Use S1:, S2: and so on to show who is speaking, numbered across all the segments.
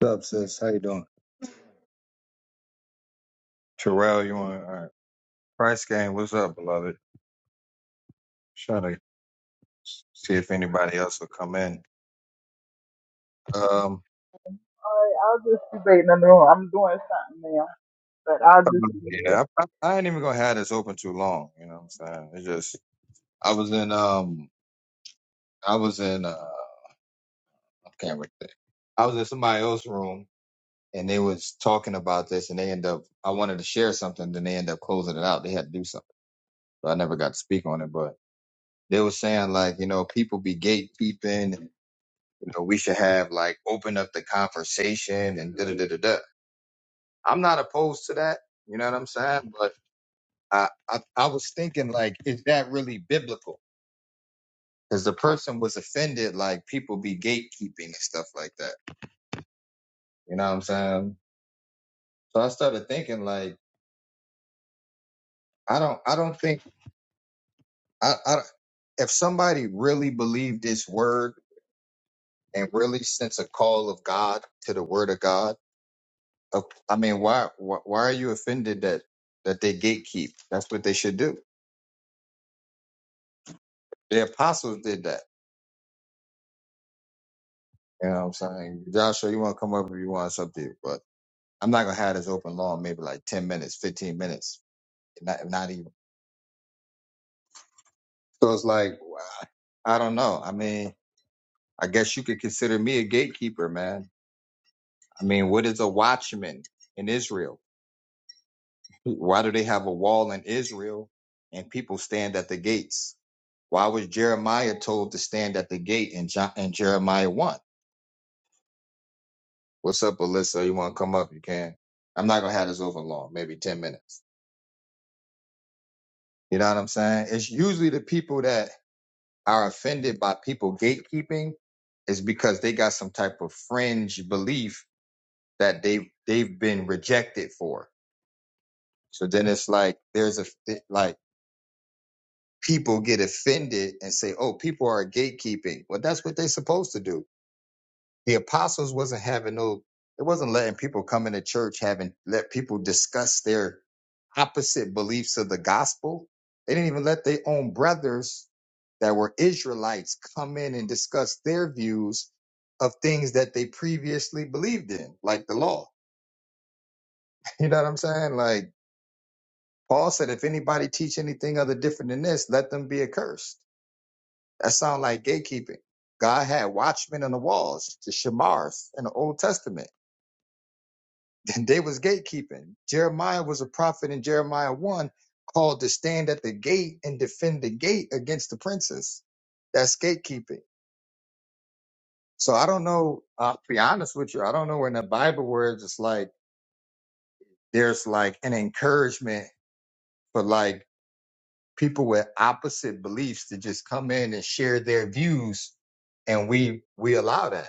S1: What's up, sis? How you doing? Terrell, you want all right. Price game, what's up, beloved? Trying to see if anybody else will come in. Um
S2: Alright, I'll just be waiting in the room. I'm doing something now, but I'll just be here.
S1: yeah, I, I, I ain't even gonna have this open too long, you know what I'm saying? It's just I was in um I was in uh I can't remember. I was in somebody else's room and they was talking about this and they end up I wanted to share something, then they end up closing it out. They had to do something. So I never got to speak on it, but they were saying like, you know, people be gatekeeping you know, we should have like open up the conversation and da da da da da. I'm not opposed to that. You know what I'm saying? But I I, I was thinking like, is that really biblical? Because the person was offended, like people be gatekeeping and stuff like that. You know what I'm saying? So I started thinking like, I don't I don't think I, I if somebody really believed this word and really sense a call of God to the word of God. of- I mean, why, why why are you offended that that they gatekeep? That's what they should do. The apostles did that. You know what I'm saying? Joshua, you want to come up if you want something, but I'm not gonna have this open long. Maybe like ten minutes, fifteen minutes, not not even. So it's like I don't know. I mean, I guess you could consider me a gatekeeper, man. I mean, what is a watchman in Israel? Why do they have a wall in Israel and people stand at the gates? Why was Jeremiah told to stand at the gate in, John, in Jeremiah 1? What's up, Alyssa? You want to come up? You can. I'm not going to have this over long, maybe 10 minutes. You know what I'm saying? It's usually the people that are offended by people gatekeeping is because they got some type of fringe belief that they they've been rejected for. So then it's like there's a it- like people get offended and say, "Oh, people are gatekeeping." Well, that's what they're supposed to do the apostles wasn't having no it wasn't letting people come into church having let people discuss their opposite beliefs of the gospel they didn't even let their own brothers that were israelites come in and discuss their views of things that they previously believed in like the law you know what i'm saying like paul said if anybody teach anything other different than this let them be accursed that sounds like gatekeeping god had watchmen on the walls the shamars in the old testament and they was gatekeeping. Jeremiah was a prophet in Jeremiah 1 called to stand at the gate and defend the gate against the princes. That's gatekeeping. So I don't know, I'll be honest with you, I don't know in the Bible where it's just like there's like an encouragement for like people with opposite beliefs to just come in and share their views and we we allow that.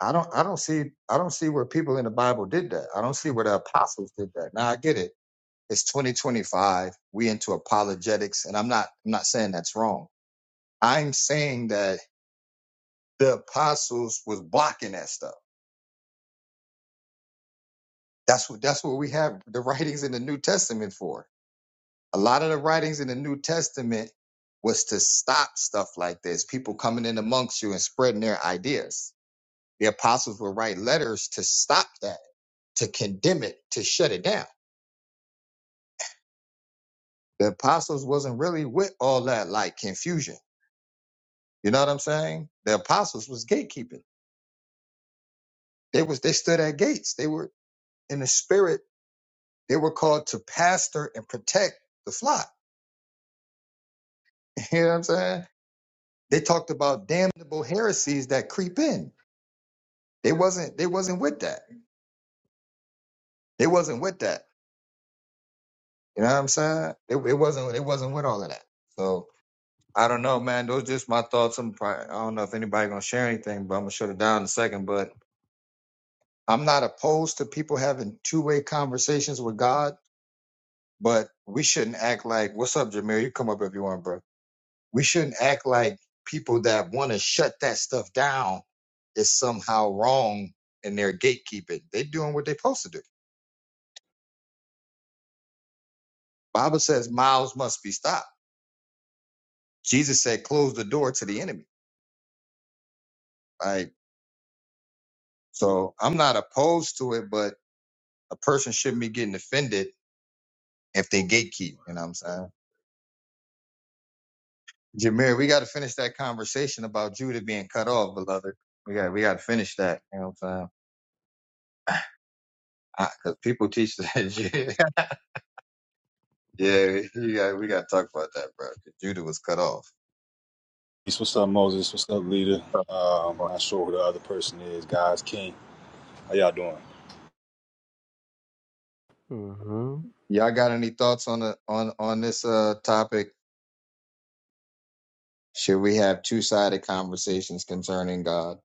S1: I don't I don't see I don't see where people in the Bible did that. I don't see where the apostles did that. Now I get it It's 2025. We into apologetics, and I'm not. I'm not saying that's wrong. I'm saying that the apostles was blocking that stuff. That's what. That's what we have the writings in the New Testament for. A lot of the writings in the New Testament was to stop stuff like this. People coming in amongst you and spreading their ideas. The apostles would write letters to stop that, to condemn it, to shut it down. The apostles wasn't really with all that like confusion. You know what I'm saying? The apostles was gatekeeping. They was they stood at gates. They were in the spirit. They were called to pastor and protect the flock. You know what I'm saying? They talked about damnable heresies that creep in. They wasn't they wasn't with that. They wasn't with that. You know what I'm saying? It, it wasn't it wasn't with all of that. So I don't know, man. Those just my thoughts. I'm probably, I don't know if anybody gonna share anything, but I'm gonna shut it down in a second. But I'm not opposed to people having two way conversations with God, but we shouldn't act like, "What's up, Jameer? You come up if you want, bro." we shouldn't act like people that want to shut that stuff down is somehow wrong in their gatekeeping. They're doing what they're supposed to do. Bible says mouths must be stopped. Jesus said, close the door to the enemy. Like, so I'm not opposed to it, but a person shouldn't be getting offended if they gatekeep. You know what I'm saying? Jameer, we got to finish that conversation about Judah being cut off, beloved. We got, we got to finish that. You know what I'm saying? Because people teach that. Yeah, you got, we got to talk about that, bro. 'cause Judah was cut off.
S3: Peace. What's up, Moses? What's up, leader? Um, not sure who the other person is. Guys, King. How y'all doing?
S4: Mm-hmm.
S1: Y'all got any thoughts on the on on this uh topic? Should we have two sided conversations concerning God?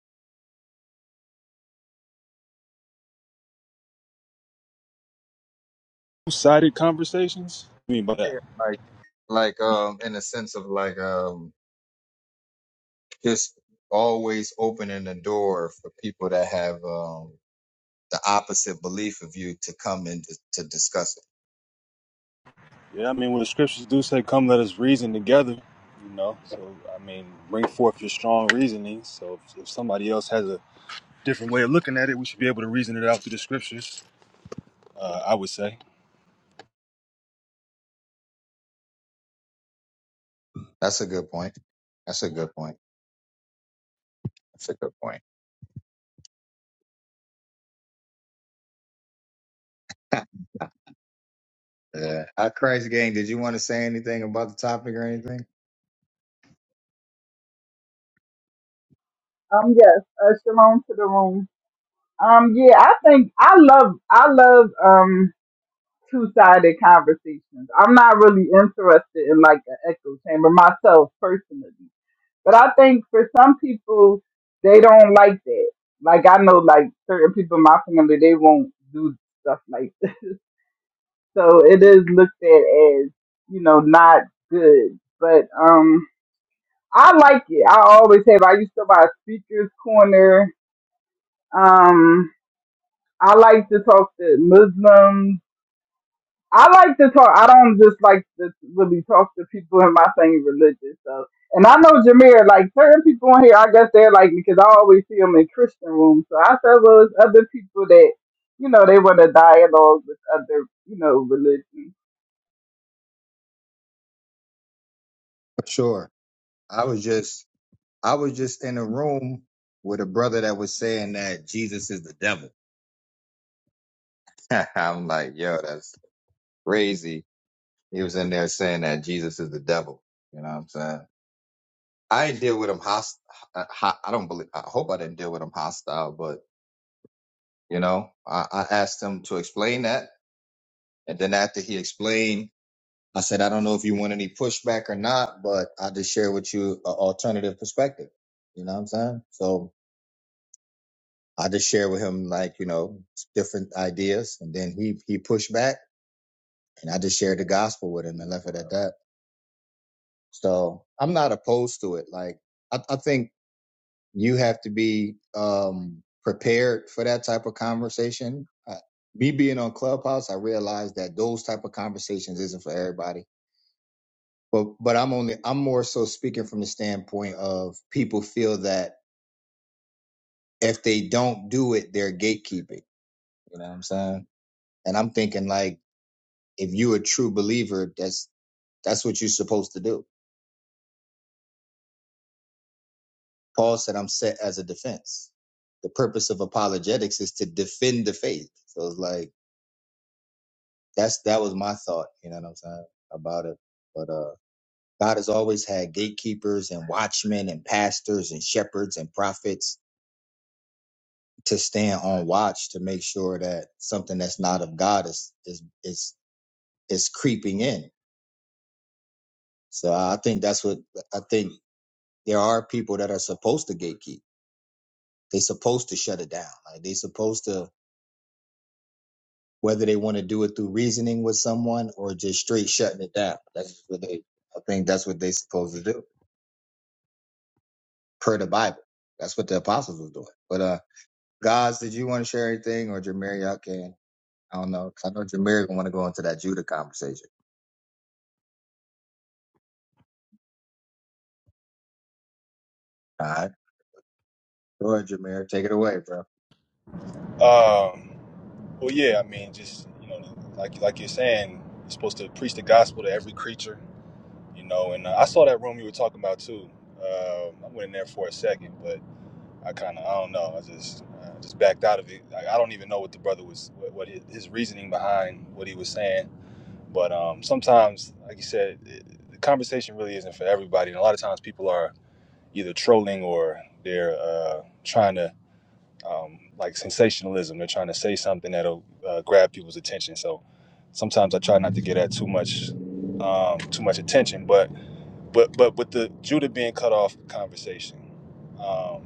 S3: Two-sided conversations? What do you mean by that?
S1: Yeah, like like um in a sense of like um just always opening the door for people that have um the opposite belief of you to come in to, to discuss it.
S3: Yeah, I mean, when the scriptures do say, come, let us reason together, you know? So, I mean, bring forth your strong reasoning. So if, if somebody else has a different way of looking at it, we should be able to reason it out through the scriptures, uh, I would say.
S1: That's a good point. That's a good point. That's a good point. Yeah. Uh, Christ gang, did you want to say anything about the topic or anything?
S2: Um, yes, uh, shalom to the room. Um, yeah, I think I love, I love, um, two-sided conversations. I'm not really interested in like an echo chamber myself personally, but I think for some people, they don't like that. Like I know like certain people in my family, they won't do stuff like that. So it is looked at as, you know, not good. But, um, I like it. I always have. I used to buy Speaker's Corner. Um, I like to talk to Muslims. I like to talk. I don't just like to really talk to people in my same religious stuff. And I know Jameer, like certain people in here, I guess they're like because I always see them in Christian rooms. So I said, well, it's other people that you know they want to dialogue with other you know religions.
S1: Sure. I was just I was just in a room with a brother that was saying that Jesus is the devil. I'm like, yo, that's crazy. He was in there saying that Jesus is the devil. You know what I'm saying? I didn't deal with him hostile. I don't believe. I hope I didn't deal with him hostile, but you know, I, I asked him to explain that, and then after he explained, I said, I don't know if you want any pushback or not, but I just share with you an alternative perspective. You know what I'm saying? So I just shared with him like you know different ideas, and then he he pushed back, and I just shared the gospel with him and left it at that. So I'm not opposed to it. Like I, I think you have to be um, prepared for that type of conversation. Uh, me being on Clubhouse, I realized that those type of conversations isn't for everybody. But but I'm only I'm more so speaking from the standpoint of people feel that if they don't do it, they're gatekeeping. You know what I'm saying? And I'm thinking like if you're a true believer, that's that's what you're supposed to do. Paul said, "I'm set as a defense." The purpose of apologetics is to defend the faith. So it's like that's that was my thought. You know what I'm saying about it. But uh, God has always had gatekeepers and watchmen and pastors and shepherds and prophets to stand on watch to make sure that something that's not of God is is is is creeping in. So I think that's what I think. There are people that are supposed to gatekeep They supposed to shut it down. Like they supposed to whether they want to do it through reasoning with someone or just straight shutting it down. That's what they I think that's what they supposed to do. Per the Bible. That's what the apostles was doing. But uh guys, did you want to share anything or Jameer, y'all can? I don't know. 'cause I know Jameer gonna want to go into that Judah conversation. All right. Go ahead, Jameer. Take it away, bro.
S3: Um, well, yeah, I mean, just, you know, like, like you're saying, you're supposed to preach the gospel to every creature you know. And uh, I saw that room you were talking about too. Um I went in there for a second, but I kind of I don't know. I just uh, just backed out of it. I, I don't even know what the brother was what, what his, his reasoning behind what he was saying. But um, sometimes, like you said, it, the conversation really isn't for everybody, and a lot of times people are either trolling or they're uh, trying to um, like sensationalism. They're trying to say something that'll uh, grab people's attention. So sometimes I try not to get at too much um, too much attention, but but but with the Judah being cut off conversation, um,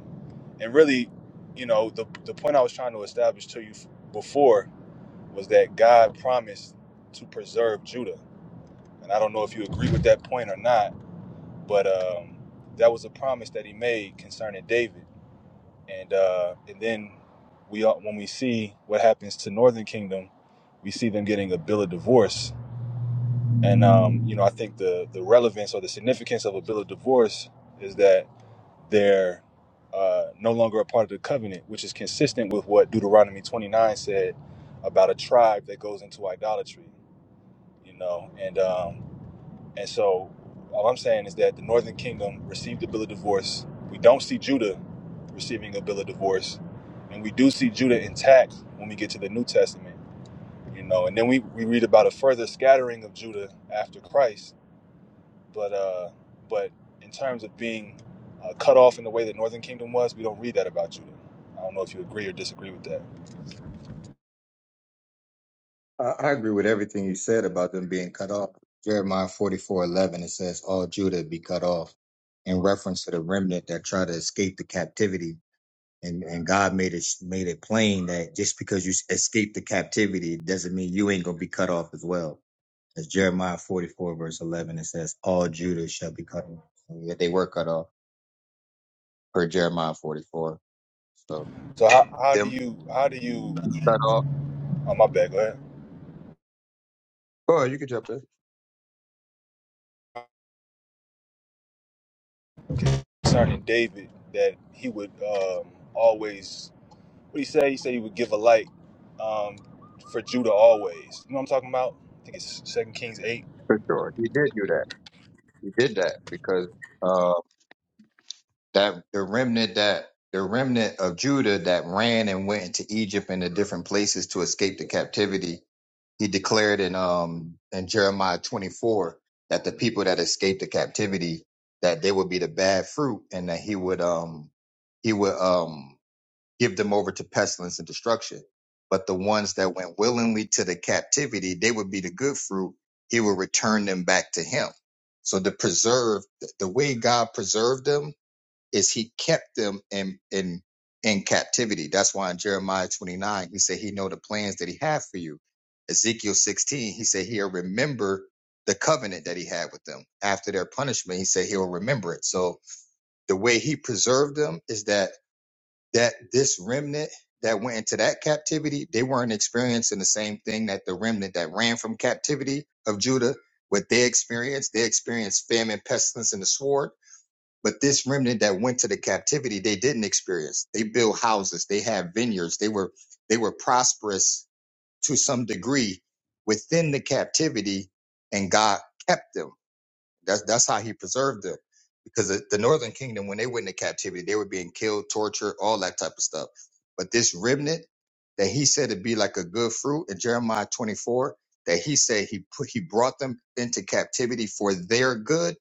S3: and really, you know, the the point I was trying to establish to you f- before was that God promised to preserve Judah, and I don't know if you agree with that point or not, but um, that was a promise that He made concerning David, and uh, and then we all- when we see what happens to Northern Kingdom, we see them getting a bill of divorce, and um, you know, I think the the relevance or the significance of a bill of divorce is that. they're uh, no longer a part of the covenant, which is consistent with what Deuteronomy 29 said about a tribe that goes into idolatry, you know. And um, and so all I'm saying is that the Northern Kingdom received a bill of divorce. We don't see Judah receiving a bill of divorce, and we do see Judah intact when we get to the New Testament, you know. And then we, we read about a further scattering of Judah after Christ but uh, but in terms of being uh, cut off in the way that Northern Kingdom was, we don't read that about Judah. I don't know if you agree or disagree with that.
S1: I, I agree with everything you said about them being cut off. Jeremiah forty four eleven. it says, All Judah be cut off in reference to the remnant that try to escape the captivity and and God made it made it plain that just because you escaped the captivity doesn't mean you ain't gonna be cut off as well. As Jeremiah forty four verse eleven it says, all Judah shall be cut off. And yet they were cut off per Jeremiah forty four. So
S3: So how, how do
S1: them
S3: you how do you
S1: cut off.
S3: oh my bad go
S1: Oh, you can jump in
S3: ahead concerning David that he would um, always What he say? He said he would give a light um, for Judah always. You know what I'm talking about? I think it's Second Kings eight.
S1: for sure. He did do that. He did that because uh that the remnant that the remnant of Judah that ran and went into Egypt and the different places to escape the captivity he declared in um in Jeremiah 24 that the people that escaped the captivity that they would be the bad fruit and that he would um he would um give them over to pestilence and destruction but the ones that went willingly to the captivity they would be the good fruit he would return them back to him so the preserve the way God preserved them is he kept them in in in captivity. That's why in Jeremiah 29, he said he know the plans that he had for you. Ezekiel 16, he said he'll remember the covenant that he had with them after their punishment. He said he'll remember it. So the way he preserved them is that that this remnant that went into that captivity, they weren't experiencing the same thing that the remnant that ran from captivity of Judah, what they experienced. They experienced famine, pestilence, and the sword but this remnant that went to the captivity, they didn't experience. They built houses, they had vineyards, they were they were prosperous to some degree within the captivity, and God kept them. That's that's how He preserved them. Because the, the northern kingdom, when they went into captivity, they were being killed, tortured, all that type of stuff. But this remnant that He said to be like a good fruit in Jeremiah 24, that He said He put He brought them into captivity for their good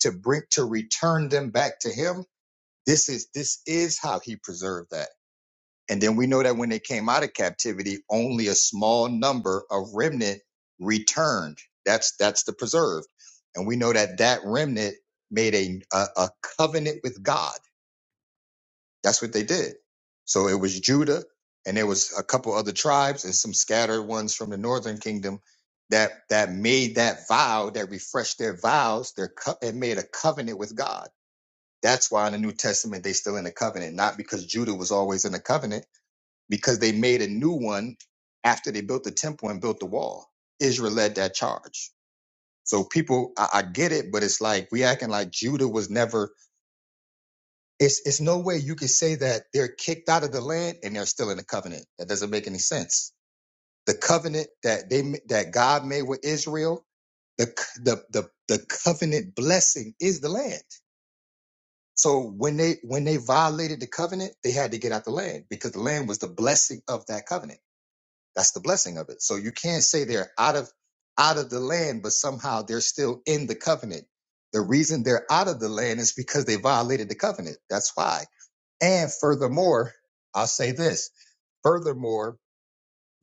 S1: to bring to return them back to Him this is this is how he preserved that. And then we know that when they came out of captivity, only a small number of remnant returned. That's that's the preserved. And we know that that remnant made a a, a covenant with God. That's what they did. So it was Judah, and there was a couple other tribes and some scattered ones from the northern kingdom that that made that vow, that refreshed their vows, their co- and made a covenant with God that's why in the New Testament they still in the covenant, not because Judah was always in the covenant, because they made a new one after they built the temple and built the wall. Israel led that charge. So people, I, I get it, but it's like we acting like Judah was never. It's it's no way you could say that they're kicked out of the land and they're still in the covenant. That doesn't make any sense. The covenant that they that God made with Israel, the c- the the the covenant blessing is the land. So when they when they violated the covenant, they had to get out the land because the land was the blessing of that covenant. That's the blessing of it. So you can't say they're out of out of the land, but somehow they're still in the covenant. The reason they're out of the land is because they violated the covenant. That's why. And furthermore, I'll say this. Furthermore,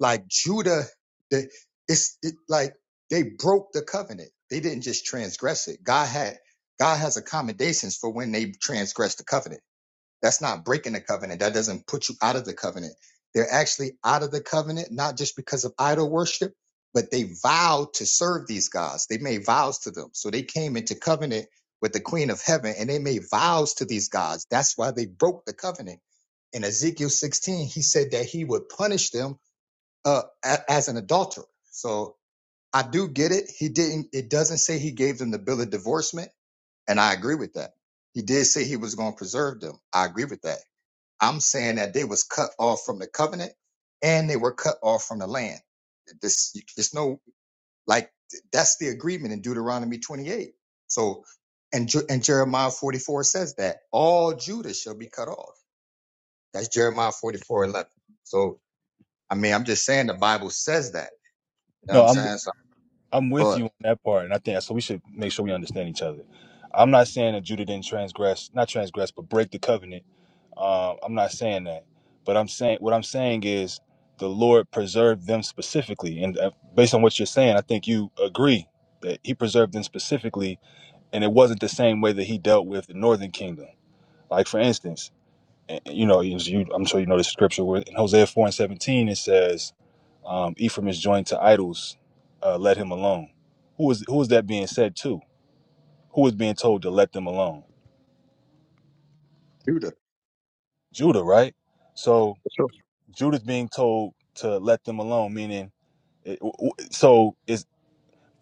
S1: like Judah, the, it's it, like they broke the covenant. They didn't just transgress it. God had God has accommodations for when they transgress the covenant that's not breaking the covenant. That doesn't put you out of the covenant. They're actually out of the covenant, not just because of idol worship, but they vowed to serve these gods. They made vows to them. So they came into covenant with the queen of heaven and they made vows to these gods. That's why they broke the covenant. In Ezekiel 16, he said that he would punish them uh, a- as an adulterer. So I do get it. He didn't, it doesn't say he gave them the bill of divorcement. And I agree with that. He did say he was going to preserve them. I agree with that I'm saying that they was cut off from the covenant and they were cut off from the land. This, there's no like that's the agreement in Deuteronomy 28. So, and Je- and Jeremiah 44 says that all Judah shall be cut off. That's Jeremiah 44:11. So, I mean, I'm just saying the Bible says that. You know what
S3: No,
S1: I'm
S3: I'm
S1: saying? So,
S3: I'm with
S1: but
S3: you on that part, and I think so. We should make sure we understand each other. I'm not saying that Judah didn't transgress, not transgress, but break the covenant. Um, I'm not saying that, but I'm saying what I'm saying is the Lord preserved them specifically, and uh, based on what you're saying, I think you agree that He preserved them specifically, and it wasn't the same way that He dealt with the Northern Kingdom. Like for instance. and, you know, as you, I'm sure you know the scripture where in Hosea 4 and 17, it says, um, Ephraim is joined to idols, uh, let him alone. Who is, who is that being said to? Who is being told to let them alone?
S1: Judah.
S3: Judah, right? So Judah's being told to let them alone, meaning, it, w- w- so is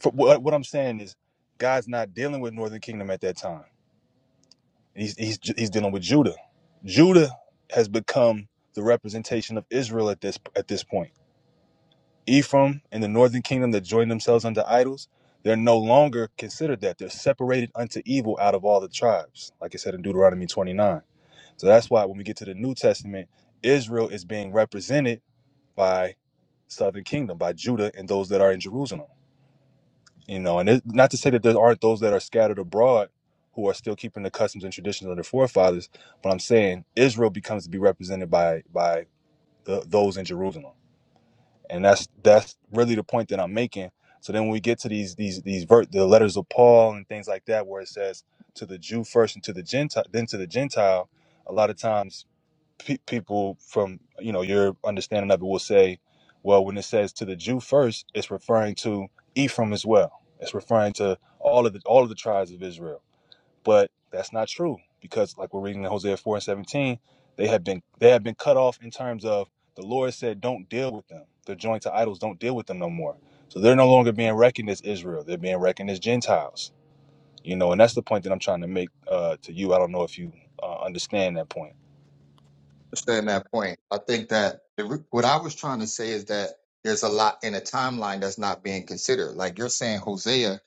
S3: for, what, what I'm saying is God's not dealing with Northern Kingdom at that time. He's, he's, he's dealing with Judah. Judah has become the representation of Israel at this, at this point Ephraim and the northern kingdom that join themselves unto idols, they're no longer considered that. They're separated unto evil out of all the tribes, like it said in Deuteronomy 29. So that's why when we get to the New Testament, Israel is being represented by southern kingdom, by Judah and those that are in Jerusalem. You know, and it, not to say that there aren't those that are scattered abroad who are still keeping the customs and traditions of their forefathers, but I'm saying Israel becomes to be represented by by the, those in Jerusalem and that's that's really the point that I'm making. So then when we get to these these these ver- the letters of Paul and things like that, where it says to the Jew first and to the Gentile, then to the Gentile, a lot of times pe- people from you know your understanding of it will say, well, when it says to the Jew first, it's referring to Ephraim as well. It's referring to all of the all of the tribes of Israel but that's not true because, like we're reading in Hosea four and seventeen, they have been they have been cut off in terms of the Lord said, "Don't deal with them. They're joined to idols. Don't deal with them no more." So they're no longer being reckoned as Israel. They're being reckoned as Gentiles. You know, and that's the point that I'm trying to make uh, to you. I don't know if you uh, understand that point.
S1: understand that point. I think that the, re- what I was trying to say is that there's a lot in a timeline that's not being considered. Like you're saying Hosea,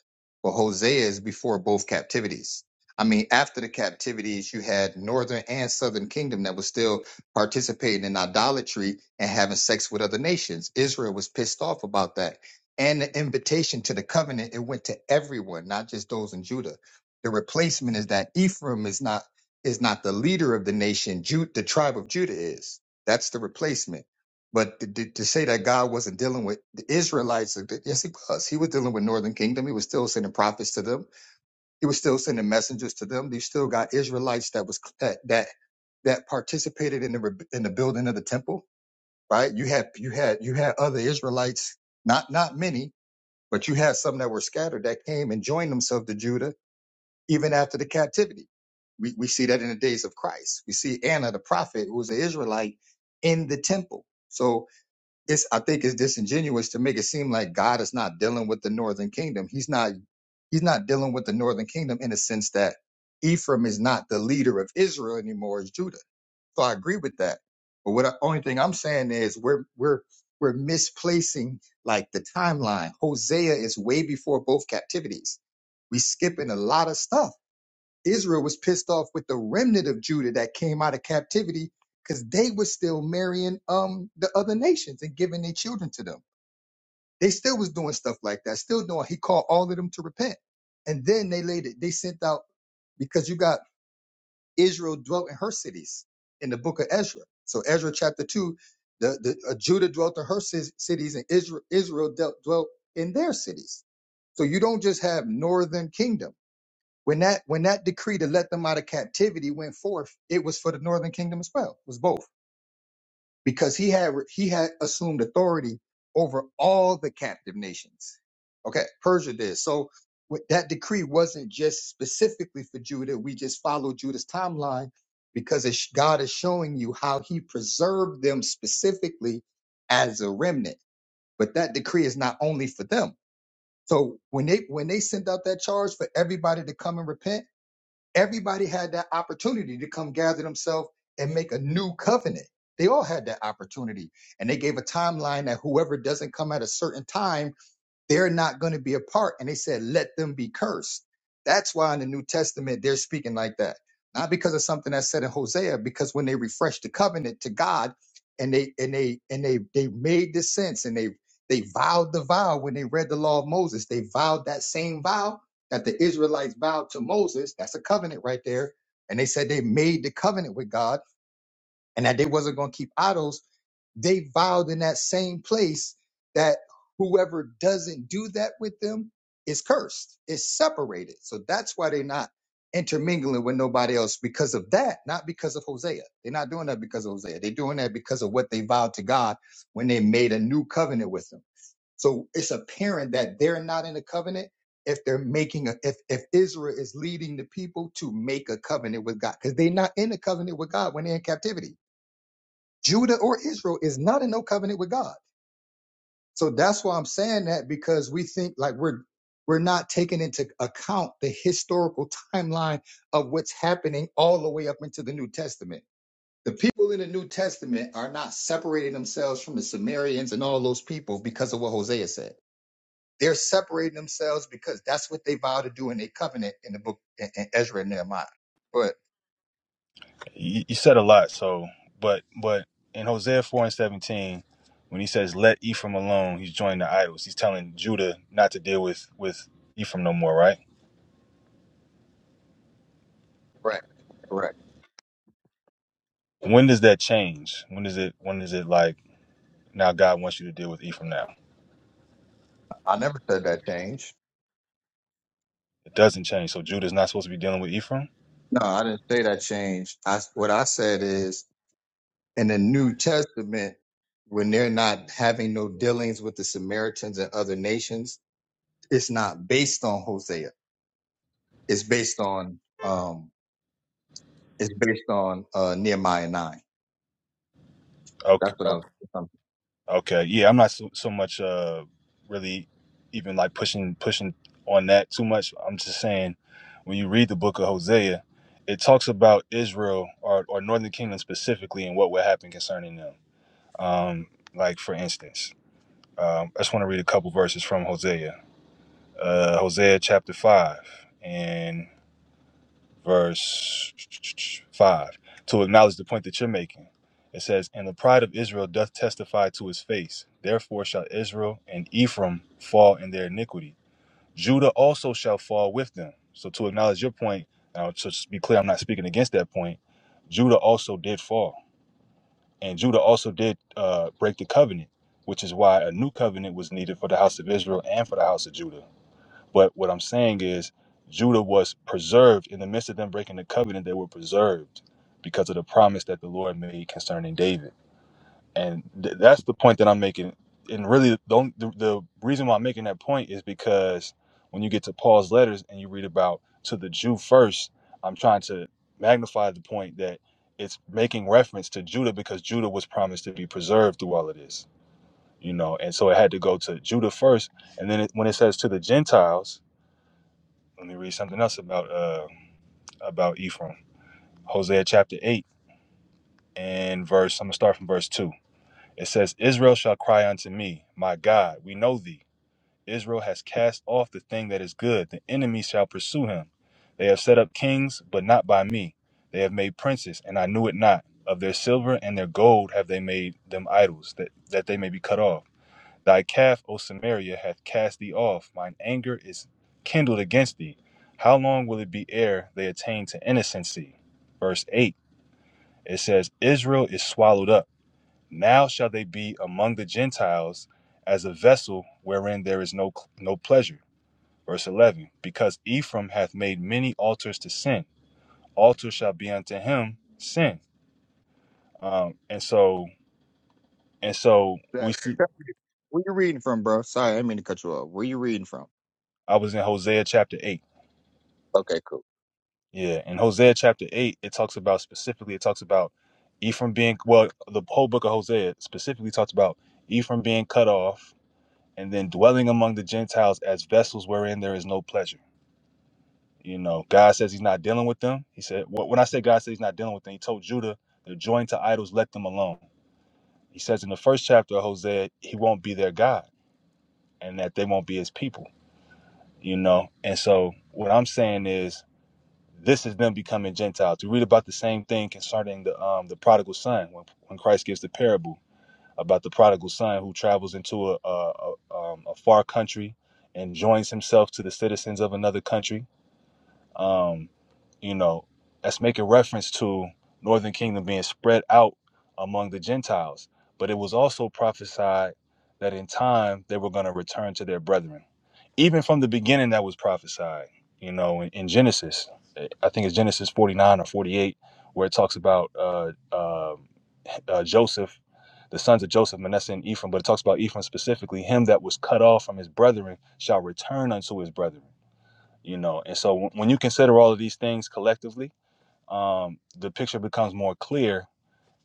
S1: well, Hosea is before both captivities. I mean, after the captivities, you had northern and southern kingdom that was still participating in idolatry and having sex with other nations. Israel was pissed off about that. And the invitation to the covenant, it went to everyone, not just those in Judah. The replacement is that Ephraim is not is not the leader of the nation. Jude, the tribe of Judah is. That's the replacement. But to, to, to say that God wasn't dealing with the Israelites, uh, yes, he was. He was dealing with Northern Kingdom. He was still sending prophets to them. He was still sending messengers to them. You still got Israelites that was that that that participated in the re- in the building of the temple. Right? You had you had you had other Israelites, not not many, but you had some that were scattered that came and joined themselves to Judah even after the captivity we, we see that in the days of Christ. We see Anna, the prophet, who was an Israelite in the temple. So it's, I think it's disingenuous to make it seem like God is not dealing with the northern kingdom. He's not, he's not dealing with the northern kingdom in the sense that Ephraim is not the leader of Israel anymore. It's Judah. So I agree with that. But what I, only thing I'm saying is we're, we're, we're misplacing like the timeline. Hosea is way before both captivities. We skipping a lot of stuff Israel was pissed off with the remnant of Judah that came out of captivity because they was still marrying um the other nations and giving their children to them. They still was doing stuff like that. Still doing. He called all of them to repent, and then they laid it. They sent out because you got Israel dwelt in her cities in the book of Ezra. So Ezra chapter two, the, the uh, Judah dwelt in her ci- cities, and Israel Israel dealt, dwelt in their cities. So you don't just have northern kingdom. When that when that decree to let them out of captivity went forth, it was for the northern kingdom as well. It was both because he had he had assumed authority over all the captive nations. Okay, Persia did so. With that decree wasn't just specifically for Judah. We just followed Judah's timeline because it's, God is showing you how He preserved them specifically as a remnant. But that decree is not only for them. So when they when they sent out that charge for everybody to come and repent Everybody had that opportunity to come gather themselves and make a new covenant. They all had that opportunity. And they gave a timeline that whoever doesn't come at a certain time they're not going to be a part. And they said, let them be cursed. That's why in the New Testament, they're speaking like that. Not because of something that's said in Hosea, because when they refreshed the covenant to God and they, and they, and they, they made this sense and they, they vowed the vow when they read the law of Moses, they vowed that same vow that the Israelites vowed to Moses. That's a covenant right there. And they said they made the covenant with God and that they wasn't going to keep idols they vowed in that same place that whoever doesn't do that with them is cursed, is separated. So that's why they're not intermingling with nobody else because of that, not because of Hosea. They're not doing that because of Hosea. They're doing that because of what they vowed to God when they made a new covenant with him. So it's apparent that they're not in a covenant if they're making a if if Israel is leading the people to make a covenant with God because they're not in a covenant with God when they're in captivity Judah or Israel is not in no covenant with God. So that's why I'm saying that because we think like we're we're not taking into account the historical timeline of what's happening all the way up into the New Testament. The people in the New Testament are not separating themselves from the Sumerians and all those people because of what Hosea said. They're separating themselves because that's what they vowed to do in their covenant in the book in in Ezra and Nehemiah. But
S3: you, you said a lot so but but in hosea 4 and 17 when he says let ephraim alone he's joining the idols he's telling judah not to deal with with ephraim no more right
S1: correct, correct.
S3: when does that change when is it when is it like now god wants you to deal with ephraim now
S1: I never said that change.
S3: it doesn't change so judah's not supposed to be dealing with ephraim
S1: No, I didn't say that changed. I, what I said is in the New Testament, when they're not having no dealings with the Samaritans and other nations, it's not based on Hosea. It's based on um, it's based on uh, Nehemiah nine. That's
S3: okay
S1: what I
S3: okay.
S1: was. I'm,
S3: Okay, yeah, I'm not so, so much uh really even like pushing pushing on that too much. I'm just saying when you read the book of Hosea, it talks about Israel or or Northern Kingdom specifically and what would happen concerning them. Um, like for instance, um, I just want to read a couple verses from Hosea. Uh, Hosea chapter five, and verse 5 to acknowledge the point that you're making it says and the pride of israel doth testify to his face therefore shall israel and ephraim fall in their iniquity judah also shall fall with them so to acknowledge your point now to just be clear i'm not speaking against that point judah also did fall and judah also did uh, break the covenant which is why a new covenant was needed for the house of israel and for the house of judah but what I'm saying is Judah was preserved in the midst of them breaking the covenant, they were preserved because of the promise that the Lord made concerning David. And th- that's the point that I'm making. And really, the, only- the, the reason why I'm making that point is because when you get to Paul's letters and you read about to the Jew first, I'm trying to magnify the point that it's making reference to Judah because Judah was promised to be preserved through all of this, you know. And so it had to go to Judah first. And then it, when it says to the Gentiles, let me read something else about uh about Ephraim. Hosea chapter eight and verse. I'm gonna start from verse two. It says, "Israel shall cry unto me, my God. We know thee. Israel has cast off the thing that is good. The enemy shall pursue him. They have set up kings, but not by me. They have made princes, and I knew it not. Of their silver and their gold have they made them idols, that that they may be cut off." Thy calf, O Samaria, hath cast thee off. Mine anger is kindled against thee. How long will it be ere they attain to innocency? Verse 8 it says, Israel is swallowed up. Now shall they be among the Gentiles as a vessel wherein there is no, no pleasure. Verse 11 Because Ephraim hath made many altars to sin, altar shall be unto him sin. Um, and so, and so
S1: yeah.
S3: we see,
S1: Where you reading from, bro? Sorry, I didn't mean to cut you off. Where you reading from?
S3: I was in Hosea chapter 8
S1: Okay, cool.
S3: Yeah, in Hosea chapter eight, it talks about specifically. It talks about Ephraim being well. The whole book of Hosea specifically talks about Ephraim being cut off and then dwelling among the Gentiles as vessels wherein there is no pleasure. You know, God says He's not dealing with them. He said, wh- when I say God says He's not dealing with them, He told Judah they're joined to idols, let them alone. He says in the first chapter of Hosea, He won't be their God and that they won't be His people. You know, and so what I'm saying is This is them becoming Gentiles. We read about the same thing concerning the um, the prodigal son when, when Christ gives the parable about the prodigal son who travels into a, a, a, um, a far country and joins himself to the citizens of another country. Um, you know, that's making reference to Northern Kingdom being spread out among the Gentiles. But it was also prophesied that in time they were going to return to their brethren even from the beginning that was prophesied you know in, in genesis i think it's genesis 49 or 48 where it talks about uh, uh, uh, joseph the sons of joseph manasseh and ephraim but it talks about ephraim specifically him that was cut off from his brethren shall return unto his brethren you know and so when when you consider all of these things collectively um, the picture becomes more clear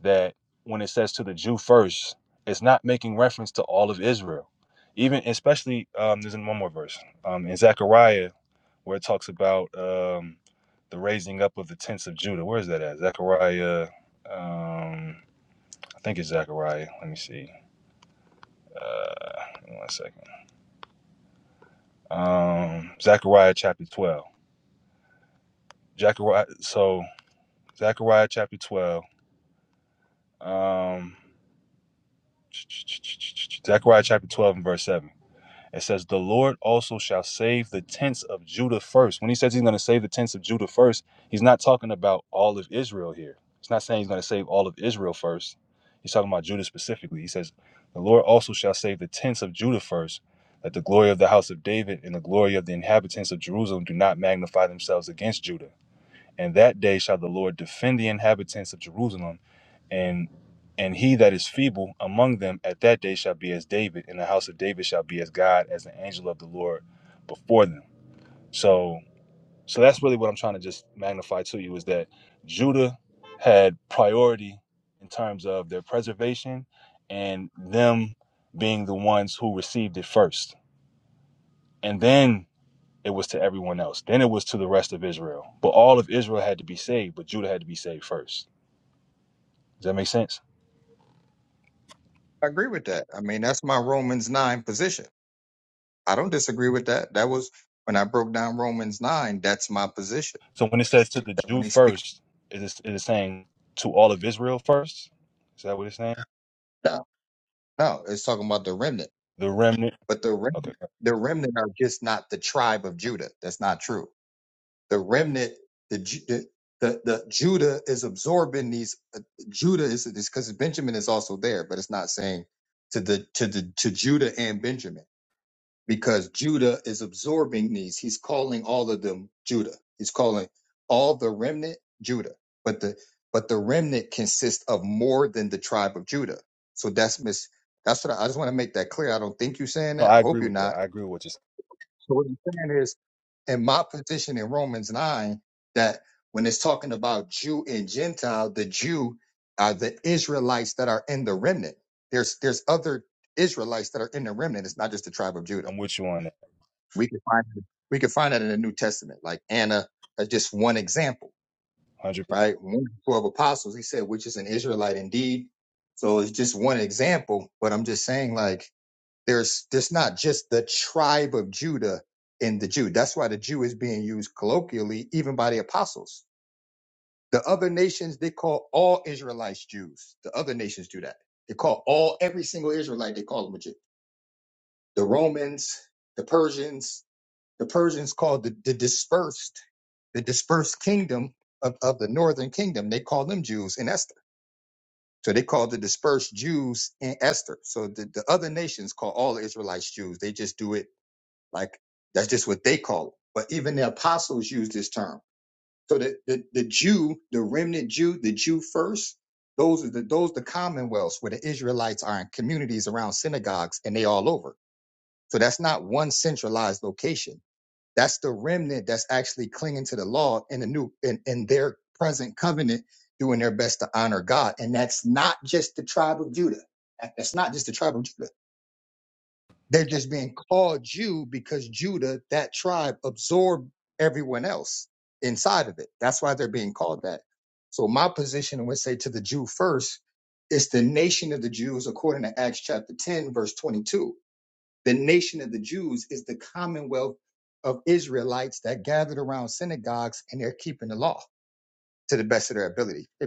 S3: that when it says to the jew first it's not making reference to all of israel even especially um, there's in one more verse um, in zechariah where it talks about um, the raising up of the tents of Judah. Where is that at? Zechariah. Um, I think it's Zechariah. Let me see. Uh, one second. Um, Zechariah chapter twelve. Zechariah. So Zechariah chapter twelve. Um, Zechariah chapter twelve and verse seven. It says, The Lord also shall save the tents of Judah first. When he says he's going to save the tents of Judah first, he's not talking about all of Israel here. He's not saying he's going to save all of Israel first. He's talking about Judah specifically. He says, The Lord also shall save the tents of Judah first, that the glory of the house of David and the glory of the inhabitants of Jerusalem do not magnify themselves against Judah. And that day shall the Lord defend the inhabitants of Jerusalem, and and he that is feeble among them at that day shall be as David, and the house of David shall be as God, as the angel of the Lord before them. So so that's really what I'm trying to just magnify to you is that Judah had priority in terms of their preservation and them being the ones who received it first. And then it was to everyone else. Then it was to the rest of Israel. But all of Israel had to be saved, but Judah had to be saved first. Does that make sense?
S1: I agree with that. I mean, that's my Romans nine position. I don't disagree with that. That was when I broke down Romans nine. That's my position.
S3: So when it says to the
S1: That when
S3: Jew
S1: they speak
S3: first, it is it is saying to all of Israel first? Is that what it's saying?
S1: No, no, it's talking about the remnant.
S3: The remnant.
S1: But the rem-
S3: Okay.
S1: the remnant are just not the tribe of Judah. That's not true. The remnant, the Ju- the the, the Judah is absorbing these. Uh, Judah is because Benjamin is also there, but it's not saying to the to the to Judah and Benjamin because Judah is absorbing these. He's calling all of them Judah. He's calling all the remnant Judah. But the but the remnant consists of more than the tribe of Judah. So that's mis that's what I, I just want to make that clear. I don't think you're saying
S3: No,
S1: that.
S3: I
S1: I hope
S3: agree
S1: you're
S3: with that.
S1: not.
S3: I agree with what you said.
S1: So what I'm saying is in my position in Romans 9 that when it's talking about Jew and Gentile, the Jew are the Israelites that are in the remnant. There's there's other Israelites that are in the remnant. It's not just the tribe of Judah.
S3: I'm with you on that.
S1: We can find we can find that in the New Testament. Like Anna, uh, just one example,
S3: 100
S1: right? One of the twelve apostles, he said, which is an Israelite indeed. So it's just one example, but I'm just saying, like, there's there's not just the tribe of Judah in the Jew. That's why the Jew is being used colloquially, even by the apostles. The other nations, they call all Israelites Jews. The other nations do that. They call all every single Israelite, they call them a Jew. The Romans, the Persians, The Persians called the, the dispersed, the dispersed kingdom of, of the northern kingdom. They called them Jews in Esther. So they called the dispersed Jews in Esther. So the, the other nations call all the Israelites Jews. They just do it like that's just what they call it. But even the apostles use this term. So the, the, the Jew, the remnant Jew, the Jew first, those are the those the commonwealths where the Israelites are in communities around synagogues and they all over. So that's not one centralized location. That's the remnant that's actually clinging to the law in the new in, in their present covenant, doing their best to honor God. And that's not just the tribe of Judah. That- That's not just the tribe of Judah. They're just being called Jew because Judah, that tribe, absorbed everyone else inside of it. That's why they're being called that. So my position would say to the Jew first, it's the nation of the Jews according to Acts chapter 10, verse 22 the nation of the Jews is the commonwealth of Israelites that gathered around synagogues and they're keeping the law to the best of their ability. Hey,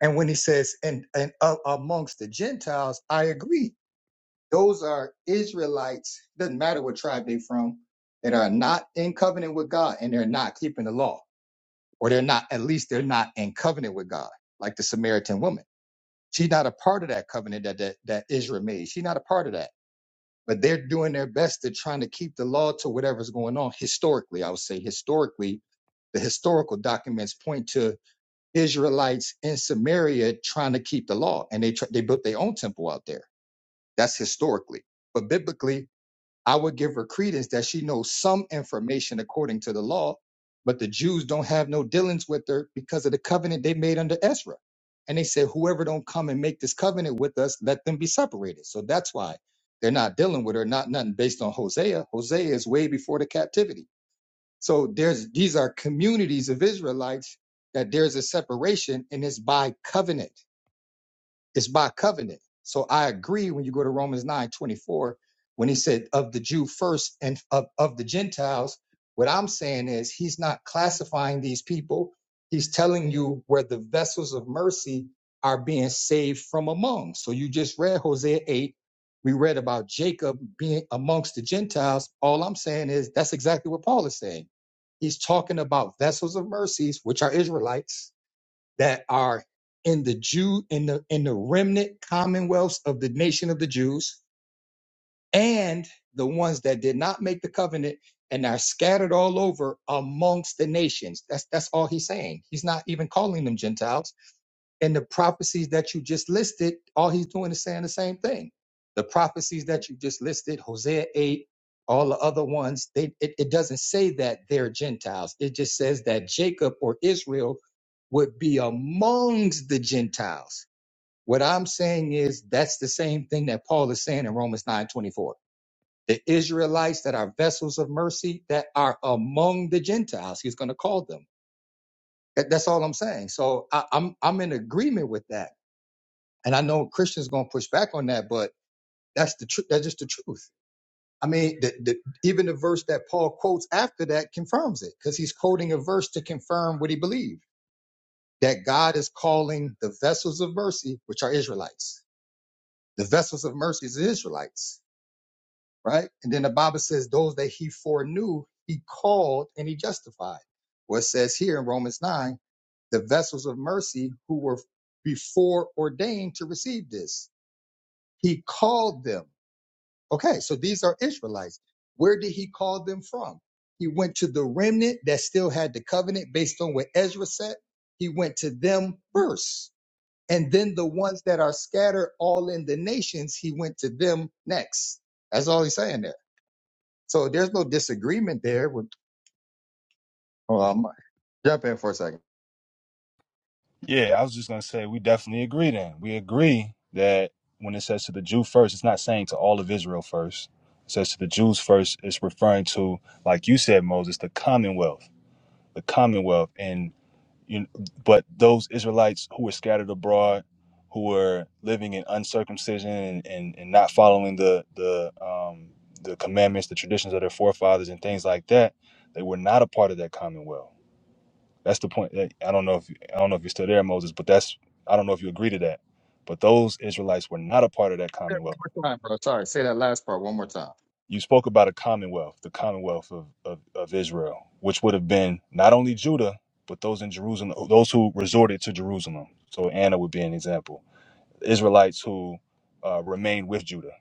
S1: And when he says, and, and uh, amongst the Gentiles, I agree. Those are Israelites, doesn't matter what tribe they are from, that are not in covenant with God and they're not keeping the law, or they're not, at least they're not in covenant with God, like the Samaritan woman. She's not a part of that covenant that, that, that Israel made. She's not a part of that. but they're doing their best They're trying to keep the law to whatever's going on historically. I would say historically, the historical documents point to Israelites in Samaria trying to keep the law, and they tr- they built their own temple out there. That's historically, but biblically. I would give her credence that she knows some information according to the law, but the Jews don't have no dealings with her because of the covenant they made under Ezra. And they said, whoever don't come and make this covenant with us, let them be separated. So that's why they're not dealing with her, not nothing based on Hosea. Hosea is way before the captivity. So there's these are communities of Israelites that there's a separation and it's by covenant. It's by covenant. So I agree when you go to Romans nine twenty four, when he said of the Jew first and of, of the Gentiles, what I'm saying is he's not classifying these people. He's telling you where the vessels of mercy are being saved from among. So you just read Hosea 8. We read about Jacob being amongst the Gentiles. All I'm saying is that's exactly what Paul is saying. He's talking about vessels of mercies, which are Israelites, that are in the Jew in the in the remnant commonwealths of the nation of the Jews, and the ones that did not make the covenant and are scattered all over amongst the nations. That's that's all he's saying. He's not even calling them Gentiles and the prophecies that you just listed, all he's doing is saying the same thing. The prophecies that you just listed, Hosea 8, all the other ones, they it, it doesn't say that they're Gentiles. It just says that Jacob or Israel would be amongst the Gentiles. What I'm saying is that's the same thing that Paul is saying in Romans 9 24. The Israelites that are vessels of mercy that are among the Gentiles, he's going to call them. That- That's all I'm saying. So I, I'm I'm in agreement with that and I know Christians gonna push back on that, but that's the tr- that's just the truth. I mean, the, the, even the verse that Paul quotes after that confirms it, because he's quoting a verse to confirm what he believed that God is calling the vessels of mercy, which are Israelites. The vessels of mercy is the Israelites, right? And then the Bible says those that he foreknew, he called and he justified. What it says here in Romans 9, the vessels of mercy who were before ordained to receive this, he called them Okay, so these are Israelites. Where did he call them from? He went to the remnant that still had the covenant based on what Ezra said. He went to them first. And then the ones that are scattered all in the nations, he went to them next. That's all he's saying there. So there's no disagreement there. With, oh, I'm, gonna jump in for a second.
S3: Yeah, I was just going to say we definitely agree then. We agree that when it says to the Jew first, it's not saying to all of Israel first. It says to the Jews first, it's referring to, like you said, Moses, the commonwealth the Commonwealth. And you but those israelites who were scattered abroad who were living in uncircumcision and, and, and not following the the um the commandments the traditions of their forefathers and things like that they were not a part of that commonwealth that's the point that, i don't know if i don't know if you're still there moses but that's i don't know if you agree to that but those israelites were not a part of that
S1: Yeah,
S3: commonwealth
S1: One more time, bro. Sorry, say that last part one more time.
S3: you spoke about a commonwealth, the commonwealth of, of, of Israel, which would have been not only Judah, but those in Jerusalem, those who resorted to Jerusalem. So Anna would be an example. Israelites who uh, remained with Judah.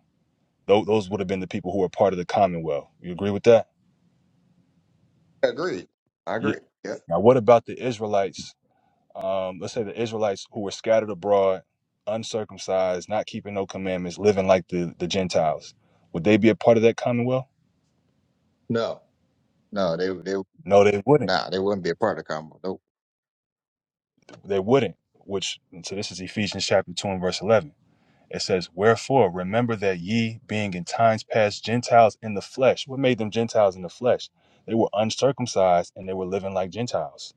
S3: Those, those would have been the people who were part of the commonwealth. You agree with that?
S1: Agreed. I
S3: Yeah.
S1: agree. Yeah.
S3: Now, what about the Israelites? Um, let's say the Israelites who were scattered abroad, uncircumcised, not keeping no commandments, living like the, the Gentiles. Would they be a part of that commonwealth?
S1: No, no, they they
S3: No, they wouldn't.
S1: nah, they wouldn't be a part of the combo. Nope.
S3: They wouldn't, which, so this is Ephesians chapter 2 and verse 11. It says, Wherefore, remember that ye, being in times past Gentiles in the flesh, what made them Gentiles in the flesh? They were uncircumcised and they were living like Gentiles.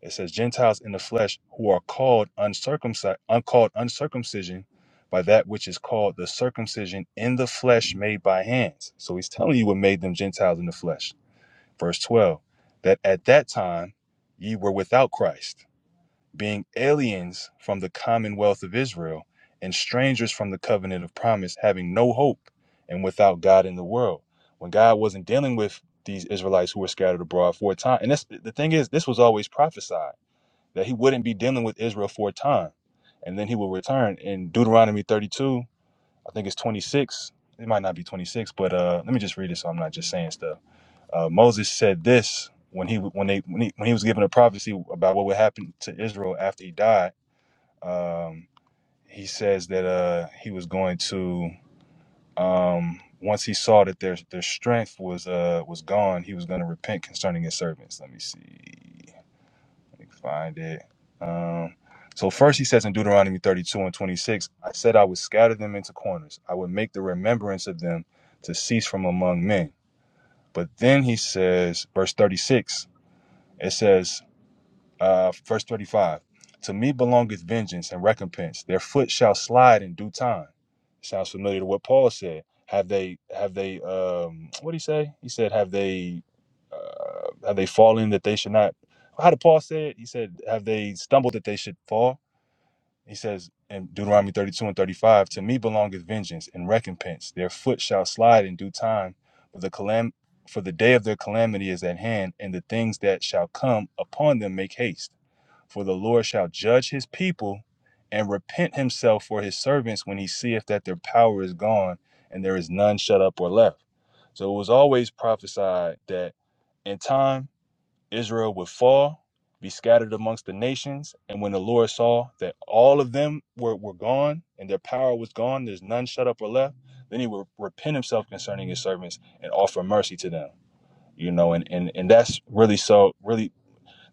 S3: It says, Gentiles in the flesh who are called uncircumcised, uncalled uncircumcision by that which is called the circumcision in the flesh made by hands. So he's telling you what made them Gentiles in the flesh. Verse 12, that at that time ye were without Christ being aliens from the commonwealth of Israel and strangers from the covenant of promise, having no hope and without God in the world. When God wasn't dealing with these Israelites who were scattered abroad for a time, and this, the thing is, this was always prophesied that He wouldn't be dealing with Israel for a time, and then He will return. In Deuteronomy 32, I think it's 26. It might not be 26, but uh, let me just read it so I'm not just saying stuff. Uh, Moses said this when he when they when he, when he was given a prophecy about what would happen to Israel after he died um, he says that uh, he was going to um, once he saw that their their strength was uh, was gone, he was going to repent concerning his servants. Let me see. Let me find it. Um, so first he says in Deuteronomy 32 and 26, I said I would scatter them into corners. I would make the remembrance of them to cease from among men. But then he says, verse 36, it says, uh, verse 35 to me belongeth vengeance and recompense their foot shall slide in due time sounds familiar to what paul said have they have they um what did he say he said have they uh, have they fallen that they should not how did paul say it he said have they stumbled that they should fall he says in deuteronomy 32 and 35 to me belongeth vengeance and recompense their foot shall slide in due time but the calam for the day of their calamity is at hand and the things that shall come upon them make haste for the Lord shall judge his people and repent himself for his servants when he seeth that their power is gone and there is none shut up or left. So it was always prophesied that in time Israel would fall, be scattered amongst the nations. And when the Lord saw that all of them were, were gone and their power was gone, there's none shut up or left, then he would repent himself concerning his servants and offer mercy to them. You know, and, and, and that's really so really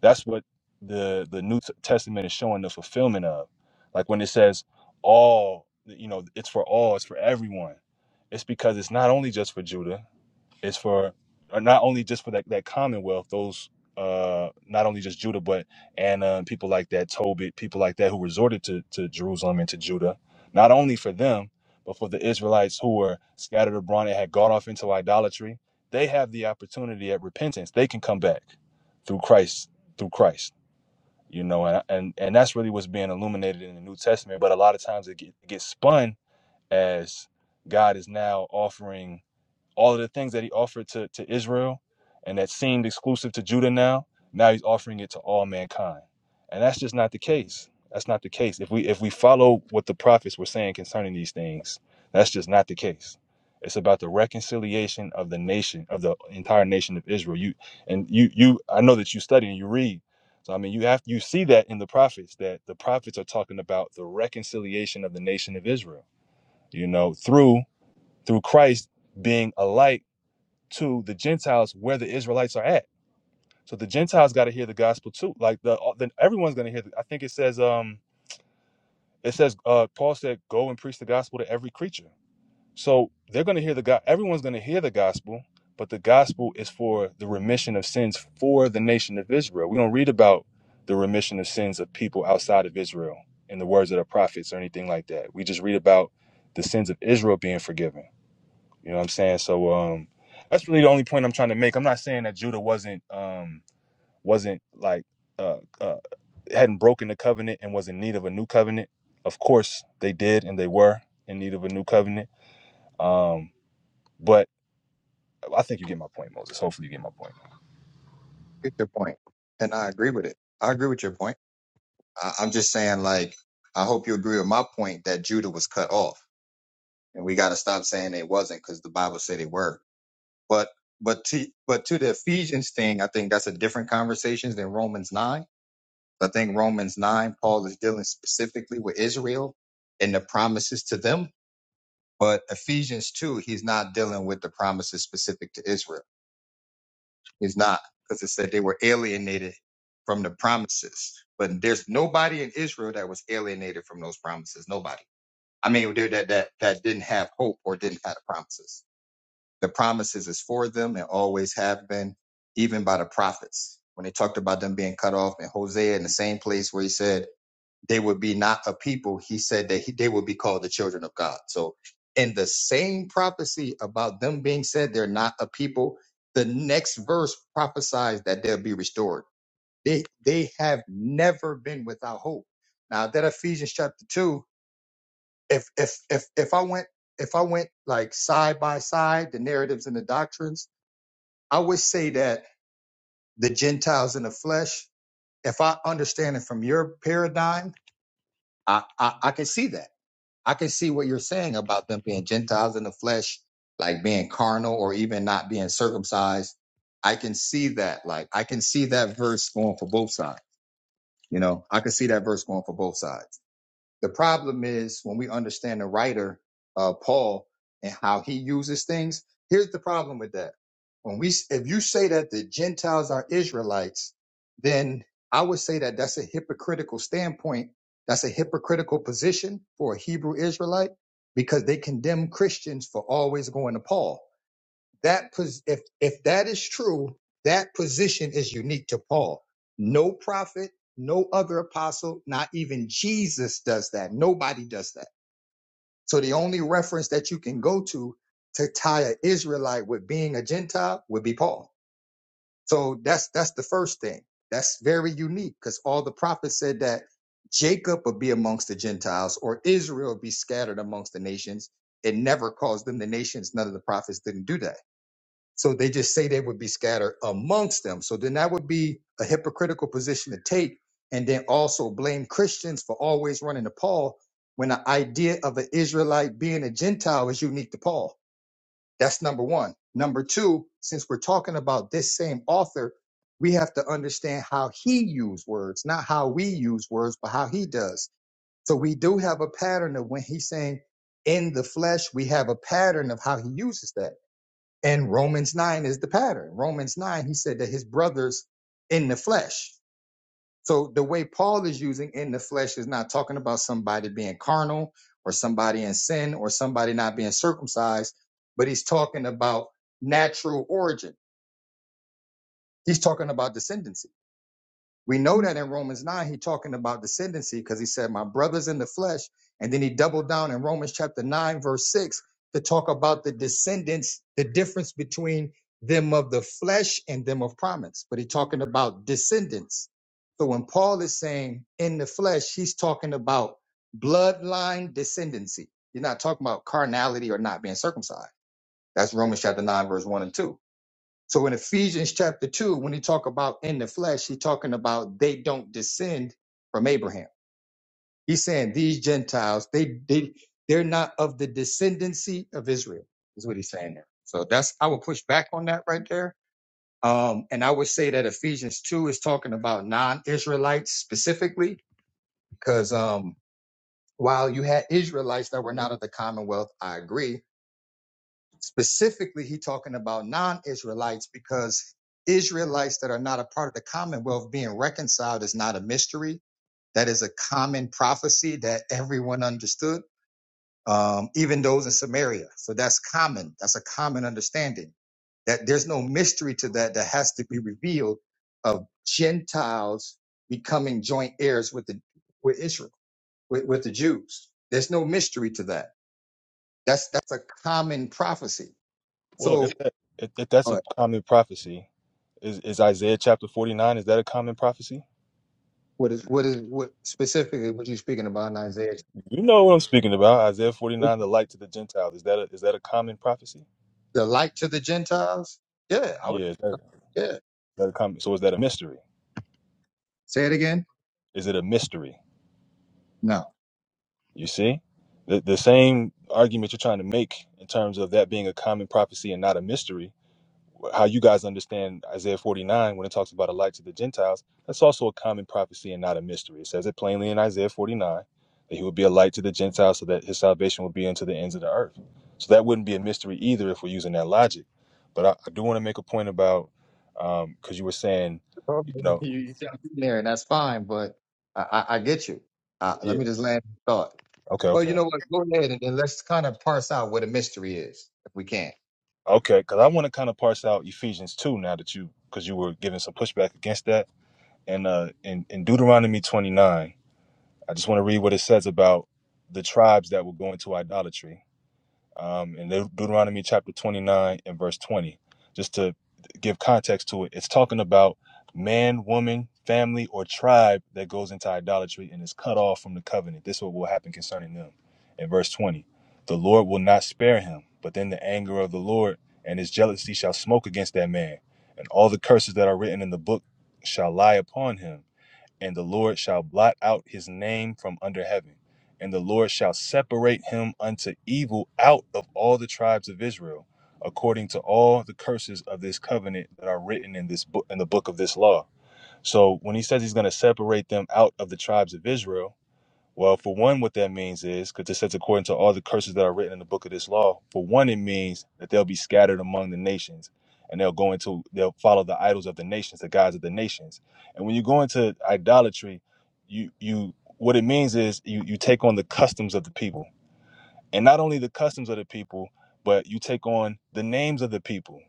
S3: that's what the the New Testament is showing the fulfillment of. Like when it says all, you know, it's for all, it's for everyone. It's because it's not only just for Judah is for uh, not only just for that, that commonwealth those uh not only just judah but and uh, people like that tobit people like that who resorted to, to jerusalem and to judah not only for them but for the israelites who were scattered abroad and had gone off into idolatry they have the opportunity at repentance they can come back through christ through christ you know and and, and that's really what's being illuminated in the new testament but a lot of times it, get, it gets spun as god is now offering all of the things that he offered to, to Israel and that seemed exclusive to Judah now, now he's offering it to all mankind. And that's just not the case. That's not the case. If we if we follow what the prophets were saying concerning these things, that's just not the case. It's about the reconciliation of the nation, of the entire nation of Israel. You and you you I know that you study and you read. So I mean you have you see that in the prophets that the prophets are talking about the reconciliation of the nation of Israel, you know, through through Christ being a light to the Gentiles where the Israelites are at. So the Gentiles got to hear the gospel too. Like the, uh, then everyone's going to hear. The, I think it says um it says uh Paul said go and preach the gospel to every creature. So they're going to hear the God. Everyone's going to hear the gospel, but the gospel is for the remission of sins for the nation of Israel. We don't read about the remission of sins of people outside of Israel in the words of the prophets or anything like that. We just read about the sins of Israel being forgiven. You know what I'm saying? So um that's really the only point I'm trying to make. I'm not saying that Judah wasn't um wasn't like uh, uh hadn't broken the covenant and was in need of a new covenant. Of course they did and they were in need of a new covenant. Um but I think you get my point, Moses. Hopefully you get my point.
S1: get your point, and I agree with it. I agree with your point. I, I'm just saying, like, I hope you agree with my point that Judah was cut off, and we got to stop saying they wasn't because the Bible said they were. But but to but to the Ephesians thing, I think that's a different conversation than Romans nine. I think Romans nine, Paul is dealing specifically with Israel and the promises to them. But Ephesians two, he's not dealing with the promises specific to Israel. It's not because it said they were alienated from the promises. But there's nobody in Israel that was alienated from those promises. Nobody. I mean, there- that that that didn't have hope or didn't have the promises. The promises is for them and always have been, even by the prophets. When they talked about them being cut off in Hosea in the same place where he said they would be not a people. He said that he, they would be called the children of God. So, in the same prophecy about them being said they're not a people, the next verse prophesies that they'll be restored. They they have never been without hope. Now that Ephesians chapter two, if if if if I went if I went like side by side the narratives and the doctrines, I would say that the Gentiles in the flesh. If I understand it from your paradigm, I I, I can see that. I can see what you're saying about them being Gentiles in the flesh, like being carnal or even not being circumcised. I can see that. Like I can see that verse going for both sides. You know, I can see that verse going for both sides. The problem is when we understand the writer, uh, Paul, and how he uses things. Here's the problem with that. When we, if you say that the Gentiles are Israelites, then I would say that that's a hypocritical standpoint. That's a hypocritical position for a Hebrew Israelite because they condemn Christians for always going to Paul that pos- if if that is true, that position is unique to Paul. No prophet, no other apostle, not even Jesus does that. Nobody does that. So the only reference that you can go to to tie an Israelite with being a Gentile would be Paul. So that's that's the first thing. That's very unique because all the prophets said that Jacob would be amongst the Gentiles or Israel would be scattered amongst the nations. It never calls them the nations. None of the prophets didn't do that. So they just say they would be scattered amongst them. So then that would be a hypocritical position to take. And then also blame Christians for always running to Paul when the idea of an Israelite being a Gentile is unique to Paul. That's number one. Number two, since we're talking about this same author, we have to understand how he used words, not how we use words, but how he does. So we do have a pattern of when he's saying in the flesh, we have a pattern of how he uses that. And Romans 9 is the pattern. Romans 9, he said that his brothers in the flesh. So the way Paul is using in the flesh is not talking about somebody being carnal or somebody in sin or somebody not being circumcised, but he's talking about natural origin. He's talking about descendancy. We know that in Romans 9, he's talking about descendancy because he said, My brothers in the flesh. And then he doubled down in Romans chapter 9, verse 6, to talk about the descendants, the difference between them of the flesh and them of promise. But he's talking about descendants. So when Paul is saying in the flesh, he's talking about bloodline descendancy. He's not talking about carnality or not being circumcised. That's Romans chapter 9, verse 1 and 2. So in Ephesians chapter 2, when he talk about in the flesh, he talking about they don't descend from Abraham. He's saying these Gentiles, they they they're not of the descendancy of Israel, is what he's saying there. So that's I would push back on that right there. Um, and I would say that Ephesians 2 is talking about non-Israelites specifically, because um while you had Israelites that were not of the commonwealth, I agree Specifically, he talking about non-Israelites because Israelites that are not a part of the commonwealth being reconciled is not a mystery. That is a common prophecy that everyone understood, um, even those in Samaria. So that's common. That's a common understanding that there's no mystery to that that has to be revealed of Gentiles becoming joint heirs with the with Israel, with, with the Jews. There's no mystery to that. That's that's a common prophecy.
S3: Well, if
S1: So
S3: that if, if that's
S1: uh,
S3: a common prophecy, is, is Isaiah chapter 49 is that a common prophecy?
S1: What is what is what specifically what you speaking about in Isaiah?
S3: You know what I'm speaking about. Isaiah 49, the light to the Gentiles. Is that a, is that a common prophecy?
S1: The light to the Gentiles? Yeah, I would.
S3: Yeah. Is that, is
S1: Yeah.
S3: that a common, so is that a mystery?
S1: Say it again.
S3: Is it a mystery?
S1: No.
S3: You see? The, the same argument you're trying to make in terms of that being a common prophecy and not a mystery how you guys understand Isaiah 49 when it talks about a light to the Gentiles, that's also a common prophecy and not a mystery. It says it plainly in Isaiah 49 that he would be a light to the Gentiles so that his salvation would be unto the ends of the earth. So that wouldn't be a mystery either if we're using that logic. But I, I do want to make a point about because um, you were saying, you know,
S1: You you jump in there, and that's fine. But I, I, I get you. Uh, let
S3: yeah,
S1: me just land the thought.
S3: okay,
S1: Well, you
S3: okay,
S1: know what? Go ahead and then let's kind of parse out what a mystery is, if we can.
S3: okay, because I want to kind of parse out Ephesians 2 now that you because you were giving some pushback against that and uh in, in Deuteronomy 29 I just want to read what it says about the tribes that will go into idolatry. Um, in Deut- Deuteronomy chapter 29 and verse 20, just to give context to it, it's talking about man, woman, family, or tribe that goes into idolatry and is cut off from the covenant. This is what will happen concerning them. In verse 20, the Lord will not spare him, but then the anger of the Lord and his jealousy shall smoke against that man, and all the curses that are written in the book shall lie upon him and the Lord shall blot out his name from under heaven, and the Lord shall separate him unto evil out of all the tribes of Israel, according to all the curses of this covenant that are written in this book in the book of this law. So when he says he's going to separate them out of the tribes of Israel, well, for one, what that means is, because it says, according to all the curses that are written in the book of this law, for one, it means that they'll be scattered among the nations and they'll go into, they'll follow the idols of the nations, the gods of the nations. And when you go into idolatry, you, you, what it means is you, you take on the customs of the people. And not only the customs of the people, but you take on the names of the people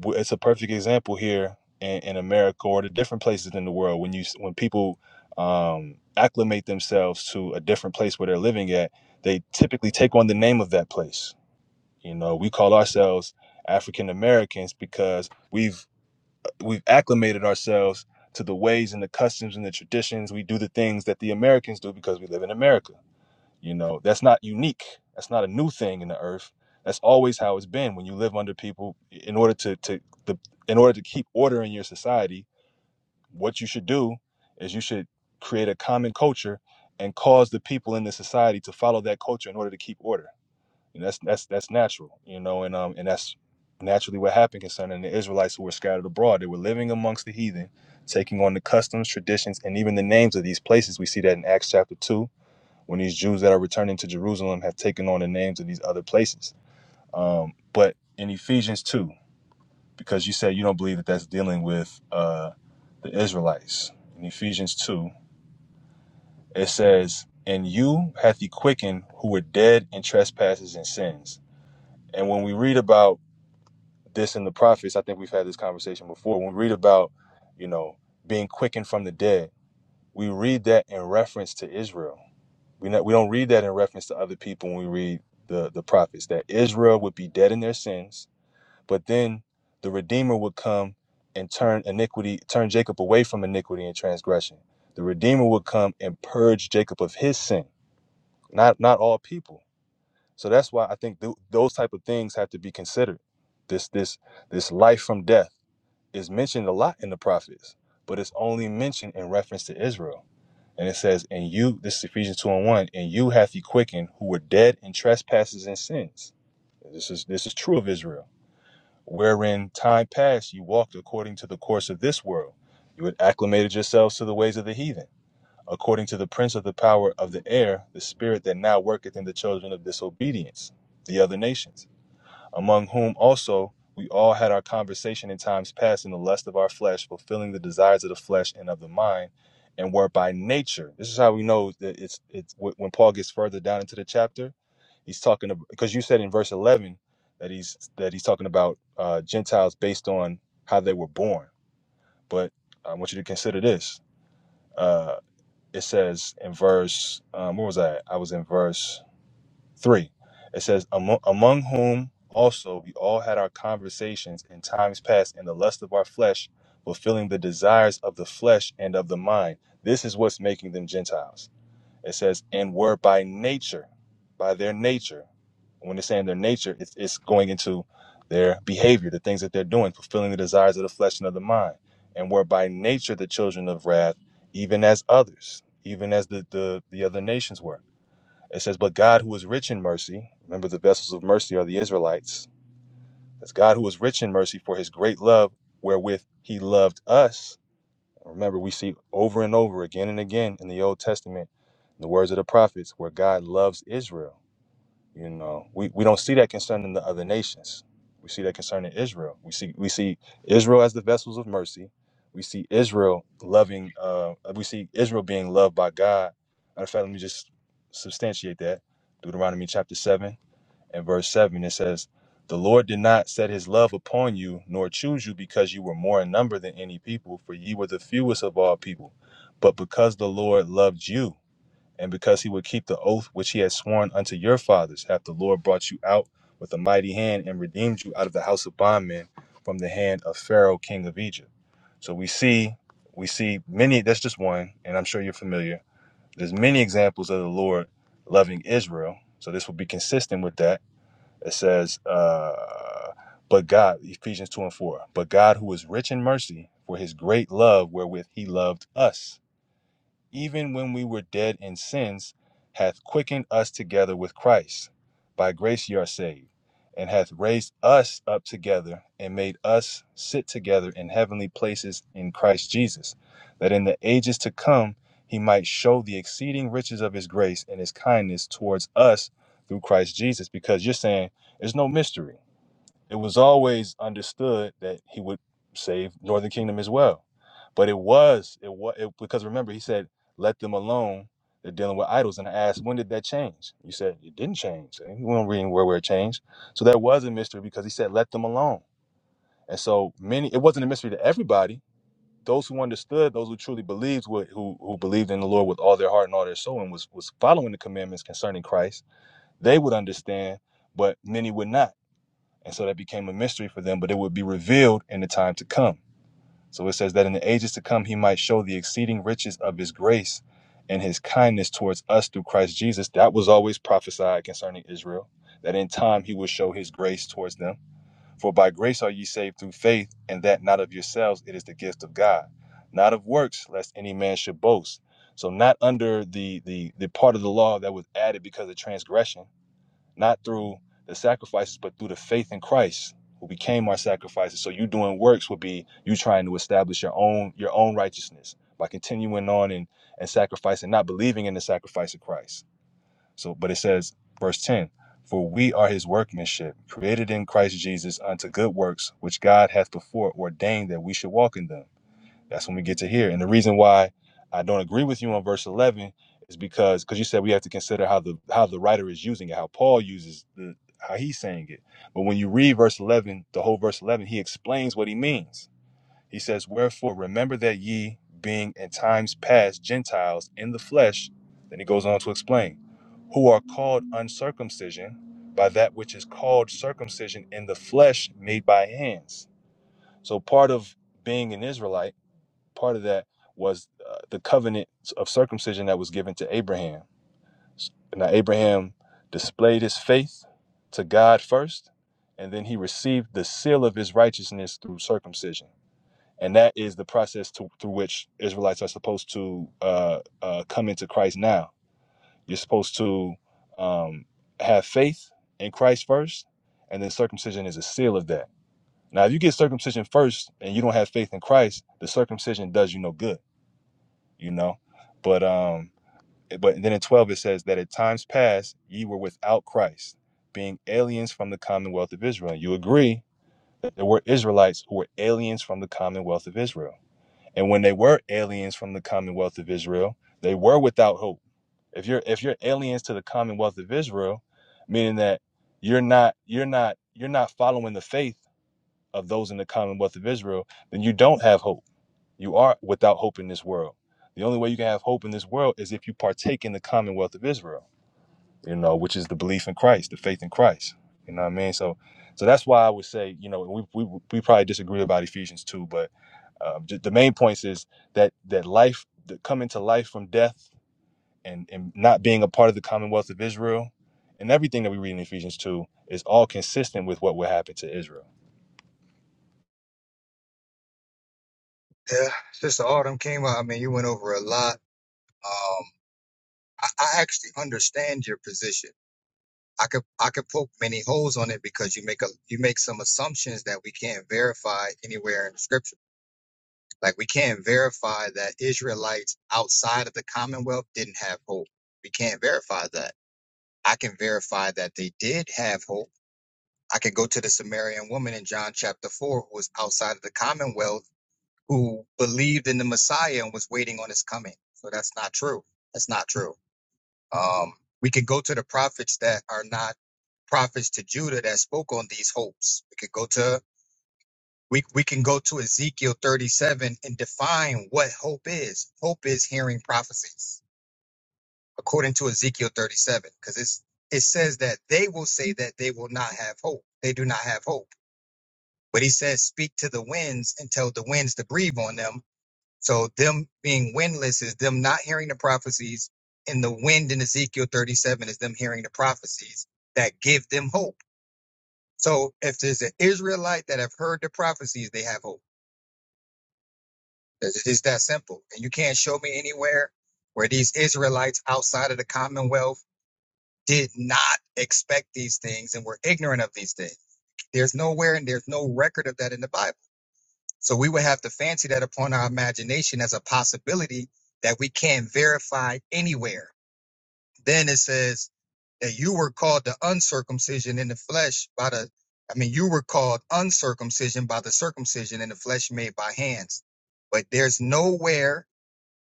S3: w- it's a perfect example here in, in America or the different places in the world when you s- when people um, acclimate themselves to a different place where they're living at, they typically take on the name of that place. You know, we call ourselves African Americans because we've we've acclimated ourselves to the ways and the customs and the traditions. We do the things that the Americans do because we live in America you know, that's not unique. That's not a new thing in the earth. That's always how it's been. When you live under people, in order to to the in order to keep order in your society, what you should do is you should create a common culture and cause the people in the society to follow that culture in order to keep order. And that's that's that's natural, you know, and um and that's naturally what happened concerning the Israelites who were scattered abroad. They were living amongst the heathen, taking on the customs, traditions, and even the names of these places. We see that in Acts chapter two when these Jews that are returning to Jerusalem have taken on the names of these other places. Um, but in Ephesians 2, because you said you don't believe that that's dealing with uh, the Israelites, in Ephesians 2, it says, And you hath he quickened who were dead in trespasses and sins. And when we read about this in the prophets, I think we've had this conversation before. When we read about, you know, being quickened from the dead, we read that in reference to Israel We not, we don't read that in reference to other people when we read the the prophets that Israel would be dead in their sins, but then the Redeemer would come and turn iniquity, turn Jacob away from iniquity and transgression. The Redeemer would come and purge Jacob of his sin, not not all people. So that's why I think th- those type of things have to be considered. This this this life from death is mentioned a lot in the prophets, but it's only mentioned in reference to Israel and it says, And you, this is Ephesians 2 and 1, and you hath he quickened who were dead in trespasses and sins. This is this is true of Israel. Wherein time past you walked according to the course of this world. You had acclimated yourselves to the ways of the heathen, according to the prince of the power of the air, the spirit that now worketh in the children of disobedience, the other nations among whom also we all had our conversation in times past in the lust of our flesh, fulfilling the desires of the flesh and of the mind, and were by nature. This is how we know that it's it's when Paul gets further down into the chapter, he's talking about because you said in verse eleven that he's that he's talking about uh, Gentiles based on how they were born. But I want you to consider this. Uh, it says in verse um, where was I? I was in verse. Three, it says, among, among whom also we all had our conversations in times past in the lust of our flesh, fulfilling the desires of the flesh and of the mind. This is what's making them Gentiles. It says, and were by nature, by their nature. When it's saying their nature, it's, it's going into their behavior, the things that they're doing, fulfilling the desires of the flesh and of the mind. And were by nature the children of wrath, even as others, even as the, the, the other nations were. It says, But God who is rich in mercy, remember the vessels of mercy are the Israelites. That's God who is rich in mercy for his great love wherewith he loved us. Remember, we see over and over again and again in the Old Testament in the words of the prophets where God loves Israel. You know, we, we don't see that concern in the other nations. We see that concern in Israel. We see we see Israel as the vessels of mercy. We see Israel loving. Uh, we see Israel being loved by God. Matter of fact, let me just substantiate that. Deuteronomy chapter seven and verse seven. It says, "The Lord did not set His love upon you, nor choose you, because you were more in number than any people, for ye were the fewest of all people, but because the Lord loved you." and because he would keep the oath which he had sworn unto your fathers, after the Lord brought you out with a mighty hand and redeemed you out of the house of bondmen from the hand of Pharaoh, king of Egypt. So we see, we see many. That's just one, and I'm sure you're familiar. There's many examples of the Lord loving Israel. So this would be consistent with that. It says, uh, "But God," Ephesians two and four. But God, who is rich in mercy, for His great love wherewith He loved us even when we were dead in sins, hath quickened us together with Christ. By grace ye are saved, and hath raised us up together, and made us sit together in heavenly places in Christ Jesus, that in the ages to come he might show the exceeding riches of his grace and his kindness towards us through Christ Jesus. Because you're saying there's no mystery. It was always understood that he would save Northern Kingdom as well. But it was it was it, because remember he said, "Let them alone. They're dealing with idols." And I asked, "When did that change?" You said it didn't change. And we don't read anywhere where it changed. So that was a mystery because he said, "Let them alone." And so many, it wasn't a mystery to everybody. Those who understood, those who truly believed, who who who believed in the Lord with all their heart and all their soul, and was was following the commandments concerning Christ, they would understand, but many would not. And so that became a mystery for them, but it would be revealed in the time to come. So it says that in the ages to come, he might show the exceeding riches of his grace and his kindness towards us through Christ Jesus. That was always prophesied concerning Israel, that in time he would show his grace towards them. For by grace are ye saved through faith, and that not of yourselves, it is the gift of God, not of works, lest any man should boast. So not under the the the part of the law that was added because of transgression not through the sacrifices, but through the faith in Christ who became our sacrifices. So you doing works would be you trying to establish your own your own righteousness by continuing on and and sacrificing, not believing in the sacrifice of Christ. So, but it says, verse ten, for we are His workmanship, created in Christ Jesus unto good works, which God hath before ordained that we should walk in them. That's when we get to here. And the reason why I don't agree with you on verse 11 is because because you said we have to consider how the how the writer is using it, how Paul uses the how he's saying it. But when you read verse 11, the whole verse 11, he explains what he means. He says, "Wherefore remember that ye being in times past Gentiles in the flesh." Then he goes on to explain, "who are called uncircumcision by that which is called circumcision in the flesh made by hands." So part of being an Israelite part of that was uh, the covenant of circumcision that was given to Abraham. Now, Abraham displayed his faith to God first, and then he received the seal of his righteousness through circumcision. And that is the process to, through which Israelites are supposed to uh, uh, come into Christ now. You're supposed to um, have faith in Christ first, and then circumcision is a seal of that. Now, if you get circumcision first and you don't have faith in Christ, the circumcision does you no good you know but um eh, but then in 12 it says that at times past ye were without christ being aliens from the commonwealth of israel And you agree that there were israelites who were aliens from the commonwealth of israel and when they were aliens from the commonwealth of israel they were without hope if you're if you're aliens to the commonwealth of israel meaning that you're not you're not you're not following the faith of those in the commonwealth of israel then you don't have hope you are without hope in this world. The only way you can have hope in this world is if you partake in the commonwealth of Israel, you know, which is the belief in Christ, the faith in Christ. You know what I mean? So, so that's why I would say, you know, we we, we probably disagree about Ephesians two, but um, ju- the main points is that that life, that coming to life from death, and and not being a part of the commonwealth of Israel, and everything that we read in Ephesians two is all consistent with what will happen to Israel.
S1: Yeah, since the autumn came out, I mean, you went over a lot. Um, I, I actually understand your position. I could I could poke many holes on it because you make a you make some assumptions that we can't verify anywhere in the scripture. Like we can't verify that Israelites outside of the Commonwealth didn't have hope. We can't verify that. I can verify that they did have hope. I can go to the Samaritan woman in John chapter four who was outside of the Commonwealth who believed in the Messiah and was waiting on his coming. So that's not true. That's not true. Um, we could go to the prophets that are not prophets to Judah that spoke on these hopes. We could go to we we can go to Ezekiel 37 and define what hope is. Hope is hearing prophecies, according to Ezekiel 37, because it's it says that they will say that they will not have hope. They do not have hope. But he says, speak to the winds and tell the winds to breathe on them so them being windless is them not hearing the prophecies, and the wind in Ezekiel 37 is them hearing the prophecies that give them hope. So if there's an Israelite that have heard the prophecies, they have hope. It's it's that simple. And you can't show me anywhere where these Israelites outside of the Commonwealth did not expect these things and were ignorant of these things. There's nowhere and there's no record of that in the Bible. So we would have to fancy that upon our imagination as a possibility that we can't verify anywhere. Then it says that you were called the uncircumcision in the flesh by the, I mean, you were called uncircumcision by the circumcision in the flesh made by hands. But there's nowhere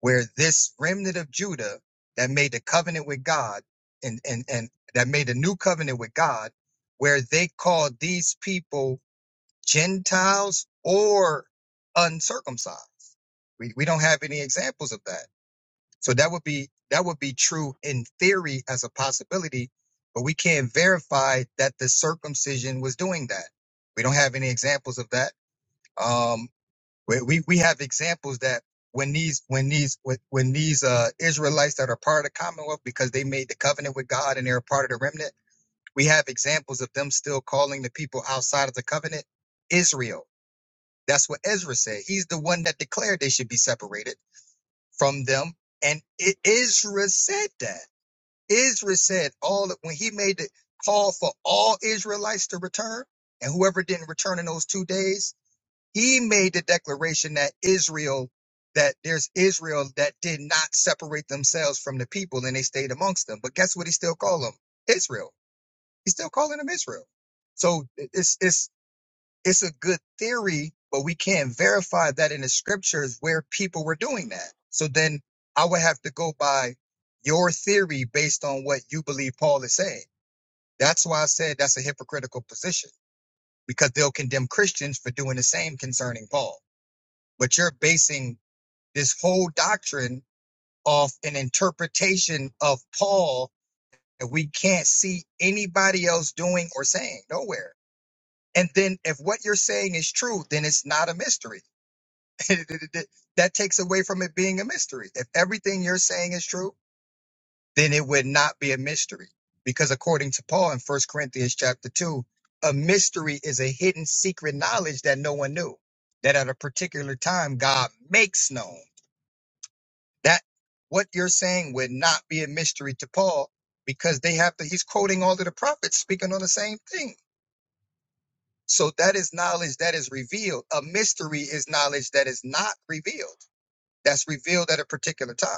S1: where this remnant of Judah that made the covenant with God and, and, and that made a new covenant with God, where they called these people Gentiles or uncircumcised. We, we don't have any examples of that. So that would be that would be true in theory as a possibility, but we can't verify that the circumcision was doing that. We don't have any examples of that. Um, we, we, we have examples that when these when these when, when these uh, Israelites that are part of the Commonwealth because they made the covenant with God and they're a part of the remnant, we have examples of them still calling the people outside of the covenant Israel that's what Ezra said. He's the one that declared they should be separated from them. And I- Israel said that. Israel said all that when he made the call for all Israelites to return, and whoever didn't return in those two days, he made the declaration that Israel, that there's Israel that did not separate themselves from the people and they stayed amongst them. But guess what? He still called them Israel. He's still calling them Israel. So it's it's it's a good theory, but we can't verify that in the scriptures where people were doing that. So then I would have to go by your theory based on what you believe Paul is saying. That's why I said that's a hypocritical position because they'll condemn Christians for doing the same concerning Paul. But you're basing this whole doctrine off an interpretation of Paul that we can't see anybody else doing or saying nowhere. And then if what you're saying is true, then it's not a mystery that takes away from it being a mystery. If everything you're saying is true, then it would not be a mystery. Because according to Paul in First Corinthians chapter 2, a mystery is a hidden secret knowledge that no one knew, that at a particular time God makes known. That what you're saying would not be a mystery to Paul because they have to, he's quoting all of the prophets speaking on the same thing. So that is knowledge that is revealed. A mystery is knowledge that is not revealed, that's revealed at a particular time.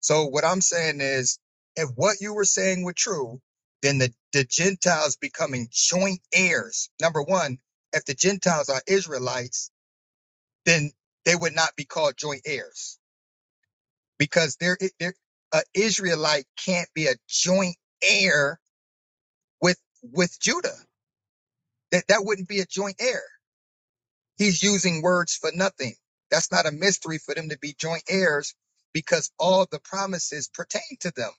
S1: So what I'm saying is, if what you were saying were true, then the, the Gentiles becoming joint heirs. Number one, if the Gentiles are Israelites, then they would not be called joint heirs because they're, they're a Israelite can't be a joint heir with with Judah. That that wouldn't be a joint heir. He's using words for nothing. That's not a mystery for them to be joint heirs because all the promises pertain to them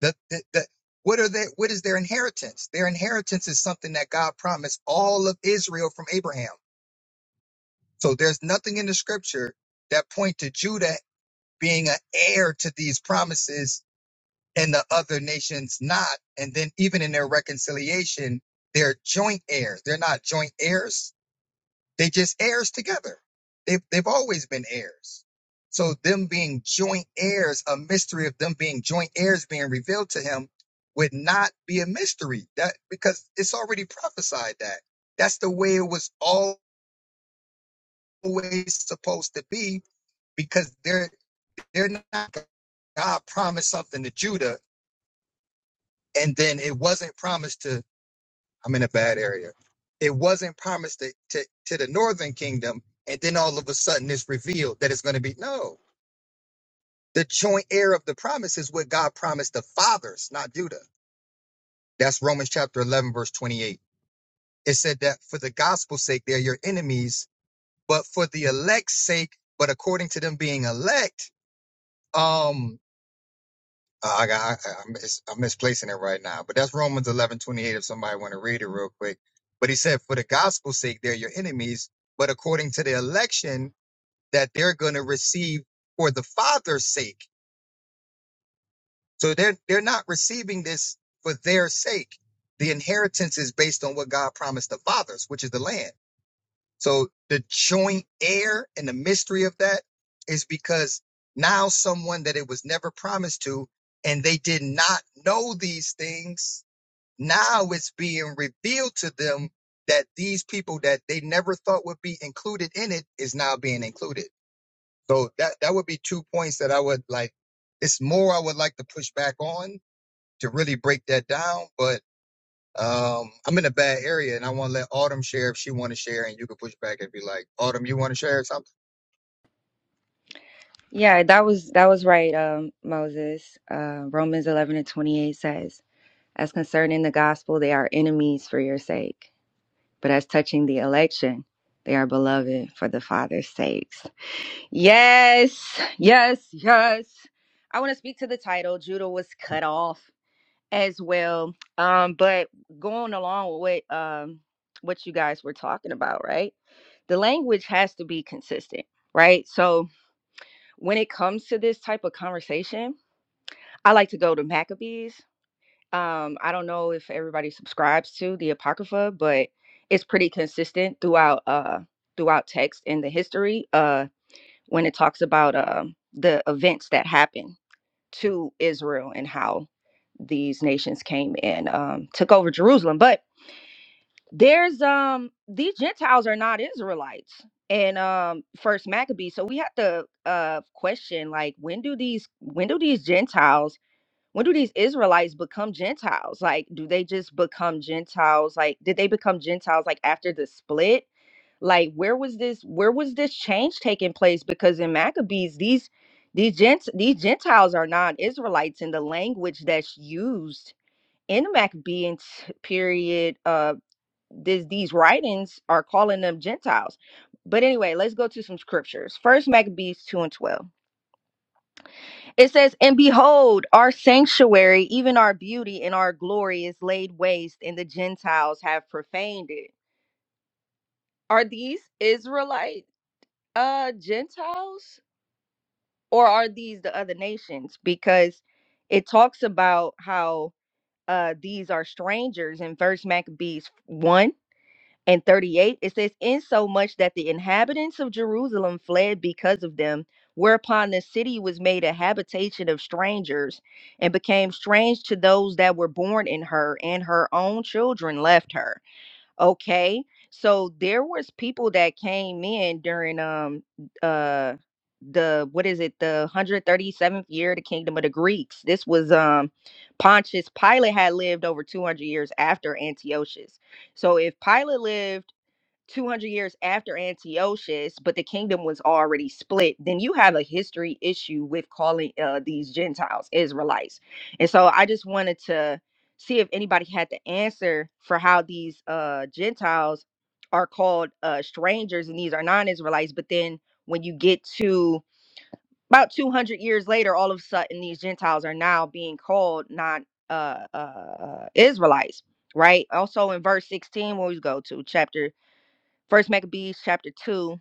S1: The the that what are they what is their inheritance? Their inheritance is something that God promised all of Israel from Abraham. So there's nothing in the scripture that point to Judah being an heir to these promises and the other nations not. And then even in their reconciliation, they're joint heirs. They're not joint heirs. They just heirs together. They've they've always been heirs. So them being joint heirs, a mystery of them being joint heirs being revealed to him would not be a mystery. That because it's already prophesied that. That's the way it was always supposed to be, because they're they're not God promised something to Judah, and then it wasn't promised to I'm in a bad area. It wasn't promised to, to, to the northern kingdom, and then all of a sudden it's revealed that it's going to be no. The joint heir of the promise is what God promised the fathers, not Judah. That's Romans chapter 11, verse 28. It said that for the gospel's sake, they're your enemies, but for the elect's sake, but according to them being elect, um. Uh, I got I, I'm, mis- I'm misplacing it right now, but that's Romans eleven twenty eight. If somebody want to read it real quick, but he said, "For the gospel's sake, they're your enemies, but according to the election that they're going to receive for the Father's sake, so they're they're not receiving this for their sake. The inheritance is based on what God promised the fathers, which is the land. So the joint heir and the mystery of that is because now someone that it was never promised to and they did not know these things, now it's being revealed to them that these people that they never thought would be included in it is now being included. So that that would be two points that I would like it's more I would like to push back on to really break that down, but um, I'm in a bad area, and I want to let Autumn share if she want to share, and you can push back and be like, Autumn, you want to share something?
S5: Yeah, that was that was right, um, Moses. Uh, Romans eleven and twenty eight says, "As concerning the gospel, they are enemies for your sake, but as touching the election, they are beloved for the Father's sakes." Yes, yes, yes. I want to speak to the title. Judah was cut off as well, um, but going along with what um, what you guys were talking about, right? The language has to be consistent, right? So when it comes to this type of conversation, I like to go to Maccabees. Um, I don't know if everybody subscribes to the Apocrypha, but it's pretty consistent throughout uh throughout text in the history uh when it talks about um the events that happened to Israel and how these nations came and um, took over Jerusalem. But there's um these gentiles are not israelites and um first Maccabees. so we have to uh question like when do these when do these gentiles when do these israelites become gentiles like do they just become gentiles like did they become gentiles like after the split like where was this where was this change taking place because in maccabees these these gent these gentiles are not israelites in the language that's used in the maccabean period uh this these writings are calling them Gentiles. But anyway, let's go to some scriptures. First Maccabees 2 and 12. It says, And behold, our sanctuary, even our beauty and our glory is laid waste, and the Gentiles have profaned it. Are these Israelite uh Gentiles? Or are these the other nations? Because it talks about how uh these are strangers in verse Maccabees 1 and 38 it says in so much that the inhabitants of jerusalem fled because of them whereupon the city was made a habitation of strangers and became strange to those that were born in her and her own children left her okay so there was people that came in during um uh the what is it the 137th year of the kingdom of the greeks this was um pontius pilate had lived over 200 years after antiochus so if Pilate lived 200 years after Antiochus, but the kingdom was already split, then you have a history issue with calling uh, these Gentiles Israelites. And so I just wanted to see if anybody had the answer for how these uh, Gentiles are called uh, strangers and these are non Israelites. But then when you get to about 200 years later, all of a sudden these Gentiles are now being called non uh, uh, uh, Israelites, right? Also in verse 16, where we go to chapter First Maccabees chapter 2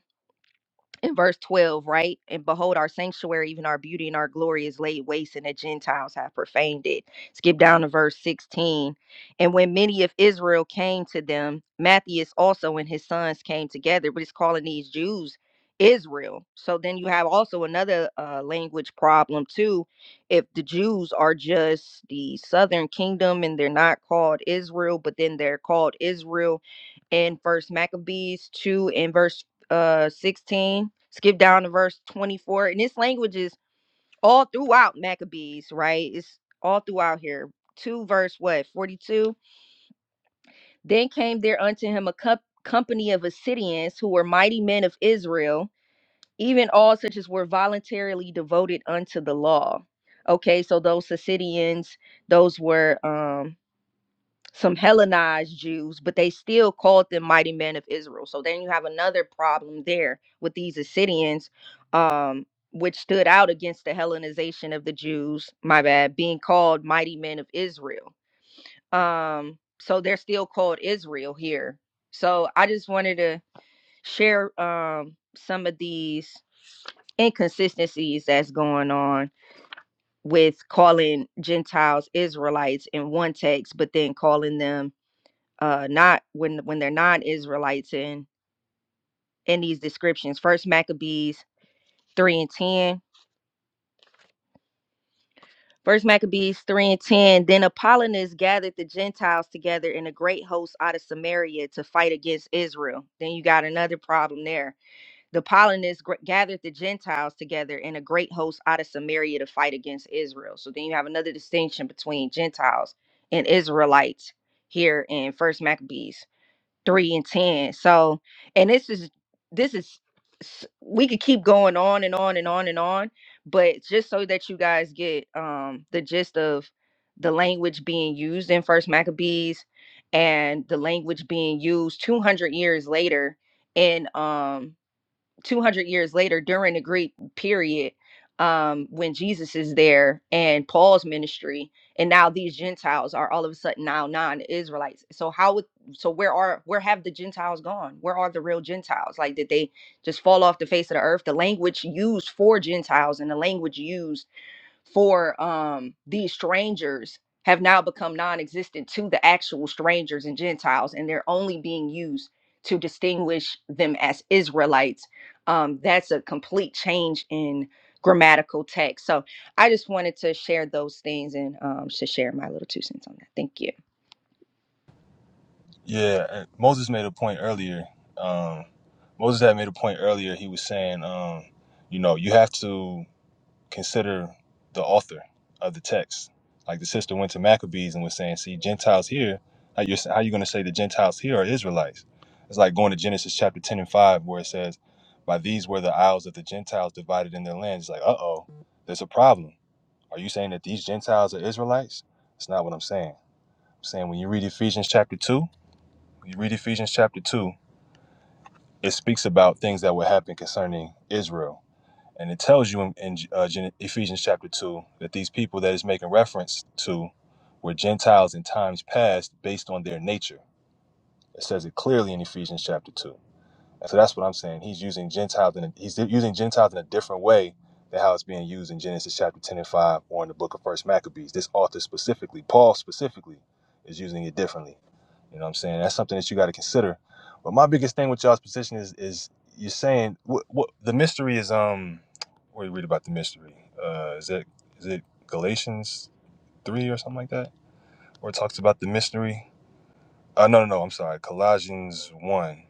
S5: in verse 12, right? And behold, our sanctuary, even our beauty and our glory is laid waste, and the Gentiles have profaned it. Skip down to verse 16. And when many of Israel came to them, Matthias also and his sons came together, but it's calling these Jews Israel. So then you have also another uh, language problem, too. If the Jews are just the southern kingdom and they're not called Israel, but then they're called Israel in first Maccabees 2 and verse uh 16 skip down to verse 24 and this language is all throughout maccabees right it's all throughout here 2 verse what 42 then came there unto him a cup company of assyrians who were mighty men of israel even all such as were voluntarily devoted unto the law okay so those assyrians those were um some Hellenized Jews, but they still called them mighty men of Israel. So then you have another problem there with these Assyrians, um, which stood out against the Hellenization of the Jews, my bad, being called mighty men of Israel. Um, so they're still called Israel here. So I just wanted to share um, some of these inconsistencies that's going on with calling Gentiles Israelites in one text, but then calling them uh not when when they're non-israelites in in these descriptions first maccabees 3 and 10 first maccabees 3 and 10 then apollonius gathered the gentiles together in a great host out of samaria to fight against israel then you got another problem there the apollonius gr- gathered the gentiles together in a great host out of samaria to fight against israel so then you have another distinction between gentiles and israelites here in first maccabees 3 and 10 so and this is this is s- we could keep going on and on and on and on but just so that you guys get um the gist of the language being used in first maccabees and the language being used 200 years later in um 200 years later during the great period um, when Jesus is there and Paul's ministry, and now these Gentiles are all of a sudden now non-Israelites. So how would so where are where have the Gentiles gone? Where are the real Gentiles? Like did they just fall off the face of the earth? The language used for Gentiles and the language used for um, these strangers have now become non-existent to the actual strangers and gentiles and they're only being used to distinguish them as israelites um, that's a complete change in grammatical text so i just wanted to share those things and um, to share my little two cents on that thank you
S3: Yeah, and Moses made a point earlier. Um, Moses had made a point earlier. He was saying, um, you know, you have to consider the author of the text. Like the sister went to Maccabees and was saying, see, Gentiles here, how you how you going to say the Gentiles here are Israelites? It's like going to Genesis chapter 10 and 5, where it says, by these were the isles of the Gentiles divided in their lands. It's like, uh-oh, there's a problem. Are you saying that these Gentiles are Israelites? That's not what I'm saying. I'm saying when you read Ephesians chapter 2, you read Ephesians chapter 2, it speaks about things that will happen concerning Israel. And it tells you in, in uh, Gen- Ephesians chapter 2 that these people that it's making reference to were Gentiles in times past based on their nature. It says it clearly in Ephesians chapter 2. So that's what I'm saying. He's using Gentiles in a, he's using Gentiles in a different way than how it's being used in Genesis chapter 10 and 5 or in the book of First Maccabees. This author specifically, Paul specifically, is using it differently. You know what I'm saying? That's something that you got to consider. But my biggest thing with y'all's position is is you're saying what what the mystery is um where you read about the mystery. Uh is it is it Galatians 3 or something like that? Where it talks about the mystery? Uh no no no, I'm sorry. Colossians 1.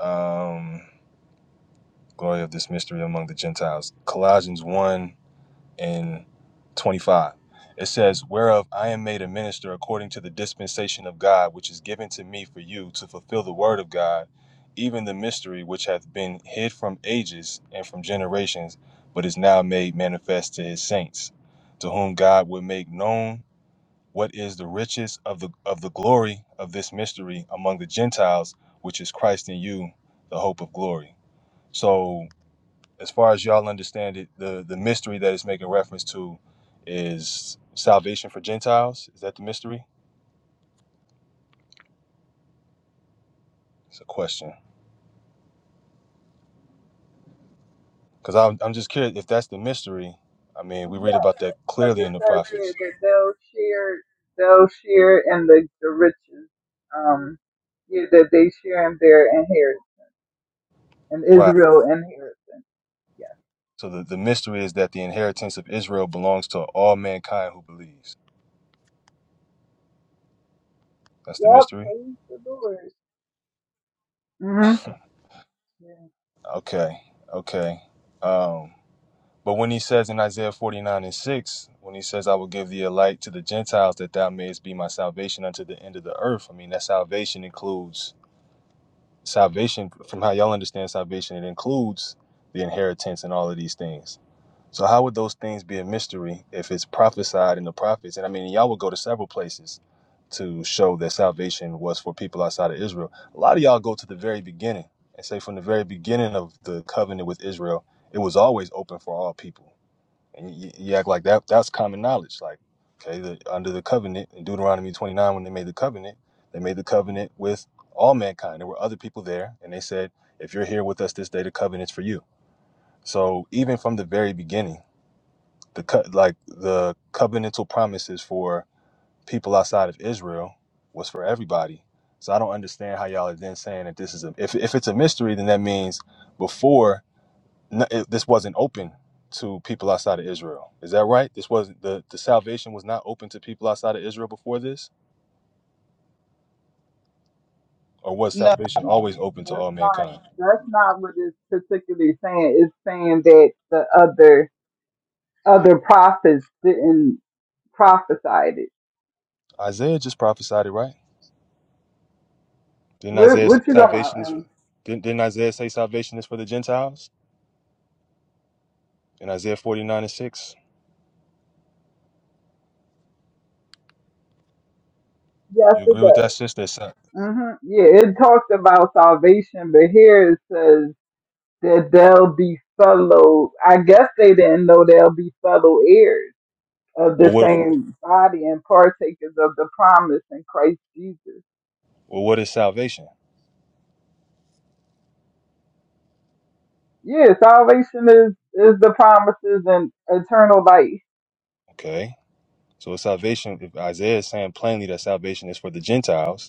S3: Um glory of this mystery among the Gentiles. Colossians 1 and 25. It says, Whereof I am made a minister according to the dispensation of God, which is given to me for you to fulfill the word of God, even the mystery which hath been hid from ages and from generations, but is now made manifest to his saints, to whom God would make known what is the riches of the of the glory of this mystery among the Gentiles, which is Christ in you, the hope of glory. So as far as y'all understand it, the the mystery that it's making reference to is salvation for Gentiles. Is that the mystery? It's a question. Because I'm, I'm just curious if that's the mystery. I mean, we read about that
S2: Because
S3: clearly
S2: it
S3: in the
S2: says here
S3: prophets.
S2: that they'll share, they'll share in the, the riches, um, yeah, that they share in their inheritance, in
S3: Right.
S2: Israel inheritance. Yes.
S3: So the, the mystery is that the inheritance of Israel belongs to all mankind who believes. That's the
S2: Yep.
S3: mystery?
S2: Praise the Lord. hmm Yeah.
S3: Okay. Okay. Um, But when he says in Isaiah 49 and 6, when he says, I will give thee a light to the Gentiles that thou mayest be my salvation unto the end of the earth, I mean, that salvation includes salvation, from how y'all understand salvation, it includes the inheritance and all of these things. So, how would those things be a mystery if it's prophesied in the prophets? And I mean, y'all would go to several places to show that salvation was for people outside of Israel. A lot of y'all go to the very beginning and say, from the very beginning of the covenant with Israel, it was always open for all people and you, you act like that that's common knowledge. Like, okay, the, under the covenant in Deuteronomy 29, when they made the covenant, they made the covenant with all mankind. There were other people there, and they said, if you're here with us this day, the covenant's for you. So even from the very beginning, the co- like the covenantal promises for people outside of Israel was for everybody. So I don't understand how y'all are then saying that this is a if if it's a mystery, then that means before no, it, this wasn't open to people outside of Israel. Is that right? This wasn't the the salvation was not open to people outside of Israel before this, or was
S2: No,
S3: salvation always open to
S2: that's
S3: all
S2: not.
S3: mankind?
S2: That's not what it's particularly saying. It's saying that the other other prophets didn't prophesied it.
S3: Isaiah just prophesied it, right? Didn't
S2: What,
S3: Isaiah say
S2: what you talking about?
S3: salvation is?
S2: Ann?
S3: Didn't, didn't Isaiah say salvation is for the Gentiles in Isaiah forty nine and six?
S2: Yes,
S3: You
S2: it
S3: agree with
S2: does.
S3: that, sister? Sa-
S2: hmm Yeah, it talks about salvation, but here it says that they'll be fellow. I guess they didn't know they'll be fellow heirs of
S3: Well,
S2: the
S3: what
S2: same body and partakers of the promise in Christ Jesus.
S3: well, what is salvation?
S2: Yeah, salvation is is the promises and eternal life.
S3: Okay, so salvation. If Isaiah is saying plainly that salvation is for the Gentiles,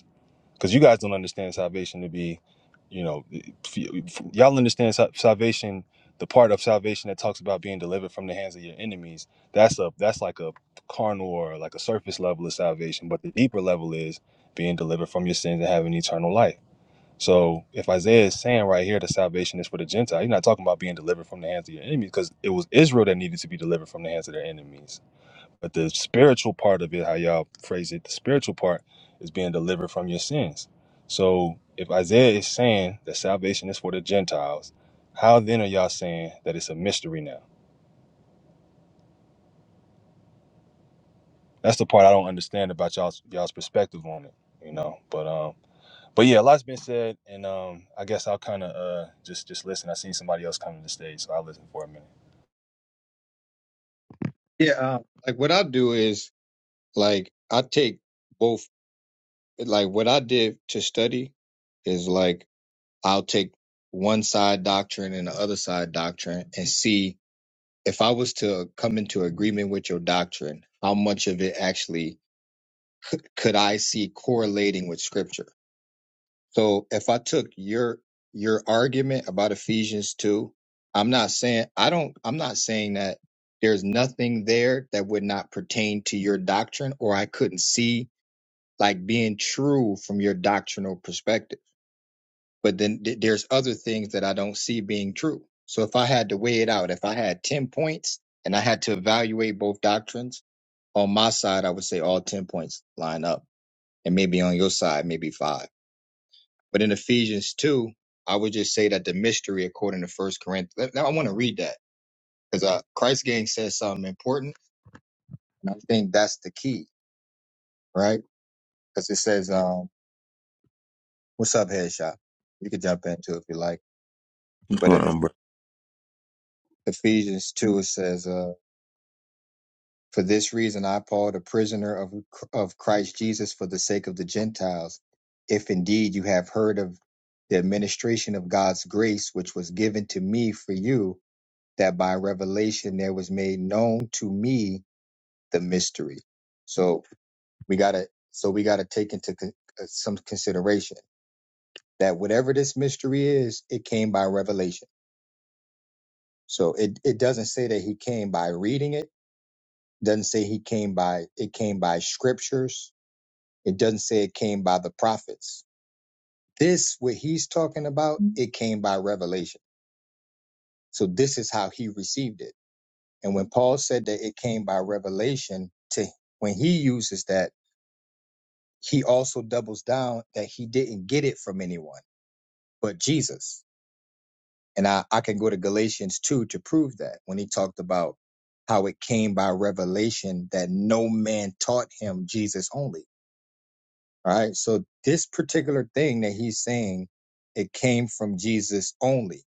S3: because you guys don't understand salvation to be, you know, f- f- y'all understand sa- salvation, the part of salvation that talks about being delivered from the hands of your enemies. That's a that's like a carnal or like a surface level of salvation, but the deeper level is being delivered from your sins and having eternal life. So if Isaiah is saying right here that salvation is for the Gentile, he's not talking about being delivered from the hands of your enemies because it was Israel that needed to be delivered from the hands of their enemies. But the spiritual part of it, how y'all phrase it, the spiritual part is being delivered from your sins. So if Isaiah is saying that salvation is for the Gentiles, how then are y'all saying that it's a mystery now? That's the part I don't understand about y'all's y'all's perspective on it, you know. But um but yeah, a lot's been said and um I guess I'll kinda uh just just listen. I seen somebody else come to the stage, so I'll listen for a minute.
S1: Yeah, um, like what I do is like I take both. Like what I did to study is like I'll take one side doctrine and the other side doctrine and see if I was to come into agreement with your doctrine, how much of it actually could I see correlating with scripture? So if I took your your argument about Ephesians 2, I'm not saying I don't I'm not saying that there's nothing there that would not pertain to your doctrine or I couldn't see like being true from your doctrinal perspective. But then th- there's other things that I don't see being true. So if I had to weigh it out, if I had 10 points and I had to evaluate both doctrines, on my side I would say all 10 points line up and maybe on your side maybe 5. But in Ephesians 2, I would just say that the mystery, according to First Corinthians, now I want to read that because uh, Christ Gang says something important, and I think that's the key, right? Because it says, um, "What's up, headshot?" You could jump into it if you like.
S6: What's
S1: But
S6: going
S1: in
S6: on, bro?
S1: Ephesians 2, it says, uh, "For this reason, I, Paul, the prisoner of of Christ Jesus, for the sake of the Gentiles, if indeed you have heard of the administration of God's grace, which was given to me for you." that by revelation there was made known to me the mystery. So we gotta, so we gotta take into con- uh, some consideration that whatever this mystery is, it came by revelation. So it it doesn't say that he came by reading it. Doesn't say he came by it came by scriptures. It doesn't say it came by the prophets. This what he's talking about, it came by revelation. So this is how he received it. And when Paul said that it came by revelation to when he uses that he also doubles down that he didn't get it from anyone but Jesus. And I, I can go to Galatians 2 to prove that when he talked about how it came by revelation that no man taught him Jesus only. All Right. So this particular thing that he's saying, it came from Jesus only.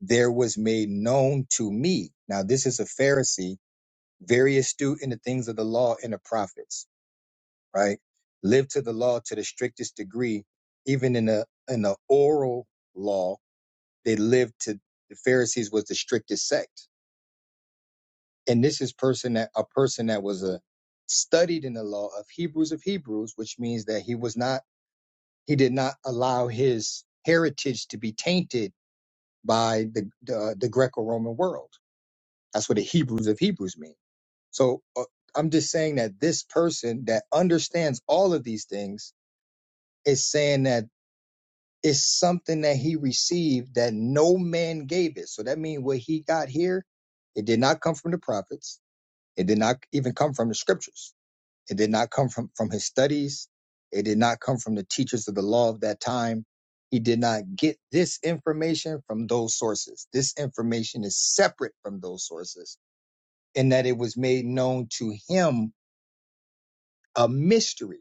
S1: There was made known to me. Now, this is a Pharisee, very astute in the things of the law and the prophets right? Live to the law to the strictest degree, even in the in the oral law, they lived to the Pharisees was the strictest sect. And this is person that a person that was a studied in the law of Hebrews of Hebrews, which means that he was not he did not allow his heritage to be tainted by the the, uh, the Greco-Roman world. That's what the Hebrews of Hebrews mean. So uh, I'm just saying that this person that understands all of these things is saying that It's something that he received that no man gave it. So that means what he got here, it did not come from the prophets. It did not even come from the scriptures. It did not come from, from his studies. It did not come from the teachers of the law of that time. He did not get this information from those sources. This information is separate from those sources in that it was made known to him a mystery.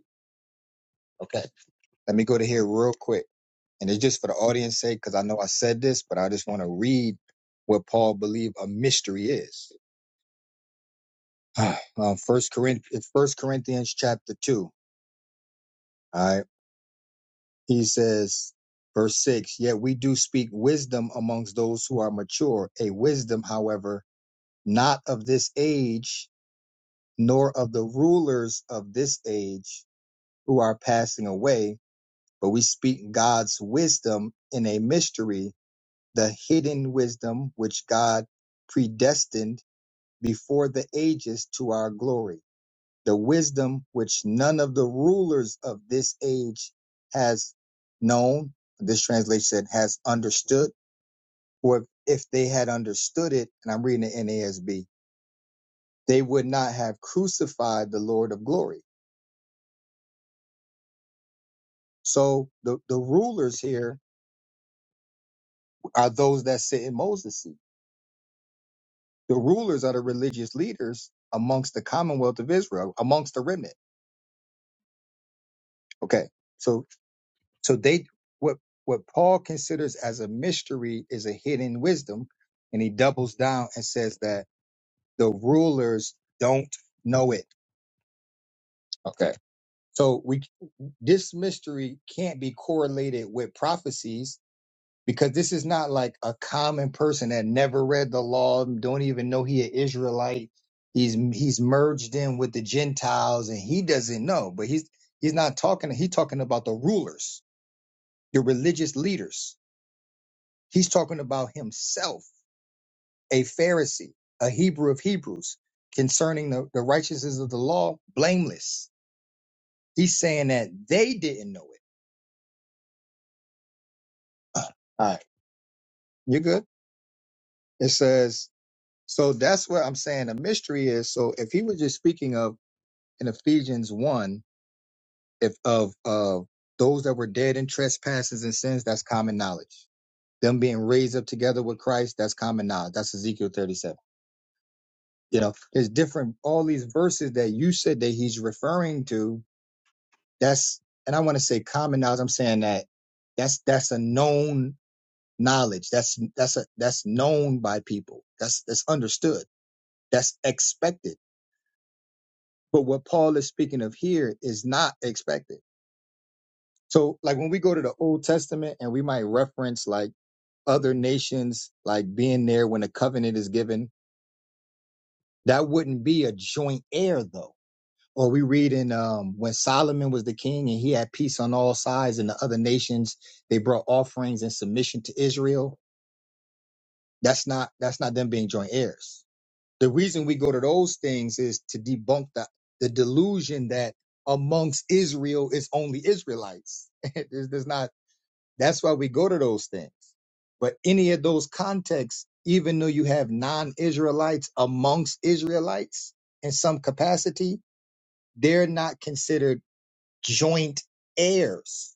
S1: Okay. Let me go to here real quick. And it's just for the audience sake, because I know I said this, but I just want to read what Paul believed a mystery is. um, First Corinthians, First Corinthians chapter two. All right. He says, verse six, yet we do speak wisdom amongst those who are mature, a wisdom, however, not of this age, nor of the rulers of this age who are passing away, but we speak God's wisdom in a mystery the hidden wisdom which God predestined before the ages to our glory, the wisdom which none of the rulers of this age has known. This translation said has understood, or if they had understood it, and I'm reading the NASB, they would not have crucified the Lord of glory. So the, the rulers here are those that sit in Moses' seat. The rulers are the religious leaders amongst the commonwealth of Israel, amongst the remnant Okay. So so they what what Paul considers as a mystery is a hidden wisdom, and he doubles down and says that the rulers don't know it. Okay. So we this mystery can't be correlated with prophecies because this is not like a common person that never read the law, don't even know he an Israelite. He's he's merged in with the Gentiles and he doesn't know, but he's he's not talking. He's talking about the rulers, the religious leaders He's talking about himself, a Pharisee, a Hebrew of Hebrews, concerning the, the righteousness of the law, blameless. He's saying that they didn't know it. Uh, All right, you're good. It says, so that's what I'm saying. A mystery is so if he was just speaking of in Ephesians 1, if of uh, those that were dead in trespasses and sins, that's common knowledge. Them being raised up together with Christ, that's common knowledge. That's Ezekiel 37 You know, there's different, all these verses that you said that he's referring to. That's, and I want to say common knowledge. I'm saying that that's, that's a known knowledge. That's, that's a, that's known by people. That's, that's understood. That's expected. But what Paul is speaking of here is not expected. So like when we go to the Old Testament and we might reference like other nations, like being there when a covenant is given, that wouldn't be a joint heir though or we read in um, when Solomon was the king and he had peace on all sides, and the other nations they brought offerings in submission to Israel. That's not that's not them being joint heirs. The reason we go to those things is to debunk the the delusion that amongst Israel is only Israelites. there's, there's not. That's why we go to those things. But any of those contexts, even though you have non-Israelites amongst Israelites in some capacity, they're not considered joint heirs.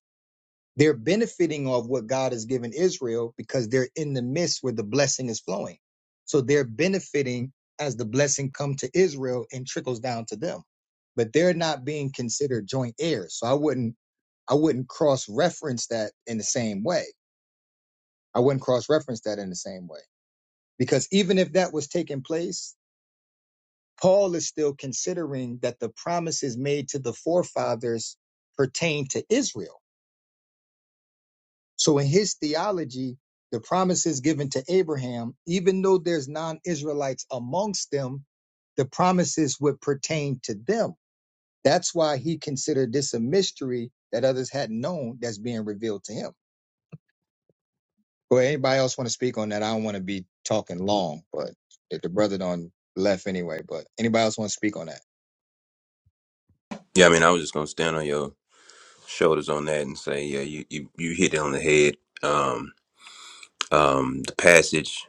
S1: They're benefiting of what God has given Israel because they're in the midst where the blessing is flowing. So they're benefiting as the blessing comes to Israel and trickles down to them. But they're not being considered joint heirs. So I wouldn't I wouldn't cross reference that in the same way. I wouldn't cross reference that in the same way. Because even if that was taking place, Paul is still considering that the promises made to the forefathers pertain to Israel So in his theology, the promises given to Abraham, even though there's non-Israelites amongst them, the promises would pertain to them. That's why he considered this a mystery that others hadn't known that's being revealed to him. Well, anybody else want to speak on that? I don't want to be talking long, but if the brother done left anyway, but anybody else want to speak on that?
S6: Yeah, I mean, I was just gonna stand on your shoulders on that and say, yeah, you you, you hit it on the head. Um, um, the passage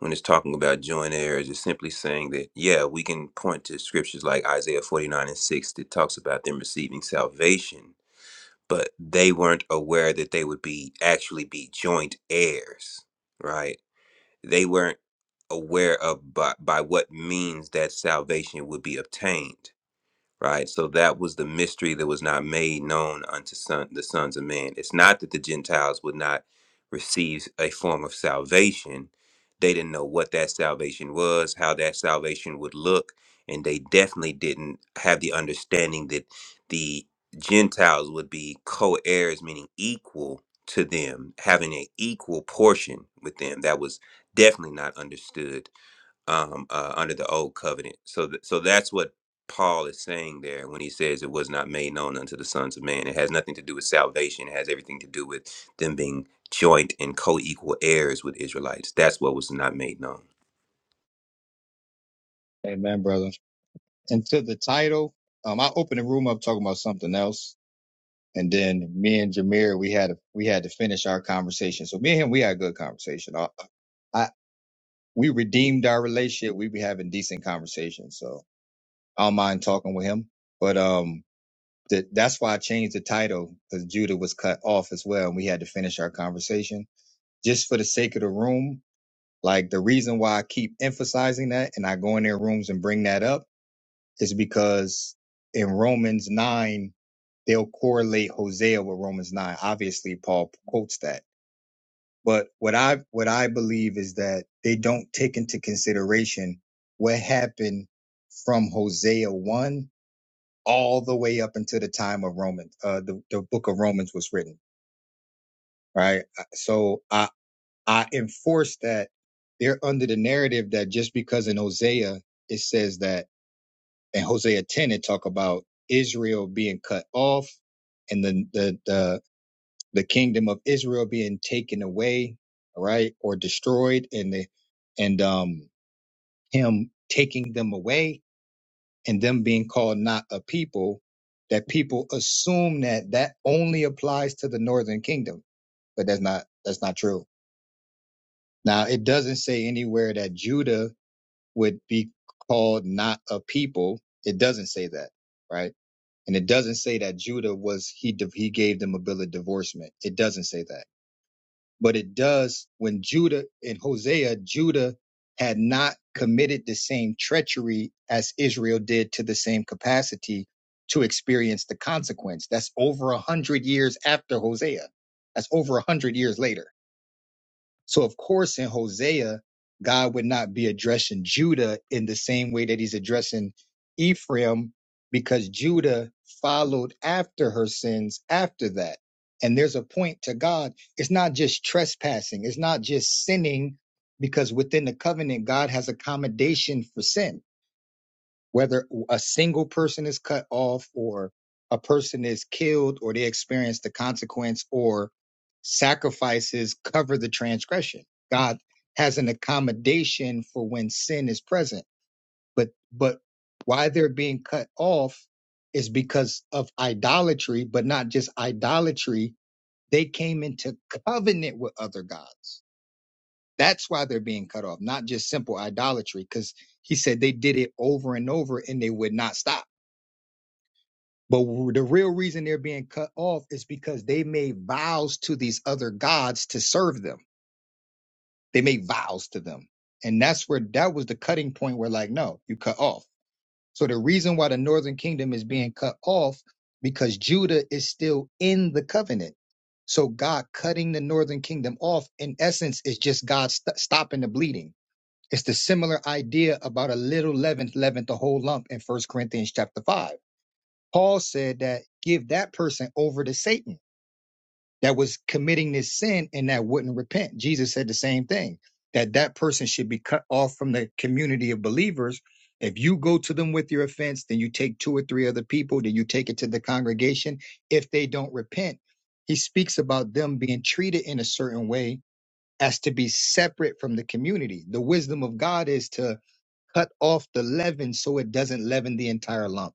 S6: when it's talking about joint heirs is simply saying that, yeah, we can point to scriptures like Isaiah forty nine and six that talks about them receiving salvation, but they weren't aware that they would be actually be joint heirs, right? They weren't aware of by, by what means that salvation would be obtained right? So that was the mystery that was not made known unto son, the sons of man. It's not that the Gentiles would not receive a form of salvation. They didn't know what that salvation was, how that salvation would look, and they definitely didn't have the understanding that the Gentiles would be co heirs, meaning equal to them, having an equal portion with them. That was definitely not understood um, uh, under the old covenant. So, th- so that's what Paul is saying there when he says it was not made known unto the sons of man. It has nothing to do with salvation. It has everything to do with them being joint and co-equal heirs with Israelites. That's what was not made known.
S1: Amen, brother. And to the title, um, I opened the room up talking about something else And then me and Jameer, we had we had to finish our conversation. So me and him, we had a good conversation. I, I we redeemed our relationship. We be having decent conversations. So I don't mind talking with him. But um, th- that's why I changed the title because Judah was cut off as well, and we had to finish our conversation just for the sake of the room. Like the reason why I keep emphasizing that, and I go in their rooms and bring that up is because in Romans 9, they'll correlate Hosea with Romans 9. Obviously, Paul quotes that. But what I what I believe is that they don't take into consideration what happened from Hosea 1 all the way up until the time of Romans, uh, the, the book of Romans was written, right? Uh, So I, I enforce that they're under the narrative that just because in Hosea, it says that and Hosea 10 it talk about Israel being cut off and the the the, the kingdom of Israel being taken away, right or destroyed and the and um him taking them away and them being called not a people that people assume that that only applies to the northern kingdom, but that's not that's not true. Now, it doesn't say anywhere that Judah would be called not a people. It doesn't say that, right? And it doesn't say that Judah was he he gave them a bill of divorcement. It doesn't say that. But it does when Judah in Hosea, Judah had not committed the same treachery as Israel did to the same capacity to experience the consequence. That's over a hundred years after Hosea. That's over a hundred years later so, of course, in Hosea, God would not be addressing Judah in the same way that he's addressing Ephraim because Judah followed after her sins after that. And there's a point to God. It's not just trespassing, it's not just sinning, because within the covenant, God has accommodation for sin whether a single person is cut off or a person is killed or they experience the consequence or sacrifices cover the transgression god has an accommodation for when sin is present but but why they're being cut off is because of idolatry but not just idolatry they came into covenant with other gods that's why they're being cut off not just simple idolatry because he said they did it over and over and they would not stop but the real reason they're being cut off is because they made vows to these other gods to serve them. They made vows to them. And that's where that was the cutting point where, like, no, you cut off. So the reason why the northern kingdom is being cut off because Judah is still in the covenant. So God cutting the northern kingdom off, in essence, is just God st- stopping the bleeding. It's the similar idea about a little leaven leavened the whole lump in First Corinthians chapter 5 Paul said that give that person over to Satan that was committing this sin and that wouldn't repent. Jesus said the same thing that that person should be cut off from the community of believers. If you go to them with your offense, then you take two or three other people, then you take it to the congregation. If they don't repent, he speaks about them being treated in a certain way as to be separate from the community. The wisdom of God is to cut off the leaven so it doesn't leaven the entire lump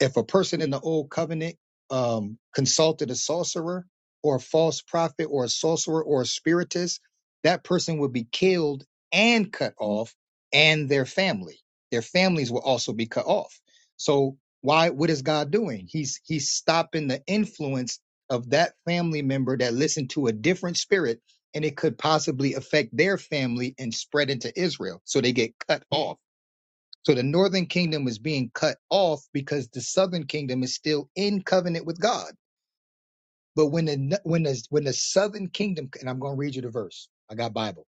S1: if a person in the old covenant um, consulted a sorcerer or a false prophet or a sorcerer or a spiritist, that person would be killed and cut off, and their family. Their families will also be cut off. So why? What is God doing? He's he's stopping the influence of that family member that listened to a different spirit, and it could possibly affect their family and spread into Israel. So they get cut off so the northern kingdom is being cut off because the southern kingdom is still in covenant with God. But when the when the when the southern kingdom and I'm going to read you the verse. I got Bible.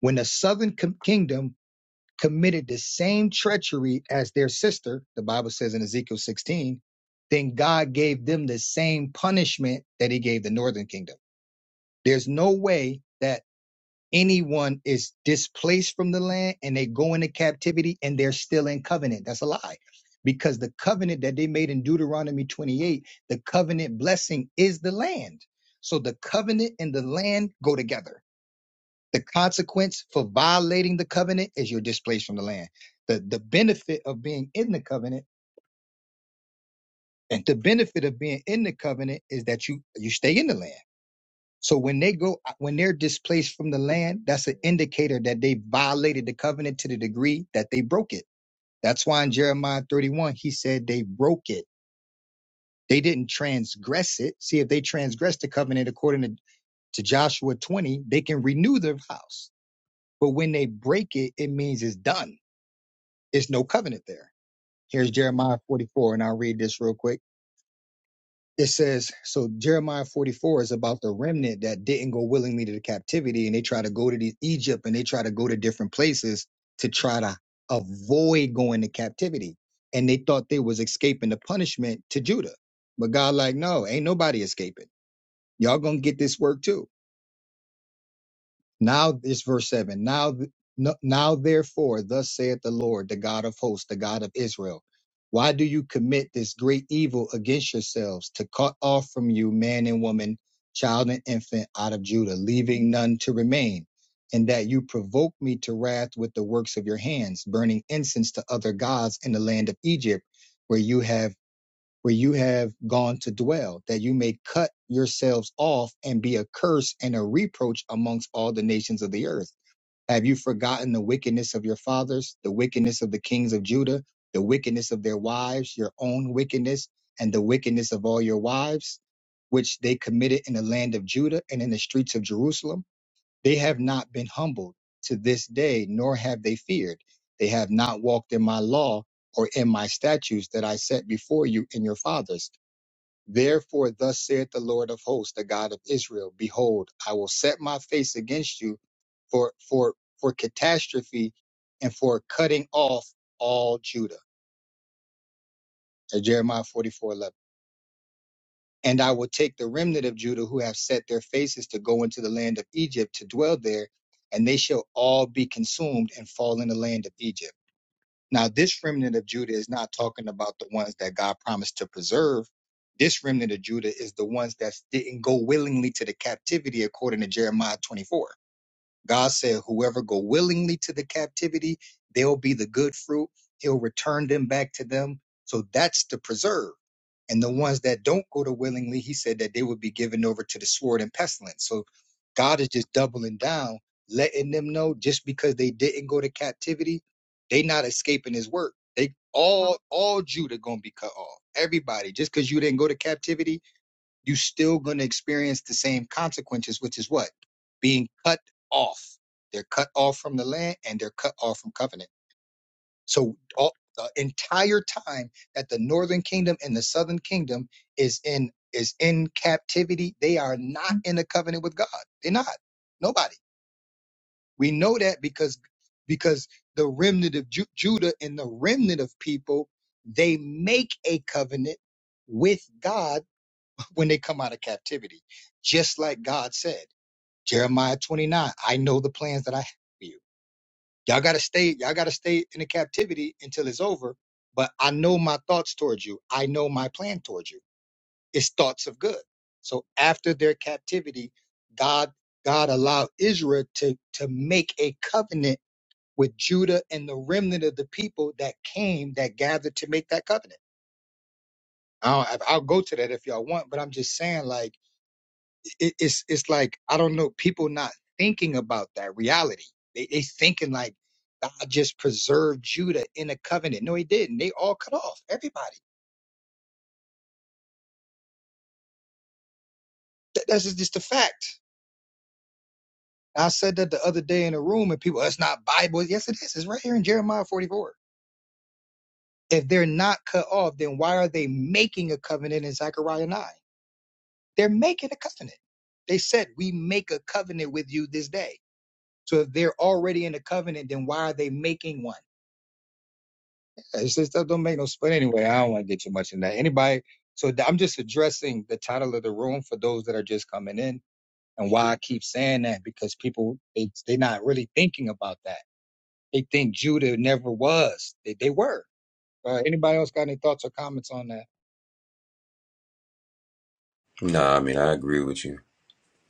S1: When the southern com- kingdom committed the same treachery as their sister, the Bible says in Ezekiel 16, then God gave them the same punishment that he gave the northern kingdom. There's no way that anyone is displaced from the land and they go into captivity and they're still in covenant. That's a lie. Because the covenant that they made in Deuteronomy 28, the covenant blessing is the land. So the covenant and the land go together. The consequence for violating the covenant is you're displaced from the land. The, the benefit of being in the covenant and the benefit of being in the covenant is that you, you stay in the land. So when they go, when they're displaced from the land, that's an indicator that they violated the covenant to the degree that they broke it. That's why in Jeremiah 31, he said they broke it. They didn't transgress it. See, if they transgress the covenant according to, to Joshua 20, they can renew their vows. But when they break it, it means it's done. It's no covenant there. Here's Jeremiah 44, and I'll read this real quick. it says so jeremiah 44 is about the remnant that didn't go willingly to the captivity and they try to go to the egypt and they try to go to different places to try to avoid going to captivity and they thought they was escaping the punishment to judah but god like no ain't nobody escaping y'all gonna get this work too now it's verse seven. Now, th- no- now therefore, thus saith the Lord, the God of hosts, the God of Israel. Why do you commit this great evil against yourselves to cut off from you man and woman, child and infant out of Judah, leaving none to remain? And that you provoke me to wrath with the works of your hands, burning incense to other gods in the land of Egypt, where you have where you have gone to dwell, that you may cut yourselves off and be a curse and a reproach amongst all the nations of the earth. Have you forgotten the wickedness of your fathers, the wickedness of the kings of Judah, the wickedness of their wives, your own wickedness, and the wickedness of all your wives, which they committed in the land of Judah and in the streets of Jerusalem? They have not been humbled to this day, nor have they feared. They have not walked in my law or in my statutes that I set before you and your fathers. Therefore, thus saith the Lord of hosts, the God of Israel, Behold, I will set my face against you for, for, for catastrophe and for cutting off all Judah. That's Jeremiah 44:11. And I will take the remnant of Judah who have set their faces to go into the land of Egypt to dwell there, and they shall all be consumed and fall in the land of Egypt. Now, this remnant of Judah is not talking about the ones that God promised to preserve. This remnant of Judah is the ones that didn't go willingly to the captivity according to Jeremiah 24. God said, whoever go willingly to the captivity, they'll be the good fruit. He'll return them back to them. So that's the preserve. And the ones that don't go to willingly, he said that they would be given over to the sword and pestilence. So God is just doubling down, letting them know just because they didn't go to captivity, they not escaping his work. They all all Judah gonna be cut off. Everybody, just because you didn't go to captivity, you're still going to experience the same consequences, which is what? Being cut off. They're cut off from the land and they're cut off from covenant. So, all, the entire time that the northern kingdom and the southern kingdom is in is in captivity, they are not in a covenant with God. They're not. Nobody. We know that because because the remnant of Ju- Judah and the remnant of people, they make a covenant with God when they come out of captivity. Just like God said, Jeremiah 29, I know the plans that I have for you. Y'all gotta stay, y'all gotta stay in the captivity until it's over. But I know my thoughts towards you. I know my plan towards you. It's thoughts of good. So after their captivity, God God allowed Israel to to make a covenant with Judah and the remnant of the people that came that gathered to make that covenant. I'll, I'll go to that if y'all want, but I'm just saying like it, it's it's like I don't know people not thinking about that reality. They they thinking like God just preserved Judah in a covenant. No, he didn't. They all cut off. Everybody. That, that's just, just a fact. I said that the other day in a room, and people, that's not Bible. Yes, it is. It's right here in Jeremiah 44. If they're not cut off, then why are they making a covenant in Zechariah 9? They're making a covenant. They said, We make a covenant with you this day. So if they're already in a covenant, then why are they making one? It's just that don't make no split anyway. I don't want to get too much in that. Anybody? So th- I'm just addressing the title of the room for those that are just coming in, and why I keep saying that because people they they're not really thinking about that. They think Judah never was. They they were. Uh, anybody else got any thoughts or comments on that?
S6: No, I mean I agree with you.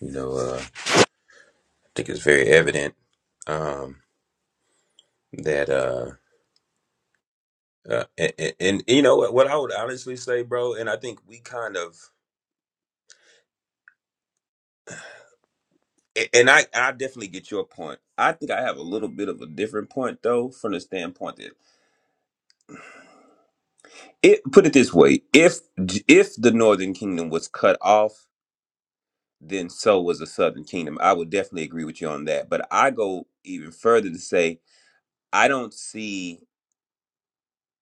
S6: You know, uh, I think it's very evident um, that, uh, uh, and, and, and you know what, what I would honestly say, bro, and I think we kind of A- And I, I definitely get your point. I think I have a little bit of a different point though, from the standpoint that it put it this way: if if the Northern Kingdom was cut off, then so was the Southern Kingdom. I would definitely agree with you on that. But I go even further to say I don't see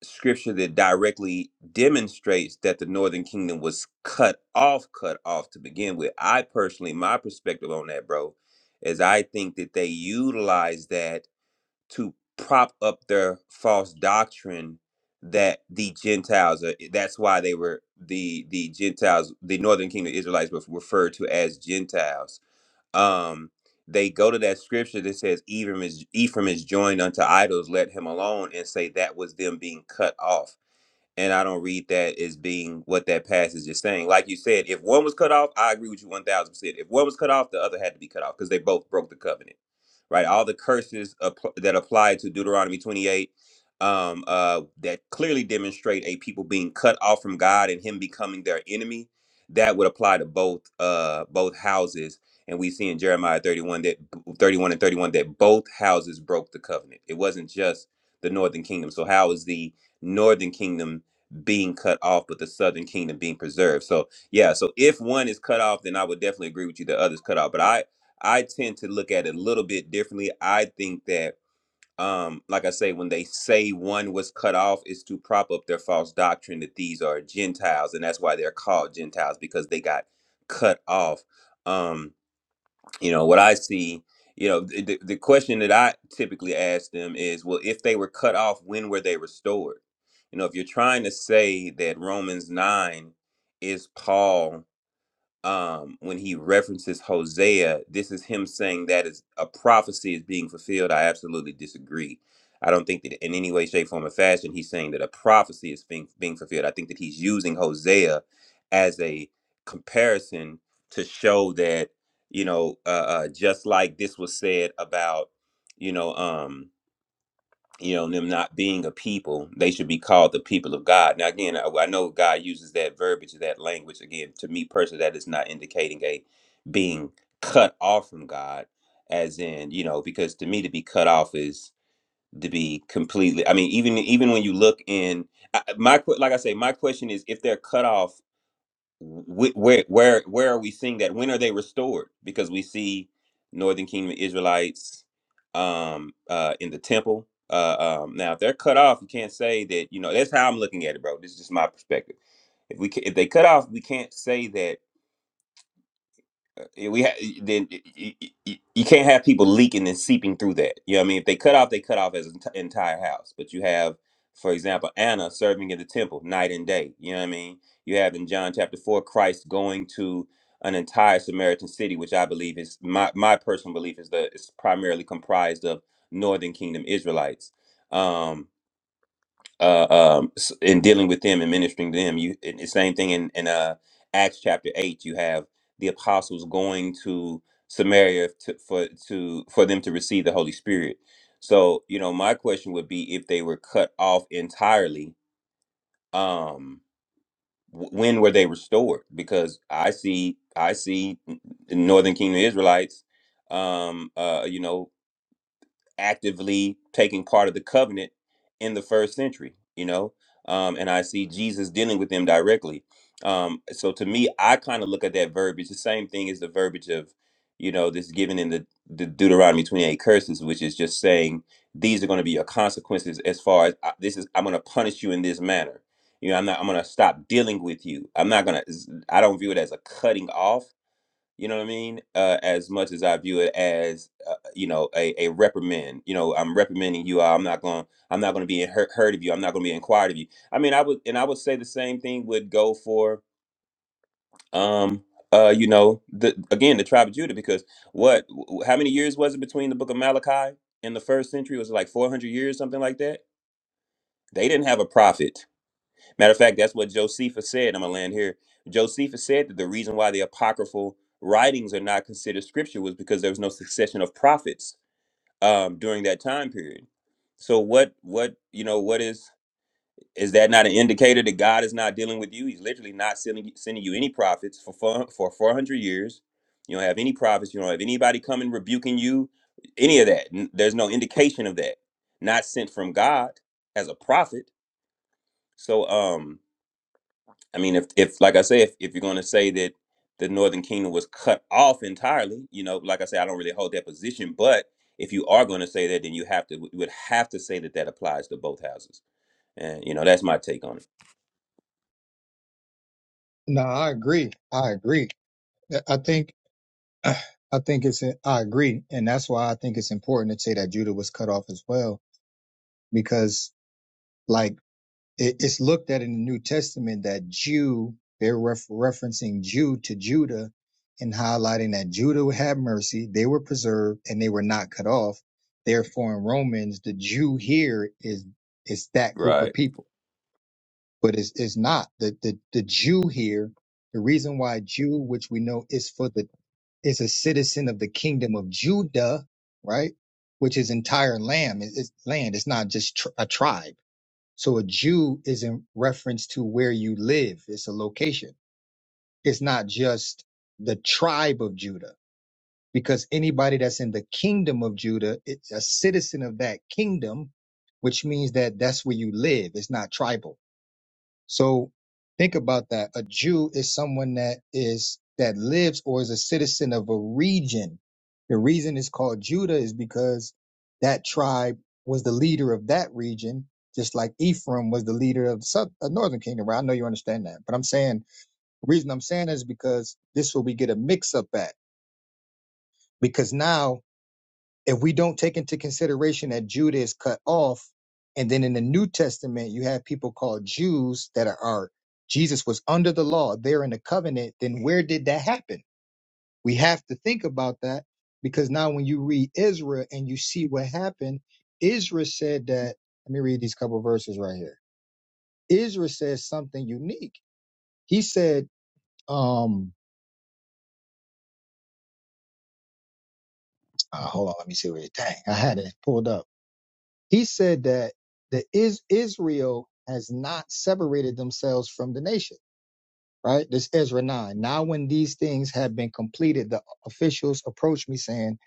S6: scripture that directly demonstrates that the Northern Kingdom was cut off, cut off to begin with. I personally, my perspective on that, bro, is I think that they utilize that. to prop up their false doctrine that the Gentiles are that's why they were the the Gentiles, the northern kingdom Israelites were referred to as Gentiles. Um they go to that scripture that says Ephraim is Ephraim is joined unto idols, let him alone, and say that was them being cut off and I don't read that as being what that passage is saying. Like you said, if one was cut off, I agree with you one thousand percent. If one was cut off, the other had to be cut off because they both broke the covenant, right? All the curses app- that apply to Deuteronomy twenty-eight um, uh, that clearly demonstrate a people being cut off from God and Him becoming their enemy. That would apply to both uh, both houses, and we see in Jeremiah thirty-one that thirty-one and thirty-one that both houses broke the covenant. It wasn't just the northern kingdom. So how is the northern kingdom? being cut off, but the southern kingdom being preserved. So yeah, so if one is cut off, then I would definitely agree with you. that other's cut off, but I I tend to look at it a little bit differently. I think that um, like I say, when they say one was cut off, is to prop up their false doctrine that these are Gentiles, and that's why they're called Gentiles because they got cut off. Um, you know what i see you know the, the the question that i typically ask them is well if they were cut off when were they restored you know if you're trying to say that romans 9 is paul um, when he references Hosea, this is him saying that is a prophecy is being fulfilled. I absolutely disagree. I don't think that in any way, shape, form, or fashion he's saying that a prophecy is being being fulfilled. I think that he's using Hosea as a comparison to show that you know, uh, uh, just like this was said about you know. Um, you know them not being a people they should be called the people of god now again i, I know god uses that verbiage that language again to me personally that is not indicating a being cut off from god as in you know because to me to be cut off is to be completely i mean even even when you look in I, I- my que- like i say my question is if they're cut off wh- where where where are we seeing that when are they restored because we see northern kingdom israelites um uh in the temple uh um now if they're cut off you can't say that you know that's how i'm looking at it bro this is just my perspective if we ca- if they cut off we can't say that yeah, we ha- then you, you, you can't have people leaking and seeping through that. You know what I mean? If they cut off, they cut off as an enti- entire house. But you have, for example, Anna serving in the temple night and day. You know what I mean? You have in John chapter four, Christ going to an entire Samaritan city, which I believe is my my personal belief is that it's primarily comprised of Northern Kingdom Israelites. Um, uh, um, s- in dealing with them and ministering to them. You and the same thing in in uh, Acts chapter eight. You have the apostles going to Samaria to, for to for them to receive the Holy Spirit. So you know, my question would be if they were cut off entirely. Um, w- when were they restored? Because I see, I see n- n- Northern Kingdom Israelites. Um, uh, you know, actively taking part of the covenant in the first century, you know, um, and I see Jesus dealing with them directly. Um, so to me, I kind of look at that verbiage the same thing as the verbiage of, you know, this given in the, the Deuteronomy 28 curses, which is just saying these are going to be your consequences as far as I, this is, I'm going to punish you in this manner. You know, I'm not, I'm going to stop dealing with you. I'm not going to, I don't view it as a cutting off you know what I mean? Uh, as much as I view it as, uh, you know, a, a reprimand. You know, I'm reprimanding you. I'm not going. I'm not going to be in hurt, hurt of you. I'm not going to be inquired of you. I mean, I would, and I would say the same thing would go for, um, uh, you know, the again the tribe of Judah because what? w- How many years was it between the Book of Malachi and the first century? Was it like 400 years, something like that? They didn't have a prophet Matter of fact, that's what Josephus said. I'm gonna land here. Josephus said that the reason why the apocryphal writings are not considered scripture was because there was no succession of prophets um, during that time period. So what what you know what is is that not an indicator that God is not dealing with you? He's literally not sending sending you any prophets for four, for 400 years. You don't have any prophets. You don't have anybody coming rebuking you. Any of that. N- There's no indication of that. Not sent from God as a prophet. So um I mean, if if like I say, if, if you're going to say that the Northern Kingdom was cut off entirely, you know, like I say, I don't really hold that position. But if you are going to say that, then you have to you would have to say that that applies to both houses, and you know, that's my take on it.
S1: No, I agree. I agree. I think I think it's I agree, and that's why I think it's important to say that Judah was cut off as well, because like. It, it's looked at in the New Testament that Jew, they're ref- referencing Jew to Judah and highlighting that Judah had mercy, they were preserved, and they were not cut off. Therefore, in Romans, the Jew here is is that group of
S6: Right,
S1: people, but it's, it's not the, the the Jew here. The reason why Jew, which we know is for the is a citizen of the kingdom of Judah, right? Which is entire land. It's land. It's not just tr- a tribe so a Jew is in reference to where you live. It's a location. It's not just the tribe of Judah, because anybody that's in the kingdom of Judah, it's a citizen of that kingdom, which means that that's where you live. It's not tribal. So think about that. A Jew is someone that is that lives or is a citizen of a region. The reason it's called Judah is because that tribe was the leader of that region, just like Ephraim was the leader of the south, uh, northern kingdom. Right? I know you understand that, but I'm saying the reason I'm saying that is because this is where we get a mix up at. Because now if we don't take into consideration that Judah is cut off, and then in the New Testament you have people called Jews that are, are Jesus was under the law, they're in the covenant, then where did that happen? We have to think about that because now when you read Israel and you see what happened, Israel said that let me read these couple verses right here. Israel says something unique. He said, um, uh, hold on, let me see where it dang, I had it pulled up He said that the is Israel has not separated themselves from the nation. Right? This Ezra 9. Now when these things have been completed, the officials approached me saying,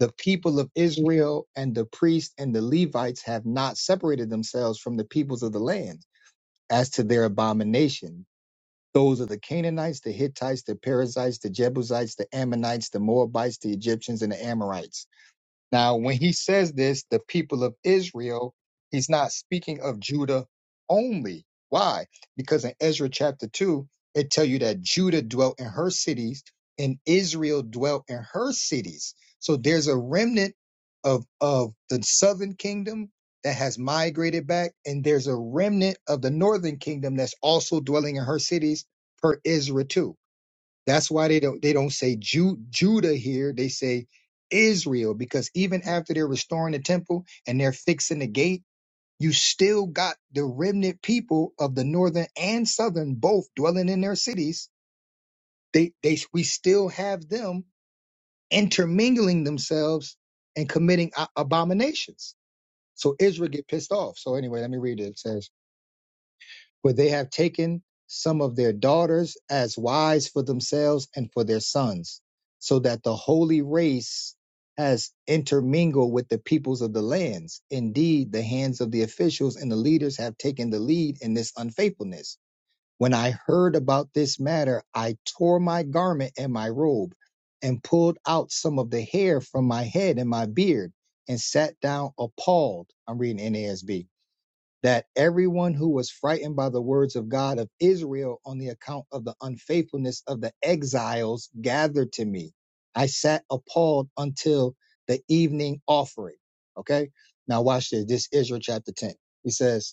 S1: The people of Israel and the priests and the Levites have not separated themselves from the peoples of the land as to their abomination. Those are the Canaanites, the Hittites, the Perizzites, the Jebusites, the Ammonites, the Moabites, the Egyptians, and the Amorites. Now, when he says this, the people of Israel, he's not speaking of Judah only. Why? Because in Ezra chapter 2, it tell you that Judah dwelt in her cities and Israel dwelt in her cities. So there's a remnant of, of the southern kingdom that has migrated back, and there's a remnant of the northern kingdom that's also dwelling in her cities per Ezra 2. That's why they don't they don't say Ju- Judah here. They say Israel because even after they're restoring the temple and they're fixing the gate, you still got the remnant people of the northern and southern both dwelling in their cities. They they we still have them intermingling themselves and committing a- abominations. So Israel get pissed off. So anyway, let me read it. It says. for they have taken some of their daughters as wives for themselves and for their sons, so that the holy race has intermingled with the peoples of the lands. Indeed, the hands of the officials and the leaders have taken the lead in this unfaithfulness. When I heard about this matter, I tore my garment and my robe, and pulled out some of the hair from my head and my beard, and sat down appalled. I'm reading NASB that everyone who was frightened by the words of God of Israel on the account of the unfaithfulness of the exiles gathered to me. I sat appalled until the evening offering. Okay. Now watch this. This is Israel chapter 10. He says,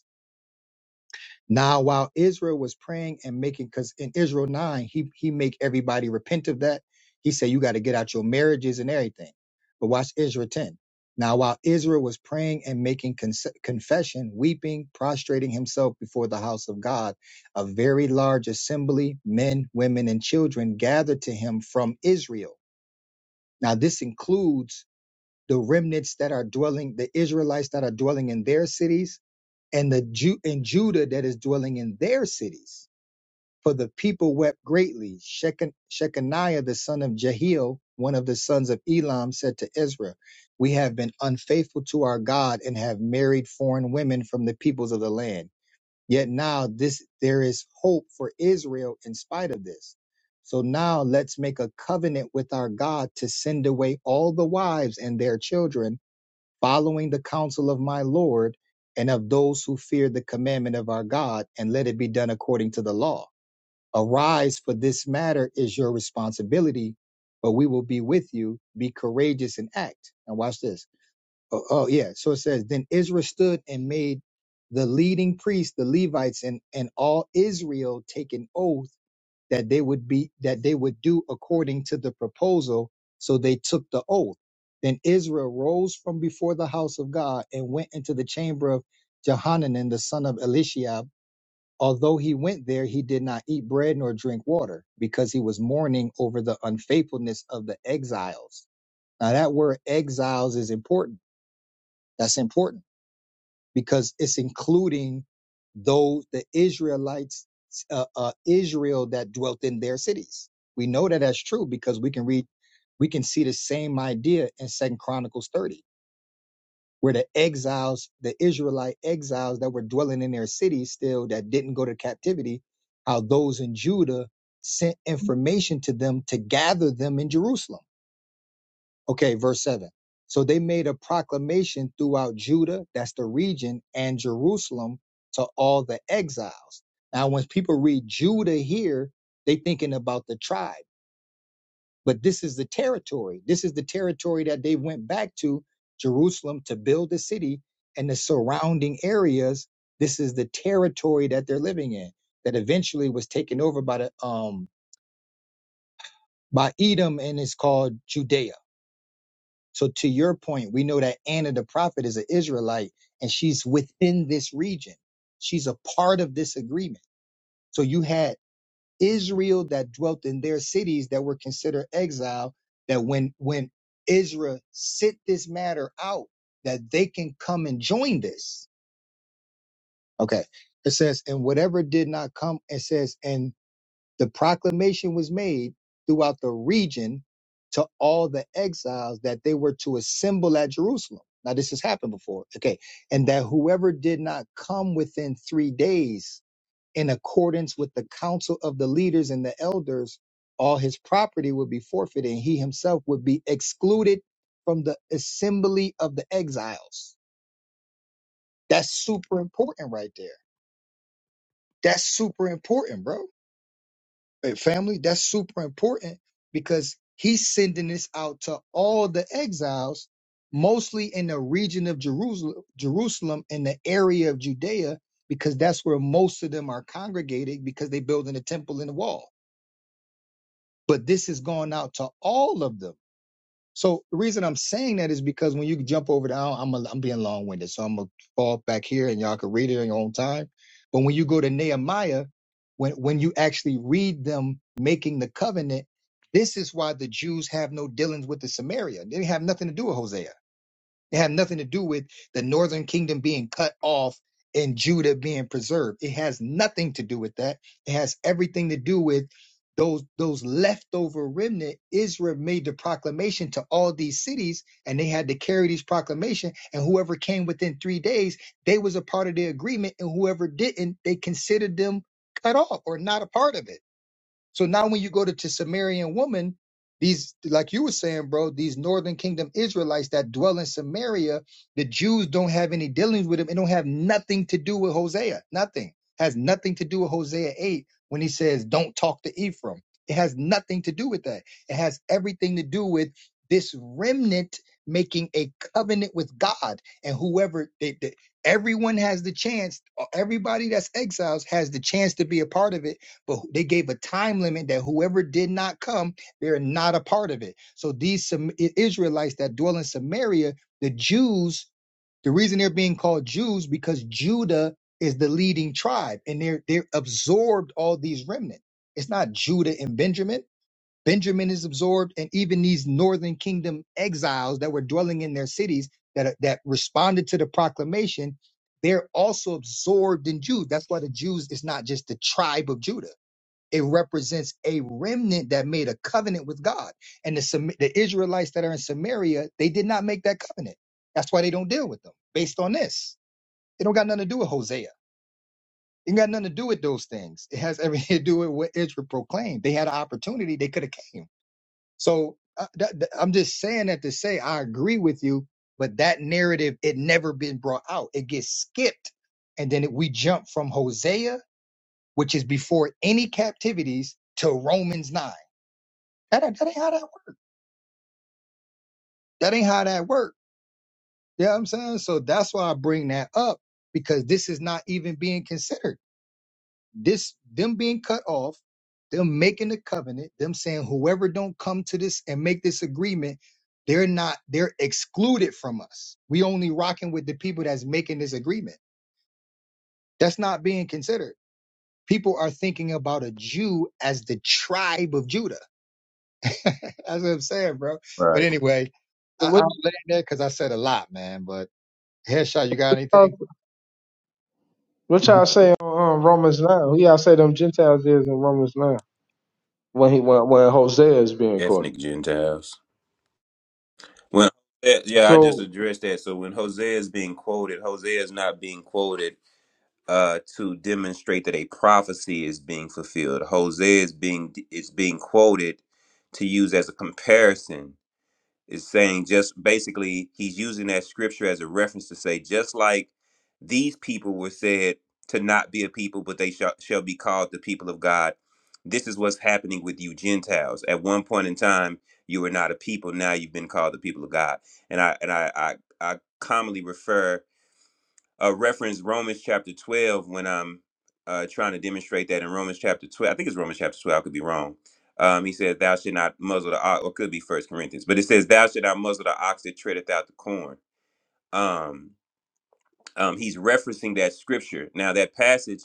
S1: now, while Israel was praying and making, because in Israel nine, he he make everybody repent of that. He said you got to get out your marriages and everything. But watch Israel ten. Now, while Israel was praying and making cons- confession, weeping, prostrating himself before the house of God, a very large assembly, men, women, and children gathered to him from Israel. Now, this includes the remnants that are dwelling, the Israelites that are dwelling in their cities, and the Ju- and Judah that is dwelling in their cities. For the people wept greatly. Shechan- Shechaniah the son of Jehiel, one of the sons of Elam, said to Ezra, "We have been unfaithful to our God and have married foreign women from the peoples of the land. Yet now this there is hope for Israel in spite of this. So now let's make a covenant with our God to send away all the wives and their children." following the counsel of my Lord and of those who fear the commandment of our God, and let it be done according to the law. Arise, for this matter is your responsibility, but we will be with you. Be courageous and act. And watch this. Oh, oh yeah. So it says, Then Israel stood and made the leading priests, the Levites, and, and all Israel take an oath that they would be that they would do according to the proposal so they took the oath then israel rose from before the house of god and went into the chamber of jehanan the son of eliashib although he went there he did not eat bread nor drink water because he was mourning over the unfaithfulness of the exiles now that word exiles is important that's important because it's including those the Israelites, uh, uh, Israel that dwelt in their cities. We know that that's true because we can read, we can see the same idea in Second Chronicles thirty, where the exiles, the Israelite exiles that were dwelling in their cities still that didn't go to captivity, how those in Judah sent information to them to gather them in Jerusalem Okay, verse 7. So they made a proclamation throughout Judah, that's the region, and Jerusalem to all the exiles. Now, when people read Judah here, they thinking about the tribe, but this is the territory. This is the territory that they went back to Jerusalem to build the city and the surrounding areas. This is the territory that they're living in that eventually was taken over by the um by Edom and it's called Judea. So to your point, we know that Anna the prophet is an Israelite and she's within this region. She's a part of this agreement. So you had Israel that dwelt in their cities that were considered exile, that when when Israel sit this matter out, that they can come and join this. Okay. It says, and whatever did not come, it says, and the proclamation was made throughout the region to all the exiles that they were to assemble at Jerusalem. Now, this has happened before. Okay. And that whoever did not come within three days, in accordance with the counsel of the leaders and the elders, all his property would be forfeited and he himself would be excluded from the assembly of the exiles. That's super important right there. That's super important, bro. uh, family that's super important because he's sending this out to all the exiles mostly in the region of jerusalem jerusalem in the area of judea because that's where most of them are congregated because they're building a temple and a wall but this is going out to all of them so the reason I'm saying that is because when you jump over down, I'm a, I'm being long winded, so I'm gonna fall back here and y'all can read it on your own time. But when you go to Nehemiah, when when you actually read them making the covenant, this is why the Jews have no dealings with the Samaria. They have nothing to do with Hosea it had nothing to do with the northern kingdom being cut off and Judah being preserved. It has nothing to do with that. It has everything to do with those those leftover remnant. Israel made the proclamation to all these cities, and they had to carry these proclamation. And whoever came within three days, they was a part of the agreement, and whoever didn't, they considered them cut off or not a part of it. So now when you go to, to Sumerian woman, these like you were saying, bro, these northern kingdom Israelites that dwell in Samaria, the Jews don't have any dealings with them. It don't have nothing to do with Hosea. Nothing. Has nothing to do with Hosea 8 when he says, Don't talk to Ephraim. It has nothing to do with that. It has everything to do with this remnant making a covenant with God. And whoever they, they everyone has the chance, everybody that's exiles has the chance to be a part of it but who- they gave a time limit that whoever did not come, they're not a part of it. So these Sam- I- Israelites that dwell in Samaria, the Jews, the reason they're being called Jews because Judah is the leading tribe, and they're they're absorbed all these remnant. It's not Judah and Benjamin. Benjamin is absorbed, and even these northern kingdom exiles that were dwelling in their cities that are- that responded to the proclamation, they're also absorbed in Jude. That's why the Jews is not just the tribe of Judah it represents a remnant that made a covenant with God. And the, Sam- the Israelites that are in Samaria, they did not make that covenant. That's why they don't deal with them based on this. It don't got nothing to do with Hosea. It got nothing to do with those things. It has everything to do with what Israel proclaimed. They had an opportunity. They could have came. So uh, that- that- I'm just saying that to say I agree with you, but that narrative, it never been brought out. It gets skipped. And then it, we jump from Hosea, which is before any captivities, to Romans 9 that, that ain't how that works. That ain't how that works. You know what I'm saying? So that's why I bring that up because this is not even being considered. This them being cut off, them making the covenant, them saying whoever don't come to this and make this agreement, they're not they're excluded from us. We only rocking with the people that's making this agreement. That's not being considered. People are thinking about a Jew as the tribe of Judah. that's what I'm saying, bro. But
S6: right.
S1: anyway,
S7: So
S1: I,
S7: What
S1: I'll land there because I said a lot, man. But Headshot, you got
S7: y'all,
S1: anything?
S7: what y'all say on um, Romans nine? Who y'all say them Gentiles is in Romans nine when he when, when Hosea is being quoted?
S6: Ethnic Gentiles. When eh, yeah, I just
S7: So
S6: addressed that. So when Hosea is being quoted, Hosea is not being quoted uh, to demonstrate that a prophecy is being fulfilled. Hosea is being is being quoted to use as a comparison is saying just basically he's using that scripture as a reference to say just like these people were said to not be a people but they shall, shall be called the people of god this is what's happening with you gentiles at one point in time you were not a people now you've been called the people of god and i and i i, I commonly refer uh, reference Romans chapter 12 when I'm uh, trying to demonstrate that in Romans chapter 12. I think it's Romans chapter 12. I could be wrong. Um, he says, thou should not muzzle the ox, or could be First Corinthians, but it says, thou should not muzzle the ox that treadeth out the corn. Um, um, he's referencing that scripture. Now, that passage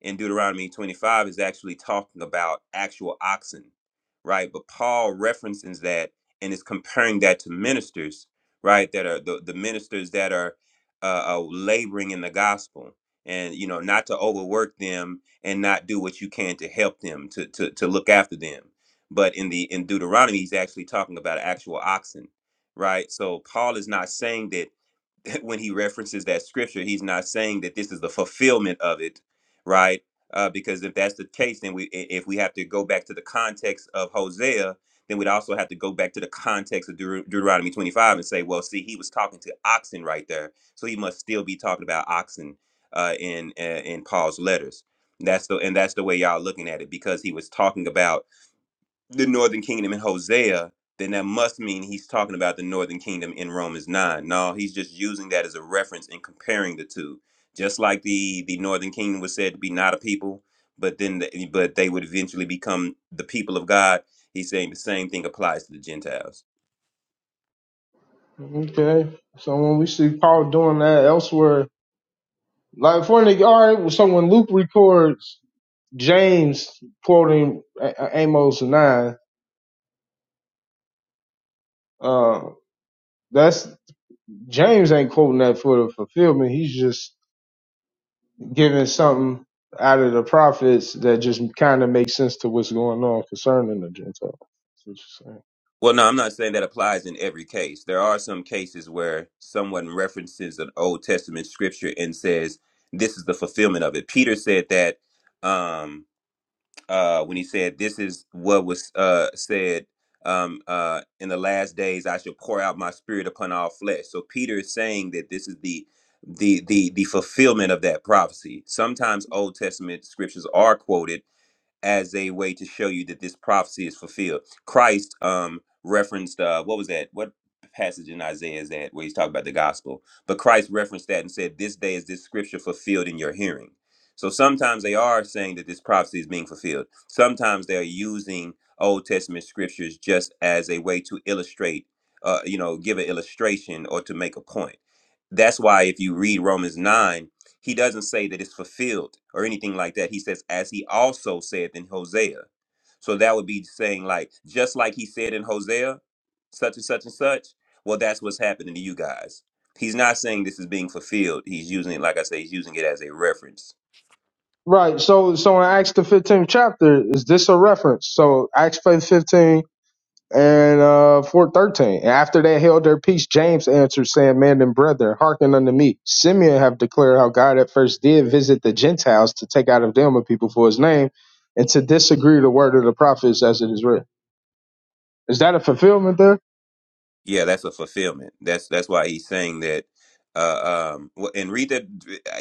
S6: in Deuteronomy 25 is actually talking about actual oxen, right? But Paul references that and is comparing that to ministers, right? That are the, the ministers that are uh, uh, laboring in the gospel and, you know, not to overwork them and not do what you can to help them, to, to, to look after them. But in the in Deuteronomy, he's actually talking about actual oxen, right? So Paul is not saying that when he references that scripture, he's not saying that this is the fulfillment of it, right? Uh, because if that's the case, then we i- if we have to go back to the context of Hosea, then we'd also have to go back to the context of Deut- Deuteronomy 25 and say, well, see, he was talking to oxen right there, so he must still be talking about oxen uh, in uh, in Paul's letters. That's the and that's the way y'all looking at it because he was talking about the northern kingdom in Hosea, then that must mean he's talking about the northern kingdom in Romans 9. No, he's just using that as a reference and comparing the two. Just like the the northern kingdom was said to be not a people, but then the, but they would eventually become the people of God. He's saying the same thing applies to the Gentiles.
S7: okay, so when we see Paul doing that elsewhere, like for an all right. well, So when Luke records James quoting A- A- Amos nine, uh, that's James ain't quoting that for the fulfillment. He's just giving something out of the prophets that just kind of makes sense to what's going on concerning the Gentiles. That's what you're saying.
S6: Well, no, I'm not saying that applies in every case. There are some cases where someone references an Old Testament scripture and says this is the fulfillment of it. Peter said that um uh, when he said, "This is what was uh, said um, uh, in the last days: I shall pour out my spirit upon all flesh." So Peter is saying that this is the the the the fulfillment of that prophecy. Sometimes Old Testament scriptures are quoted as a way to show you that this prophecy is fulfilled. Christ um referenced uh what was that? What passage in Isaiah is that where he's talking about the gospel? But Christ referenced that and said, This day is this scripture fulfilled in your hearing. So sometimes they are saying that this prophecy is being fulfilled. Sometimes they are using Old Testament scriptures just as a way to illustrate, uh, you know, give an illustration or to make a point. That's why if you read Romans 9, he doesn't say that it's fulfilled or anything like that. He says, as he also said in Hosea. So that would be saying, like, just like he said in Hosea, such and such and such. Well, that's what's happening to you guys. He's not saying this is being fulfilled. He's using it, like I say, he's using it as a reference.
S7: Right. So so in Acts the fifteenth chapter, is this a reference? So Acts fifteen and uh four thirteen. And after they held their peace, James answered, saying, Man and brethren, hearken unto me. Simeon have declared how God at first did visit the Gentiles to take out of them a people for his name, and to disagree the word of the prophets as it is written. Is that a fulfillment there?
S6: Yeah, that's a fulfillment. That's that's why he's saying that. Uh, um, wh- and read that.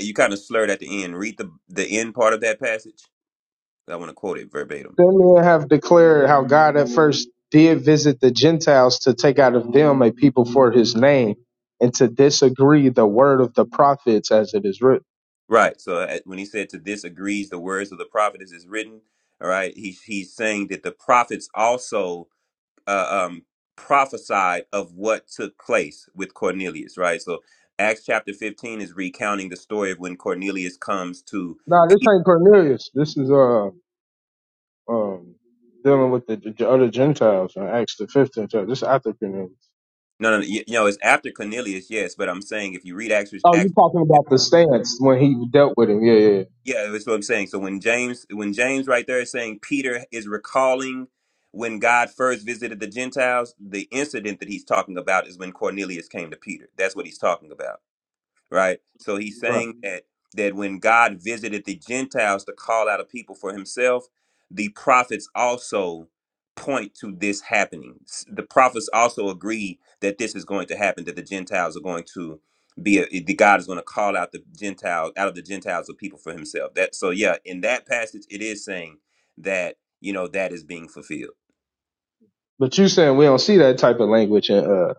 S6: You kind of slurred at the end. Read the the end part of that passage. I want to quote it verbatim.
S7: Simeon have declared how God at first did visit the Gentiles to take out of them a people for his name and to disagree the word of the prophets as it is written.
S6: Right. So uh, when he said to this agrees the words of the prophet as is written, all right, he, he's saying that the prophets also uh, um, prophesied of what took place with Cornelius, right? So Acts chapter 15 is recounting the story of when Cornelius comes to,
S7: Nah, this ain't Cornelius. This is uh um dealing with the, the other Gentiles in Acts the fifteenth chapter. This is after Cornelius.
S6: no, no, no, you, you know, it's after Cornelius, yes, but I'm saying if you read Acts,
S7: Oh, you
S6: Acts
S7: talking about the stance when he dealt with him? Yeah, yeah, yeah.
S6: Yeah, that's what I'm saying. So when James, when James right there is saying Peter is recalling when God first visited the Gentiles, the incident that he's talking about is when Cornelius came to Peter. That's what he's talking about right? So he's
S7: right.
S6: saying that that when God visited the Gentiles to call out a people for himself, the prophets also point to this happening. S- The prophets also agree that this is going to happen, that the Gentiles are going to be a, the God is going to call out the Gentiles out of the Gentiles of people for himself. That so yeah, in that passage it is saying that, you know, that is being fulfilled.
S7: But you saying we don't see that type of language in uh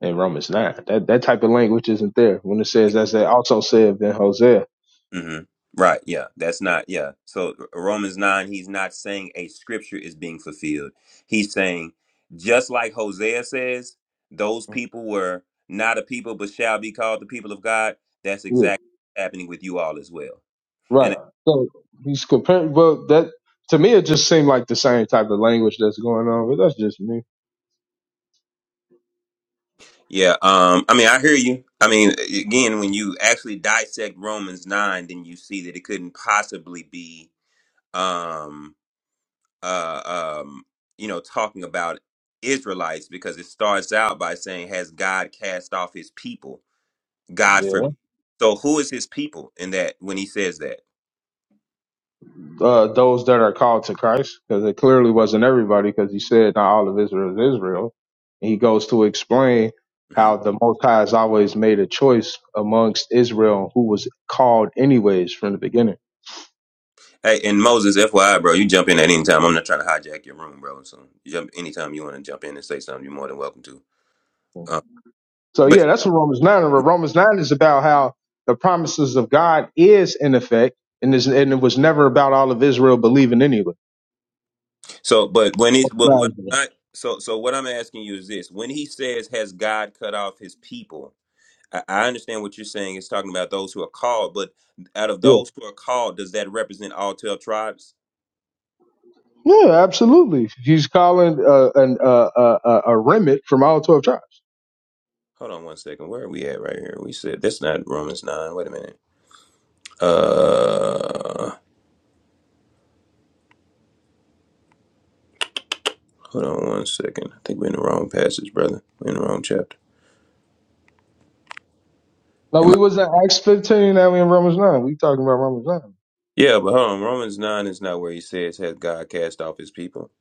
S7: in Romans nine. That that type of language isn't there when it says as they also said in Hosea.
S6: hmm Right. Yeah. That's not. Yeah. So R- Romans nine, he's not saying a scripture is being fulfilled. He's saying just like Hosea says, those people were not a people, but shall be called the people of God. That's
S7: Yeah.
S6: exactly what's happening with you all as well.
S7: Right.
S6: And
S7: So he's comparing. Well, that to me it just seemed like the same type of language that's going on, but that's just me.
S6: yeah. Um. I mean, I hear you. I mean, again, when you actually dissect Romans nine, then you see that it couldn't possibly be. Um. uh, um, you know, talking about Israelites because it starts out by saying, "Has God cast off His people?" God
S7: Yeah.
S6: forbid. So, who is His people in that when He says that?
S7: Uh, those that are called to Christ, because it clearly wasn't everybody, because he said not all of Israel is Israel. And he goes to explain
S6: hmm
S7: how the Most High has always made a choice amongst Israel who was called anyways from the beginning.
S6: Hey, and Moses, FYI, bro, you jump in at any time. I'm not trying to hijack your room, bro. So, you jump anytime you want to jump in and say something. You're more than welcome to. Uh,
S7: So
S6: but
S7: yeah, that's what Romans nine. And Romans nine is about how the promises of God is in effect, and is and it was never about all of Israel believing anyway.
S6: so, but when it, but
S7: Right.
S6: what I, so, so what I'm asking you is this: when He says, "Has God cut off His people?" I I understand what you're saying. It's talking about those who are called, but out of
S7: Yeah.
S6: those who are called, does that represent all twelve tribes?
S7: Yeah, absolutely. He's calling uh, an, uh, uh, uh, a remit from all 12 tribes.
S6: Hold on one second. Where are we at right here? We said that's not Romans nine. Wait a minute. Uh, hold on one second. I think we're in the wrong passage, brother. We're in the wrong chapter.
S7: No,
S6: Am
S7: we
S6: I?
S7: was in Acts 15, now we in Romans 9. We talking about Romans 9.
S6: Yeah, but hold on. Romans nine is not where he says has God cast off his people.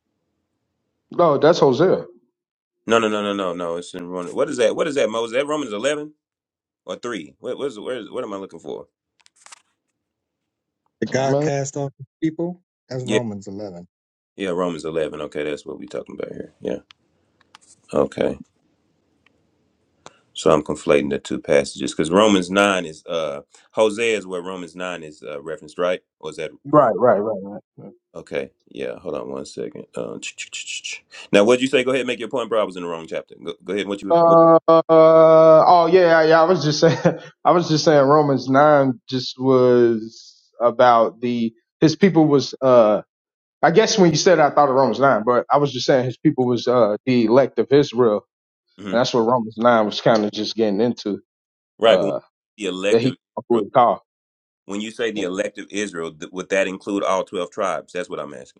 S7: No, that's Hosea.
S6: No, no, no, no, no, no. It's in Romans. What is that? What is that? Moses? That Romans eleven or three? What was? Where is? What am I looking for?
S1: The
S7: Oh,
S1: God
S7: man.
S1: cast off his people. That's
S6: Yeah,
S1: Romans 11.
S6: yeah. Romans eleven. Okay, that's what we're talking about here. Yeah. Okay. So I'm conflating the two passages because Romans nine is uh Hosea is where Romans nine is uh, referenced, right? Or is that Roman?
S7: Right, right, right, right.
S6: Okay, yeah. Hold on one second. Uh, ch- ch- ch- ch- now, what'd you say? Go ahead, and make your point, bro. I was in the wrong chapter. Go, go ahead. What you? What,
S7: Uh, oh yeah, yeah. yeah, I was just saying, I was just saying Romans nine just was about the his people was uh. I guess when you said it, I thought of Romans nine, but I was just saying his people was uh the elect of Israel, and
S6: mhm.
S7: that's what Romans nine was kind of just getting into.
S6: Right, but
S7: Uh,
S6: the
S7: that he
S6: elective Israel.
S7: would call.
S6: When you say the elective Israel, th- would that include all twelve tribes? That's what I'm asking.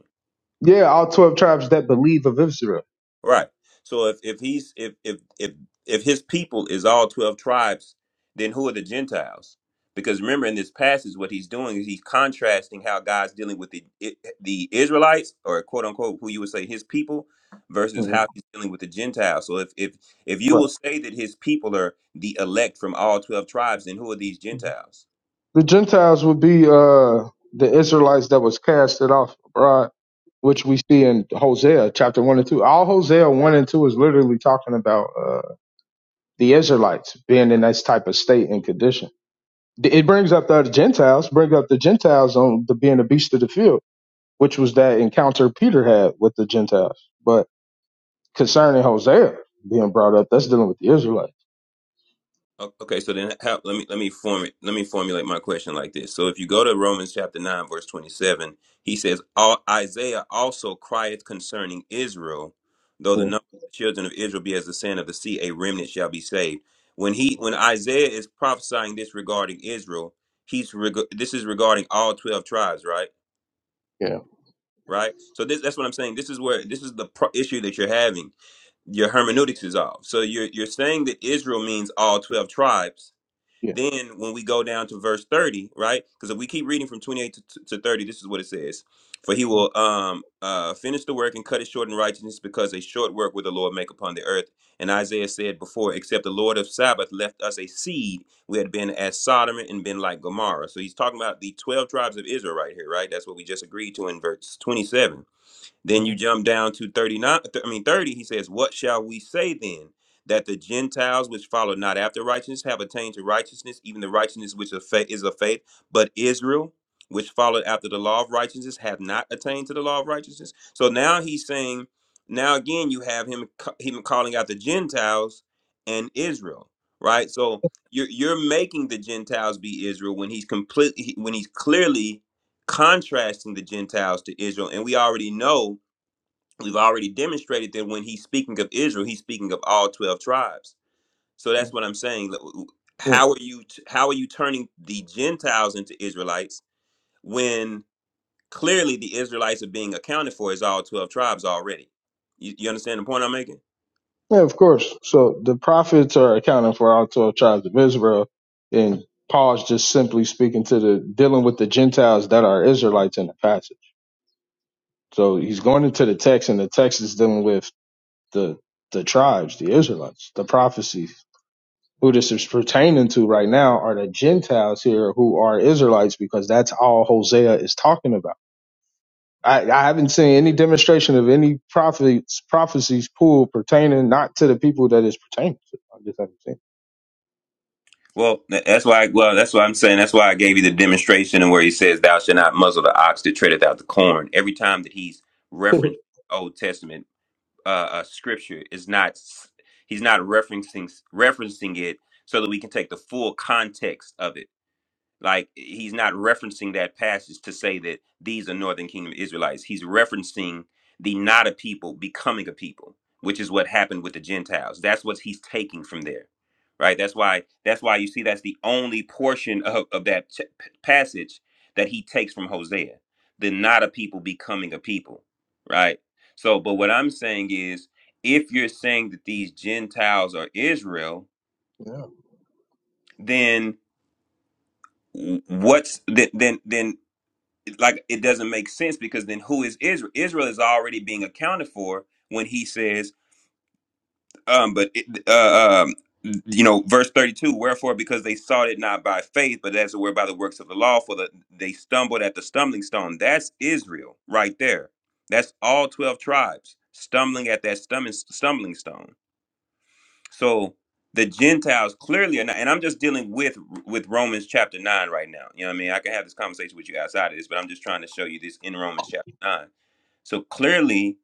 S7: Yeah, all 12 tribes that believe of Israel.
S6: Right. So if if he's if if if if his people is all twelve tribes, then who are the Gentiles? Because remember, in this passage, what he's doing is he's contrasting how God's dealing with the I- the Israelites, or quote unquote, who you would say his people, versus
S7: Mhm.
S6: how he's dealing with the Gentiles. So if if if you
S7: Right.
S6: will say that his people are the elect from all twelve tribes, then who are these Gentiles?
S7: The Gentiles would be uh, the Israelites that was casted off abroad, which we see in Hosea chapter 1 and 2. All Hosea 1 and 2 is literally talking about uh, the Israelites being in this type of state and condition. It brings up the other Gentiles, brings up the Gentiles on the being the beast of the field, which was that encounter Peter had with the Gentiles. But concerning Hosea being brought up, that's dealing with the Israelites.
S6: O- Okay, so then how, let me let me form it. Let me formulate my question like this. So if you go to Romans chapter nine verse twenty seven, he says, "All Isaiah also crieth concerning Israel, though the
S7: Yeah,
S6: number of the children of Israel be as the sand of the sea, a remnant shall be saved." When he when Isaiah is prophesying this regarding Israel, he's reg- this is regarding all twelve tribes, right?
S7: yeah,
S6: Right. So this that's what I'm saying. This is where this is the pro- issue that you're having. Your hermeneutics is off. So you're you're saying that Israel means all twelve tribes
S7: yeah.
S6: then when we go down to verse 30, right? Because if we keep reading from 28 to, to 30, this is what it says. For he will um uh finish the work and cut it short in righteousness, because a short work will the Lord make upon the earth. And Isaiah said before, except the Lord of Sabbath left us a seed, we had been as Sodom and been like Gomorrah. So he's talking about the 12 tribes of Israel right here, right? That's what we just agreed to in verse 27 then you jump down to 39, th- I mean 30, he says, What shall we say then? That the Gentiles which follow not after righteousness have attained to righteousness, even the righteousness which of fa- is of faith, but Israel, which followed after the law of righteousness, have not attained to the law of righteousness. So now he's saying, now again you have him ca- him calling out the Gentiles and Israel, right? So you're you're making the Gentiles be Israel when he's completely when he's clearly contrasting the Gentiles to Israel, and we already know we've already demonstrated that when he's speaking of Israel, he's speaking of all 12 tribes. So that's what I'm saying. Like,
S7: Mhm.
S6: How are you how are you turning the Gentiles into Israelites when clearly the Israelites are being accounted for as all 12 tribes already? You, you understand the point I'm making?
S7: Yeah, of course. So the prophets are accounting for all 12 tribes of Israel. And Paul's just simply speaking to the dealing with the Gentiles that are Israelites in the passage. So he's going into the text, and the text is dealing with the the tribes, the Israelites, the prophecy. Who this is pertaining to right now are the Gentiles here who are Israelites because that's all Hosea is talking about. I, I haven't seen any demonstration of any prophets, prophecies pulled pertaining not to the people that is pertaining to. I just haven't seen.
S6: Well, tha- that's why. Well, that's why I'm saying. That's why I gave you the demonstration and where he says, "Thou shalt not muzzle the ox that treadeth out the corn." Every time that he's referenced Old Testament uh, uh, scripture is not he's not referencing referencing it so that we can take the full context of it like he's not referencing that passage to say that these are northern kingdom Israelites. He's referencing the not a people becoming a people, which is what happened with the Gentiles. That's what he's taking from there. Right? That's why that's why you see that's the only portion of, of that ch- p- passage that he takes from Hosea. The not a people becoming a people. Right? So, but what I'm saying is if you're saying that these Gentiles are Israel,
S7: Yeah.
S6: then what's then then then like it doesn't make sense because then who is Israel? Israel is already being accounted for when he says, um, but it, uh, um, you know, verse thirty-two. Wherefore, because they sought it not by faith, but as it were by the works of the law, for the, they stumbled at the stumbling stone. That's Israel right there. That's all twelve tribes stumbling at that stumbling stumbling stone. So the Gentiles clearly are not, and I'm just dealing with with Romans chapter nine right now. You know what I mean? I can have this conversation with you outside of this, but I'm just trying to show you this in Romans chapter nine. So clearly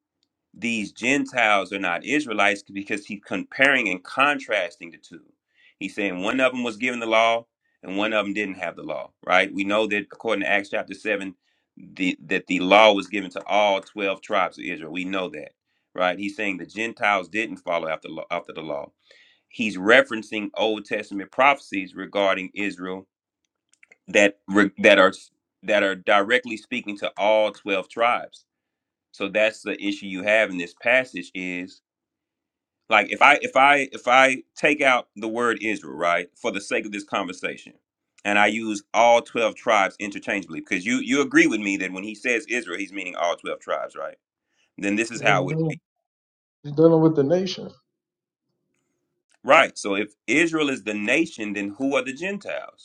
S6: these Gentiles are not Israelites because he's comparing and contrasting the two. He's saying one of them was given the law and one of them didn't have the law, right? We know that according to Acts chapter seven, the that the law was given to all twelve tribes of Israel. We know that, right? He's saying the Gentiles didn't follow after law- after the law he's referencing Old Testament prophecies regarding Israel that re- that are that are directly speaking to all 12 tribes. So that's the issue you have in this passage is like if I if I if I take out the word Israel, right, for the sake of this conversation, and I use all 12 tribes interchangeably because you you agree with me that when he says Israel, he's meaning all 12 tribes, right? Then this is how it
S7: He's
S6: would be.
S7: dealing, he's dealing with the nation.
S6: Right. So if Israel is the nation, then who are the Gentiles?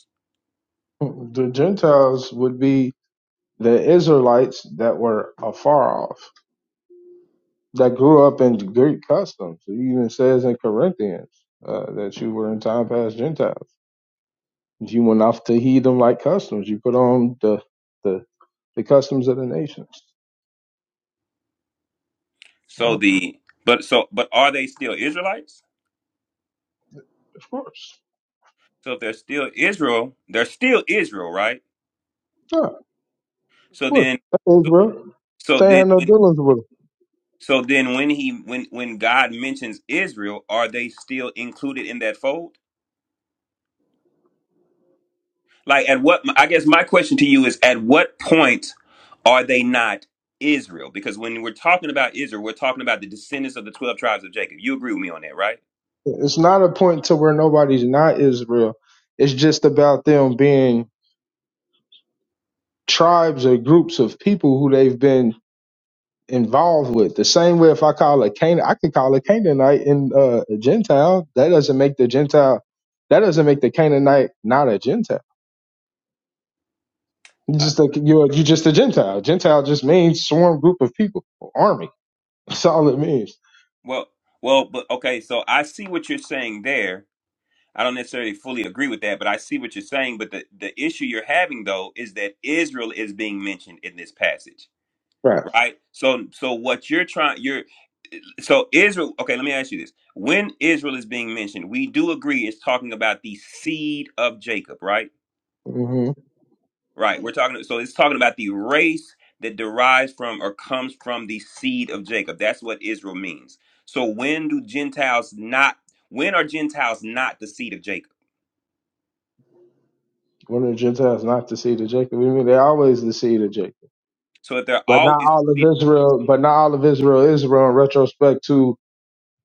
S7: The Gentiles would be the Israelites that were afar off, that grew up in Greek customs. It even says in Corinthians uh, that you were in time past Gentiles. You went off to heed them like customs. You put on the the, the customs of the nations.
S6: So
S7: Well,
S6: the but so but are they still Israelites?
S7: of course.
S6: So if they're still Israel, they're still Israel, right?
S7: Yeah, of
S6: So
S7: course.
S6: then
S7: That's
S6: so
S7: Israel.
S6: so
S7: They
S6: then
S7: had no dealings with them.
S6: so then when he when when God mentions Israel, are they still included in that fold? Like at what I guess my question to you is at what point are they not Israel? Because when we're talking about Israel, we're talking about the descendants of the 12 tribes of Jacob. You agree with me on that, right?
S7: It's not a point to where nobody's not Israel. It's just about them being tribes or groups of people who they've been involved with. The same way if I call a Canaan, I can call a Canaanite and uh, a Gentile. That doesn't make the Gentile. That doesn't make the Canaanite not a Gentile. It's
S6: Uh,
S7: just like you're you just a Gentile. Gentile just means swarm group of people, or army. That's all it means.
S6: well, well, but okay, so I see what you're saying there I don't necessarily fully agree with that, but I see what you're saying. But the, the issue you're having though is that Israel is being mentioned in this passage,
S7: Right.
S6: right? So so what you're trying you're so Israel okay, let me ask you this. When Israel is being mentioned, we do agree it's talking about the seed of Jacob, right?
S7: hmm
S6: Right. We're talking so it's talking about the race that derives from or comes from the seed of Jacob. That's what Israel means. So when do Gentiles not when are Gentiles not the seed of Jacob?
S7: One of the Gentiles not the seed of Jacob. I mean, they're always the seed of Jacob.
S6: So if they're
S7: But not
S6: always
S7: all of Israel. But not all of Israel. is Israel in retrospect to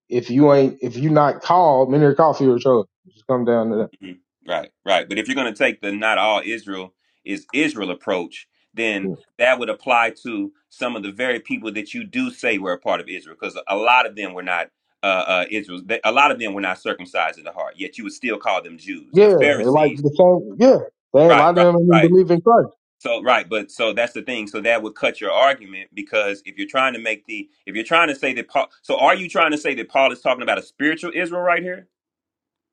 S7: If you ain't, if you not called, many are called fewer chosen. Just come down to
S6: Mhm. Right, right. But if you're going to take the not all Israel is Israel approach, then
S7: that.
S6: that would apply to some of the very people that you do say were a part of Israel, because a lot of them were not uh, uh, Israel. they- A lot of them were not circumcised in the heart, yet you would still call them Jews.
S7: Yeah,
S6: The
S7: Yeah, like
S6: Pharisees,
S7: the same. Yeah, they a
S6: right,
S7: lot of
S6: right,
S7: them ain't even
S6: right.
S7: believe in Christ.
S6: So, right, but so that's the thing. So that would cut your argument because if you're trying to make the, if you're trying to say that Paul, so are you trying to say that Paul is talking about a spiritual Israel right here?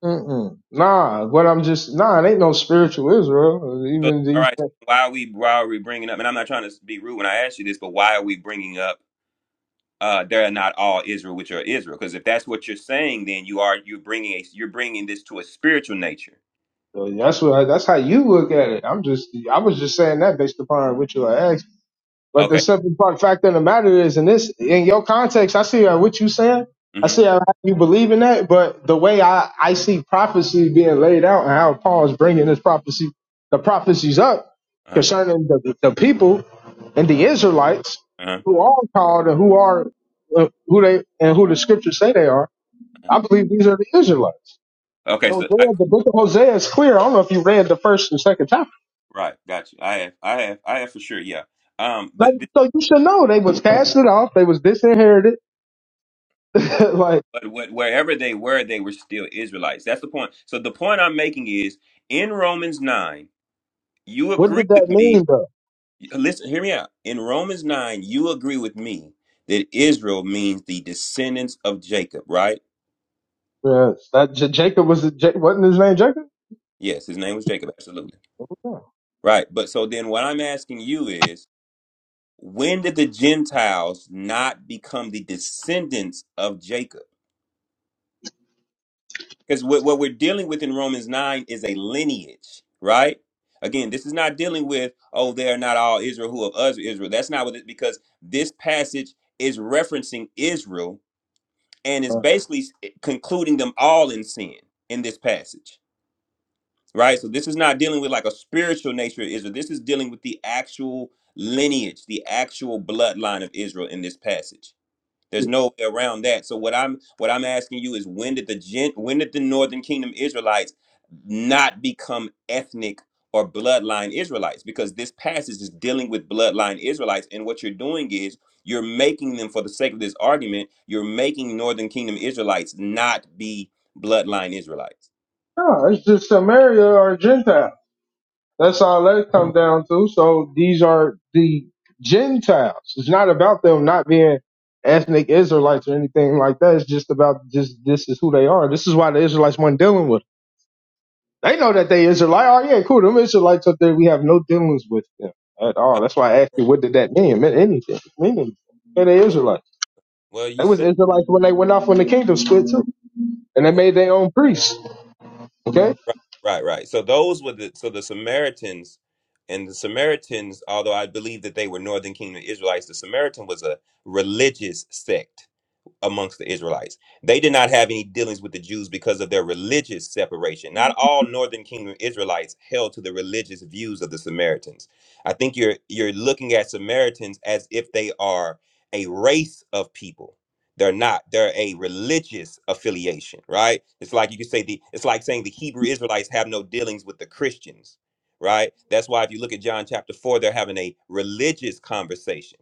S7: Mm-mm. Nah, what I'm just nah, it ain't no spiritual Israel.
S6: So,
S7: Even
S6: all
S7: these,
S6: right. So
S7: things.
S6: why are we why are we bringing up? And I'm not trying to be rude when I ask you this, but why are we bringing up? Uh, they're not all Israel, which are Israel. Because if that's what you're saying, then you are you're bringing a you're bringing this to a spiritual nature.
S7: So that's what that's how you look at it. I'm just I was just saying that based upon what you asked. But the
S6: Okay.
S7: simple part fact of the matter is, in this, in your context, I see uh, what you saying. I
S6: Mm-hmm.
S7: see how you believe in that. But the way I, I see prophecy being laid out and how Paul is bringing this prophecy, the prophecies up
S6: Uh-huh.
S7: concerning the, the people and the Israelites
S6: Uh-huh.
S7: who are called and who are uh, who they and who the scriptures say they are.
S6: uh-huh.
S7: I believe these are the Israelites.
S6: Okay. So I,
S7: Hosea, the book of Hosea is clear. I don't know if you read the first and second chapter.
S6: right, got you. I have, I have, I have for sure. Yeah. Um.
S7: Like,
S6: But this,
S7: so you should know they was casted off. They was disinherited. like
S6: but what, wherever they were, they were still Israelites. That's the point. So the point I'm making is in Romans nine, you
S7: What
S6: agree
S7: did that
S6: with me
S7: mean though?
S6: Listen, hear me out. In Romans 9, you agree with me that Israel means the descendants of Jacob, right?
S7: Yes, that J- Jacob was it? J- wasn't his name Jacob?
S6: Yes, his name was Jacob, absolutely.
S7: No,
S6: Right. But so then what I'm asking you is when did the Gentiles not become the descendants of Jacob? Because what, what we're dealing with in Romans 9 is a lineage, right? Again, this is not dealing with, oh, they are not all Israel who of us are Israel. That's not what it because this passage is referencing Israel and is
S7: Uh,
S6: basically concluding them all in sin in this passage, right? So this is not dealing with like a spiritual nature of Israel. This is dealing with the actual lineage, the actual bloodline of Israel in this passage. There's no way around that. So what I'm what I'm asking you is when did the gen, when did the Northern Kingdom Israelites not become ethnic or bloodline Israelites? Because this passage is dealing with bloodline Israelites, and what you're doing is you're making them, for the sake of this argument, you're making Northern Kingdom Israelites not be bloodline Israelites.
S7: no, it's just Samaria or Gentile. That's all that come down to. So these are the Gentiles. It's not about them not being ethnic Israelites or anything like that. It's just about just this is who they are. This is why the Israelites weren't dealing with. Them. They know that they Israelite. Oh yeah, cool. Them Israelites up there, we have no dealings with them at all. That's why I asked you, what did that mean? It meant anything. It meant anything. They're the Israelites.
S6: Well, you
S7: It was
S6: say.
S7: Israelites when they went off when the kingdom split too, and they made their own priests. Okay.
S6: Right, right, right. So those were the so the Samaritans and the Samaritans, although I believe that they were Northern Kingdom Israelites, the Samaritan was a religious sect amongst the Israelites. They did not have any dealings with the Jews because of their religious separation. Not all northern kingdom Israelites held to the religious views of the Samaritans. I think you're you're looking at Samaritans as if they are a race of people. They're not. They're a religious affiliation, right? It's like you could say the it's like saying the Hebrew Israelites have no dealings with the Christians, right? That's why if you look at John chapter 4, they're having a religious conversation.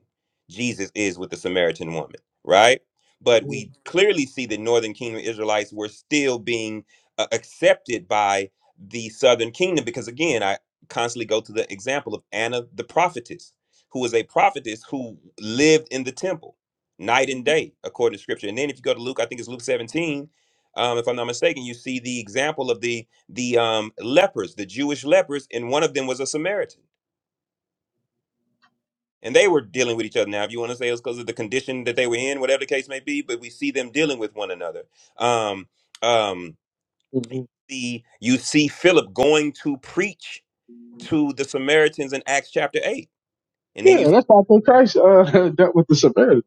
S6: Jesus is with the Samaritan woman, right? But we clearly see the northern kingdom Israelites were still being uh, accepted by the southern kingdom because, again, I constantly go to the example of Anna the prophetess, who was a prophetess who lived in the temple night and day, according to scripture. And then if you go to Luke, I think it's Luke 17. Um, if I'm not mistaken, you see the example of the the um, lepers, the Jewish lepers, and one of them was a Samaritan and they were dealing with each other. Now, if you want to say it was because of the condition that they were in, whatever the case may be, but we see them dealing with one another. Um, um,
S7: Mm-hmm.
S6: the you see Philip going to preach to the Samaritans in Acts chapter eight, and then
S7: Yeah,
S6: you.
S7: and that's how I think Christ uh, dealt with the Samaritans.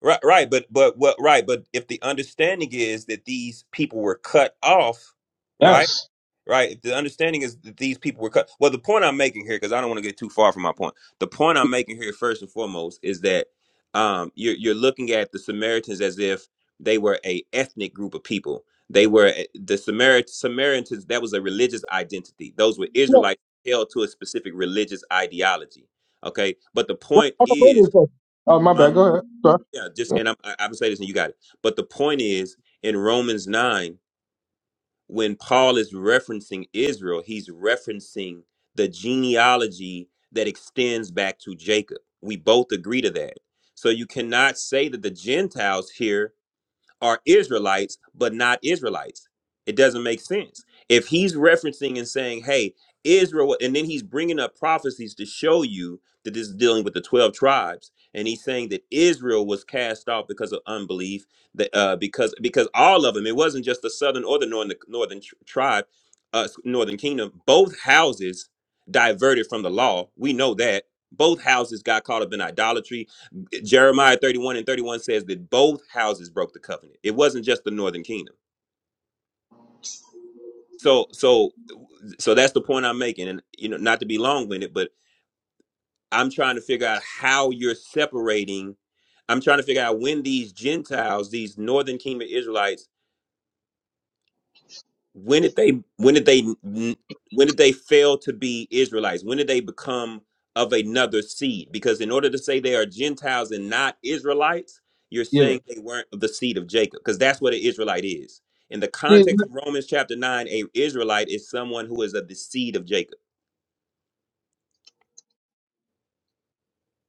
S6: Right, right, but but what right, but if the understanding is that these people were cut off, right?
S7: Yes.
S6: Right. If the understanding is that these people were cut well, the point I'm making here, because I don't want to get too far from my point. The point I'm making here first and foremost is that um you're you're looking at the Samaritans as if they were a ethnic group of people. They were a- the Samarit- Samaritans, that was a religious identity. Those were
S7: Yeah.
S6: Israelites held to a specific religious ideology. Okay. But the
S7: What
S6: point
S7: what the
S6: is,
S7: Bible says. Oh, my
S6: huh?
S7: bad. Go ahead. Sorry.
S6: Yeah, just and I'm, I, I'm am going say this, and you got it. But the point is, in Romans nine, when Paul is referencing Israel, he's referencing the genealogy that extends back to Jacob. We both agree to that. So you cannot say that the Gentiles here are Israelites, but not Israelites. It doesn't make sense. If he's referencing and saying, hey, Israel, and then he's bringing up prophecies to show you that this is dealing with the 12 tribes. And he's saying that Israel was cast off because of unbelief, that, uh, because because all of them, it wasn't just the southern or the northern, northern tr- tribe, uh, northern kingdom. Both houses diverted from the law. We know that. Both houses got caught up in idolatry Jeremiah 31 and 31 says that both houses broke the covenant. It wasn't just the northern kingdom. So so so that's the point I'm making and you know not to be long-winded but I'm trying to figure out how you're separating I'm trying to figure out when these Gentiles, these northern kingdom Israelites when did they when did they when did they fail to be israelites when did they become of another seed because in order to say they are gentiles and not israelites you're
S7: Yeah.
S6: saying they weren't of the seed of jacob because that's what an israelite is in the
S7: See,
S6: context of romans chapter 9 a israelite is someone who is of the seed of jacob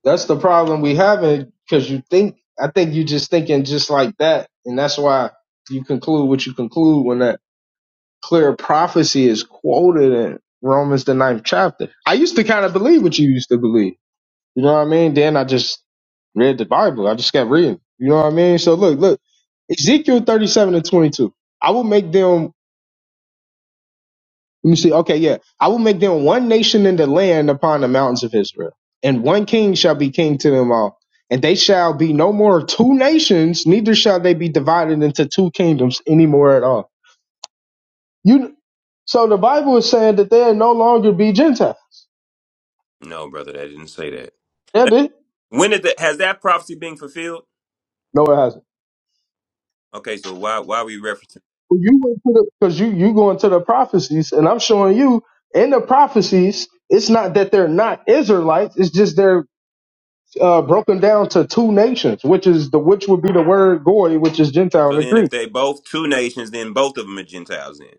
S7: That's the problem we having because you think I think you just thinking just like that, and that's why you conclude what you conclude when that clear prophecy is quoted in Romans the ninth chapter. I used to kind of believe what you used to believe You know what I mean? Then I just read the Bible. I just kept reading. You know what I mean? So look, look, Ezekiel 37 and 22. I will make them, let me see. Okay, yeah. I will make them one nation in the land upon the mountains of Israel, and one king shall be king to them all. And they shall be no more two nations, neither shall they be divided into two kingdoms anymore at all. You so the Bible is saying that they'll no longer be Gentiles.
S6: No, brother, that didn't say that.
S7: Yeah, they,
S6: When did that has that prophecy been fulfilled?
S7: no, it hasn't.
S6: Okay, so why why are we referencing?
S7: Well, you went to the because you you going to the prophecies, and I'm showing you in the prophecies. It's not that they're not Israelites. It's just they're uh, broken down to two nations, which is the which would be the word goy, which is Gentile
S6: So
S7: in the
S6: then, if
S7: Greek.
S6: they both two nations, then both of them are Gentiles. Then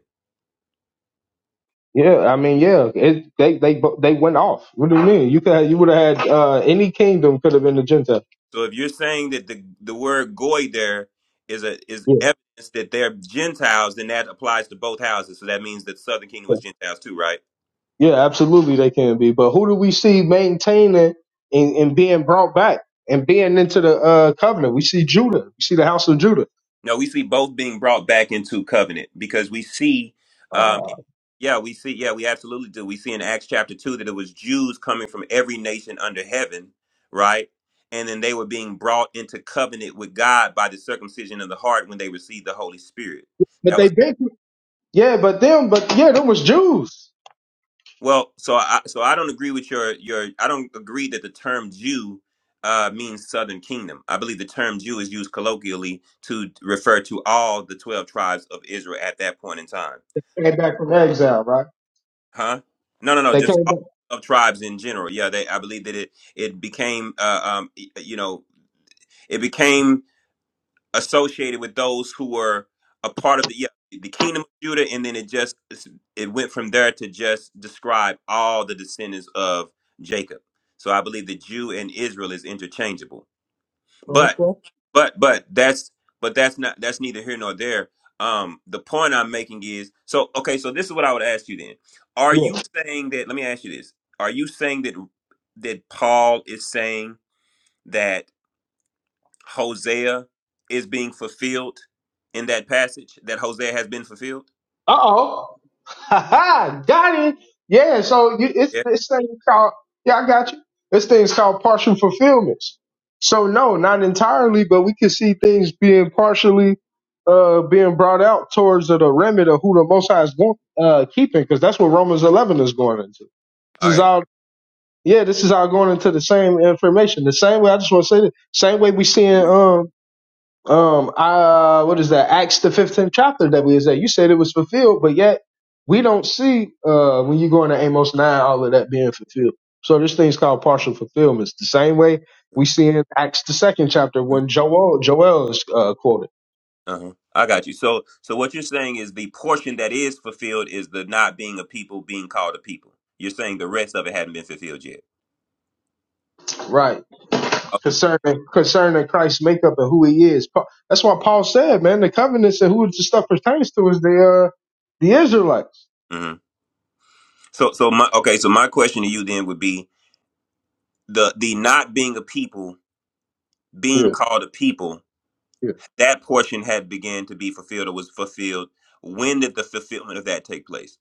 S7: Yeah, I mean, yeah, it, they they bo- they went off. What do you mean? You could have, you would have had uh, any kingdom could have been a Gentile.
S6: So if you're saying that the the word goy there is a is
S7: Yeah,
S6: evidence that they're Gentiles, then that applies to both houses. So that means that the Southern Kingdom
S7: yeah,
S6: was Gentiles too, right?
S7: Yeah, absolutely, they can be. But who do we see maintaining and, and being brought back and being into the uh, covenant? We see Judah. We see the house of Judah.
S6: No, we see both being brought back into covenant because we see, um, yeah, we see, yeah, we absolutely do. We see in Acts chapter two that it was Jews coming from every nation under heaven, right? And then they were being brought into covenant with God by the circumcision of the heart when they received the Holy Spirit.
S7: But
S6: That
S7: they
S6: was
S7: been through- yeah, but them, but yeah, them was Jews.
S6: Well, so I so I don't agree with your your I don't agree that the term Jew uh, means Southern Kingdom. I believe the term Jew is used colloquially to refer to all the twelve tribes of Israel at that point in time.
S7: Came back from exile, right?
S6: Huh? No, no, no.
S7: They
S6: Just
S7: came
S6: all
S7: back.
S6: of tribes in general. Yeah, they. I believe that it it became uh, um y- you know it became associated with those who were a part of the yeah, the kingdom of Judah, and then it just it went from there to just describe all the descendants of Jacob. So I believe that Jew and Israel is interchangeable. But
S7: Okay.
S6: but but that's but that's not that's neither here nor there. Um, the point I'm making is so okay. So this is what I would ask you then: Are
S7: Yeah.
S6: you saying that? Let me ask you this: Are you saying that that Paul is saying? that? Hosea is being fulfilled in that passage? That Hosea has been fulfilled?
S7: Uh oh. Ha ha. Got it. Yeah. So you, it's
S6: Yeah.
S7: this thing called. Yeah, I got you. This thing's called partial fulfillments. So no, not entirely, but we can see things being partially uh being brought out towards the remit of who the Most High is going uh keeping, because that's what Romans eleven is going into. This
S6: All
S7: is
S6: right.
S7: all. Yeah, this is all going into the same information. The same way. I just want to say the same way we see in um um uh what is that acts the 15th chapter that we is at you said it was fulfilled but yet we don't see uh when you go into amos 9 all of that being fulfilled so this thing's called partial fulfillments the same way we see in acts the second chapter
S6: Mhm.
S7: when joel joel is uh, quoted
S6: Uh-huh. I got you. So so what you're saying is the portion that is fulfilled is the not being a people being called a people. You're saying the rest of it hadn't been fulfilled yet.
S7: right
S6: Okay.
S7: concerning concerning christ's makeup and who he is Pa- that's why paul said man the covenants and who the stuff pertains to is the uh the israelites
S6: hmm So so my okay, so my question to you then would be the the not being a people being
S7: yeah
S6: called a people
S7: yeah
S6: that portion had began to be fulfilled or was fulfilled when did the fulfillment of that take place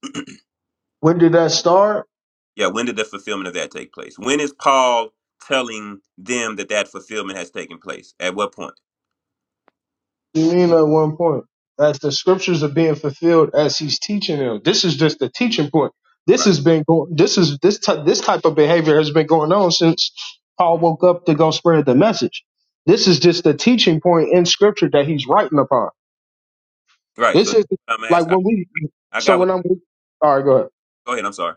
S7: when did that start
S6: yeah when did the fulfillment of that take place when is paul telling them that that fulfillment has taken place at what point
S7: You mean at one point? As the scriptures are being fulfilled as he's teaching them. This is just the teaching point. This
S6: right
S7: has been going. This is this ty- this type of behavior has been going on since Paul woke up to go spread the message. This is just the teaching point in scripture that he's writing upon.
S6: right
S7: This
S6: so
S7: is
S6: i'm
S7: like
S6: asking
S7: when we.
S6: i, I
S7: So
S6: got what
S7: when I'm. All right, go ahead.
S6: go ahead i'm sorry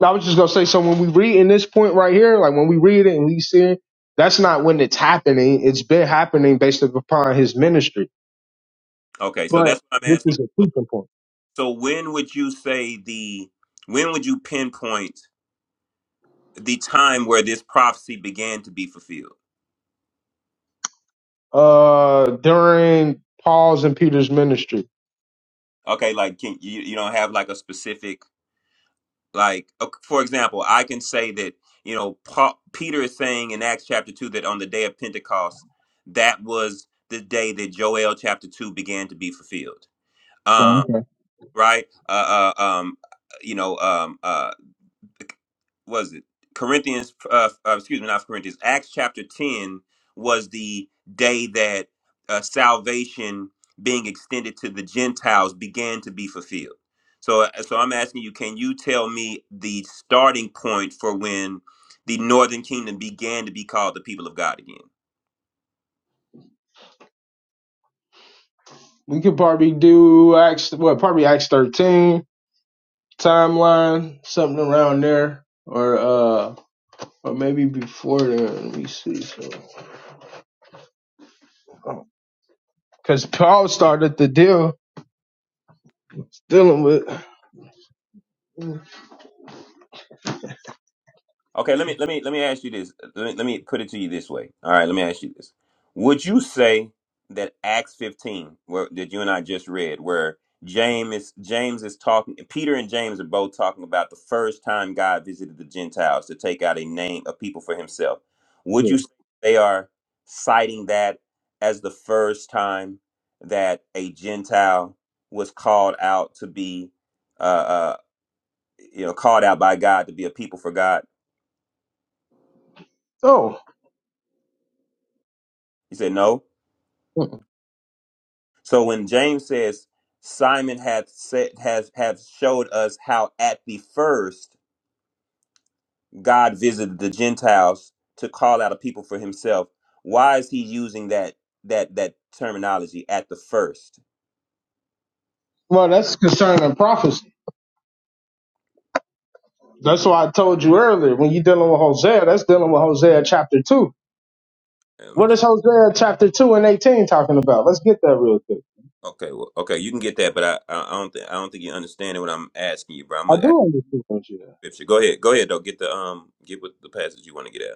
S7: No, I was just gonna say. So when we read in this point right here, like when we read it and we see it, that's not when it's happening. It's been happening based upon his ministry.
S6: okay so
S7: But
S6: that's what i'm
S7: this
S6: asking
S7: is a
S6: so,
S7: teaching point.
S6: so when would you say the when would you pinpoint the time where this prophecy began to be fulfilled
S7: uh during Paul's and Peter's ministry.
S6: okay like can you you don't have like a specific like ok- for example i can say that you know Paul, peter is saying in acts chapter 2 that on the day of pentecost that was the day that joel chapter 2 began to be fulfilled
S7: Oh,
S6: um
S7: okay.
S6: right uh, uh um you know um uh was it Corinthians? Uh, uh, excuse me, not Corinthians. Acts chapter ten was the day that uh, salvation being extended to the Gentiles began to be fulfilled. So, uh, so I'm asking you, can you tell me the starting point for when the Northern Kingdom began to be called the people of God again?
S7: We could probably do Acts what probably Acts thirteen timeline, something around there. Or uh or maybe before then. Let me see. So because Paul started the deal dealing with
S6: Okay, let me let me let me ask you this. Let me let me put it to you this way. All right, let me ask you this. Would you say that Acts 15, where that you and I just read, where James is James is talking Peter and James are both talking about the first time God visited the Gentiles to take out a name of people for himself. Would you
S7: Yeah.
S6: say they are citing that as the first time that a Gentile was called out to be uh, uh you know called out by God to be a people for God?
S7: Oh.
S6: You said no? So when James says Simon hath said has have showed us how at the first God visited the Gentiles to call out a people for himself, why is he using that that that terminology at the first?
S7: Well that's concerning prophecy. That's why I told you earlier when you're dealing with Hosea, that's dealing with Hosea chapter two.
S6: Let me
S7: What is
S6: just
S7: Hosea chapter two and eighteen talking about? Let's get that real quick.
S6: okay, well, okay, you can get that, but I I I don't think I don't think you understand what I'm asking you, bro. I'm
S7: I
S6: gonna ask
S7: do understand what you.
S6: you scripture. Go ahead, go ahead though. Get the um get what the passage you want to get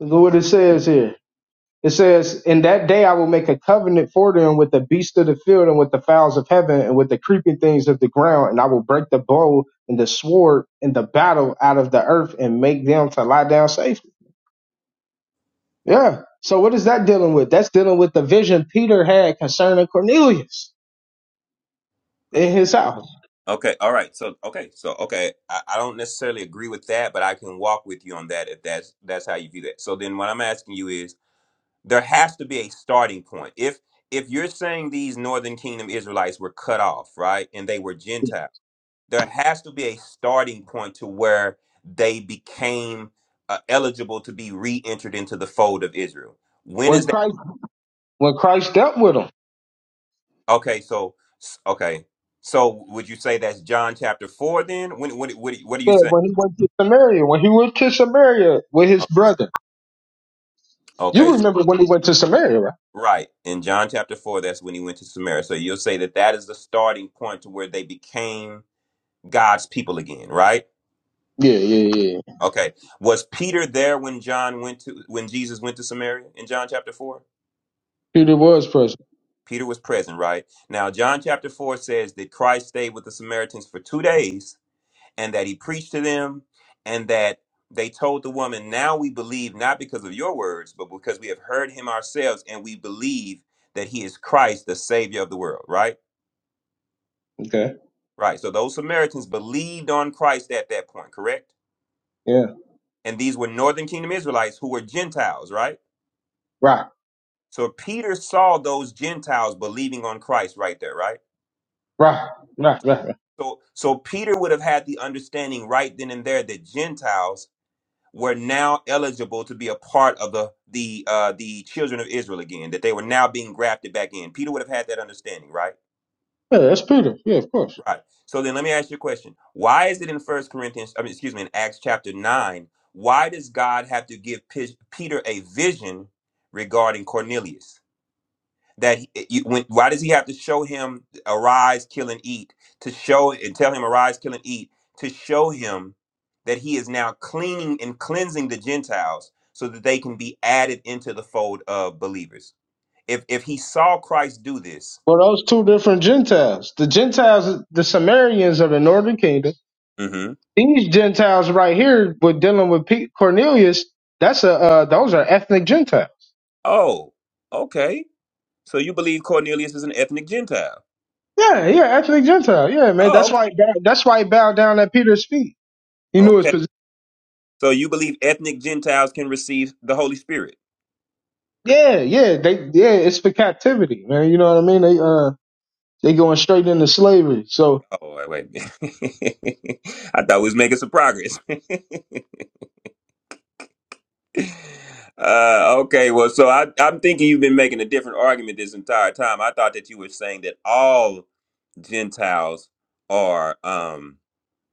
S7: Look what it says here. It says, In that day I will make a covenant for them with the beasts of the field and with the fowls of heaven and with the creeping things of the ground, and I will break the bow and the sword and the battle out of the earth and make them to lie down safely. Yeah. So what is that dealing with? That's dealing with the vision Peter had concerning Cornelius in his house.
S6: Okay, all right. So okay, so okay, I, I don't necessarily agree with that, but I can walk with you on that if that's that's how you view that. So then what I'm asking you is there has to be a starting point. If if you're saying these northern kingdom Israelites were cut off, right? And they were Gentile, there has to be a starting point to where they became uh, eligible to be re-entered into the fold of Israel. When
S7: When
S6: is that?
S7: Christ when Christ dealt with him.
S6: Okay, so s- okay. So would you say that's John chapter 4 then? When what what, what are you
S7: Yeah,
S6: saying?
S7: when he went to Samaria, when he went to Samaria with his brother. You
S6: Okay, so,
S7: remember when he went to Samaria, right?
S6: right. In John chapter 4, that's when he went to Samaria. So you'll say that that is the starting point to where they became God's people again, right?
S7: Yeah, yeah, yeah.
S6: Okay. Was Peter there when John went to when Jesus went to Samaria in John chapter 4?
S7: Peter was present.
S6: Peter was present, right? Now John chapter 4 says that Christ stayed with the Samaritans for 2 days and that he preached to them and that they told the woman, "Now we believe not because of your words, but because we have heard him ourselves and we believe that he is Christ, the savior of the world," right?
S7: Okay.
S6: Right. So those Samaritans believed on Christ at that point, correct?
S7: Yeah.
S6: And these were northern kingdom Israelites who were Gentiles, right?
S7: Right.
S6: So Peter saw those Gentiles believing on Christ right there, right?
S7: Right. Right. Right. right.
S6: So so Peter would have had the understanding right then and there that Gentiles were now eligible to be a part of the the uh the children of Israel again, that they were now being grafted back in. Peter would have had that understanding, right?
S7: Yeah, that's Peter. Yeah, of course.
S6: Right. So then let me ask you a question. Why is it in First Corinthians, I mean, excuse me, in Acts chapter 9, why does God have to give Pe- Peter a vision regarding Cornelius? That he, you- when, why does he have to show him arise, kill and eat to show and tell him arise, kill and eat to show him that he is now cleaning and cleansing the Gentiles so that they can be added into the fold of believers? If if he saw Christ do this,
S7: Well, those two different Gentiles. The Gentiles, the Samaritans of the Northern Kingdom.
S6: hmm
S7: These Gentiles right here, with dealing with Pete Cornelius, that's a uh, those are ethnic Gentiles.
S6: oh, okay So you believe Cornelius is an ethnic Gentile?
S7: Yeah, yeah, ethnic Gentile. Yeah, man.
S6: Oh,
S7: That's
S6: okay.
S7: why. He bowed, that's why he bowed down at Peter's feet. He knew his
S6: Okay.
S7: position.
S6: So you believe ethnic Gentiles can receive the Holy Spirit?
S7: Yeah, yeah. They, yeah. It's for captivity, man. You know what I mean? They, uh, they going straight into slavery. So
S6: Oh, wait, wait. a minute. I thought we was making some progress. uh, okay, well, so I, I'm thinking you've been making a different argument this entire time. I thought that you were saying that all Gentiles are um.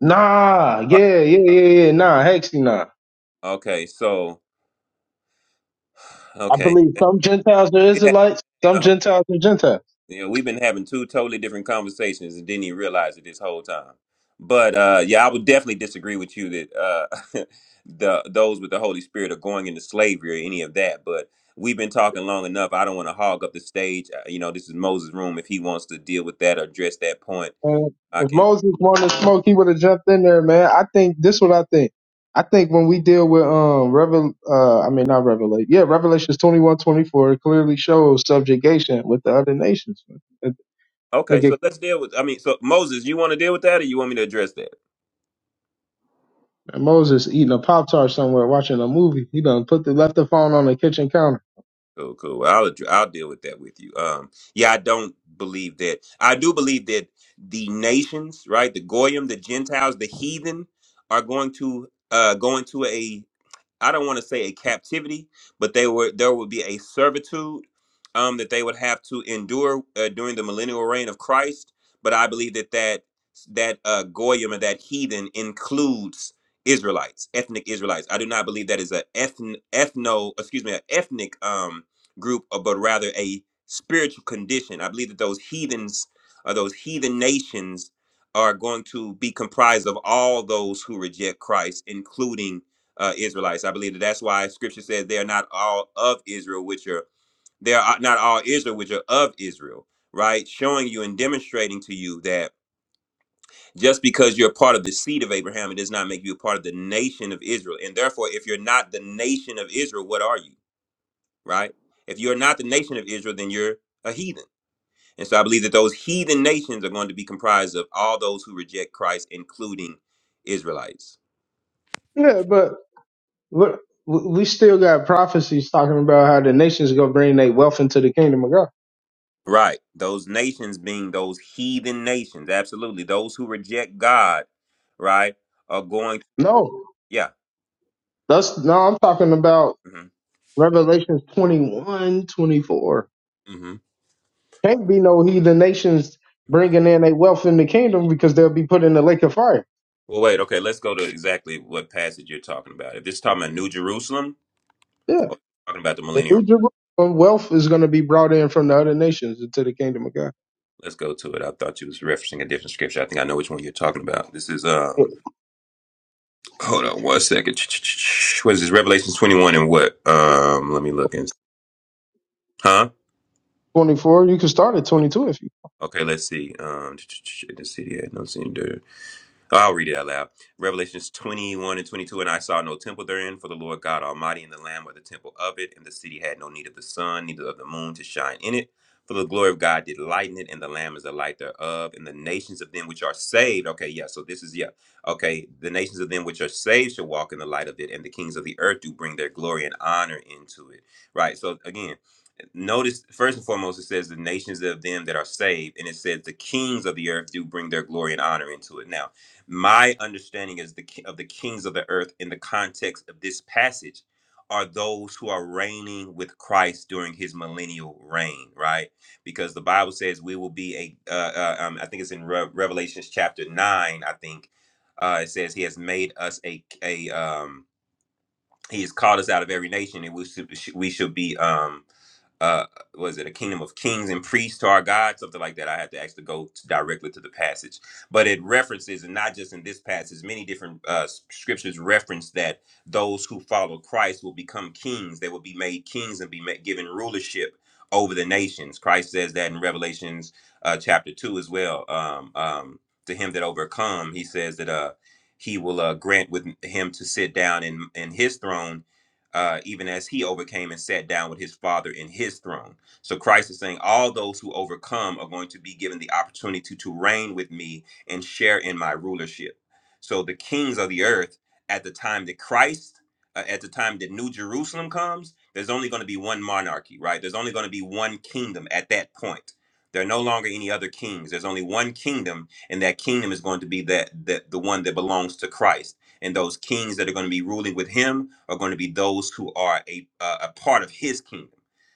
S7: nah,
S6: Are,
S7: yeah, yeah, yeah, yeah. Nah, hexy, nah.
S6: okay, so
S7: I
S6: okay,
S7: believe some Gentiles are
S6: yeah,
S7: Israelites, some Gentiles are Gentiles.
S6: You know, we've been having two totally different conversations and didn't even realize it this whole time. But uh, yeah, I would definitely disagree with you that uh, the those with the Holy Spirit are going into slavery or any of that. But we've been talking long enough. I don't want to hog up the stage. Uh, You know, this is Moses' room. If he wants to deal with that or address that point,
S7: And
S6: I
S7: if
S6: can.
S7: Moses wanted to smoke, he would have jumped in there, man. I think this is what I think. I think when we deal with um Revel uh I mean not Revelation. Yeah, Revelations twenty one, twenty four it clearly shows subjugation with the other nations. I
S6: Okay,
S7: think it
S6: so let's deal with. I mean, so Moses, you want to deal with that, or you want me to address that?
S7: And Moses eating a Pop Tart somewhere, watching a movie. He done put the left the phone on the kitchen counter.
S6: Cool, cool. Well, I'll ad- I'll deal with that with you. Um, yeah, I don't believe that. I do believe that the nations, right, the goyim, the Gentiles, the heathen, are going to uh go into a I don't want to say a captivity, but they were there would be a servitude um, that they would have to endure uh, during the millennial reign of Christ. But I believe that that that uh, goyim and that heathen includes Israelites, ethnic Israelites. I do not believe that is a ethn ethno excuse me an ethnic um, group, uh, but rather a spiritual condition. I believe that those heathens or those heathen nations are going to be comprised of all those who reject Christ, including uh, Israelites. I believe that that's why Scripture says they are not all of Israel, which are they are uh, not all Israel, which are of Israel, right? Showing you and demonstrating to you that just because you're part of the seed of Abraham, it does not make you a part of the nation of Israel. And therefore, if you're not the nation of Israel, what are you, right? If you're not the nation of Israel, then you're a heathen. And so I believe that those heathen nations are going to be comprised of all those who reject Christ, including Israelites.
S7: Yeah, but but we still got prophecies talking about how the nations gonna bring their wealth into the kingdom of God.
S6: Right. Those nations being those heathen nations. Absolutely. Those who reject God, right, are going.
S7: No.
S6: Yeah.
S7: That's no, I'm talking about
S6: hmm
S7: Revelations 21:24.
S6: hmm
S7: Can't be no heathen nations bringing in their wealth in the kingdom because they'll be put in the lake of fire.
S6: Well, wait. Okay. Let's go to exactly what passage you're talking about. If this is talking about New Jerusalem
S7: Yeah.
S6: or talking about the
S7: The
S6: millennial,
S7: New Jerusalem wealth is going to be brought in from the other nations into the kingdom of God.
S6: let's go to it. I thought you was referencing a different scripture. I think I know which one you're talking about. This is,
S7: Yeah.
S6: um, hold on one second. What is this? Revelation 21 and what? Um, let me look and, huh?
S7: 24, you can start at 22 if you
S6: Okay. Let's see. Um, in the city had no seen dirt. I'll read it out loud. Revelations 21 and 22. And I saw no temple therein, for the Lord God Almighty and the Lamb were the temple of it, and the city had no need of the sun, neither of the moon to shine in it. For the glory of God did lighten it, and the Lamb is the light thereof, and the nations of them which are saved. Okay, yeah, so this is, yeah. Okay, the nations of them which are saved shall walk in the light of it, and the kings of the earth do bring their glory and honor into it. Right, so again, notice first and foremost it says the nations of them that are saved and it says the kings of the earth do bring their glory and honor into it now my understanding is the ki- of the kings of the earth in the context of this passage are those who are reigning with christ during his millennial reign right because the bible says we will be a uh, uh, um, i think it's in Re- revelations chapter 9 i think uh, it says he has made us a a um he has called us out of every nation and we should we should be um uh was it a kingdom of kings and priests to our god something like that i had to actually go to- directly to the passage but it references and not just in this passage many different uh s- scriptures reference that those who follow christ will become kings they will be made kings and be ma- given rulership over the nations christ says that in revelations uh chapter 2 as well um um to him that overcome he says that uh he will uh, grant with him to sit down in, in his throne, uh, even as he overcame and sat down with his father in his throne. So Christ is saying, all those who overcome are going to be given the opportunity to reign with me and share in my rulership. So the kings of the earth at the time that Christ, uh, at the time that New Jerusalem comes, there's only going to be one monarchy, right? There's only going to be one kingdom at that point. There are no longer any other kings. There's only one kingdom and that kingdom is going to be that that the one that belongs to Christ. And those kings that are going to be ruling with him are going to be those who are a uh, a part of his kingdom.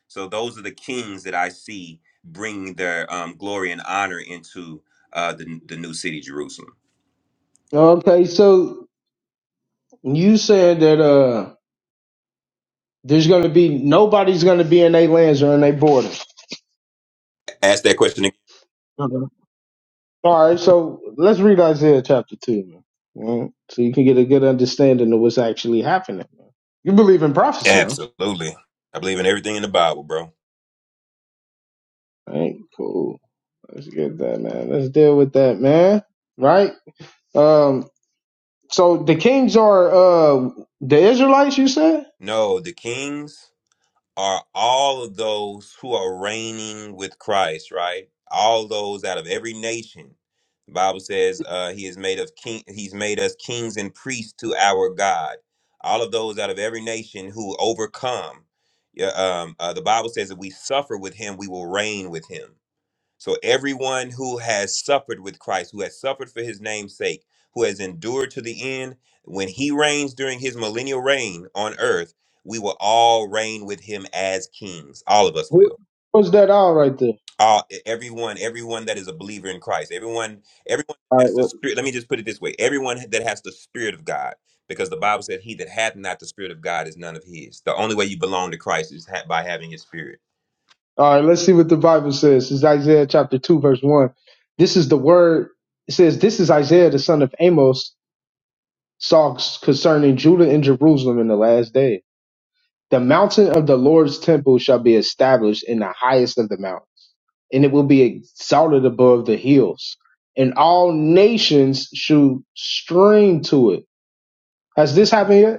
S6: So those are the kings that I see bringing their um, glory and honor into uh, the the new city, Jerusalem.
S7: Okay, so you said that uh there's gonna be nobody's gonna be in their lands or in their borders.
S6: Ask that question again.
S7: Okay. All right, so let's read Isaiah chapter two, man. All right, So you can get a good understanding of what's actually happening. Man. You believe in prophecy, don't you?
S6: Absolutely, I believe in everything in the Bible, bro.
S7: All right, cool. Let's get that, man. Let's deal with that, man. Right? Um. So the kings are uh the Israelites. You said
S6: No, the kings. are all of those who are reigning with Christ, right? All those out of every nation. The Bible says uh, he has made of king. He's made us kings and priests to our God. All of those out of every nation who overcome. Yeah, um, uh, the Bible says that we suffer with him, we will reign with him. So everyone who has suffered with Christ, who has suffered for his name's sake, who has endured to the end, when he reigns during his millennial reign on earth, we will all reign with him as kings. All of us
S7: who
S6: will.
S7: was that all right there?
S6: All e, everyone, everyone that is a believer in Christ, everyone, everyone
S7: All
S6: that has
S7: right,
S6: the spirit. Let me just put it this way: everyone that has the spirit of God, because the Bible says, "He that hath not the spirit of God is none of his." The only way you belong to Christ is ha- by having His Spirit.
S7: All right, let's see what the Bible says. This is Isaiah chapter 2, verse 1. This is the word. It says, This is Isaiah, the son of Amos, talks concerning Judah and Jerusalem in the last day. The mountain of the Lord's temple shall be established in the highest of the mountains, and it will be exalted above the hills, and all nations should stream to it. Has this happened yet?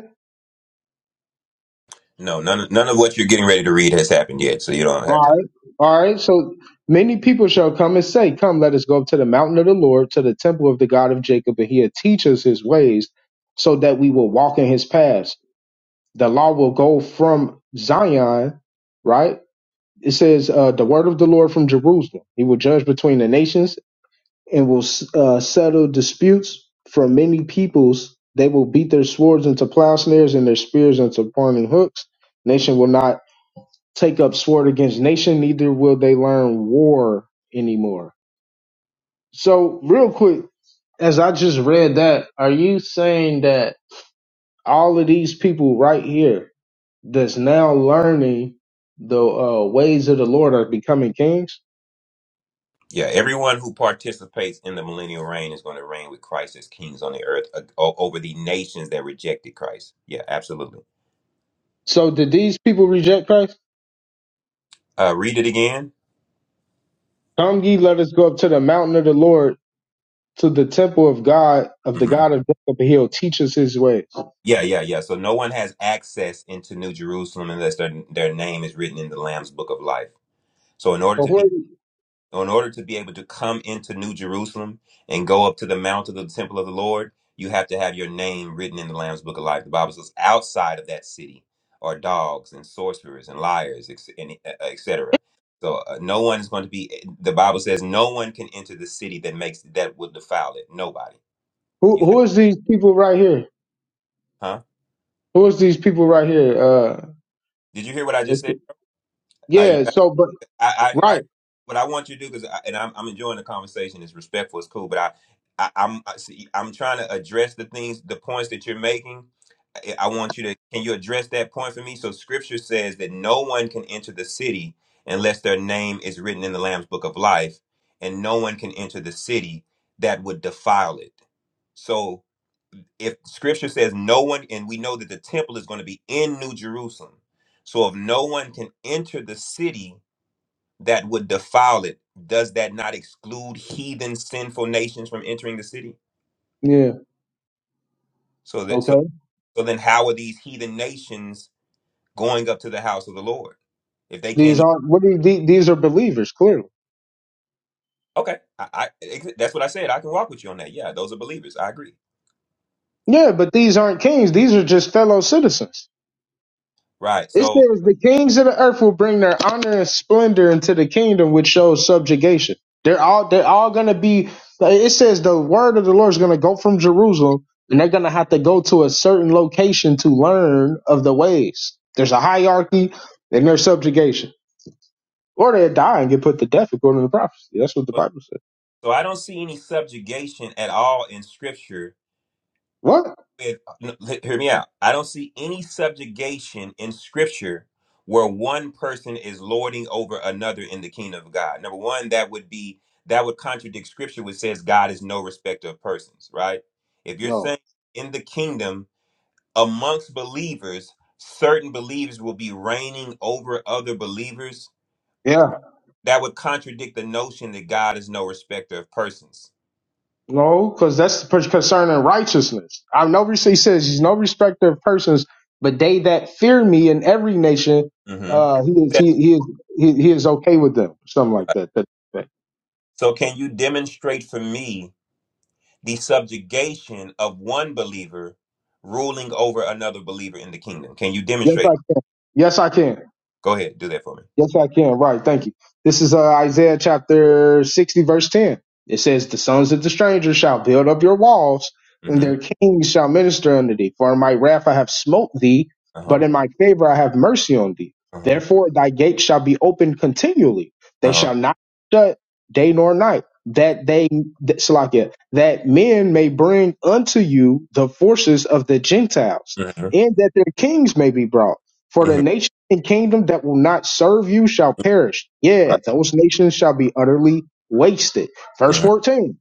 S6: No, none of, none of what you're getting ready to read has happened yet, so you don't
S7: All
S6: have to.
S7: right. All right. So many people shall come and say, Come, let us go up to the mountain of the Lord, to the temple of the God of Jacob, and he'll teach us his ways so that we will walk in his paths. The law will go from Zion, right? It says, uh, The word of the Lord from Jerusalem. He will judge between the nations and will uh, settle disputes from many peoples. They will beat their swords into plowshares and their spears into pointing hooks. Nation will not take up sword against nation, neither will they learn war anymore. So, real quick, as I just read that, are you saying that all of these people right here that's now learning the uh, ways of the Lord are becoming kings?
S6: Yeah, everyone who participates in the millennial reign is going to reign with Christ as kings on the earth uh, o- over the nations that rejected Christ. Yeah, absolutely.
S7: So, did these people reject Christ?
S6: Uh, read it again.
S7: Come ye, let us go up to the mountain of the Lord, to the temple of God, of the
S6: hmm
S7: God of Jacob, and he'll teach us his ways.
S6: Yeah, yeah, yeah. So no one has access into New Jerusalem unless their their name is written in the Lamb's Book of Life. So in order
S7: So,
S6: to
S7: who, are,
S6: So in order to be able to come into New Jerusalem and go up to the mount of the temple of the Lord, you have to have your name written in the Lamb's Book of Life. The Bible says, outside of that city are dogs and sorcerers and liars, ex- and, uh, etc. So uh, no one is going to be. The Bible says no one can enter the city that makes that would defile it. Nobody.
S7: who,
S6: You have,
S7: who is these people right here?
S6: huh?
S7: Who is these people right here? Uh,
S6: Did you hear what I just said? Like you
S7: Yeah, so but
S6: I, I,
S7: right.
S6: I what I want you to do because, and I'm, I'm enjoying the conversation. It's respectful. It's cool. But I, I I'm I see, I'm trying to address the things, the points that you're making. I, I want you to can you address that point for me? So Scripture says that no one can enter the city unless their name is written in the Lamb's Book of Life, and no one can enter the city that would defile it. So if scripture says no one and we know that the temple is going to be in new jerusalem so if no one can enter the city that would defile it, does that not exclude heathen sinful nations from entering the city?
S7: Yeah.
S6: So that so,
S7: Okay.
S6: so then how are these heathen nations going up to the house of the Lord if they can't?
S7: These
S6: Even,
S7: aren't what are these, these are believers, clearly.
S6: okay, I, I ex- that's what I said. I can walk with you on that. Yeah, those are believers. I agree.
S7: Yeah, but these aren't kings. These are just fellow citizens.
S6: Right.
S7: It
S6: So
S7: says the kings of the earth will bring their honor and splendor into the kingdom which shows subjugation. They're all they're all gonna be it says the word of the Lord is gonna go from Jerusalem and they're gonna have to go to a certain location to learn of the ways. There's a hierarchy and there's subjugation. Or they die and get put to death according to the prophecy. That's what the
S6: so
S7: Bible says.
S6: so I don't see any subjugation at all in Scripture
S7: What?
S6: it- no, he- hear me out. I don't see any subjugation in scripture where one person is lording over another in the kingdom of God. Number one, that would be that would contradict scripture which says God is no respecter of persons, right? If you're
S7: No.
S6: saying in the kingdom amongst believers, certain believers will be reigning over other believers,
S7: Yeah.
S6: that would contradict the notion that God is no respecter of persons.
S7: No, because that's per- concerning righteousness. I know he says he's no respecter of persons, but they that fear me in every nation,
S6: hmm
S7: uh, he is he,
S6: Right.
S7: he is he, he is okay with them. Something like that. that, that.
S6: So can you demonstrate for me the subjugation of one believer ruling over another believer in the kingdom. Can you
S7: Yes,
S6: demonstrate?
S7: I can. Yes, I can.
S6: Go ahead, do that for me.
S7: Yes, I can. Right. Thank you. This is uh, Isaiah chapter 60, verse 10. It says, The sons of the stranger shall build up your walls, and
S6: Mm-hmm.
S7: their kings shall minister unto thee. For in my wrath I have smote thee,
S6: Uh huh.
S7: but in my favor I have mercy on thee.
S6: Uh huh.
S7: Therefore thy gates shall be open continually. They
S6: Uh huh.
S7: shall not shut day nor night, that they, that, Salakia, that men may bring unto you the forces of the Gentiles,
S6: Mm-hmm.
S7: and that their kings may be brought. for
S6: Mm-hmm.
S7: the and kingdom that will not serve you shall perish. Yeah,
S6: Right.
S7: those nations shall be utterly wasted. Verse
S6: Mm-hmm.
S7: 14.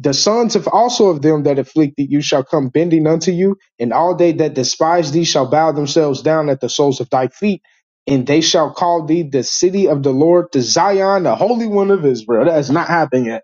S7: The sons of also of them that afflicted you shall come bending unto you, and all they that despise thee shall bow themselves down at the soles of thy feet, and they shall call thee the city of the Lord, the Zion, the Holy One of Israel. That has not happened yet.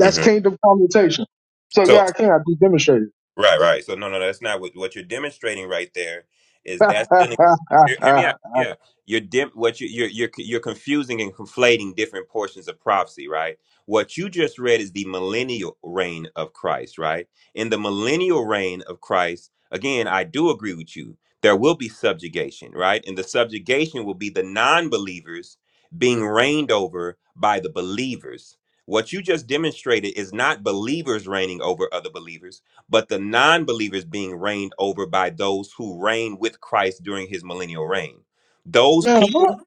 S7: That's
S6: Mm-hmm.
S7: kingdom commutation. So
S6: So
S7: yeah, I can't. I just demonstrated.
S6: Right, right. So no, no, that's not what what you're demonstrating right there. Is
S7: Man,
S6: that's dealing. Hear, hear me out. Yeah, you're dim. What you you're you're you're confusing and conflating different portions of prophecy, right? What you just read is the millennial reign of Christ, right? In the millennial reign of Christ, again, I do agree with you. There will be subjugation, right? And the subjugation will be the non-believers being reigned over by the believers. What you just demonstrated is not believers reigning over other believers but the non believer is being reigned over by those who reign with Christ during his millennial reign. Those
S7: what?
S6: people,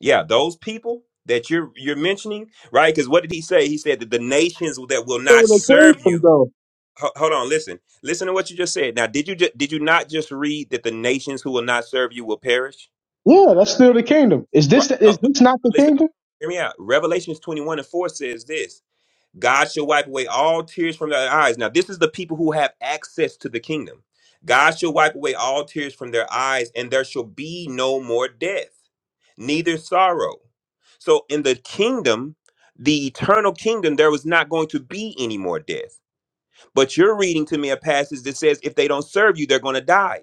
S6: yeah, those people that you're you're mentioning, right? Because what did he say? He said that the nations that will
S7: Feel
S6: not
S7: the
S6: serve
S7: kingdom
S6: you.
S7: though.
S6: ho- Hold on, listen, listen to what you just said. Now, did you just, did you not just read that the nations who will not serve you will perish?
S7: Yeah, that's still the kingdom. Is
S6: Right.
S7: this
S6: uh,
S7: is
S6: but,
S7: this not
S6: but
S7: the
S6: listen,
S7: kingdom?
S6: hear me out. Revelations twenty one and four says this. God shall wipe away all tears from their eyes. Now, this is the people who have access to the kingdom. God shall wipe away all tears from their eyes, and there shall be no more death, neither sorrow. So, in the kingdom, the eternal kingdom, there was not going to be any more death. But you're reading to me a passage that says if they don't serve you, they're going to die.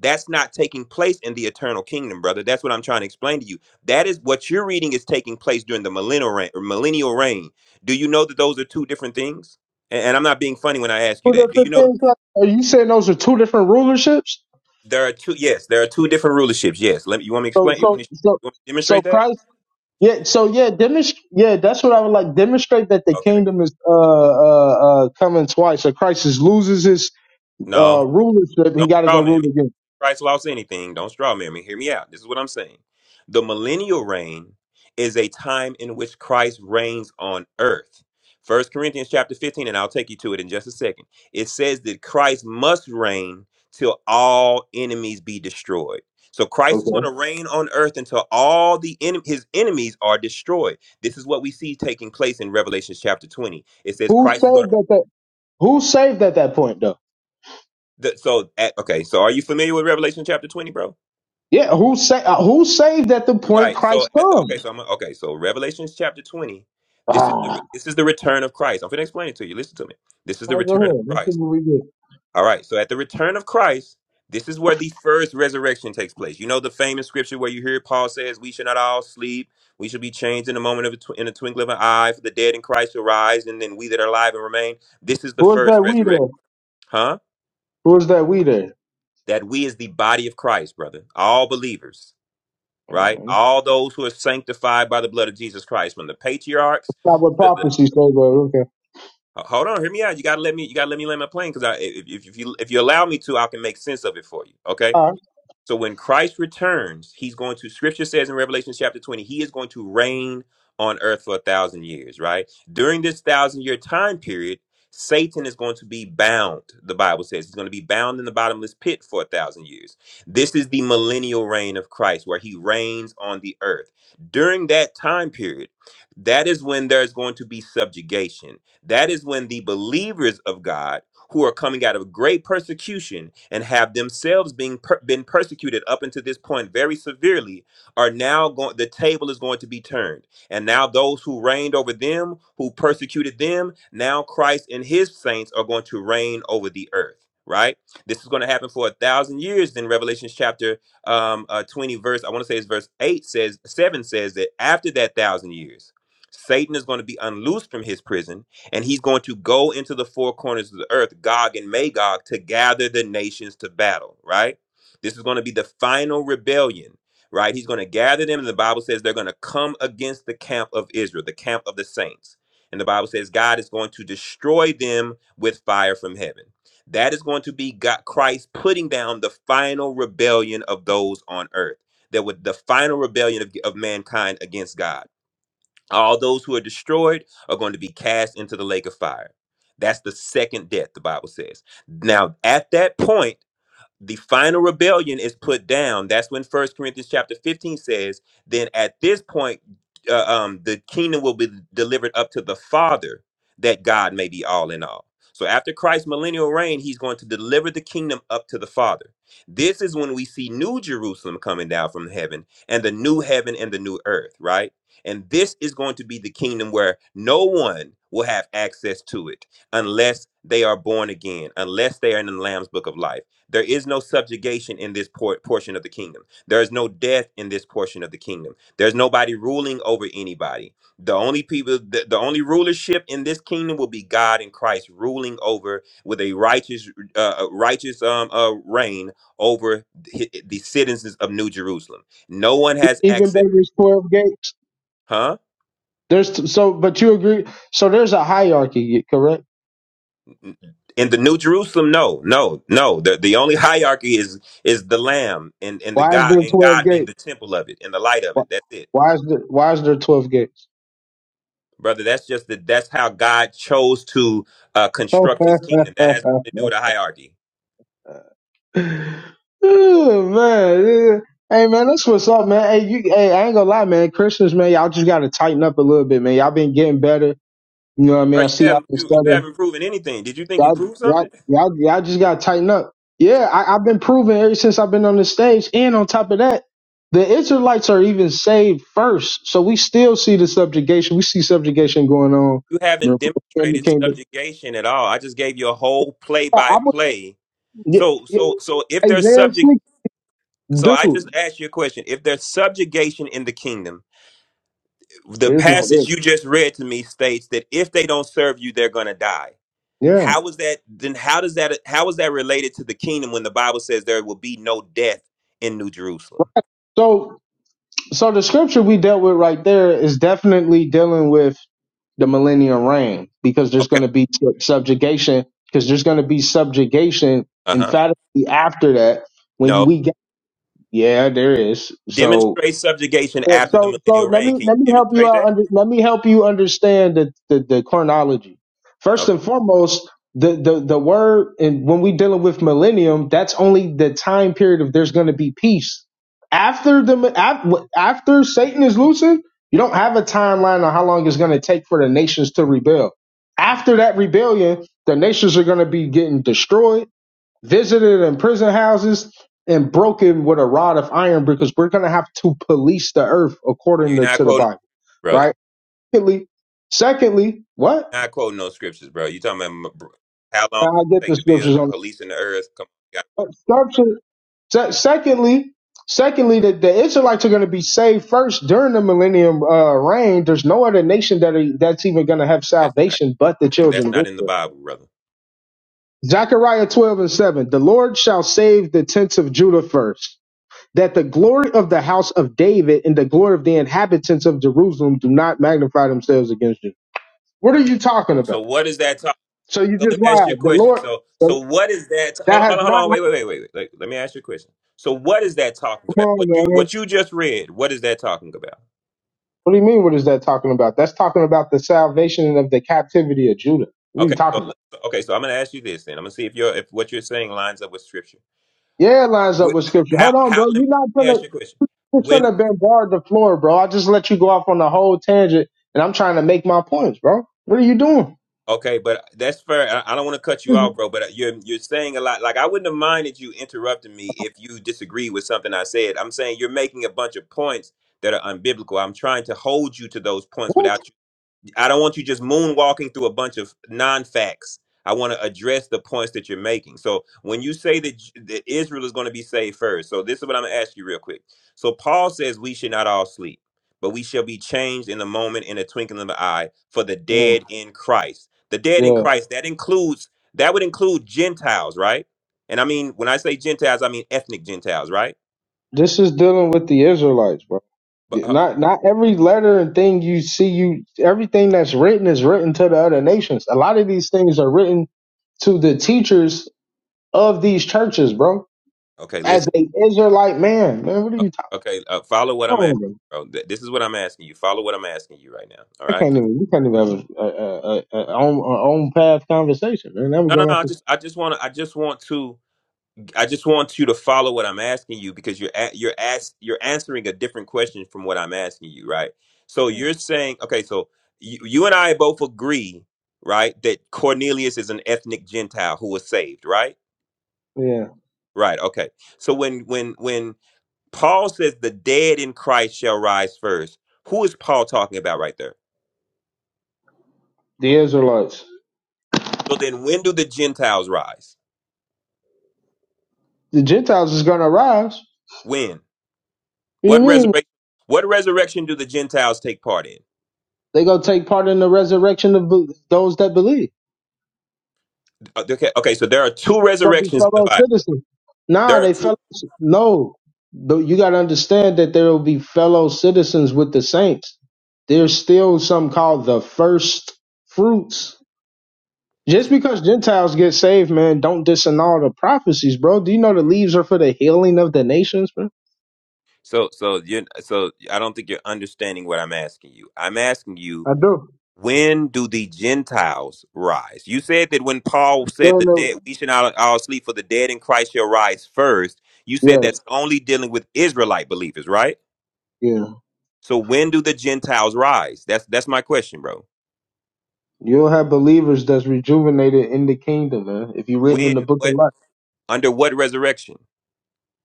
S6: That's not taking place in the eternal kingdom, brother. That's what I'm trying to explain to you. That is what you're reading is taking place during the millennial reign. Or millennial reign. Do you know that those are two different things? And, and I'm not being funny when I ask you
S7: Who
S6: that.
S7: the,
S6: Do
S7: the
S6: you know
S7: things that- are you saying those are two different rulerships?
S6: there are two? Yes, there are two different rulerships. Yes. Let me. You want me to
S7: So
S6: explain? You want
S7: so
S6: me to
S7: so
S6: you want me to
S7: so
S6: demonstrate that?
S7: Christ yeah so yeah demonstrate yeah that's what I would like demonstrate that the
S6: Okay.
S7: kingdom is uh uh uh coming twice. So Christ is loses his
S6: No.
S7: uh rulership he
S6: Don't
S7: got to go
S6: straw man
S7: rule
S6: me.
S7: again.
S6: Christ lost anything. Don't straw man me. Hear me out. This is what I'm saying. The millennial reign is a time in which Christ reigns on earth. First Corinthians chapter 15, and I'll take you to it in just a second. It says that Christ must reign till all enemies be destroyed. So Christ is going
S7: Okay.
S6: to reign on earth until all the en- his enemies are destroyed. This is what we see taking place in Revelation chapter 20. It says
S7: Who
S6: Christ is going to
S7: saved at that? Who saved at that point though?
S6: the, so at, okay, so are you familiar with Revelation chapter 20, bro?
S7: Yeah, who sa- uh, who saved at the point
S6: Right. So
S7: Christ
S6: at the, okay,
S7: comes?
S6: so I'm okay. So Revelations chapter twenty. This is the
S7: Ah,
S6: this is the return of Christ. I'm going to explain it to you. Listen to me. This is the
S7: All right,
S6: return
S7: go
S6: of
S7: ahead. Let's see
S6: Christ.
S7: what we get.
S6: All right. So at the return of Christ, this is where the first resurrection takes place. You know the famous scripture where you hear Paul says, "We should not all sleep. We should be changed in the moment of a tw- in a twinkling of an eye. For the dead in Christ shall rise, and then we that are alive and remain." This is the
S7: Who is
S6: first
S7: that we
S6: resurrection,
S7: there?
S6: huh?
S7: Who is that we there?
S6: That we is the body of Christ, brother. All believers. right?
S7: Um,
S6: All those who are sanctified by the blood of Jesus Christ, from the patriarchs
S7: Not what
S6: to the
S7: prophecy says, but okay.
S6: uh, hold on, hear me out. You gotta let me. You gotta let me land my plane because I, if, if if you if you allow me to, I can make sense of it for you. Okay.
S7: All right.
S6: So when Christ returns, he's going to, scripture says in Revelation chapter 20, he is going to reign on earth for a thousand years, right? During this thousand year time period, Satan is going to be bound, the Bible says. He's going to be bound in the bottomless pit for a thousand years. This is the millennial reign of Christ, where he reigns on the earth. During that time period, that is when there's going to be subjugation. That is when the believers of God who are coming out of great persecution and have themselves being per- been persecuted up until this point very severely are now going the table is going to be turned and now those who reigned over them who persecuted them now christ and his saints are going to reign over the earth right this is going to happen for a thousand years then revelation chapter um, uh, 20 verse i want to say it's verse 8 says 7 says that after that thousand years satan is going to be unloosed from his prison and he's going to go into the four corners of the earth, Gog and Magog, to gather the nations to battle, right? This is going to be the final rebellion, right? He's going to gather them, and the Bible says they're going to come against the camp of Israel, the camp of the saints. And the Bible says God is going to destroy them with fire from heaven. That is going to be God, Christ putting down the final rebellion of those on earth. That would the final rebellion of, of mankind against God. All those who are destroyed are going to be cast into the lake of fire. That's the second death, the Bible says. Now, at that point, the final rebellion is put down that's when first corinthians chapter 15 says then at this point uh, um, the kingdom will be delivered up to the father that god may be all in all so after christ's millennial reign he's going to deliver the kingdom up to the father this is when we see new jerusalem coming down from heaven and the new heaven and the new earth right and this is going to be the kingdom where no one will have access to it unless they are born again unless they are in the lamb's book of life there is no subjugation in this por- portion of the kingdom. There is no death in this portion of the kingdom. There's nobody ruling over anybody. The only people, the, the only rulership in this kingdom will be God and Christ ruling over with a righteous, uh, uh, righteous um, uh, reign over the, the citizens of New Jerusalem. No one
S7: E-
S6: has
S7: Even
S6: access,
S7: though there's twelve gates,
S6: huh?
S7: there's t- so, but you agree. So there's a hierarchy, correct?
S6: In the New Jerusalem, no, no, no. The the only hierarchy is is the Lamb and and the
S7: Why is
S6: God
S7: there
S6: and
S7: twelve
S6: God being
S7: gates?
S6: the temple of it and the light of
S7: Why,
S6: it. That's it.
S7: why is there Why is there twelve gates?
S6: brother. That's just that. That's how God chose to uh, construct His kingdom. That has nothing to do with a hierarchy.
S7: Oh, man, yeah. hey man, that's what's up, man. Hey, you, hey, I ain't gonna lie, man. Christians, man, y'all just gotta tighten up a little bit, man. Y'all been getting better. You know what I mean?
S6: Bro,
S7: I
S6: you
S7: see y'all
S6: haven't
S7: been
S6: you, you
S7: studying.
S6: haven't proven anything. Did you think you
S7: Y'all,
S6: proved something?
S7: y'all, y'all, y'all just gotta tighten up. Yeah, I, I've been proven ever since I've been on the stage, and on top of that, the Israelites are even saved first, so we still see the subjugation. We see subjugation going on.
S6: You
S7: The
S6: haven't
S7: Republican
S6: demonstrated
S7: kingdom.
S6: subjugation at all. I just gave you a whole play
S7: I, I
S6: by
S7: would,
S6: play.
S7: yeah,
S6: So
S7: yeah,
S6: so so if there's
S7: Isaiah
S6: subject,
S7: six,
S6: so
S7: dude.
S6: I just asked you a question. If there's subjugation in the kingdom, the
S7: There's no this.
S6: passage you just read to me states that if they don't serve you, they're gonna die.
S7: Yeah.
S6: How is that then how does that how is that related to the kingdom when the Bible says there will be no death in New Jerusalem?
S7: So So the scripture we dealt with right there is definitely dealing with the millennial reign because there's
S6: Okay.
S7: going to be su- subjugation because there's going to be subjugation
S6: Uh-huh.
S7: emphatically after that when you-
S6: No.
S7: we get yeah there is so
S6: Demonstrate subjugation
S7: yeah,
S6: after the
S7: so so
S6: millennial
S7: let
S6: reign.
S7: me
S6: Can you
S7: let me help you
S6: demonstrate
S7: out
S6: that?
S7: under let me help you understand the, the, the chronology. First
S6: Okay.
S7: and foremost, the, the, the word and when we dealing with millennium, that's only the time period of there's gonna be peace. After the af- after Satan is loosened, you don't have a timeline on how long it's gonna take for the nations to rebel. After that rebellion, the nations are gonna be getting destroyed visited in prison houses and broken with a rod of iron because we're going to have to police the earth according
S6: You're
S7: to,
S6: not
S7: to the
S6: quoting
S7: Bible,
S6: brother.
S7: right? Secondly, secondly, what?
S6: You're not quoting no scriptures, bro. You talking about m- br- how long
S7: I
S6: it
S7: get
S6: take
S7: the
S6: to build
S7: scriptures
S6: and
S7: on
S6: police in the earth? Come on, you gotta quote.
S7: scripture. se- Secondly, secondly, that the Israelites are going to be saved first during the millennium uh, reign. There's no other nation that are, that's even going to have
S6: that's not
S7: salvation but the children
S6: that's
S7: of
S6: not in the
S7: Israel.
S6: Bible, brother.
S7: Zechariah 12 and 7. The Lord shall save the tents of Judah first that the glory of the house of David and the glory of the inhabitants of Jerusalem do not magnify themselves against you. What are you talking
S6: So
S7: about?
S6: what is that talking?
S7: So you
S6: So
S7: just
S6: let me ask you a
S7: lied. The
S6: question.
S7: Lord,
S6: So
S7: the-
S6: so what is that? Hold
S7: that
S6: on,
S7: has
S6: hold on, hold
S7: not
S6: on.
S7: happened.
S6: Wait, wait, wait, wait, wait. Like, Let me ask you a question. So what is that talking
S7: Come
S6: about?
S7: on,
S6: What you
S7: man.
S6: what you just read? What is that talking about?
S7: What do you mean? What is that talking about? That's talking about the salvation of the captivity of Judah. What are
S6: Okay,
S7: you
S6: so
S7: talking about?
S6: okay, so I'm gonna ask you this. Then I'm gonna see if you're if what you're saying lines up with scripture.
S7: Yeah, it lines up
S6: What,
S7: with scripture.
S6: how
S7: Hold on,
S6: how?
S7: bro.
S6: Let
S7: You're not
S6: me ask
S7: gonna,
S6: you a question.
S7: you're
S6: When
S7: gonna bombard the floor, bro. I just let you go off on a whole tangent, and I'm trying to make my points, bro. What are you doing?
S6: okay, but that's fair. I, I don't want to cut you off, bro. But uh, you're you're saying a lot. Like I wouldn't have minded you interrupting me if you disagree with something I said. I'm saying you're making a bunch of points that are unbiblical. I'm trying to hold you to those points
S7: What?
S6: without I don't want you just moonwalking through a bunch of non-facts. I want to address the points that you're making. So when you say that, J- that Israel is going to be saved first, so this is what I'm going to ask you real quick. So Paul says we should not all sleep, but we shall be changed in a moment, in a twinkling of an eye, for the
S7: Yeah,
S6: dead in Christ. The dead in
S7: yeah.
S6: Christ that includes that would include Gentiles, right? And I mean when I say Gentiles, I mean ethnic Gentiles, right?
S7: This is dealing with the Israelites, bro.
S6: But uh,
S7: Not not every letter and thing you see you everything that's written is written to the other nations. A lot of these things are written to the teachers of these churches, bro.
S6: okay, listen.
S7: As a Israelite man, man, what are
S6: O-
S7: you talking
S6: Okay, uh, follow what
S7: about?
S6: I'm asking,
S7: Bro?
S6: bro. Th- This is what I'm asking you. Follow what I'm asking you right now. All
S7: I
S6: right.
S7: can't even. We can't even have a, a, a, a, own a own path conversation, man. Now we're
S6: No, no,
S7: going
S6: no.
S7: off.
S6: I
S7: This,
S6: just, I just want to, I just want to, I just want you to follow what I'm asking you because you're, a, you're asked, you're answering a different question from what I'm asking you, right? So you're saying, okay, so you, you and I both agree, right, that Cornelius is an ethnic Gentile who was saved, right?
S7: yeah,
S6: Right. Okay. So when, when, when Paul says the dead in Christ shall rise first, who is Paul talking about right there?
S7: the Israelites,
S6: So then when do the Gentiles rise?
S7: the Gentiles is going to rise.
S6: When?
S7: What do you
S6: What
S7: mean?
S6: resurrection what resurrection do the Gentiles take part in?
S7: They gonna take part in the resurrection of be- those that believe.
S6: Uh, Okay, okay, so there are two
S7: But we
S6: resurrections in the
S7: fellow
S6: Bible.
S7: citizens. Nah,
S6: There are
S7: they
S6: two
S7: fellow. No, but you got to understand that there will be fellow citizens with the saints. There's still something called the first fruits. Just because Gentiles get saved, man, don't disannul the prophecies, bro. Do you know the leaves are for the healing of the nations, man?
S6: So so you so I don't think you're understanding what I'm asking you. I'm asking you
S7: I do.
S6: when do the Gentiles rise? You said that when Paul said the
S7: Don't know.
S6: dead we should not all sleep for the dead in Christ shall rise first, you said
S7: Yes,
S6: that's only dealing with Israelite believers, right?
S7: yeah.
S6: So when do the Gentiles rise? That's that's my question, bro.
S7: You'll have believers that's rejuvenated in the kingdom, man. If you're written in the
S6: When
S7: book of
S6: what
S7: life.
S6: Under what resurrection?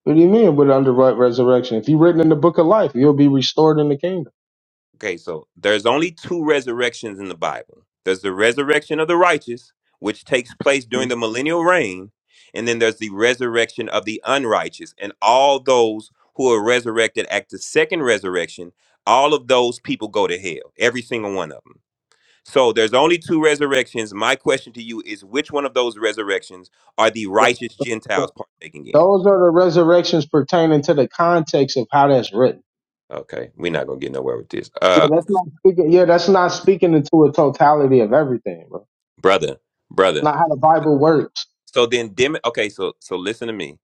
S7: What do you mean with under resurrection? If you're written in the book of life, you'll be restored in the kingdom.
S6: Okay, so there's only two resurrections in the Bible. There's the resurrection of the righteous, which takes place during the millennial reign, and then there's the resurrection of the unrighteous. And all those who are resurrected at the second resurrection, all of those people go to hell, every single one of them. So there's only two resurrections. My question to you is which one of those resurrections are the
S7: Th-
S6: righteous
S7: th-
S6: Gentiles partaking in?
S7: Those are the resurrections pertaining to the context of how that's written.
S6: Okay, we're not going to get nowhere with this. Uh
S7: Yeah, that's not speaking. Yeah, that's not speaking into a totality of everything, bro.
S6: brother, brother
S7: Not how the Bible works.
S6: So then, dim. Okay, so so listen to me.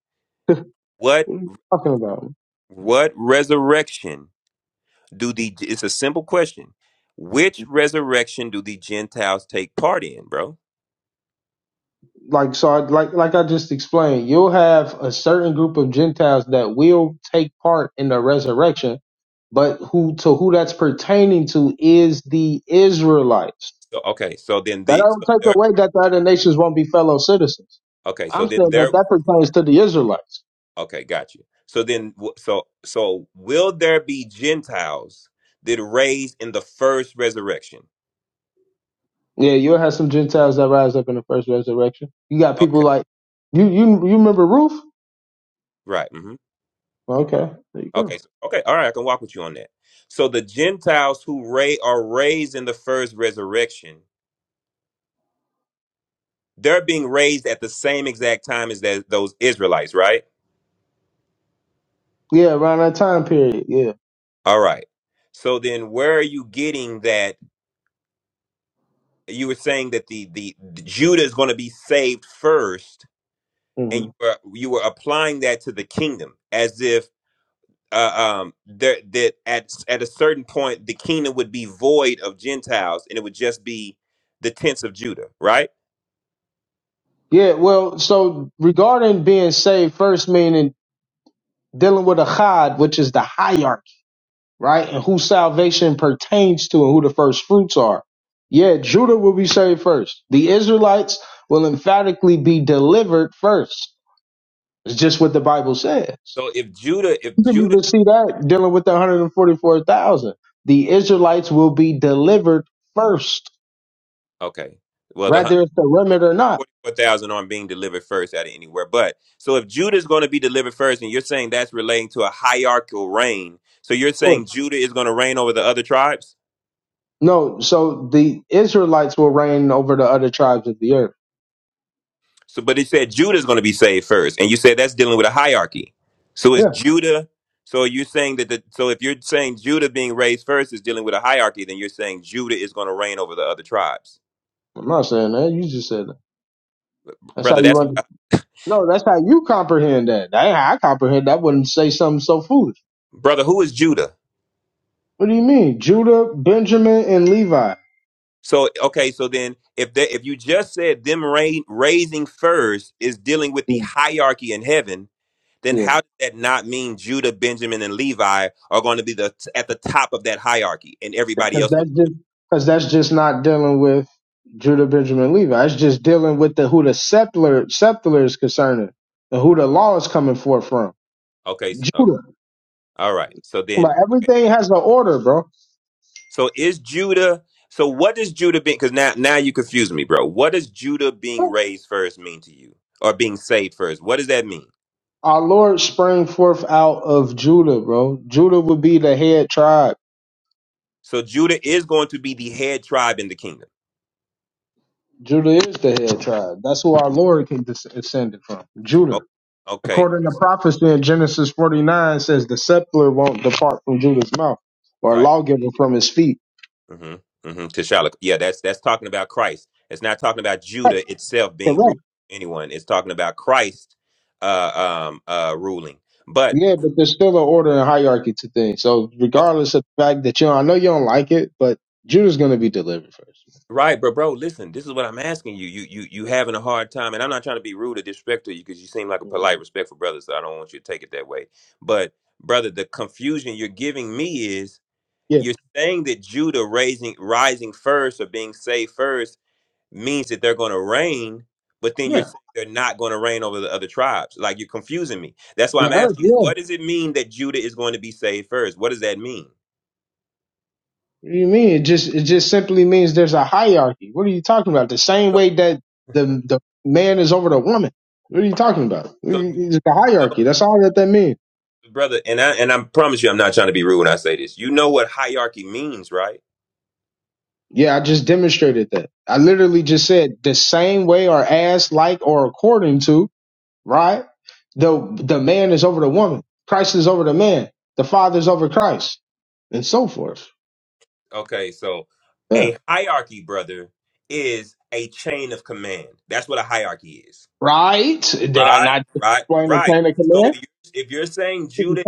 S6: What
S7: What are you talking about?
S6: what resurrection do the? It's a simple question. Which resurrection do the Gentiles take part in, bro?
S7: Like so, I, like like I just explained, you'll have a certain group of Gentiles that will take part in the resurrection, but who to who that's pertaining to is the Israelites.
S6: So okay, so then
S7: That
S6: the
S7: don't
S6: so
S7: take
S6: there,
S7: away that the other nations won't be fellow citizens.
S6: okay, so
S7: I'm
S6: then
S7: saying that
S6: there.
S7: that pertains to the Israelites.
S6: Okay, got you. So then, w- so so will there be Gentiles that raised in the first resurrection?
S7: Yeah, you'll have some Gentiles that rise up in the first resurrection. You got people
S6: Okay,
S7: like you. You you remember Ruth?
S6: right. hmm
S7: Okay, there you
S6: Okay,
S7: go.
S6: so, okay, all right. I can walk with you on that. So the Gentiles who ra- are raised in the first resurrection They're being raised at the same exact time as that, those Israelites, right?
S7: Yeah, around that time period. Yeah.
S6: All right. So then where are you getting that you were saying that the the, Judah is going to be saved first and
S7: hmm
S6: you were you were applying that to the kingdom as if uh, um there that at at a certain point the kingdom would be void of Gentiles and it would just be the tents of Judah, right?
S7: Yeah. Well, so regarding being saved first, meaning dealing with a chad, which is the hierarchy, right, and who salvation pertains to, and who the first fruits are. Yeah, Judah will be saved first. The Israelites will emphatically be delivered first. It's just what the Bible says.
S6: So if Judah if
S7: You can
S6: Judah
S7: even see that dealing with the 144,000. The Israelites will be delivered first,
S6: okay. Well, the
S7: whether it's a remnant or not.
S6: 44,000 aren't being delivered first out of anywhere. But so if Judah is going to be delivered first, and you're saying that's relating to a hierarchical reign, so you're
S7: Of course.
S6: saying Judah is going to reign over the other tribes?
S7: No, so the Israelites will reign over the other tribes of the earth.
S6: So, but it said Judah is going to be saved first, and you said that's dealing with a hierarchy. So is
S7: Yeah,
S6: Judah, so you're saying that the, so if you're saying Judah being raised first is dealing with a hierarchy, then you're saying Judah is going to reign over the other tribes.
S7: I'm not saying that. You just said that. That's how
S6: Brother,
S7: you
S6: that's
S7: under.
S6: what,
S7: No, that's how you comprehend that. That ain't how I comprehend. that. I wouldn't say something so foolish.
S6: brother, who is Judah?
S7: What do you mean, Judah, Benjamin, and Levi?
S6: So okay, so then if they, if you just said them ra- raising first is dealing with
S7: Yeah,
S6: the hierarchy in heaven, then
S7: yeah.
S6: how does that not mean Judah, Benjamin, and Levi are going to be the at the top of that hierarchy, and everybody
S7: because
S6: else would?
S7: that's just because that's just not dealing with Judah, Benjamin, Levi. It's just dealing with the who the scepter scepter is concerning and who the law is coming forth from.
S6: Okay, s- okay,
S7: Judah.
S6: all right. So
S7: But
S6: then, okay.
S7: everything has an order, bro.
S6: So is Judah? So what does Judah being? Because now now you confuse me, bro. What does Judah being raised first mean to you, or being saved first? What does that mean?
S7: Our Lord sprang forth out of Judah, bro. Judah would be the head tribe.
S6: So Judah is going to be the head tribe in the kingdom.
S7: Judah is the head tribe. That's who our Lord can des- descended from.
S6: O-
S7: Judah.
S6: Okay,
S7: According to prophecy in Genesis 49 says the scepter won't depart from Judah's mouth or a
S6: right.
S7: lawgiver from his feet.
S6: hmm hmm T'Challa. Yeah, that's that's talking about Christ. It's not talking about
S7: Right,
S6: Judah itself being
S7: Correct.
S6: ruling anyone. It's talking about Christ uh, um, uh, ruling. But
S7: Yeah, but there's still an order and hierarchy to things. So
S6: okay,
S7: regardless of the fact that you, I know you don't like it, but Judah's going to be delivered 1st
S6: right, bro, bro. Listen, this is what I'm asking you. You you you having a hard time, and I'm not trying to be rude or disrespectful to you because you seem like a polite, respectful brother. So I don't want you to take it that way. But brother, the confusion you're giving me is
S7: Yeah,
S6: you're saying that Judah raising rising first or being saved first means that they're going to reign, but then you're
S7: yeah.
S6: saying they're not going to reign over the other tribes. Like you're confusing me. That's why I'm
S7: The earth,
S6: asking
S7: yeah.
S6: you, what
S7: What
S6: does it mean that Judah is going to be saved first? What does that mean?
S7: do you mean? It just it just simply means there's a hierarchy. What are you talking about? The same
S6: So,
S7: way that the the man is over the woman. What are you talking about?
S6: so you
S7: It's a
S6: know,
S7: hierarchy. That's all that that means.
S6: brother, and I and I promise you, I'm not trying to be rude when I say this. You know what hierarchy means, right?
S7: Yeah, I just demonstrated that. I literally just said the same way or as like or according to. right? The the man is over the woman. Christ is over the man. The father is over Christ, and so forth.
S6: Okay, so
S7: Yeah.
S6: a hierarchy, brother, is a chain of command. That's what a hierarchy is.
S7: Right? Did I
S6: Right,
S7: not
S6: right,
S7: explain the
S6: right.
S7: chain of
S6: So
S7: command?
S6: you, if you're saying Judah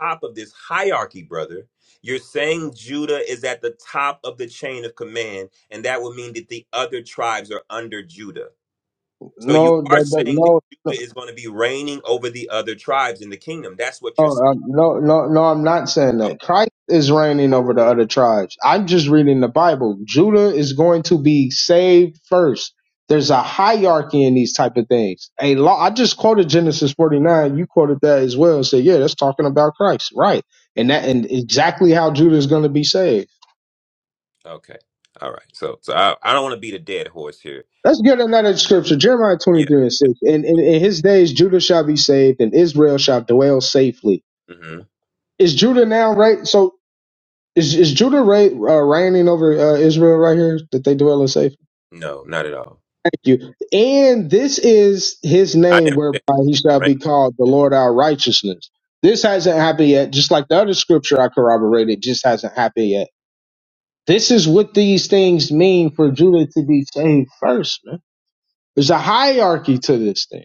S6: top of this hierarchy, brother. You're saying Judah is at the top of the chain of command, and that would mean that the other tribes are under Judah. So you
S7: No,
S6: are
S7: that, that,
S6: saying that
S7: no.
S6: Judah is going to be reigning over the other tribes in the kingdom. That's what
S7: No,
S6: you're saying.
S7: uh, no, no, no, I'm not saying
S6: Oh,
S7: that. Christ is reigning over the other tribes. I'm just reading the Bible. Judah is going to be saved first. There's a hierarchy in these type of things. A law. I just quoted Genesis 49. You quoted that as well. Say, yeah, that's talking about Christ, right? And
S6: mm,
S7: that, and exactly how Judah is going to be saved.
S6: okay. All right. So, so I, I don't want to beat a dead horse here.
S7: Let's get another scripture, Jeremiah
S6: Yeah.
S7: 23 and 6. And in, in his days, Judah shall be saved, and Israel shall dwell safely.
S6: hmm
S7: Is Judah now right? So Is is Judah ra- uh, reigning over uh, Israel right here that they dwell in safety?
S6: No, not at all.
S7: Thank you. And this is his
S6: I
S7: name
S6: never said
S7: whereby he shall
S6: right.
S7: be called the Lord our righteousness. This hasn't happened yet. Just like the other scripture I corroborated, just hasn't happened yet. This is what these things mean for Judah to be saved first, man. There's a hierarchy to this thing.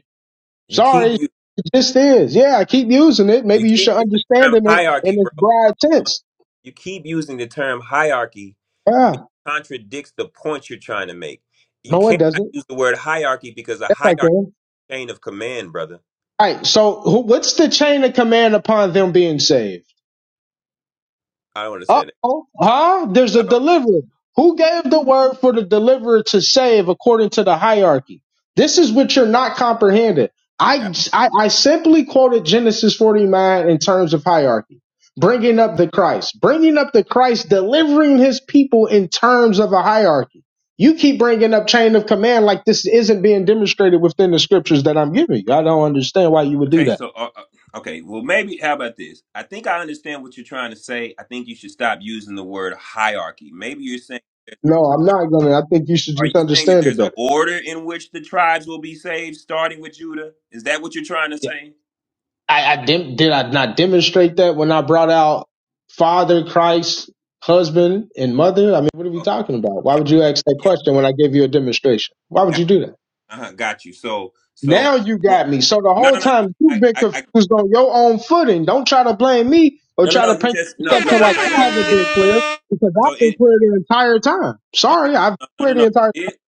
S6: You keep
S7: Sorry,
S6: you
S7: it just is. Yeah, I keep using it.
S6: you
S7: Maybe you
S6: keep
S7: should
S6: using the
S7: understand
S6: term
S7: it
S6: hierarchy,
S7: in its
S6: bro.
S7: broad sense.
S6: You keep using the term hierarchy, which
S7: Yeah,
S6: contradicts the point you're trying to make. You
S7: no, it
S6: cannot
S7: doesn't.
S6: use the word hierarchy because a
S7: Yes, I
S6: hierarchy
S7: can.
S6: is a chain of command, brother.
S7: All right. So who, what's the chain of command upon them being saved?
S6: I don't
S7: Uh
S6: understand it.
S7: oh. Huh? There's a
S6: I don't.
S7: deliverer. Who gave the word for the deliverer to save according to the hierarchy? This is what you're not comprehending.
S6: Yeah.
S7: I, I, I simply quoted Genesis 49 in terms of hierarchy, bringing up the Christ, bringing up the Christ, delivering his people in terms of a hierarchy. You keep bringing up chain of command like this isn't being demonstrated within the scriptures that I'm giving you. I don't understand why you would do
S6: Okay.
S7: that.
S6: So, uh, uh, okay. Well, maybe. How about this? I think I understand what you're trying to say. I think you should stop using the word hierarchy. Maybe you're saying.
S7: No, I'm not gonna. I think you should
S6: Are
S7: just
S6: you saying that
S7: understand it
S6: there's an
S7: better.
S6: order in which the tribes will be saved, starting with Judah? Is that what you're trying to
S7: Yeah.
S6: say?
S7: I, I dem- did I not demonstrate that when I brought out Father Christ, husband and mother. I mean, what are we
S6: Okay.
S7: talking about? Why
S6: Yeah.
S7: would you ask that
S6: Yeah.
S7: question when I gave you a demonstration? Why
S6: yeah.
S7: would you do that?
S6: Uh-huh, got you. So, so
S7: Now you
S6: well,
S7: got me. So the
S6: no,
S7: whole
S6: no, no,
S7: time you've
S6: I,
S7: been
S6: I, I
S7: confused on your own footing. Don't try to blame me or
S6: no, no,
S7: try
S6: no.
S7: to
S6: You
S7: paint
S6: just
S7: the
S6: no, no.
S7: perception like
S6: I, I
S7: I
S6: am, but
S7: haven't
S6: it.
S7: been clear
S8: Yeah,
S7: because
S6: So
S7: I've been
S6: it.
S7: clear the entire time.
S6: Okay.
S7: Sorry, I've been
S6: No, no, no.
S7: clear the
S6: no.
S7: entire
S6: It,
S7: time.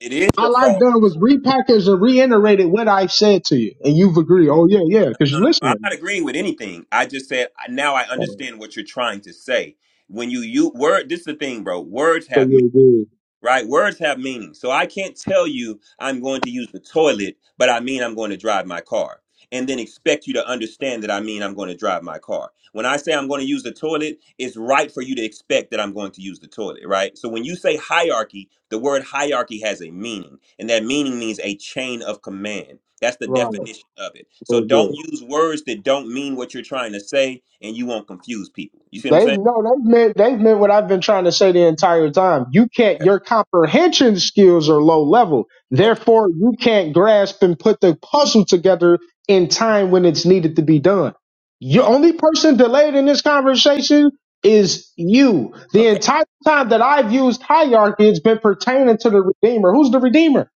S6: it is your
S7: All I've
S6: fault.
S7: done was repackage and reiterated what I've said to you, and you've agreed. Oh yeah, yeah, because
S6: No,
S7: you're
S6: no, I'm
S7: listening
S6: not
S7: now.
S6: agreeing with anything. I just said I- now I
S7: All right.
S6: understand what you're trying to say. When you you word, this is the thing, bro. Words
S7: So
S6: have
S7: you're good,
S6: right? Words have meaning. So I can't tell you I'm going to use the toilet, but I mean I'm going to drive my car. And then expect you to understand that I mean I'm going to drive my car. When I say I'm going to use the toilet, it's right for you to expect that I'm going to use the toilet, right? So when you say hierarchy, the word hierarchy has a meaning, and that meaning means a chain of command. That's the
S7: right?
S6: definition of it. So
S7: Very good.
S6: don't use words that don't mean what you're trying to say, and you won't confuse people. You see what I'm
S7: They've
S6: saying?
S7: no, they've meant they've meant what I've been trying to say the entire time. You can't
S6: Okay.
S7: your comprehension skills are low level.
S6: Okay.
S7: Therefore, you can't grasp and put the puzzle together in time when it's needed to be done. Your
S6: Okay.
S7: only person delayed in this conversation is you.
S6: Mm-hmm.
S7: The
S6: Okay.
S7: entire time that I've used hierarchy, it's been pertaining to the Redeemer. Who's the Redeemer?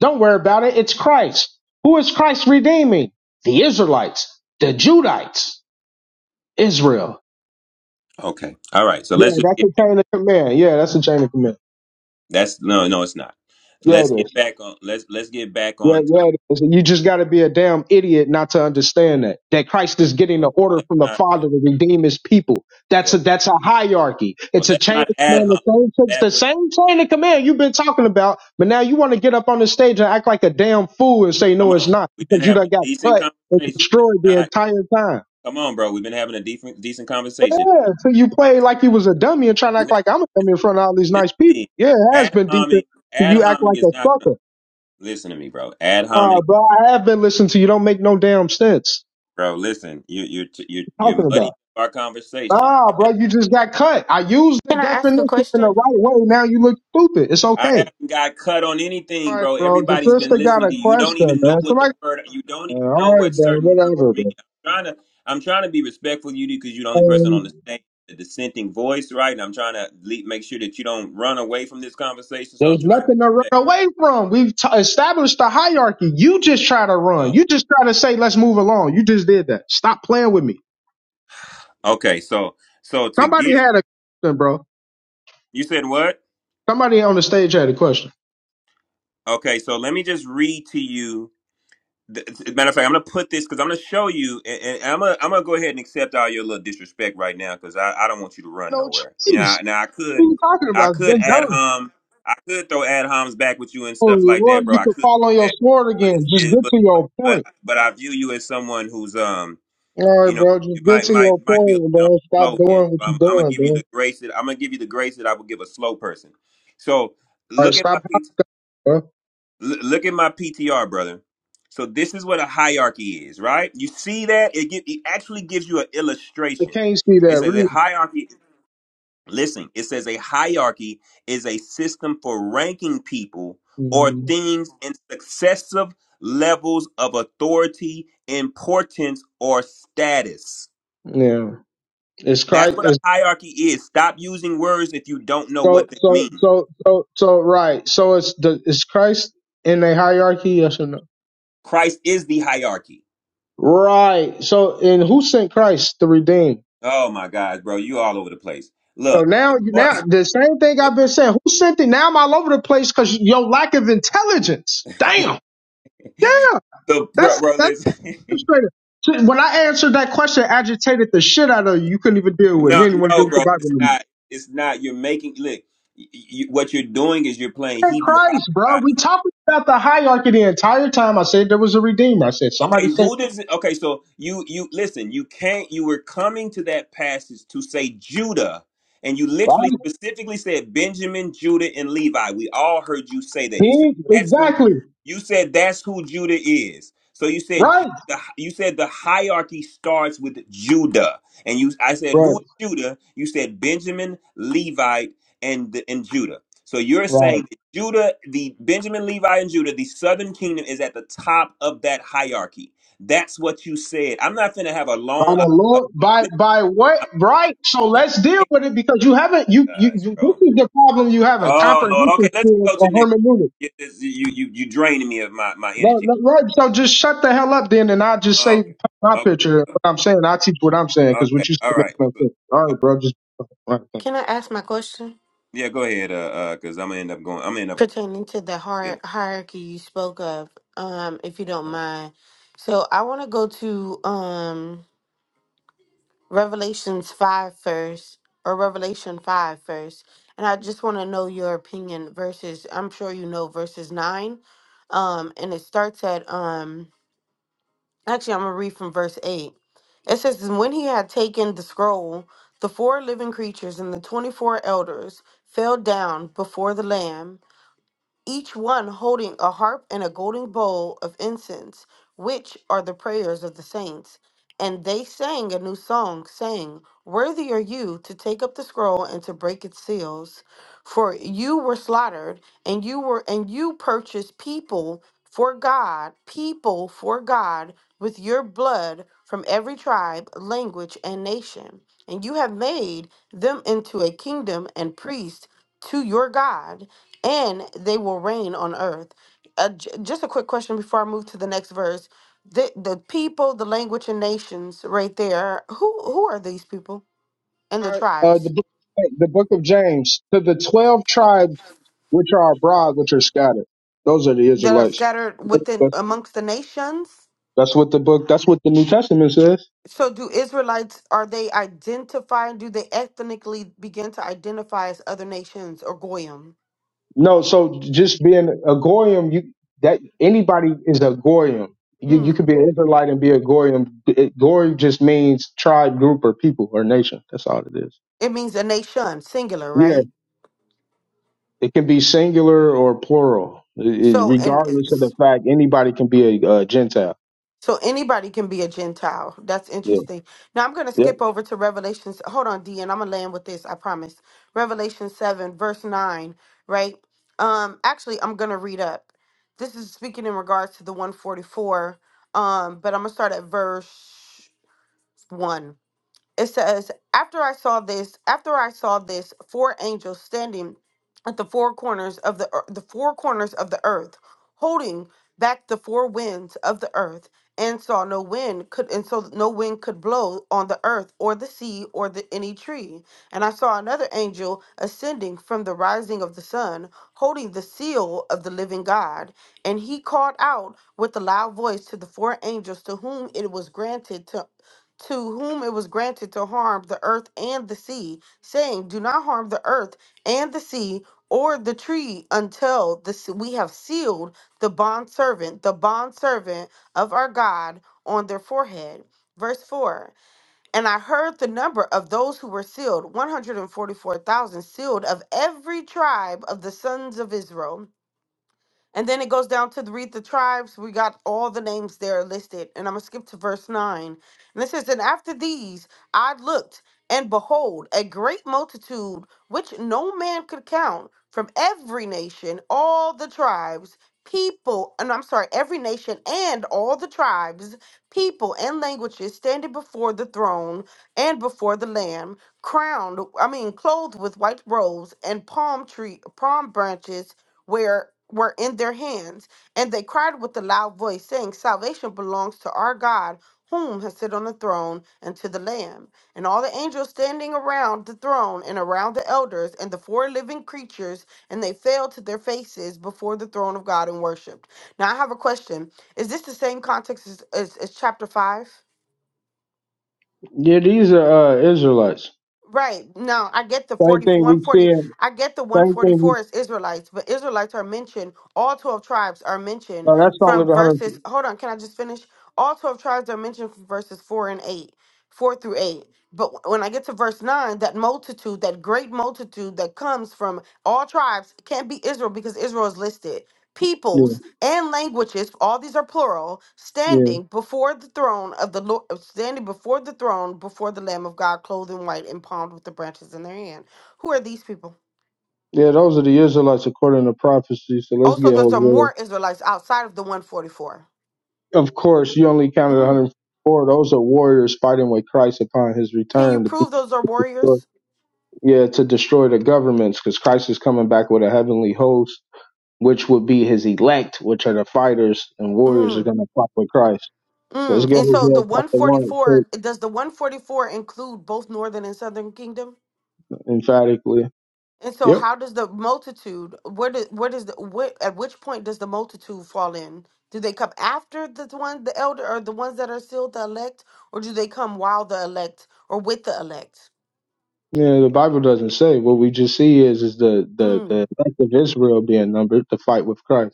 S7: Don't worry about it. It's Christ. Who is Christ redeeming? The Israelites, the Judites, Israel.
S6: Okay. All right. So
S7: Yeah,
S6: let's just
S7: that's
S6: get
S7: a chain of command. Yeah, that's a chain of command.
S6: that's no, no, it's not.
S7: Yeah,
S6: Let's
S7: it
S6: get
S7: is.
S6: back on. Let's let's get back
S7: Yeah,
S6: on top.
S7: yeah, it is. You just got to be a damn idiot not to understand that that Christ is getting
S6: Well,
S7: the order
S6: let's
S7: from the
S6: not.
S7: Father to redeem His people. That's
S6: Well,
S7: a that's a hierarchy.
S6: well,
S7: It's a
S6: let's
S7: chain
S6: not
S7: of
S6: ad
S7: command. The
S6: hum.
S7: same it's
S6: That
S7: the
S6: would
S7: same chain of command you've been talking about, but now you want to get up on the stage and act like a damn fool and say
S6: come
S7: no, it's
S6: on.
S7: not
S6: We've been
S7: because you
S6: having
S7: done
S6: a
S7: got
S6: decent
S7: cut and
S6: conversation. Let's
S7: destroyed the
S6: not.
S7: entire time.
S6: Come on, bro. We've been having a decent decent conversation.
S7: Yeah, so you play like you was a dummy and try to act
S6: Listen,
S7: like I'm a dummy in front of all these
S6: listen
S7: nice
S6: to
S7: people.
S6: me.
S7: Yeah, it has
S6: Ad
S7: been
S6: homing.
S7: decent.
S6: Ad
S7: You act
S6: homing
S7: like
S6: is
S7: a
S6: not.
S7: sucker.
S6: Listen to me, bro. Ad homing,
S7: Ah, bro, I have been listening to you. Don't make no damn sense.
S6: bro. Listen. You you you
S7: What you
S6: you're
S7: talking
S6: muddying
S7: about?
S6: our conversation.
S7: Ah, bro, you just got cut. I used the
S9: Can I ask
S7: definition
S9: a
S7: in the
S9: question?
S7: right way. Now you look stupid. It's
S6: I
S7: okay.
S6: haven't got cut on anything,
S7: All right,
S6: bro.
S7: bro. The
S6: Everybody's been
S7: sister got
S6: listening
S7: a
S6: to you. You don't
S7: question,
S6: even know
S7: man.
S6: what
S7: Somebody.
S6: the word. You don't
S7: Uh,
S6: even
S7: all
S6: know
S7: right,
S6: what
S7: bro.
S6: certain words
S7: Whatever,
S6: mean.
S7: bro.
S6: I'm trying to. I'm trying to be respectful to you because you're the only person on the
S7: Um,
S6: stage, the dissenting voice, right? And I'm trying to le make sure that you don't run away from this conversation. So I'm
S7: there's
S6: trying to be
S7: nothing to run
S6: respectful.
S7: away from. We've t- established the hierarchy. You just try to run. You
S6: Um,
S7: just try to say, let's move along. You just did that. Stop playing with me.
S6: okay, so so to
S7: Somebody
S6: get
S7: had a question, bro.
S6: you said what?
S7: Somebody on the stage had a question.
S6: Okay, so let me just read to you th- th- matter of fact, I'm gonna put this because I'm gonna show you, and, and I'm gonna I'm gonna go ahead and accept all your little disrespect right now because I, I don't want you to run
S7: No
S6: nowhere. You know,
S7: choice.
S6: I- now I could
S7: What are you talking
S6: I
S7: about? It's
S6: could
S7: been
S6: ad
S7: done.
S6: hom I could throw ad homs back with you and
S7: Oh,
S6: stuff like that,
S7: Lord,
S6: bro.
S7: you
S6: I
S7: can
S6: could,
S7: fall on
S6: do
S7: your
S6: that,
S7: sword
S6: but
S7: again.
S6: it's
S7: Just
S6: it,
S7: get
S6: but
S7: to your
S6: but
S7: point.
S6: but I view you as someone who's um
S7: All right,
S6: you know
S7: bro.
S6: you
S7: Just get
S6: might
S7: to
S6: might
S7: your
S6: might be a
S7: point,
S6: little
S7: bro. Stop
S6: slow end.
S7: doing what
S6: So I'm,
S7: you're
S6: I'm gonna
S7: doing,
S6: give
S7: bro.
S6: you
S7: All
S6: the grace that I'm gonna give you the grace that I would give a slow person. So
S7: right,
S6: look at my
S7: stop,
S6: PT.
S7: bro.
S6: L- look at my PTR, brother. So this is what a hierarchy is, right? You see that it, gi- it actually gives you an
S7: They
S6: illustration.
S7: can't see
S6: It
S7: that
S6: says a
S7: reason.
S6: hierarchy. Listen, it says a hierarchy is a system for ranking people or
S7: hmm
S6: things in successive levels of authority, importance, or status.
S7: Yeah, it's
S6: That's
S7: Christ.
S6: what a
S7: It's
S6: hierarchy is. Stop using words if you don't know
S7: so
S6: what they
S7: so
S6: mean.
S7: so so so right. So it's the it's Christ in the hierarchy. Yes or no?
S6: Christ is the hierarchy.
S7: Right. So and who sent Christ to redeem?
S6: Oh my gosh, bro, you all over the place.
S7: So
S6: Look, the
S7: now
S6: point,
S7: now the same thing I've been saying. Who sent it? Now I'm all over the place because your lack of intelligence. Damn. Yeah.
S6: the bro,
S7: That's
S6: bro,
S7: that's
S6: listen.
S7: frustrated. Shit, When I answered that question, agitated the shit out of you. You couldn't even deal with it. You
S6: no,
S7: didn't even want to deal
S6: no,
S7: with the
S6: bro,
S7: Bible
S6: it's
S7: anymore.
S6: not. It's not. You're making look. y- y- what you're doing is you're playing
S7: Hey,
S6: Hebrew
S7: Christ, bro.
S6: hostage.
S7: We talking about the hierarchy the entire time. I said there was a redeemer. I said
S6: Okay,
S7: somebody think
S6: who does it? Okay, so you you listen. You can't. You were coming to that passage to say Judah, and you
S7: right,
S6: literally specifically said Benjamin, Judah, and Levi. We all heard you say that. You said
S7: King?
S6: that's who.
S7: exactly
S6: You said that's who Judah is. So you said Ju-
S7: right,
S6: the you said the hierarchy starts with Judah, and you I said
S7: right,
S6: who is Judah? You said Benjamin, Levite, and and Judah. So you're saying
S7: right.
S6: Judah, the Benjamin, Levi, and Judah, the southern kingdom is at the top of that hierarchy. That's what you said. I'm not finna have a
S7: By
S6: long.
S7: the
S6: a-
S7: Lord, by
S6: a-
S7: by what? Right. So let's deal with it because you haven't. You you. you
S6: Gosh,
S7: this
S6: bro.
S7: is the problem you haven't
S6: Oh Lord. Okay,
S7: comprehension
S6: let's
S7: skills
S6: go to
S7: or
S6: the next.
S7: hermeneutics.
S6: You you you, you draining me of my my
S7: No,
S6: energy.
S7: no, right. So just shut the hell up then, and I'll just say
S6: Okay.
S7: my picture. What
S6: Okay.
S7: I'm saying, I teach what I'm saying because
S6: Okay.
S7: what you say
S6: All
S7: makes
S6: right.
S7: no sense. All right, bro. Just all right, thanks.
S9: Can I ask my question
S6: Yeah, go ahead. Uh, uh, cause I'm gonna end up going. I'm gonna end up
S9: pertaining to the hier-
S6: feeling.
S9: hierarchy you spoke of, um, if you don't mind? So I want to go to um, Revelations 5 first, or Revelation 5 first, and I just want to know your opinion versus, I'm sure you know, verses 9. Um, and it starts at um. Actually, I'm going to read from verse 8. It says, And when he had taken the scroll, the four living creatures and the 24 elders fell down before the Lamb each one holding a harp and a golden bowl of incense, which are the prayers of the saints. And they sang a new song, saying, Worthy are you to take up the scroll and to break its seals, for you were slaughtered, and you were and you purchased people for God, people for God with your blood from every tribe, language, and nation. And you have made them into a kingdom and priests to your God and they will reign on earth. Uh, j- just a quick question before I move to the next verse. The the people, the language, and nations right there. Who who are these people and
S7: All
S9: the
S7: right, uh, the
S9: tribes
S7: book, the book of James to the twelve tribes which are abroad, which are scattered. Those are the
S9: that are
S7: Israelites.
S9: scattered within
S7: That's,
S9: amongst the nations?
S7: that's what the book. That's what the New Testament says.
S9: So do Israelites are they identifying? Do they ethnically begin to identify as other nations or goyim?
S7: No, so just being a goyim, you that anybody is a goyim. You you could be
S9: Hmm.
S7: an Israelite and be a goyim. It- Goyim just means tribe, group, or people or nation. That's all it is.
S9: It means a nation, singular,
S7: Yeah,
S9: right?
S7: it can be singular or plural, I- I-
S9: So and
S7: regardless of the fact anybody can be a, uh Gentile.
S9: So anybody can be a Gentile. That's
S7: Yeah,
S9: interesting. Now I'm going to
S7: yep.
S9: skip over to Revelations. Hold on, D, and I'm going to land with this. I promise. Revelation 7, verse 9, right? Um, actually, I'm going to read up. This is speaking in regards to the 144, um, but I'm going to start at verse 1 it says, After I saw this, after I saw this, four angels standing at the four corners of the ear- the four corners of the earth, holding back the four winds of the earth, and saw no wind could and so no wind could blow on the earth or the sea or the any tree. And I saw another angel ascending from the rising of the sun, holding the seal of the living God, and he called out with a loud voice to the four angels to whom it was granted to to whom it was granted to harm the earth and the sea, saying, Do not harm the earth and the sea or the tree until the, s- we have sealed the bondservant, the bondservant of our God on their forehead. Verse 4 And I heard the number of those who were sealed 144,000 sealed of every tribe of the sons of Israel. And then it goes down to the, read the tribes. We got all the names there listed. And I'm going to skip to verse 9. And it says, And after these I looked, and behold, a great multitude, which no man could count, from every nation, all the tribes, people, and I'm sorry, every nation and all the tribes, people, and languages standing before the throne and before the Lamb, crowned, I mean, clothed with white robes and palm tree, palm branches where were in their hands, and they cried with a loud voice, saying, Salvation belongs to our God, whom has sit on the throne and to the Lamb. And all the angels standing around the throne and around the elders and the four living creatures, and they fell to their faces before the throne of God and worshiped. Now I have a question. Is this the same context as, as, as chapter five?
S7: Yeah, these are uh, Israelites.
S9: Right. Now I get the
S7: Same
S9: forty
S7: thing
S9: one
S7: we
S9: forty.
S7: see. In,
S9: I get the
S7: same thing. We,
S9: 144 is Israelites, but Israelites are mentioned. All 12 tribes are mentioned
S7: no, that's only
S9: from
S7: the hundred.
S9: verses. Hold on. Can I just finish? All 12 tribes are mentioned from verses 4 and 8, 4 through 8. But wh- when I get to verse 9, that multitude, that great multitude that comes from all tribes can't be Israel because Israel is listed
S7: Yeah,
S9: peoples, and languages, all these are plural,
S7: yeah,
S9: standing before the throne of the Lord, standing before the throne, before the Lamb of God, clothed in white and palmed with the branches in their hand. Who are these people?
S7: yeah. Those are the Israelites according to prophecy. So let's
S9: Also,
S7: get
S9: those are
S7: Hosea.
S9: more Israelites outside of the 144.
S7: Of course, you only counted one
S9: Mm.
S7: hundred four. Those are warriors fighting with Christ upon His
S9: Can you
S7: return to be.
S9: prove those are warriors?
S7: Yeah, to destroy the governments because Christ is coming back with a heavenly host which would be his elect, which are the fighters and warriors who are
S9: Mm.
S7: going to fight with Christ. Let's
S9: Mm.
S7: go
S9: And
S7: to
S9: so the
S7: Isaiah chapter one it
S9: 144, does the 144 include both northern and southern kingdom?
S7: emphatically.
S9: And so,
S7: Yep.
S9: how does the multitude? Where does where does the where, at which point does the multitude fall in? Do they come after the one, the elder, or the ones that are still the elect, or do they come while the elect or with the elect?
S7: Yeah, the Bible doesn't say. What we just see is is the the
S9: Mm,
S7: the elect of Israel being numbered to fight with Christ.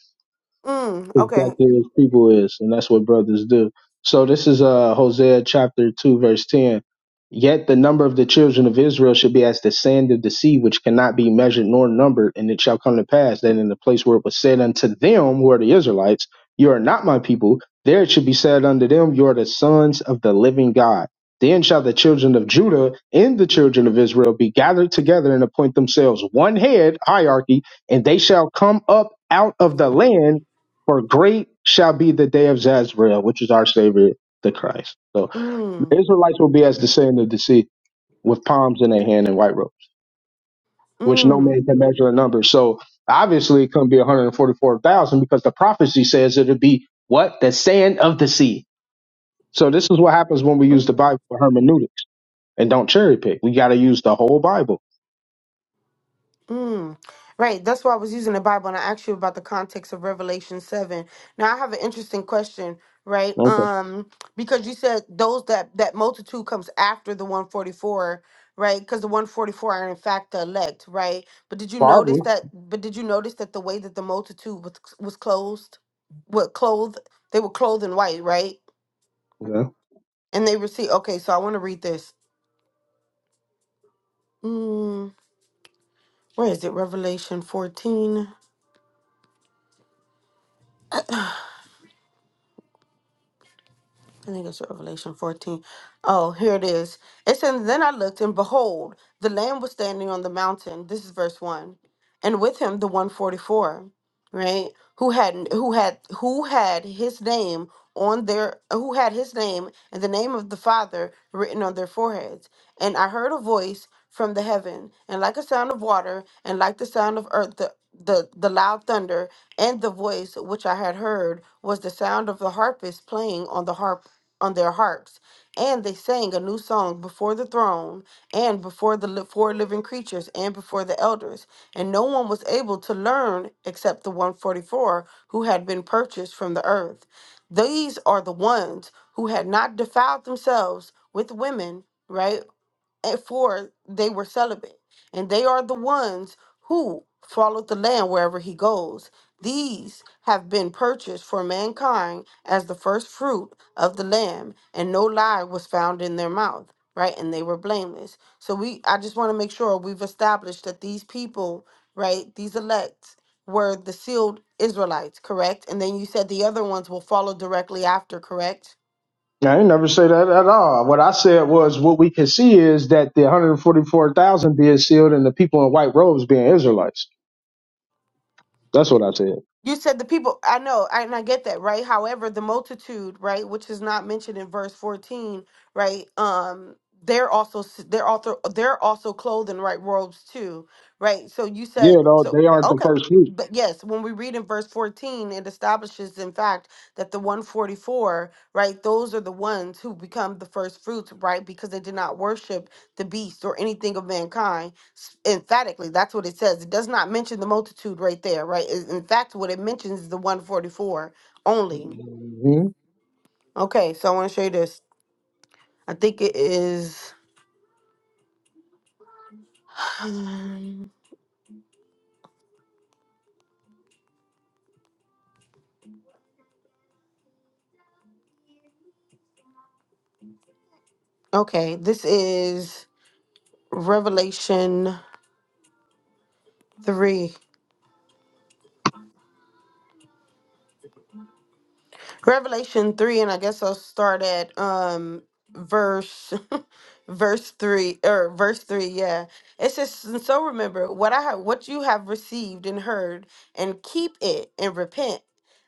S9: mm. Okay.
S7: exactly as people is, and that's what brothers do. So this is uh Hosea chapter two, verse ten. Yet the number of the children of Israel should be as the sand of the sea, which cannot be measured nor numbered, and it shall come to pass that in the place where it was said unto them, who are the Israelites, you are not my people, there it should be said unto them, you are the sons of the living God. Then shall the children of Judah and the children of Israel be gathered together and appoint themselves one head, hierarchy, and they shall come up out of the land for great shall be the day of Zazrael, which is our Savior, the Christ. So
S9: Mm,
S7: the Israelites will be as the sand of the sea with palms in their hand and white robes, which no
S9: mm,
S7: man can measure a number. So obviously it couldn't be 144,000 because the prophecy says it'll be what? The sand of the sea. So this is what happens when we use the
S9: mm.
S7: Bible for hermeneutics and don't cherry pick. We got to use the whole Bible.
S9: Mm. Right. That's why I was using the Bible and I asked you about the context of Revelation 7. Now I have an interesting question, right?
S7: Okay.
S9: Um, because you said those that that multitude comes after the 144, right? Because the 144 are in fact the elect, right? But did you
S7: Probably.
S9: notice that but did you notice that the way that the multitude was was clothed? What clothed they were clothed in white, right?
S7: Yeah.
S9: And they received okay, so I want to read this. Mm, where is it? Revelation 14. I think it's Revelation 14. Oh, here it is. It says, Then I looked, and behold, the Lamb was standing on the mountain. This is verse 1. And with him the 144 right who had who had who had his name on their who had his name and the name of the father written on their foreheads and i heard a voice from the heaven and like a sound of water and like the sound of earth the the, the loud thunder and the voice which i had heard was the sound of the harpist playing on the harp on their harps, and they sang a new song before the throne, and before the li- four living creatures, and before the elders. And no one was able to learn except the 144 who had been purchased from the earth. These are the ones who had not defiled themselves with women, right? and for they were celibate, and they are the ones who follow the Lamb wherever he goes. These have been purchased for mankind as the first fruit of the lamb, and no lie was found in their mouth, right? And they were blameless. So we I just want to make sure we've established that these people, right, these elect were the sealed Israelites, correct? And then you said the other ones will follow directly after, correct?
S7: I did never say that at all. What I said was what we can see is that the 144,000 being sealed and the people in white robes being Israelites. That's what I said.
S9: You said the people, I know, I- and I get that, right? However, the multitude, right, which is not mentioned in verse 14, right? Um, they're also s- they're also they're also clothed in white robes too, right? So you said
S7: Yeah, though
S9: so
S7: they aren't the
S9: okay,
S7: first group.
S9: but yes, when we read in verse 14, it establishes in fact that the 144, right, those are the ones who become the first fruits, right? Because they did not worship the beast or anything of mankind s- emphatically that's what it says it does not mention the multitude right there right It- in fact what it mentions is the 144 only
S7: hmm
S9: okay so i want to show you this i think it is okay this is revelation 3 Revelation 3, and I guess I'll start at um verse verse 3 or verse 3, yeah. It says, "And so remember what I have what you have received and heard, and keep it and repent.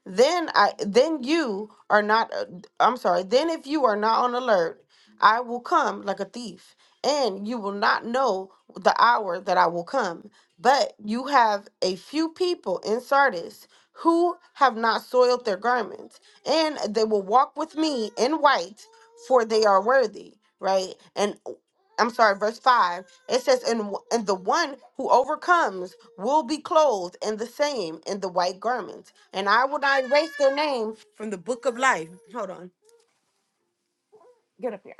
S9: Then I then you are not uh, I'm sorry, then if you are not on alert, I will come like a thief, and you will not know the hour that I will come. But you have a few people in Sardis who have not soiled their garments and they will walk with me in white, for they are worthy, right? And oh, I'm sorry, verse 5. It says, and, and the one who overcomes will be clothed in the same, in the white garments. And I will not erase their name from the book of life. Hold on. Get up here.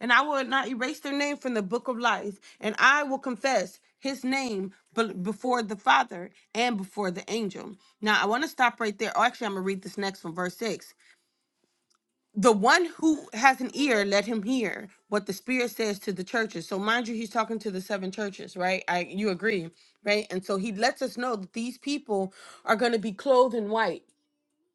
S9: And I will not erase their name from the book of life. And I will confess his name be- before the Father and before the angel. Now, I want to stop right there. Oh, actually, I'm going to read this next one, verse 6. the one who has an ear let him hear what the spirit says to the churches so mind you he's talking to the seven churches right i you agree right and so he lets us know that these people are going to be clothed in white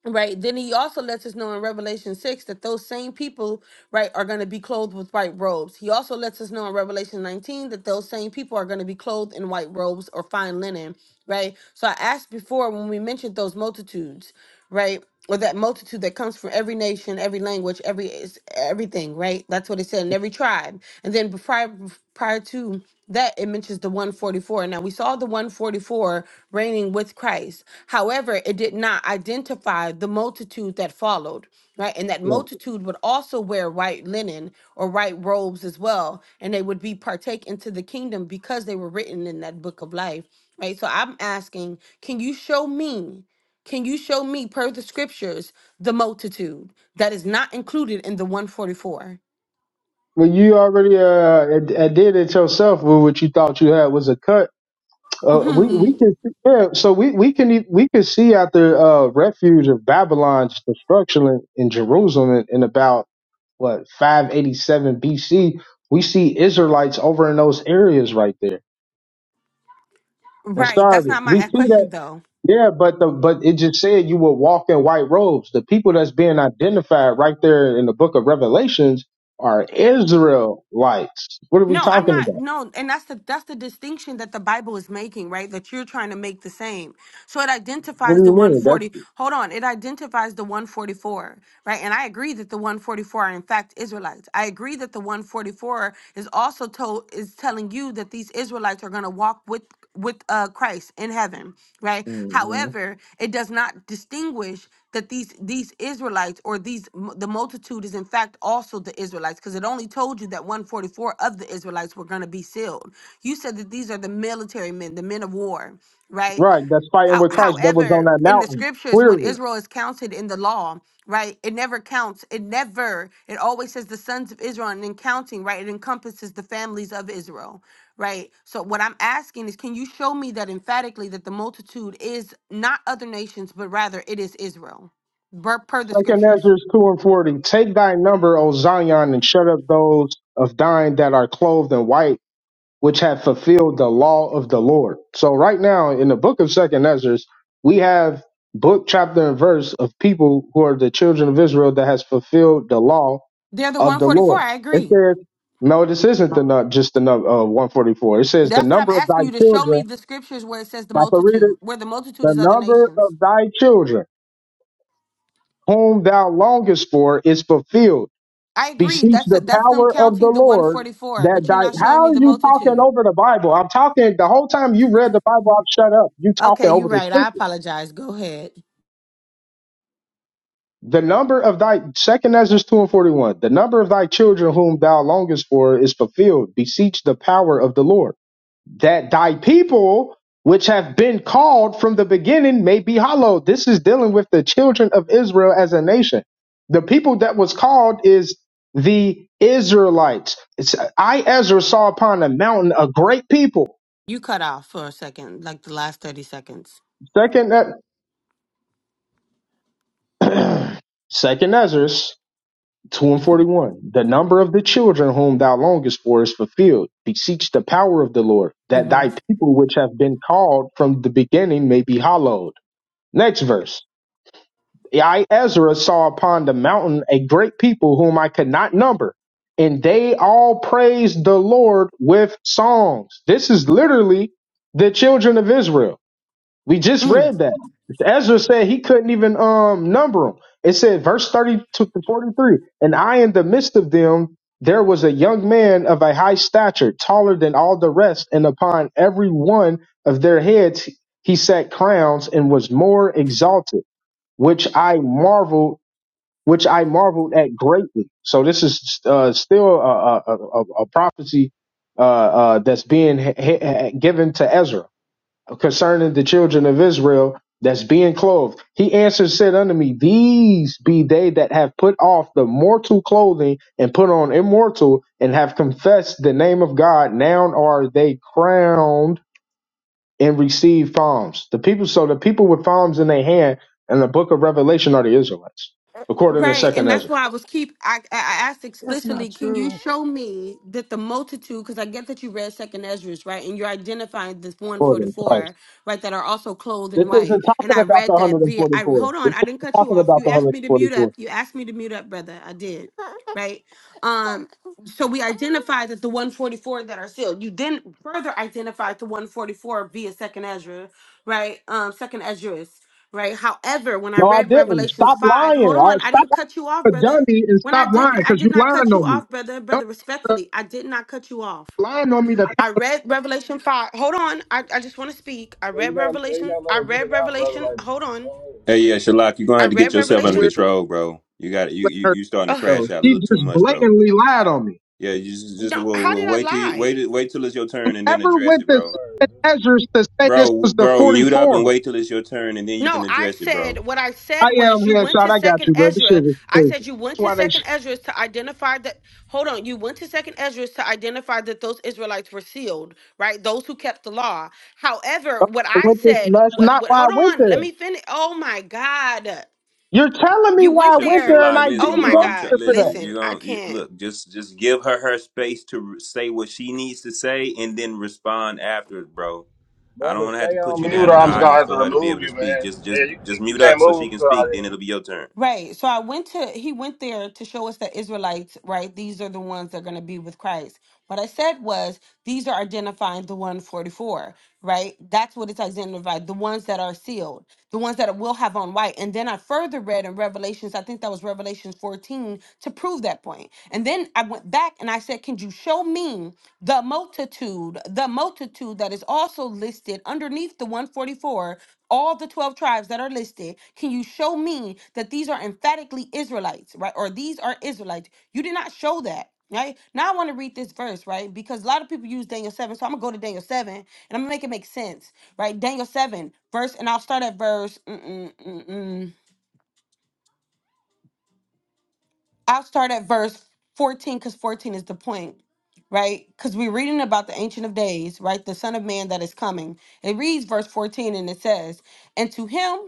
S9: right then he also lets us know in revelation 6 that those same people right are going to be clothed with white robes he also lets us know in revelation 19 that those same people are going to be clothed in white robes or fine linen right so i asked before when we mentioned those multitudes right or that multitude that comes from every nation, every language, every is everything, right? That's what it said in every tribe. And then prior prior to that, it mentions the 144. Now we saw the 144 reigning with Christ. However, it did not identify the multitude that followed, right? And that
S7: Yeah.
S9: multitude would also wear white linen or white robes as well, and they would be partake into the kingdom because they were written in that book of life, right? So I'm asking, can you show me? Can you show me, per the scriptures, the multitude that is not included in the 144?
S7: Well, you already uh, ad- ad- did it yourself with what you thought you had was a cut Uh, we we
S9: Mhm.
S7: can see, yeah. So we we can e- we can see at the uh, refuge of Babylon's destruction in, in Jerusalem in, in about what 587 BC. We see Israelites over in those areas right there. And
S9: right. That's
S7: sorry,
S9: not
S7: we
S9: my
S7: see that.
S9: question, though.
S7: Yeah, but the but it just said you will walk in white robes. The people that's being identified right there in the Book of Revelations are Israelites. What are we
S9: No, I'm
S7: talking
S9: not.
S7: about?
S9: No, and that's the that's the distinction that the Bible is making, right? That you're trying to make the same. So it
S7: What
S9: identifies
S7: do
S9: the
S7: you mean? That's
S9: 140. Hold on, it identifies the 144, right? And I agree that the 144 are in fact Israelites. I agree that the 144 is also told is telling you that these Israelites are going to walk with with uh Christ in heaven, right?
S7: mm-hmm.
S9: However, it does not distinguish that these these Israelites or these m- the multitude is in fact also the Israelites because it only told you that 144 of the Israelites were going to be sealed. You said that these are the military men, the men of war, right?
S7: Right, that's fighting
S9: How,
S7: with Christ that was on
S9: however,
S7: that
S9: in the
S7: mountain,
S9: scriptures, when
S7: clearly.
S9: Israel is counted in the law, right, it never counts. It never, it always says the sons of Israel, and in counting, right, it encompasses the families of Israel, right? So, what I'm asking is, can you show me that emphatically that the multitude is not other nations, but rather it is Israel, per, per the
S7: Second
S9: scriptures?
S7: Ezra 2 and 40. Take thy number, O Zion, and shut up those of thine that are clothed in white, which have fulfilled the law of the Lord. So right now in the book of Second Ezra, we have book, chapter, and verse of people who are the children of Israel that has fulfilled the law
S9: They're the
S7: of the
S9: 144.
S7: Lord.
S9: I
S7: It
S9: agree.
S7: says, no, this isn't the nu- just the number uh, 144. It says the
S9: That's what I'm
S7: number of thy
S9: asking you to show me
S7: children.
S9: the scriptures where it says the
S7: If I can read it,
S9: multitude, where the multitude
S7: the
S9: is other
S7: number of
S9: nations.
S7: thy children whom thou longest for is fulfilled.
S9: I agree.
S7: Beseech
S9: That's
S7: the
S9: that's them
S7: power of the
S9: counting the
S7: Lord
S9: 144,
S7: that
S9: but you're
S7: thy
S9: not showing
S7: how
S9: me
S7: are
S9: the
S7: you talking
S9: multitude.
S7: over the Bible? I'm talking the whole time you read the Bible, I've shut up. You talking
S9: Okay, you're
S7: over the
S9: right. I
S7: scripture.
S9: apologize. Go ahead.
S7: The number of thy second Ezra two and forty one, the number of thy children whom thou longest for is fulfilled. Beseech the power of the Lord. that thy people which have been called from the beginning may be hallowed. This is dealing with the children of Israel as a nation. The people that was called is the Israelites. It's, I Ezra saw upon a mountain a great people.
S9: You cut off for a second, like the last 30 seconds.
S7: Second, E- second Ezra two and forty one. The number of the children whom thou longest for is fulfilled. Beseech the power of the Lord that
S9: hmm
S7: thy people which have been called from the beginning may be hallowed. Next verse. I, Ezra, saw upon the mountain a great people whom I could not number, and they all praised the Lord with songs. This is literally the children of Israel. We just
S9: Mm.
S7: read that. Ezra said he couldn't even um, number them. It said, verse 30 to 43, and I in the midst of them, there was a young man of a high stature, taller than all the rest, and upon every one of their heads he set crowns and was more exalted which I marveled, which I marveled at greatly. So this is uh, still a, a, a, a prophecy uh, uh, that's being h- h- given to Ezra concerning the children of Israel that's being clothed. He answered, said unto me, These be they that have put off the mortal clothing and put on immortal, and have confessed the name of God. Now are they crowned and receive palms. The people, so the people with palms in their hand in the book of Revelation are the Israelites, according to
S9: Right, and
S7: Second
S9: that's
S7: Ezra.
S9: why I was keep. I, I I asked
S10: That's not
S9: explicitly, can you
S10: true.
S9: show me that the multitude? Because I get that you read Second Ezra's, right, and you're identifying this
S7: According to
S9: 144.
S7: Christ.
S9: right, that are also clothed
S7: This
S9: in white.
S7: isn't
S9: And
S7: talking
S9: I
S7: about the
S9: read that via, I
S7: 144.
S9: hold on,
S7: This
S9: I didn't
S7: isn't
S9: cut you
S7: talking
S9: off.
S7: about
S9: You
S7: the
S9: asked me to mute up.
S7: 144.
S9: You asked me to mute up, brother. I did, right? Um, so we identified that the 144 that are sealed. You then further identified the 144 via Second Ezra, right? Um, Second Ezra's, right? However, when I
S7: No, I
S9: read
S7: didn't.
S9: Revelations
S7: Stop
S9: 5,
S7: lying.
S9: hold
S7: All right,
S9: on, I didn't
S7: stop
S9: cut you off,
S7: being a
S9: brother.
S7: dummy and
S9: When I
S7: stop
S9: didn't,
S7: lying
S9: I
S7: because
S9: did
S7: you
S9: not
S7: lying
S9: cut you
S7: on me.
S9: off, brother. Brother,
S7: Don't stop
S9: respectfully, I did not cut you off.
S7: lying on me The
S9: I read Revelation 5. Hold on. I, I just want to speak. I
S8: you
S9: read
S8: gotta, yeah, you
S9: Revelation.
S8: gotta let
S9: I
S8: her get
S9: read
S8: it out, brother.
S9: Revelation.
S8: Like,
S9: Hold on.
S8: don't let her-
S6: Hey, yeah, Shalak, you're gonna
S9: I
S6: have to get
S9: read
S6: yourself
S7: paint
S6: under
S9: Revelation.
S7: where
S6: control, bro. You got you
S7: let
S6: you
S7: her
S6: you starting to
S9: Ugh,
S7: go.
S6: crash out a
S7: She
S6: little too
S7: just
S6: much, bro.
S7: blatantly lied on me.
S6: Yeah, you just, just
S9: no,
S6: well,
S9: how
S6: well,
S9: did I
S6: wait till you-
S9: lie?
S6: wait wait till it's your turn and then
S7: Whoever
S6: address
S7: went
S6: it,
S7: to
S6: bro.
S7: Second Ezra to say this
S6: Bro,
S7: was the
S6: bro, mute up
S7: 44?
S6: and wait till it's your turn and then you
S9: No,
S6: can
S9: I
S6: address it, bro.
S9: said what I
S7: I
S9: said
S7: am
S9: was you went
S7: headshot.
S9: to
S7: I got
S9: second
S7: you, bro. This
S9: Ezra.
S7: shit is
S9: I
S7: crazy.
S9: said you went
S7: That's
S9: to
S7: why they
S9: second
S7: sh-
S9: Ezra to identify that hold on, you went to second Ezra to identify that those Israelites were sealed, right? Those who kept the law. However, what I
S7: went this
S9: said,
S7: nuts.
S9: what
S7: Not
S9: what
S7: why I
S9: hold
S7: went
S9: on, let
S7: there.
S9: me finish. Oh my God.
S7: You're telling me
S9: You
S7: why I
S9: went
S6: Shal-
S7: went
S9: there.
S7: there and
S6: Shalai,
S7: I
S9: Oh
S6: listen,
S7: didn't
S9: my
S6: bro.
S7: go
S6: I'm try-
S9: God.
S7: there for that.
S6: listen. You
S9: Listen, I
S6: gonna you,
S9: can't.
S6: look? Just just give her her space to re- say what she needs to say and then respond after it, bro. I don't
S8: brother,
S6: want to have to
S8: stay on
S6: put you
S8: mute,
S6: down
S8: or
S6: in the
S8: I'm just gonna
S6: audience
S8: have to
S6: for her to be
S8: remove
S6: able to
S8: you,
S6: speak.
S8: man.
S6: Just just
S8: Yeah, you,
S6: just
S8: you
S6: mute
S8: can't
S6: up so
S8: move
S6: she can
S8: so
S6: speak. Then
S8: there.
S6: it'll be your turn.
S9: Right. So I went to, he went there to show us the Israelites, right? These are the ones that are going to be with Christ. What I said was, these are identifying the 144, right? That's what it's identified, the ones that are sealed, the ones that will have on white. And then I further read in Revelations, I think that was Revelations 14, to prove that point. And then I went back and I said, can you show me the multitude, the multitude that is also listed underneath the 144 all the 12 tribes that are listed, can you show me that these are emphatically Israelites, right? Or these are Israelites? You did not show that, right? Now I want to read this verse, right? Because a lot of people use Daniel 7. So I'm going to go to Daniel 7 and I'm going to make it make sense, right? Daniel 7, verse, and I'll start at verse. Mm-mm-mm-mm. I'll start at verse 14 because 14 is the point, right? Because we're reading about the Ancient of Days, right? The Son of Man that is coming. It reads verse 14 and it says, And to him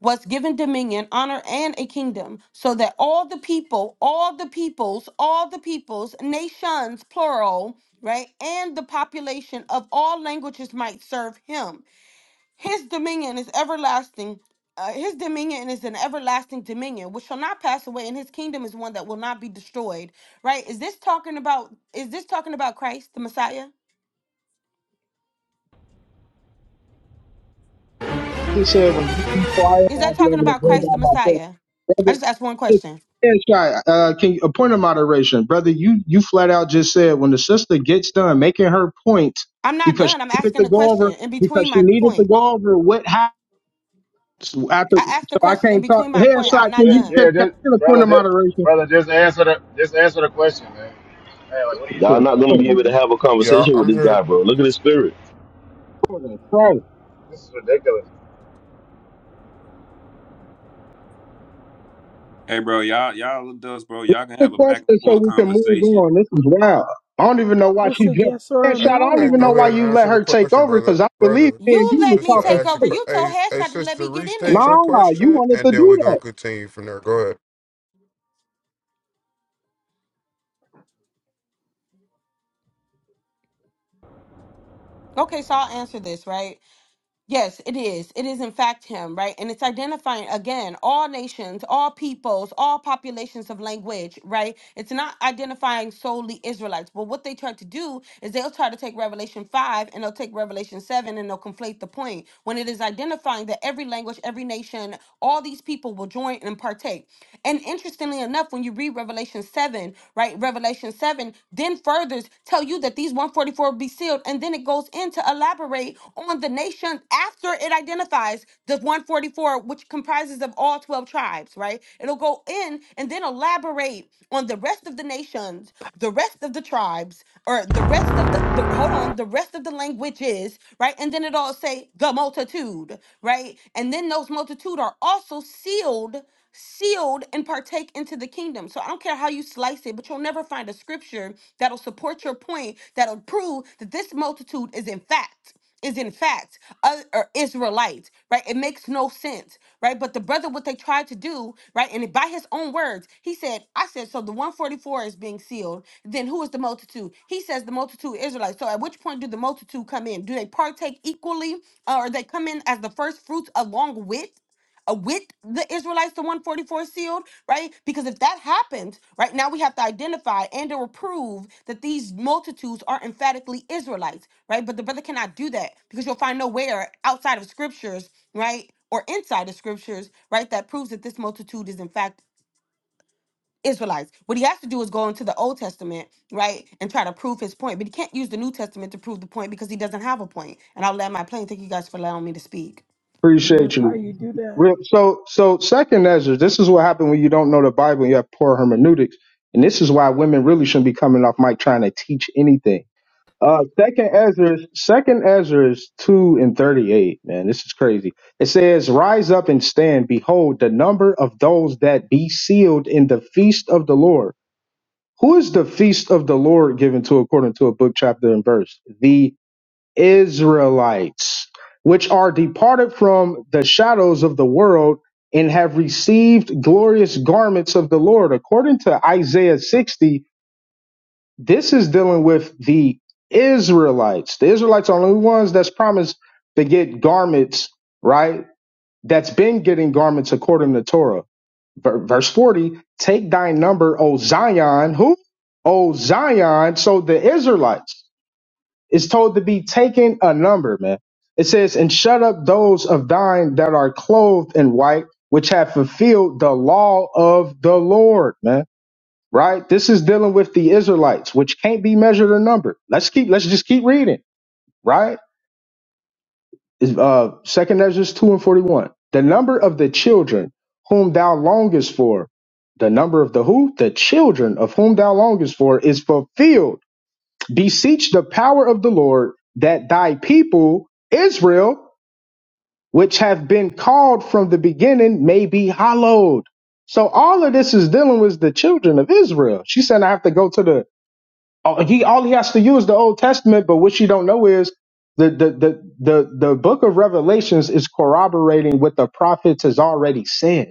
S9: was given dominion, honor, and a kingdom, so that all the people, all the peoples, all the peoples, nations, plural, right? And the population of all languages might serve him his dominion is everlasting. Uh, his dominion is an everlasting dominion which shall not pass away, and his kingdom is one that will not be destroyed. Right? Is this talking about? Is this talking about Christ the Messiah?
S7: They said when you be quiet,
S9: Is
S7: I'll
S9: that
S7: be
S9: talking
S7: able to
S9: about
S7: bring
S9: Christ the
S7: down
S10: Mm-mm-mm.
S7: my pants.
S9: Messiah? I
S7: Brother,
S9: just asked one question.
S7: headshot. Uh, can you, a point of moderation, brother? You you flat out just said when the sister gets done making her point
S9: I'm not
S7: because she
S9: done. I'm
S7: needed to
S9: asking a
S7: go
S9: question
S7: over
S9: in
S7: because
S9: between
S7: she
S9: my
S7: needed to
S9: point.
S7: go over what happened after.
S9: I asked a
S7: So I
S9: question in
S7: can't talk.
S9: between my point. I'm
S7: Headshot. Can
S9: not
S8: Yeah,
S7: you get,
S8: yeah,
S9: done.
S8: just
S7: a point
S8: brother,
S7: of
S8: just,
S7: moderation?
S8: brother, just answer the, just answer the question, man. Hey, like, what are you
S11: Y'all
S8: doing?
S11: not gonna
S7: Hold
S11: be able to
S7: on.
S11: have a
S12: Yeah,
S11: conversation with
S12: I'm
S11: this
S12: here to
S11: guy, bro. Look at his spirit.
S7: Hold on.
S8: This is ridiculous.
S6: Hey, bro, y'all y'all adults, bro. Y'all can
S7: the
S6: have a back and
S7: question so
S6: forth
S7: we can move
S6: conversation.
S7: on. This is wild. I don't even know why she
S10: It's a
S7: jumped.
S10: yes or
S7: And
S10: a
S12: uh,
S7: shot, I don't
S12: uh,
S7: even know
S10: no.
S12: go
S7: why
S12: ahead and
S7: you let
S12: answer the
S7: her take
S12: question,
S7: over
S12: brother.
S7: because I believe
S12: Brother,
S7: me and
S9: You
S7: you
S9: let
S7: was
S9: me
S12: sister,
S7: talking
S9: take
S12: ask the
S9: over.
S7: first.
S12: question.
S9: You told
S12: Hey, hey,
S9: Headshot to let
S12: sister,
S9: me get in
S7: Nah,
S12: restate
S9: there.
S12: your
S7: you
S12: question,
S7: wanted
S12: and
S7: to
S12: then we're
S7: do
S12: gonna
S7: that.
S12: continue from there. Go ahead.
S9: Okay, so I'll answer this, right? Yes, it is. It is, in fact, him, right? And it's identifying, again, all nations, all peoples, all populations of language, right? It's not identifying solely Israelites. But what they try to do is they'll try to take Revelation 5 and they'll take Revelation 7 and they'll conflate the point when it is identifying that every language, every nation, all these people will join and partake. And interestingly enough, when you read Revelation 7, right, Revelation 7 then furthers tell you that these 144 be sealed. And then it goes in to elaborate on the nation after it identifies the 144, which comprises of all 12 tribes, right? It'll go in and then elaborate on the rest of the nations, the rest of the tribes, or the rest of the, the hold on, the rest of the languages, right? And then it'll say the multitude, right? And then those multitude are also sealed sealed and partake into the kingdom. So I don't care how you slice it, but you'll never find a scripture that'll support your point, that'll prove that this multitude is in fact is in fact uh, or Israelite, right? It makes no sense, right? But the brother, what they tried to do, right? And by his own words, he said, I said, so the 144 is being sealed. Then who is the multitude? He says the multitude is Israelites. So at which point do the multitude come in? Do they partake equally uh, or they come in as the first fruits along with? uh, with the Israelites, the 144 sealed, right? Because if that happens, right now we have to identify and or prove that these multitudes are emphatically Israelites, right? But the brother cannot do that because you'll find nowhere outside of scriptures, right? Or inside of scriptures, right? That proves that this multitude is in fact Israelites. What he has to do is go into the Old Testament, right? And try to prove his point. But he can't use the New Testament to prove the point because he doesn't have a point. And I'll land my plane. Thank you guys for allowing me to speak.
S10: And
S7: Appreciate
S10: that's how
S7: you.
S10: you do that.
S7: Real, so, so second Ezra. this is what happened when you don't know the Bible and you have poor hermeneutics. And this is why women really shouldn't be coming off mic trying to teach anything Uh, second Ezra, second Ezra is two and thirty-eight. Man, this is crazy. It says, "Rise up and stand. Behold, the number of those that be sealed in the feast of the Lord. Who is the feast of the Lord given to according to a book, chapter, and verse? The Israelites, which are departed from the shadows of the world and have received glorious garments of the Lord, according to Isaiah sixty this is dealing with the Israelites. The Israelites are the only ones that's promised to get garments, right? That's been getting garments according to Torah. Ver- Verse 40 Take thy number, O Zion. Who? O Zion. So the Israelites is told to be taking a number, man. It says, And shut up those of thine that are clothed in white, which have fulfilled the law of the Lord, man right? This is dealing with the Israelites, which can't be measured or numbered. Let's keep let's just keep reading, right? Is uh second Ezra two and forty one. The number of the children whom thou longest for, the number of the who? The children of whom thou longest for is fulfilled. Beseech the power of the Lord that thy people, Israel, which have been called from the beginning, may be hallowed. So all of this is dealing with the children of Israel. She said, I have to go to the all- he all he has to use the Old Testament, but what you don't know is the the the the, the book of Revelations is corroborating what the prophets has already said.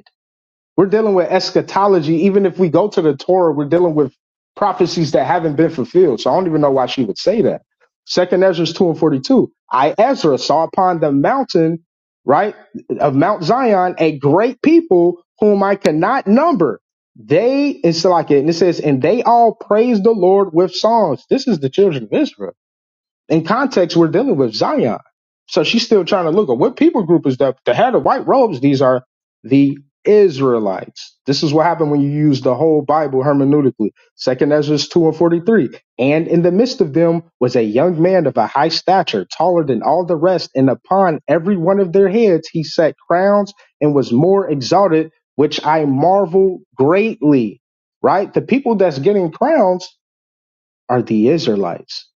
S7: We're dealing with eschatology. Even if we go to the Torah, we're dealing with prophecies that haven't been fulfilled. So I don't even know why she would say that. Second Ezra 2 and 42. I, Ezra, saw upon the mountain, right, of Mount Zion, a great people whom I cannot number. They, it's like it, and it says, and they all praise the Lord with songs. This is the children of Israel in context, we're dealing with Zion. So she's still trying to look at what people group is that that had the head of white robes. These are the Israelites. This is what happened when you use the whole Bible hermeneutically. Second Ezra 2 and 43. And in the midst of them was a young man of a high stature, taller than all the rest. And upon every one of their heads he set crowns and was more exalted, which I marvel greatly. Right? The people that's getting crowns are the Israelites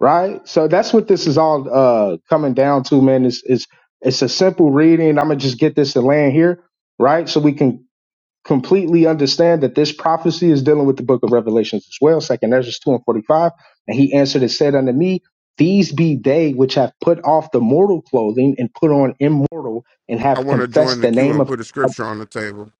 S7: right? So that's what this is all uh, coming down to, man. It's, it's it's a simple reading. I'm gonna just get this to land here, right? So we can completely understand that this prophecy is dealing with the book of Revelations as well. Second Ezra two and forty five, and he answered and said unto me, These be they which have put off the mortal clothing and put on immortal, and
S12: I
S7: have
S12: want to
S7: confessed
S12: join the
S7: the
S12: queue
S7: name
S12: and
S7: of.
S12: put a scripture on the table.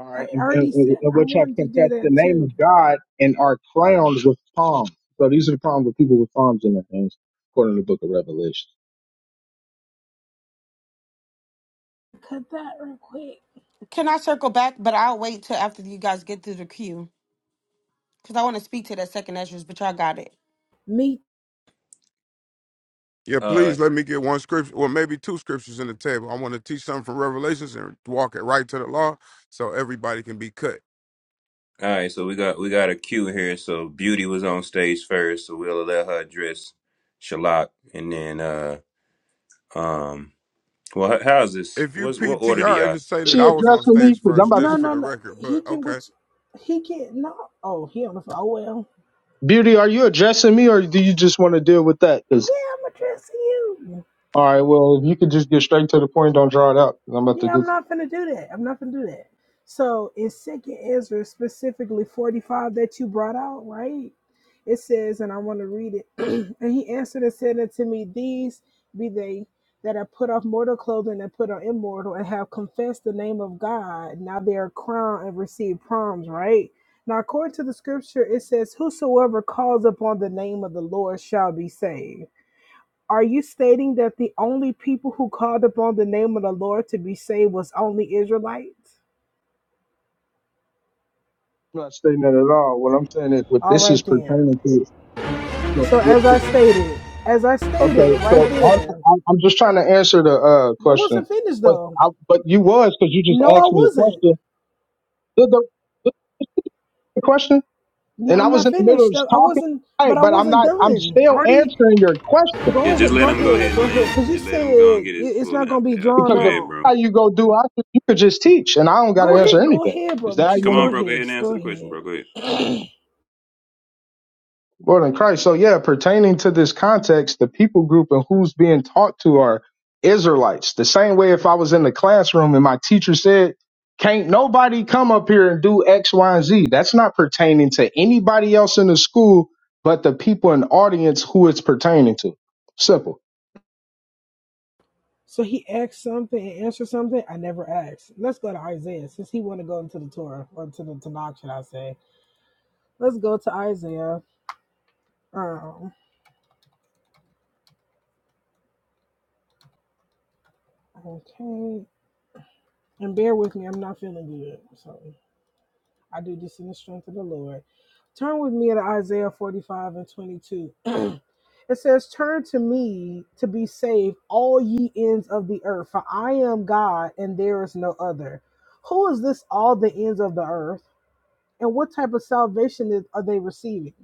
S7: All
S10: I
S7: right, and, and,
S10: already
S7: and
S10: said I
S7: which have
S10: wanted to do
S7: confessed the
S10: that
S7: name
S10: too.
S7: of God and are crowned with palms. So these are the problems with people with palms in their hands, according to the Book of Revelation.
S10: Cut that real quick.
S9: Can I circle back? But I'll wait till after you guys get through the queue because I want to speak to that second entrance. But y'all got it.
S10: Me.
S12: Yeah,
S6: Uh.
S12: please let me get one scripture, well, maybe two scriptures in the table. I want to teach something from Revelations and walk it right to the law, so everybody can be cut.
S6: All right, so we got we got a cue here. So Beauty was on stage first, so we'll let her address Shalak, and then uh um well h- how's this?
S12: If you
S6: What's what order do
S12: PTR,
S6: y'all
S12: it'll
S6: have
S12: say
S6: for
S12: that
S6: the
S7: She
S12: I
S6: cue?
S12: was on
S7: addressing me
S12: stage
S7: because I'm
S12: first,
S7: about
S10: No,
S12: just
S7: to.
S12: for
S10: no,
S12: the
S10: no.
S12: record. But
S10: He can,
S12: okay,
S10: which, he can, no. Oh, he on the phone. Oh, well.
S7: Beauty, are you addressing me, or do you just want to deal with that? Because
S10: Yeah, I'm addressing you.
S7: all right, well, if you could just get straight to the point, don't draw it out. 'cause I'm about to
S10: Yeah,
S7: do.
S10: I'm not finna do that. I'm not finna do that. So in second Ezra, specifically 45 that you brought out, right? It says, and I want to read it. and he answered and said unto me, These be they that have put off mortal clothing and put on immortal and have confessed the name of God. Now they are crowned and receive proms, right? Now according to the scripture, it says, Whosoever calls upon the name of the Lord shall be saved. Are you stating that the only people who called upon the name of the Lord to be saved was only Israelites?
S7: I'm not stating that at all. What I'm saying is, what
S10: All
S7: this
S10: right
S7: is
S10: then.
S7: pertaining to. So,
S10: So
S7: with,
S10: as I stated, as I stated
S7: okay,
S10: right
S7: so I'm,
S10: there,
S7: I'm I'm just trying to answer the uh,
S10: I
S7: question,
S10: wasn't finished
S7: but
S10: though.
S7: I, but you was because you just
S10: No, I
S7: asked me a
S10: wasn't.
S7: question. Did the the question,
S10: No,
S7: and I
S10: I'm
S7: was
S10: not
S7: in the middle
S10: finished.
S7: of
S10: I
S7: talking,
S10: wasn't,
S7: right?
S10: but I
S7: But I'm
S10: wasn't
S7: not. I'm
S10: done. I
S7: still
S10: already
S7: answering your question
S10: go
S6: Yeah, just
S10: ahead,
S6: let
S10: go
S6: him go ahead
S10: ahead, go
S6: and
S10: ahead.
S6: land.
S10: Cause you
S6: Just let him go and
S10: said it-
S6: get his
S10: it's
S6: full
S10: not gonna
S6: answer.
S10: be
S6: out.
S10: drawn
S6: Go
S7: because of
S6: ahead,
S10: out.
S6: bro.
S7: how you go do. I could- you could just teach, and I don't got to
S10: Go
S7: answer
S10: ahead, go
S7: anything.
S10: ahead,
S7: Is
S10: bro.
S7: that how you
S10: Just
S6: Come
S7: want
S10: go
S6: on,
S7: to?
S6: bro. Go ahead
S10: ahead,
S6: and
S10: just
S6: answer
S10: go
S6: the question,
S10: ahead.
S6: bro. Go ahead.
S7: Lord in Christ. So yeah, pertaining to this context, the people group and who's being taught to are Israelites. The same way, if I was in the classroom and my teacher said, "Can't nobody come up here and do X, Y, and Z," that's not pertaining to anybody else in the school but the people in the audience who it's pertaining to. Simple.
S10: So he asked something and answered something I never asked. Let's go to Isaiah since he want to go into the Torah or to the Tanakh, should I say? Let's go to Isaiah. Um, okay, and bear with me, I'm not feeling good, so I do this in the strength of the Lord. Turn with me to Isaiah 45 and 22. it says, "Turn to me to be saved, all ye ends of the earth, for I am God and there is no other. Who is this? All the ends of the earth." and what type of salvation is, are they receiving?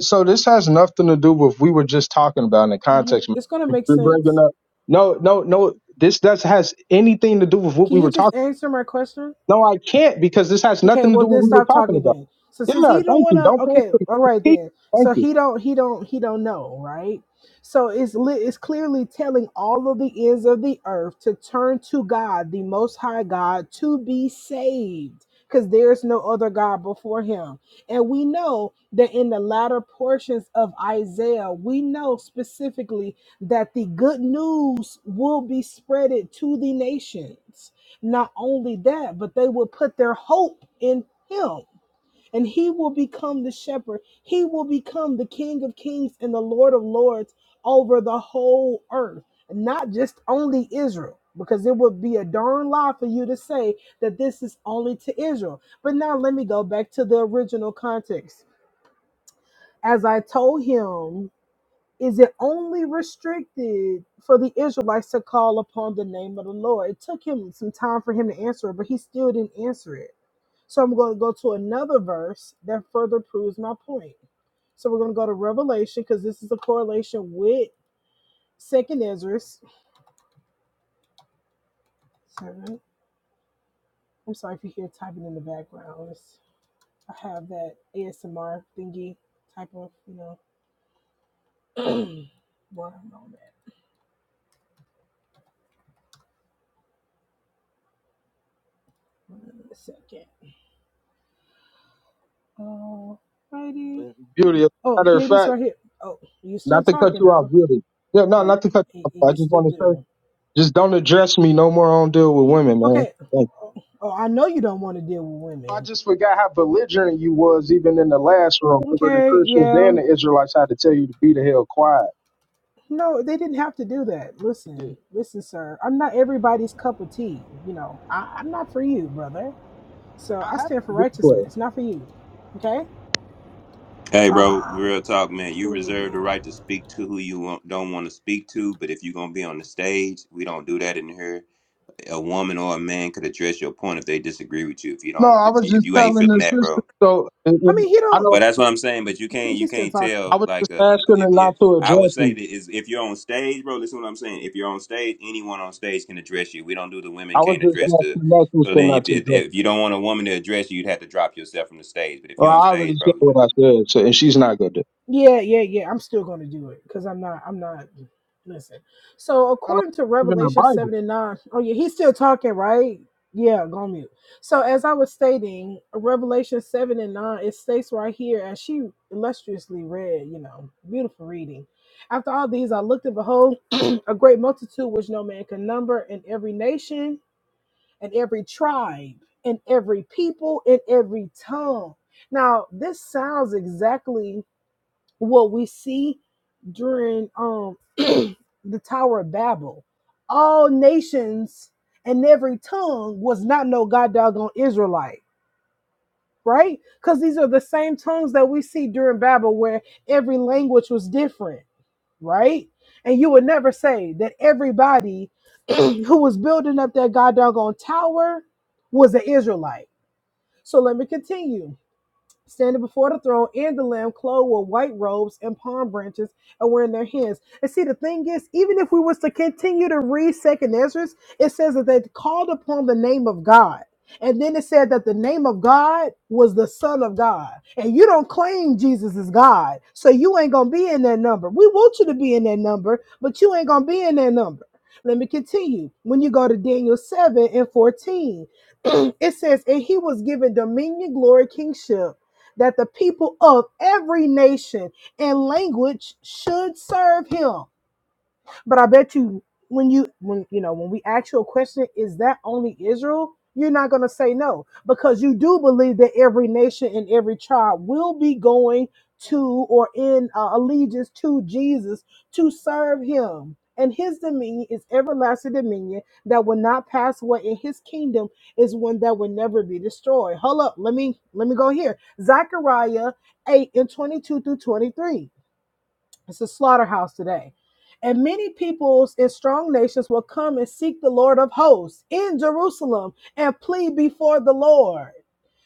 S7: so this has nothing to do with we were just talking about in the
S10: hmm
S7: context. man.
S10: It's going to
S7: If
S10: make
S7: You're bringing
S10: sense.
S7: up. No, no, no. This does has anything to do with what
S10: Can
S7: we
S10: you
S7: were
S10: just
S7: talking.
S10: answer my question?
S7: No, I can't because this has
S10: Okay,
S7: nothing to
S10: well
S7: do with
S10: then
S7: what we were
S10: stop
S7: talking
S10: talking
S7: about.
S10: then. So since
S7: Yeah,
S10: he don't
S7: thank you.
S10: wanna
S7: Don't pass
S10: okay,
S7: the
S10: all right
S7: critique.
S10: then.
S7: Thank
S10: So he don't he don't he don't know, right? So it's li- it's clearly telling all of the ends of the earth to turn to God, the most high God, to be saved. Because there's no other God before him. And we know that in the latter portions of Isaiah, we know specifically that the good news will be spreaded to the nations not only that, but they will put their hope in him. And he will become the shepherd. He will become the King of kings and the Lord of lords over the whole earth, not just only Israel, because it would be a darn lie for you to say that this is only to Israel. But now let me go back to the original context. As I told him is it only restricted for the Israelites to call upon the name of the Lord? It took him some time for him to answer it, but he still didn't answer it. So I'm going to go to another verse that further proves my point. So we're going to go to Revelation because this is a correlation with Second Ezra. Sorry. I'm sorry if you hear typing in the background. It's- I have that ASMR thingy type of, you know. One moment, one second. Alrighty.
S7: you. Beauty. As a
S10: Oh,
S7: matter
S10: here
S7: of
S10: it is
S7: fact,
S10: right here. Oh, you still
S7: not to cut
S10: talking,
S7: you off,
S10: huh?
S7: beauty. Yeah, no,
S10: You,
S7: not to cut you
S10: you,
S7: off. I
S10: you
S7: just
S10: still
S7: want to say,
S10: do.
S7: just don't address me no more on deal with women, man.
S10: Okay.
S7: Thank
S10: Oh, I know you don't want to deal with
S7: you. I
S10: women.
S7: just forgot how belligerent you was even in the last room, where the
S10: Okay,
S7: Christians
S10: yeah.
S7: and the Israelites had to tell you to be the hell quiet.
S10: No, they didn't have to do that.
S7: Yeah.
S10: Listen, listen, sir. I'm not everybody's cup of tea. You know, I, I'm not for you, brother. So
S7: I
S10: I
S7: have
S10: stand for
S7: the replay.
S10: righteousness, not for you. Okay.
S6: Hey, bro.
S10: Um,
S6: Real talk, man. You
S10: let me
S6: reserve the
S10: give.
S6: right to speak to who you want, don't want to speak to, but if you're gonna be on the stage, we don't do that in here. A woman or a man could address your point if they disagree with you. If you
S7: No,
S6: don't,
S7: I
S6: if
S7: was
S6: you, if
S7: just
S6: you
S7: telling
S6: ain't feeling
S7: the
S6: that,
S7: sister.
S6: bro
S7: So and,
S10: I
S7: and
S10: mean, he
S7: I
S10: don't.
S6: But
S7: don't.
S6: that's what I'm saying. But you
S10: He,
S6: can't you
S10: he's still
S6: can't
S10: talking.
S7: I
S6: tell
S7: was
S6: like
S7: just
S6: uh, you know
S7: asking
S6: if,
S7: her
S6: if
S7: not to
S6: I would
S7: address
S6: say
S7: me.
S6: that is if you're on stage, bro. Listen to what I'm saying. If you're on stage, anyone on stage can address you. We don't do the women
S7: I was
S6: can't
S7: just
S6: address the.
S7: asking that
S6: So
S7: sister
S6: then
S7: not
S6: if
S7: to
S6: if
S7: address.
S6: if you don't want a woman to address you, you'd have to drop yourself from the stage. But if
S7: Well,
S6: you're on
S7: I already
S6: stage, bro,
S7: said what I said, so and she's not good.
S10: Yeah, yeah, yeah. I'm still going to do it because I'm not. I'm not. Listen. So
S7: I don't
S10: according to
S7: believe in the
S10: Revelation
S7: Bible.
S10: seven and nine, oh yeah, he's still talking, right? Yeah, go on mute. So as I was stating, Revelation seven and nine, it states right here, as she illustriously read, you know, beautiful reading. After all these, I looked and behold, a great multitude which no man can number, in every nation, and every tribe, and every people, and every tongue. Now this sounds exactly what we see during um the Tower of Babel. All nations and every tongue was not no god doggone Israelite, right? Because these are the same tongues that we see during Babel where every language was different, right? And you would never say that everybody who was building up that god doggone tower was an Israelite. So let me continue standing before the throne and the lamb clothed with white robes and palm branches and were in their hands. And see, the thing is, even if we was to continue to read Second Ezra, it says that they called upon the name of God. And then it said that the name of God was the Son of God. And you don't claim Jesus is God. So you ain't going to be in that number. We want you to be in that number, but you ain't going to be in that number. Let me continue. When you go to Daniel 7 and 14, it says, And he was given dominion, glory, kingship that the people of every nation and language should serve him. But I bet you when you when you know when we ask you a question, is that only Israel? You're not gonna say no because you do believe that every nation and every tribe will be going to or in uh, allegiance to Jesus to serve Him. And his dominion is everlasting dominion that will not pass away, and his kingdom is one that will never be destroyed. Hold up, let me let me go here. Zechariah 8 and 22 through 23. It's a slaughterhouse today. And many peoples and strong nations will come and seek the Lord of hosts in Jerusalem and plead before the Lord.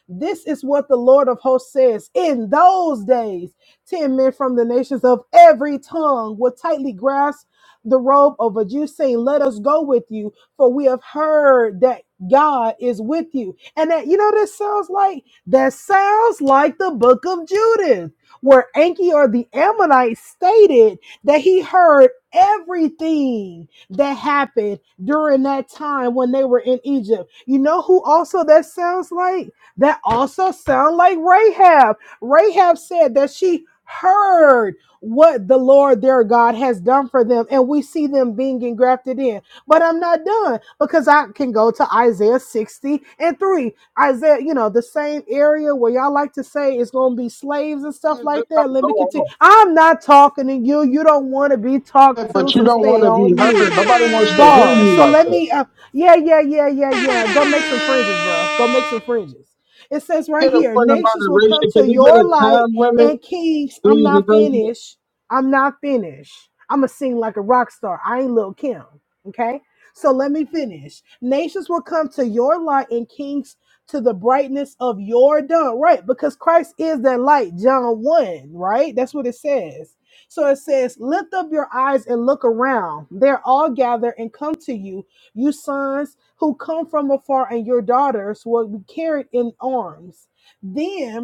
S10: This is what the Lord of hosts says. In those days, 10 men from the nations of every tongue will tightly grasp the robe of a Jew, saying, Let us go with you, for we have heard that God is with you. And that, you know, what that sounds like? That sounds like the book of Judith, where Anchior the Ammonite stated that he heard everything that happened during that time when they were in Egypt. You know who also that sounds like? That also sound like Rahab. Rahab said that she heard what the Lord their God has done for them, and we see them being engrafted in. But I'm not done because I can go to Isaiah 60 and 3. Isaiah, you know, the same area where y'all like to say it's going to be slaves and stuff
S7: What is this
S10: like
S7: type
S10: that.
S7: of
S10: Let me
S7: going
S10: continue.
S7: on?
S10: I'm not talking to you. You don't want to be talked
S7: Yeah,
S10: to,
S7: But you
S10: so
S7: don't want
S10: stay
S7: to be
S10: on
S7: heard.
S10: mute
S7: Nobody wants to hear
S10: bars.
S7: you
S10: So
S7: like
S10: let
S7: that.
S10: me, uh, yeah, yeah, yeah, yeah, yeah. Go make some fringes, bro. Go make some fringes. It says right
S7: Get a
S10: here,
S7: point of
S10: nations will come
S7: moderation. Can
S10: to
S7: we get
S10: your
S7: a
S10: light
S7: time limit?
S10: and kings. I'm
S7: Please, and
S10: not
S7: thank you. You
S10: finished. I'm not finished. I'm gonna sing like a rock star. I ain't Lil Kim. Okay. So let me finish. Nations will come to your light and kings to the brightness of your dawn. Right. Because Christ is that light, John 1. Right. That's what it says so it says, Lift up your eyes and look around. They're all gathered and come to you, you sons who come from afar, and your daughters will be carried in arms. Then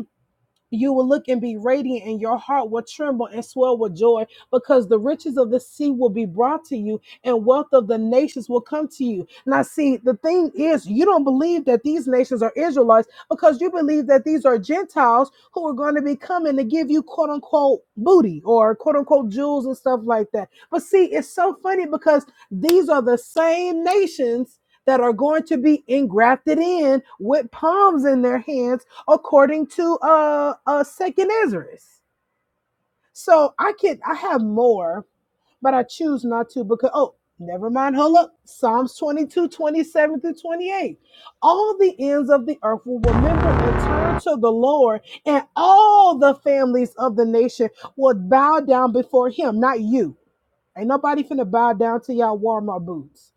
S10: you will look and be radiant, and your heart will tremble and swell with joy, because the riches of the sea will be brought to you, and wealth of the nations will come to you. Now, see, the thing is, you don't believe that these nations are Israelites because you believe that these are Gentiles who are going to be coming to give you quote unquote booty or quote unquote jewels and stuff like that. But see, it's so funny because these are the same nations. That are going to be engrafted in with palms in their hands according to uh, uh second Ezra's. So I can I have more, but I choose not to because oh never mind, hold up. Psalms 22, 27 through 28. All the ends of the earth will remember and turn to the Lord, and all the families of the nation will bow down before him, not you. Ain't nobody finna bow down to y'all Walmart boots.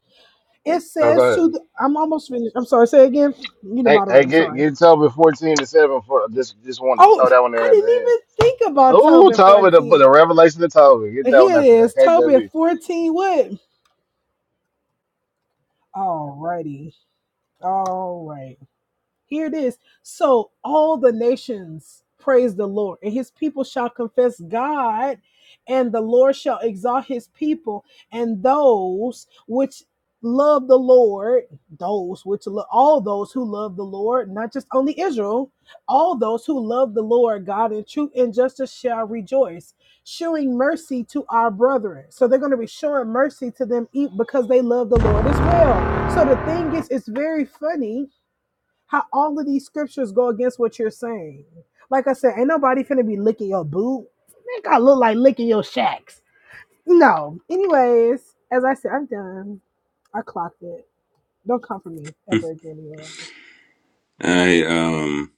S10: It
S8: Oh, go
S10: says
S8: ahead.
S10: to the I'm almost finished. I'm sorry, say again. You the
S8: Hey, hey,
S10: moderator, I'm
S8: get
S10: sorry.
S8: get Tobin fourteen to seven for just just want to
S10: Oh,
S8: throw that one
S10: I
S8: there at
S10: didn't
S8: the end.
S10: even think about
S8: Ooh,
S10: Tobin
S8: Tobin, the,
S10: 14.
S8: the revelation of Tobin. Get that one
S10: Here it
S8: after that.
S10: is, Tobin
S8: KJV.
S10: 14 what? All righty, all right. Here it is. So all the nations praise the Lord, and his people shall confess God, and the Lord shall exalt his people, and those which love the Lord, those which lo- all those who love the Lord, not just only Israel, all those who love the Lord God in truth and justice shall rejoice, showing mercy to our brethren. So they're going to be showing mercy to them e- because they love the Lord as well. So the thing is, it's very funny how all of these scriptures go against what you're saying. Like I said, ain't nobody finna be licking your boot. Make I look like licking your shacks. No. Anyways, as I said, I'm done. I clocked it. Don't come for me
S6: yeah.
S10: ever again, y'all.
S6: I um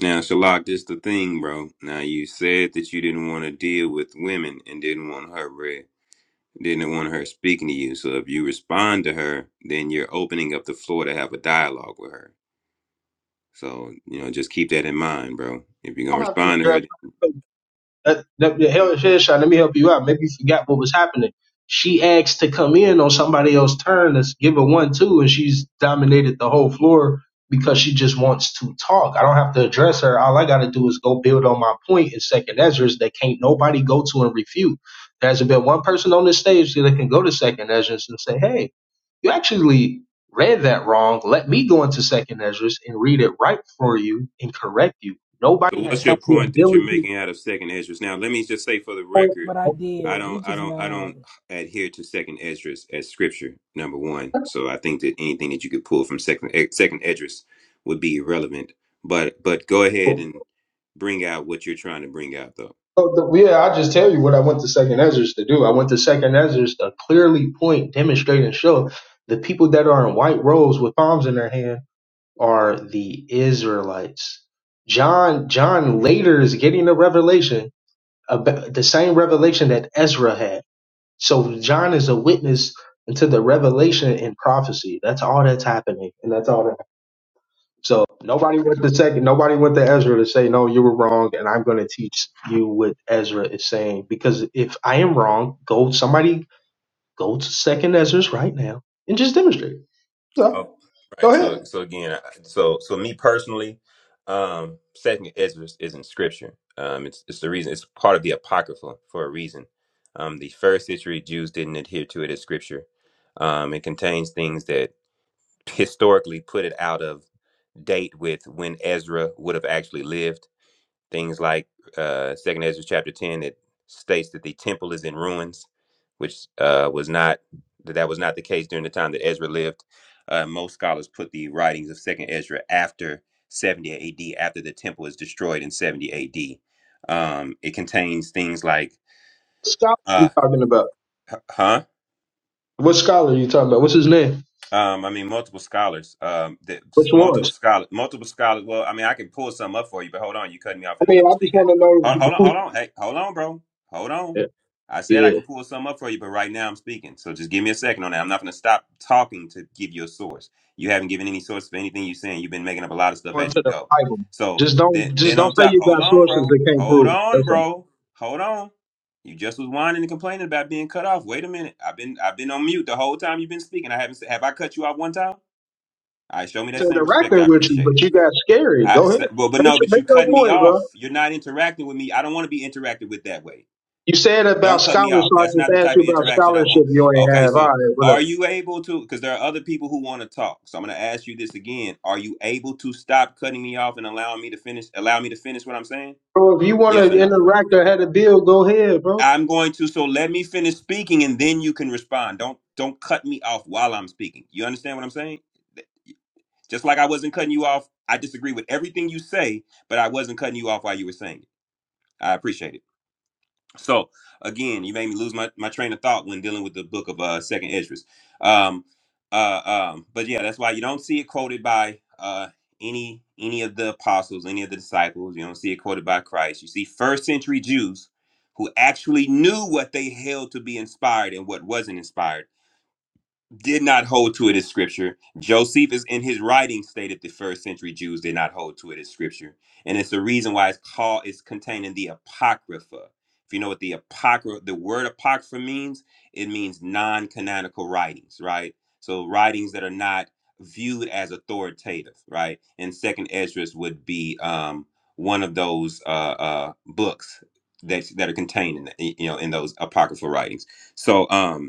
S6: now Shalak, this the thing, bro. Now you said that you didn't want to deal with women and didn't want her read, didn't want her speaking to you. So if you respond to her, then you're opening up the floor to have a dialogue with her. So, you know, just keep that in mind, bro. If you're gonna
S7: don't have to
S6: respond to her.
S7: address. That, that, the hell, Sean, let me help you out. Maybe you forgot what was happening. She asked to come in on somebody else's turn to give her one, two, and she's dominated the whole floor because she just wants to talk. I don't have to address her. All I got to do is go build on my point in Second Ezra's that can't nobody go to and refute. There hasn't been one person on this stage that can go to Second Ezra's and say, hey, you actually read that wrong. Let me go into Second Ezra's and read it right for you and correct you.
S6: So
S7: Nobody has
S6: what's your
S7: had the
S6: point that you're
S7: ability
S6: making
S7: to
S6: out of second Esdras? Now, let me just say for the
S7: point.
S6: record,
S10: But I
S6: I
S10: did. He
S6: don't I
S10: just
S6: don't I
S10: mad.
S6: don't adhere to second Esdras as scripture, number one. So I think that anything that you could pull from second eh, second Esdras would be irrelevant. But but go ahead
S7: Well,
S6: and bring out what you're trying to bring out though.
S7: the, yeah, I just tell you what I went to Second Ezra's to do. I went to Second Ezra's to clearly point, demonstrate, and show the people that are in white robes with palms in their hand are the Israelites. John, John later is getting a revelation about the same revelation that Ezra had. So John is a witness into the revelation and prophecy. That's all that's happening, and that's all that. So nobody went to second. Nobody went to Ezra to say no, you were wrong, and I'm going to teach you what Ezra is saying. Because if I am wrong, go somebody go to second Ezra's right now and just demonstrate.
S6: Oh,
S7: So
S6: right.
S7: go ahead.
S6: So, so again, I- so so me personally, um, Second Ezra is in Scripture. Um, it's it's the reason. It's part of the Apocrypha for a reason. Um, the first century Jews didn't adhere to it as Scripture. Um, it contains things that historically put it out of date with when Ezra would have actually lived. Things like uh, Second Ezra chapter ten that states that the temple is in ruins, which uh, was not that that was not the case during the time that Ezra lived. Uh, most scholars put the writings of Second Ezra after 70 A.D. after the temple is destroyed in 70 A.D. Um, it contains things like
S7: What Scholar, are you
S6: uh,
S7: talking about?
S6: h- huh?
S7: What scholar are you talking about? What's his name?
S6: Um, I mean, multiple scholars. Um, the,
S7: Which
S6: multiple
S7: ones?
S6: scholar, multiple scholars. Well, I mean, I can pull some up for you, but hold on, you cut me off
S7: I
S6: in the
S7: mean,
S6: middle
S7: I
S6: of
S7: just
S6: speaking
S7: want
S6: it.
S7: to
S6: Hold,
S7: know
S6: hold on,
S7: who.
S6: hold on, hey, hold on, bro, hold on.
S7: Yeah,
S6: I said I
S7: yeah.
S6: can pull some up for you, but right now I'm speaking, so just give me a second on that. I'm not going to stop talking to give you a source. You haven't given any source for anything you're saying. You've been making up a lot of stuff
S7: Going
S6: as you
S7: to the
S6: go.
S7: Bible.
S6: So
S7: Just don't,
S6: then,
S7: just
S6: then
S7: don't
S6: on
S7: say
S6: top,
S7: you
S6: hold
S7: got
S6: on,
S7: sources
S6: bro,
S7: that can't
S6: hold
S7: prove. it.
S6: on,
S7: That's all.
S6: bro, hold on. You just was whining and complaining about being cut off. Wait a minute. I've been I've been on mute the whole time you've been speaking. I haven't s- have I cut you off one time? All right, show me
S7: It's
S6: that same respect. I
S7: interacting with you,
S6: appreciate
S7: but
S6: it.
S7: you got scary.
S6: I
S7: Go
S6: s-
S7: ahead.
S6: well, but
S7: Make
S6: no,
S7: your,
S6: but
S7: make
S6: you
S7: your
S6: cutting me
S7: point, bro.
S6: off. You're not interacting with me. I don't want to be interacted with that way.
S7: You said about
S6: Don't cut me
S7: scholarship.
S6: off.
S7: I
S6: That's
S7: just
S6: not the
S7: asked
S6: type
S7: you
S6: of
S7: about
S6: interaction I want.
S7: scholarship. You ain't
S6: Okay,
S7: have. All
S6: so
S7: right, whatever.
S6: are you able to? Because there are other people who want to talk. So I'm going to ask you this again. Are you able to stop cutting me off and allowing me to finish? Allow me to finish what I'm saying?
S7: Bro, if you want
S6: Yes
S7: to
S6: or no?
S7: interact or had a bill, go ahead, bro.
S6: I'm going to so let me finish speaking and then you can respond. Don't don't cut me off while I'm speaking. You understand what I'm saying? Th- Just like I wasn't cutting you off, I disagree with everything you say, but I wasn't cutting you off while you were saying it. I appreciate it. So again, you made me lose my, my train of thought when dealing with the book of uh Second Esdras. Um, uh, um, but yeah, that's why you don't see it quoted by uh any any of the apostles, any of the disciples. You don't see it quoted by Christ. You see first century Jews who actually knew what they held to be inspired and what wasn't inspired did not hold to it as scripture. Josephus, in his writings, stated the first century Jews did not hold to it as scripture, and it's the reason why it's called it's contained in the Apocrypha. If you know what the apocrypha, the word apocrypha means, it means non-canonical writings, right? So writings that are not viewed as authoritative, right? And Second Esdras would be um, one of those uh, uh, books that that are contained in the, you know in those apocryphal writings. So. um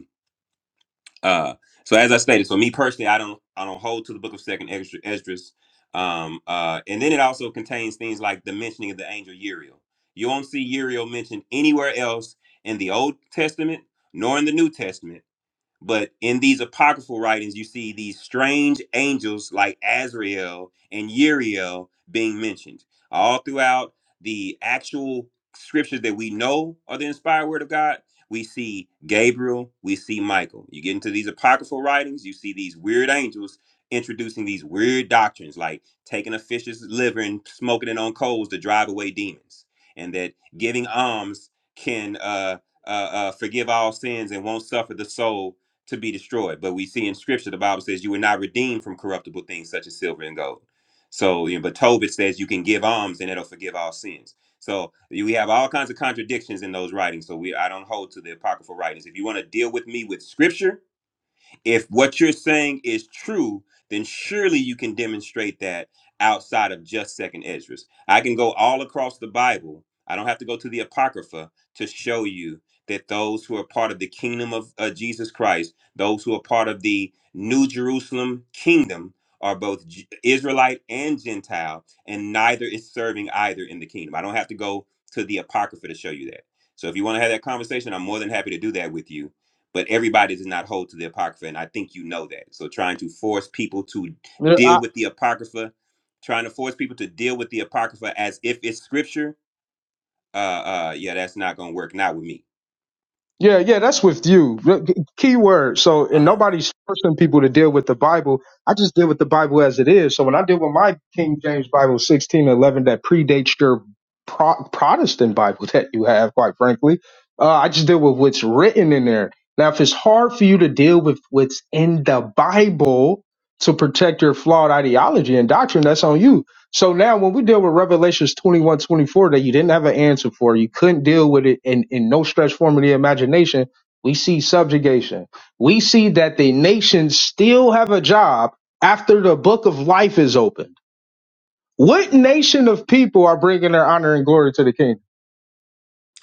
S6: uh, so as I stated, so me personally, I don't I don't hold to the book of Second Esdras. Esdras. Um, uh, and then it also contains things like the mentioning of the angel Uriel. You won't see Uriel mentioned anywhere else in the Old Testament nor in the New Testament. But in these apocryphal writings, you see these strange angels like Azrael and Uriel being mentioned all throughout the actual scriptures that we know are the inspired word of God. We see Gabriel, we see Michael. You get into these apocryphal writings, you see these weird angels introducing these weird doctrines like taking a fish's liver and smoking it on coals to drive away demons, and that giving alms can uh, uh, uh, forgive all sins and won't suffer the soul to be destroyed. But we see in scripture, the Bible says you were not redeemed from corruptible things such as silver and gold. So, you know, but Tobit says you can give alms and it'll forgive all sins. So you- we have all kinds of contradictions in those writings. So we I don't hold to the apocryphal writings. If you want to deal with me with scripture, if what you're saying is true, then surely you can demonstrate that outside of just second Esdras. I can go all across the Bible. I don't have to go to the Apocrypha to show you that those who are part of the kingdom of uh, Jesus Christ, those who are part of the New Jerusalem kingdom, are both J- Israelite and Gentile, and neither is serving either in the kingdom. I don't have to go to the Apocrypha to show you that. So if you want to have that conversation, I'm more than happy to do that with you but everybody does not hold to the apocrypha and i think you know that so trying to force people to deal with the apocrypha trying to force people to deal with the apocrypha as if it's scripture uh uh yeah that's not gonna work not with me
S7: Yeah, yeah, that's with you. The- Key word. So,
S6: Uh
S7: and
S6: huh.
S7: nobody's forcing people to deal with the Bible. I just deal with the Bible as it is. So, when I deal with my King James Bible 1611 that predates your pro- Protestant Bible that you have, quite frankly, uh, I just deal with what's written in there. Now, if it's hard for you to deal with what's in the Bible to protect your flawed ideology and doctrine, that's on you. So now when we deal with Revelations 21, 24, that you didn't have an answer for, you couldn't deal with it in, in no stretch form of the imagination, we see subjugation. We see that the nations still have a job after the book of life is opened. What nation of people are bringing their honor and glory to the king?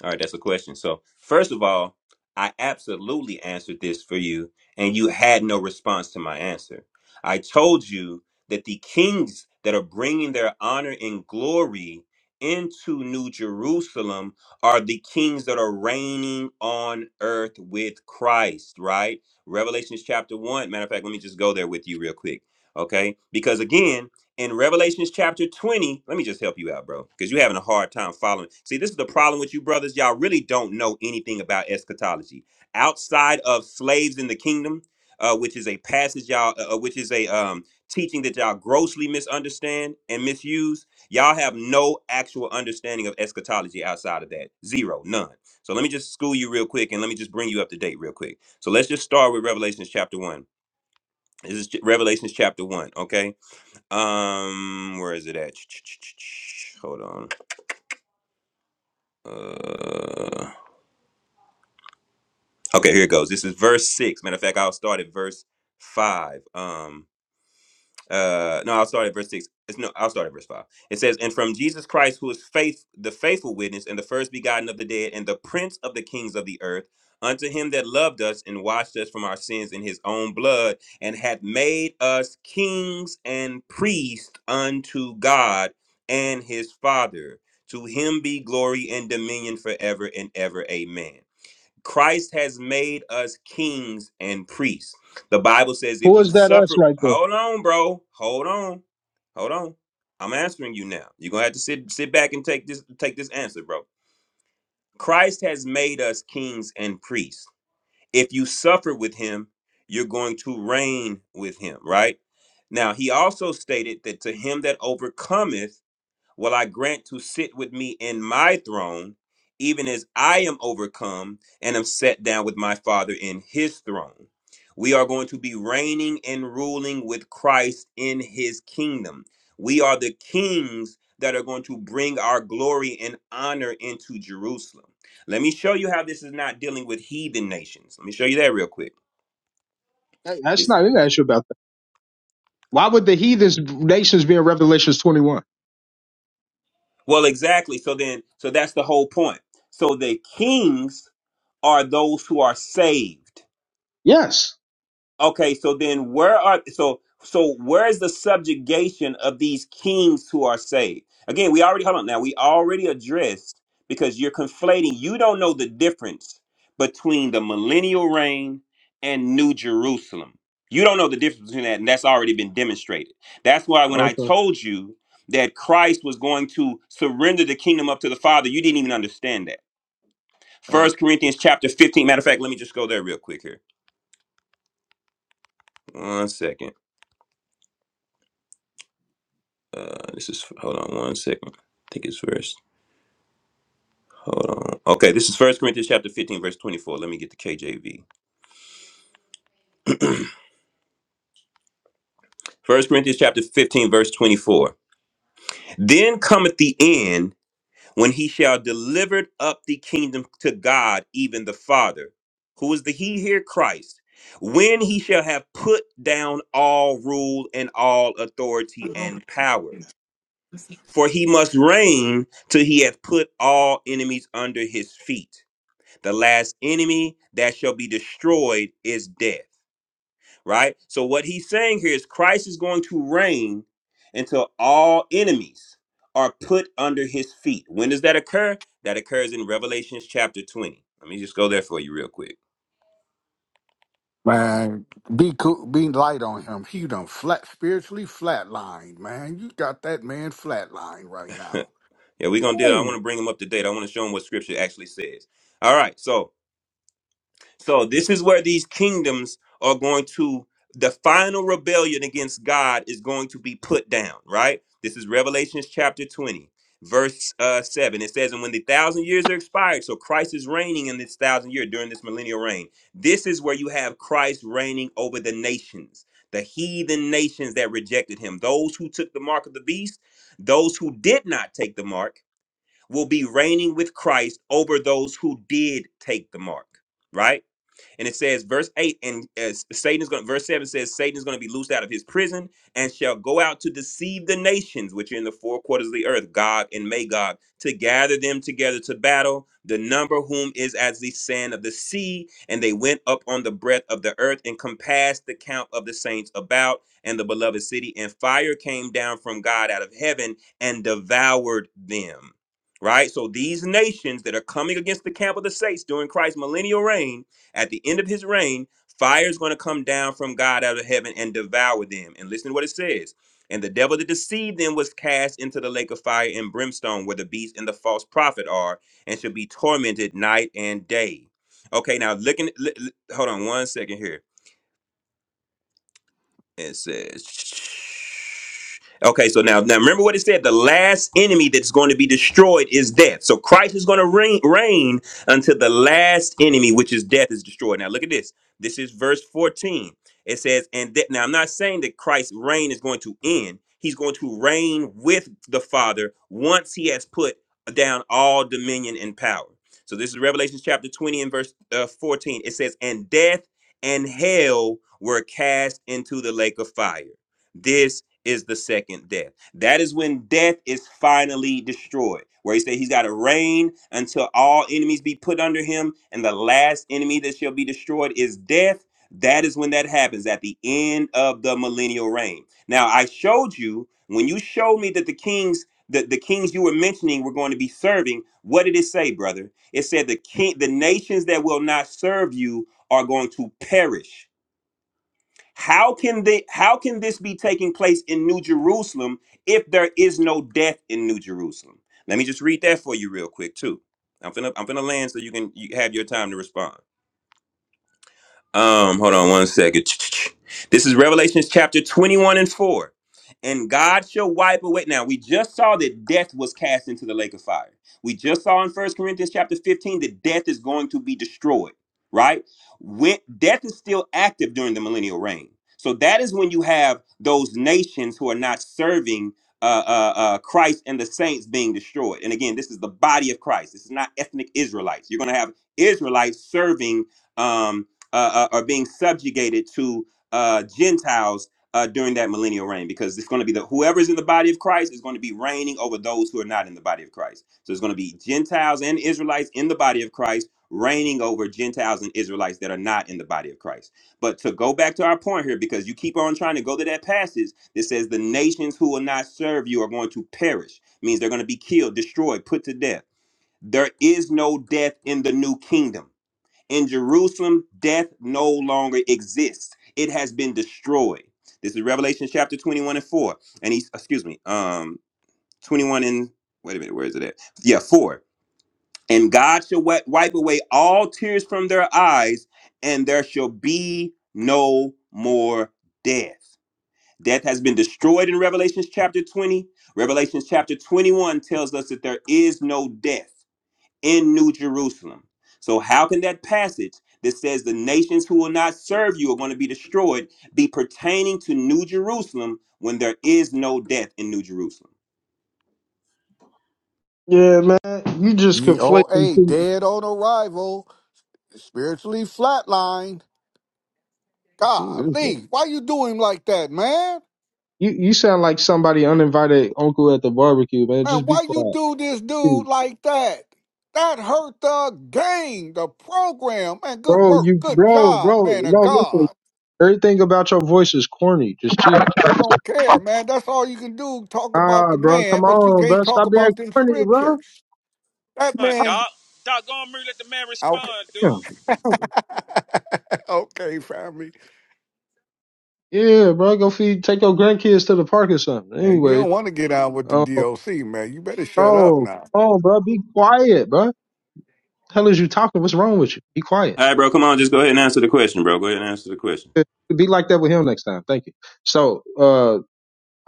S6: All right, that's a question. So, first of all, I absolutely answered this for you, and you had no response to my answer. I told you that the kings that are bringing their honor and glory into New Jerusalem are the kings that are reigning on earth with Christ, right? Revelations chapter 1. Matter of fact, let me just go there with you real quick, okay? Because again, in Revelations chapter 20, let me just help you out, bro, because you're having a hard time following. See, this is the problem with you brothers. Y'all really don't know anything about eschatology outside of slaves in the kingdom, uh, which is a passage y'all, uh, uh, which is a um, teaching that y'all grossly misunderstand and misuse. Y'all have no actual understanding of eschatology outside of that. Zero, none. So let me just school you real quick and let me just bring you up to date real quick. So let's just start with Revelations chapter 1. This is Revelations chapter 1, okay? Um, where is it at? Ch-ch-ch-ch-ch. Hold on. Uh, okay, here it goes. This is verse six. Matter of fact, I'll start at verse five. Um, uh no i'll start at verse six it's no i'll start at verse five it says and from jesus christ who is faith the faithful witness and the first begotten of the dead and the prince of the kings of the earth unto him that loved us and washed us from our sins in his own blood and hath made us kings and priests unto god and his father to him be glory and dominion forever and ever amen Christ has made us kings and priests. The Bible says if
S7: Who
S6: you
S7: is that us
S6: suffer,
S7: right there?
S6: hold on, bro. Hold on. Hold on. I'm answering you now. You're gonna have to sit sit back and take this take this answer, bro. Christ has made us kings and priests. If you suffer with him, you're going to reign with him, right? Now he also stated that to him that overcometh, will I grant to sit with me in my throne, even as I am overcome and am set down with my Father in his throne. We are going to be reigning and ruling with Christ in his kingdom. We are the kings that are going to bring our glory and honor into Jerusalem. Let me show you how this is not dealing with heathen nations. Let me show you that real quick.
S7: That- That's
S6: This
S7: not an issue about that. Why would the heathen nations be in Revelations 21?
S6: well exactly. So then so that's the whole point. So the kings are those who are saved
S7: Yes.
S6: Okay, so then where are so so where is the subjugation of these kings who are saved? Again, we already hold on now. We already addressed because you're conflating. You don't know the difference between the millennial reign and New Jerusalem. You don't know the difference between that, and that's already been demonstrated. That's why when I
S7: Okay.
S6: told you that Christ was going to surrender the kingdom up to the Father, you didn't even understand that.
S7: Oh.
S6: First Corinthians chapter 15. Matter of fact, let me just go there real quick here. One second. Uh, this is hold on one second. I think it's verse. Hold on. Okay, this is First Corinthians chapter 15, verse 24. Let me get the KJV. First Corinthians chapter 15, verse 24. Then cometh the end when he shall deliver up the kingdom to God, even the Father. Who is the He here? Christ. When he shall have put down all rule and all authority and power. For he must reign till he hath put all enemies under his feet. The last enemy that shall be destroyed is death, right? So, what he's saying here is Christ is going to reign until all enemies are put under his feet. When does that occur? That occurs in Revelation chapter 20. Let me just go there for you real quick.
S13: Man, be cool, be light on him. He done flat spiritually flatlined, man. You got that man flatlined right
S6: yeah,
S13: now.
S6: we're going to do it. I want
S13: Oh,
S6: to bring him up to date. I want to show him what scripture actually says. All right, so. So this is where these kingdoms are going to the final rebellion against God is going to be put down, right? This is Revelation chapter 20, verse uh, 7. It says, And when the thousand years are expired, so Christ is reigning in this thousand year during this millennial reign. This is where you have Christ reigning over the nations, the heathen nations that rejected him. Those who took the mark of the beast, those who did not take the mark, will be reigning with Christ over those who did take the mark, right? And it says, verse 8, and as Satan is going verse 7 says, Satan is going to be loosed out of his prison and shall go out to deceive the nations which are in the four quarters of the earth, Gog and Magog, to gather them together to battle, the number whom is as the sand of the sea. And they went up on the breadth of the earth and compassed the camp of the saints about and the beloved city. And fire came down from God out of heaven and devoured them. Right? So these nations that are coming against the camp of the saints during Christ's millennial reign at the end of his reign, fire is going to come down from God out of heaven and devour them. And listen to what it says. And the devil that deceived them was cast into the lake of fire and brimstone, where the beast and the false prophet are, and shall be tormented night and day. Okay, now looking, li- li- hold on one second here it says, okay, so now, now remember what it said. The last enemy that's going to be destroyed is death. So Christ is going to reign, reign until the last enemy, which is death, is destroyed. Now look at this. This is verse 14. It says, and that now I'm not saying that Christ's reign is going to end. He's going to reign with the Father once he has put down all dominion and power. So this is Revelation chapter 20 and verse uh, 14. It says, and death and hell were cast into the lake of fire. This is the second death. That is when death is finally destroyed. Where he said he's got to reign until all enemies be put under him, and the last enemy that shall be destroyed is death. That is when that happens at the end of the millennial reign. Now I showed you when you showed me that the kings, the, the kings you were mentioning were going to be serving. What did it say, brother? It said the king, the nations that will not serve you are going to perish. How can they how can this be taking place in New Jerusalem if there is no death in New Jerusalem? Let me just read that for you real quick too. I'm finna I'm finna land so you can you have your time to respond. Um, hold on one second. This is Revelations chapter 21 and 4. And God shall wipe away. Now we just saw that death was cast into the lake of fire. We just saw in First Corinthians chapter 15 that death is going to be destroyed, right? When death is still active during the millennial reign. So that is when you have those nations who are not serving uh, uh, uh, Christ and the saints being destroyed. And again, this is the body of Christ. This is not ethnic Israelites. You're going to have Israelites serving um, uh, uh, are being subjugated to uh, Gentiles uh, during that millennial reign, because it's going to be the whoever's in the body of Christ is going to be reigning over those who are not in the body of Christ. So it's going to be Gentiles and Israelites in the body of Christ reigning over Gentiles and Israelites that are not in the body of Christ. But to go back to our point here, because you keep on trying to go to that passage that says the nations who will not serve you are going to perish, means they're going to be killed, destroyed, put to death. There is no death in the new kingdom. In Jerusalem, death no longer exists. It has been destroyed. This is Revelation chapter 21 and 4. And he, excuse me, um, 21 and, wait a minute, where is it at? Yeah, 4. And God shall wi- wipe away all tears from their eyes, and there shall be no more death. Death has been destroyed in Revelation chapter 20. Revelation chapter 21 tells us that there is no death in New Jerusalem. So, how can that passage that says the nations who will not serve you are going to be destroyed be pertaining to New Jerusalem when there is no death in New Jerusalem?
S7: Yeah, man. You just conflating
S13: DOA, dead on arrival, spiritually flatlined.
S7: two.
S13: Golly, why you do him like that, man?
S7: You you sound like somebody uninvited uncle at the barbecue, man.
S13: Man,
S7: Just be
S13: why you
S7: quiet.
S13: do this dude
S7: Dude,
S13: like that? That hurt the game, the program. Man, good
S7: Bro,
S13: work,
S7: you
S13: good
S7: bro,
S13: job,
S7: bro,
S13: man
S7: no,
S13: of
S7: listen.
S13: God.
S7: Everything about your voice is corny. Just chill.
S13: don't care, man. That's all you can do. Talk
S7: Ah,
S13: about the
S7: bro,
S13: man,
S7: come
S13: but you
S7: on, bro.
S13: can't talk
S7: Stop being
S13: about them
S7: corny, bro.
S13: scriptures. That man. Okay,
S7: Yeah. bro.
S13: okay, family.
S7: Yeah, bro. Go feed take your grandkids to the park or something.
S13: And you
S7: Anyway.
S13: don't want to get on with the
S7: Oh
S13: DOC, man. You better shut up
S7: bro.
S13: now.
S7: Oh bro, be quiet, bro. The hell is you talking? What's wrong with you? Be quiet.
S6: All right, bro, come on, just go ahead and answer the question, bro. Go ahead and answer the question.
S7: Be like that with him next time. Thank you. So uh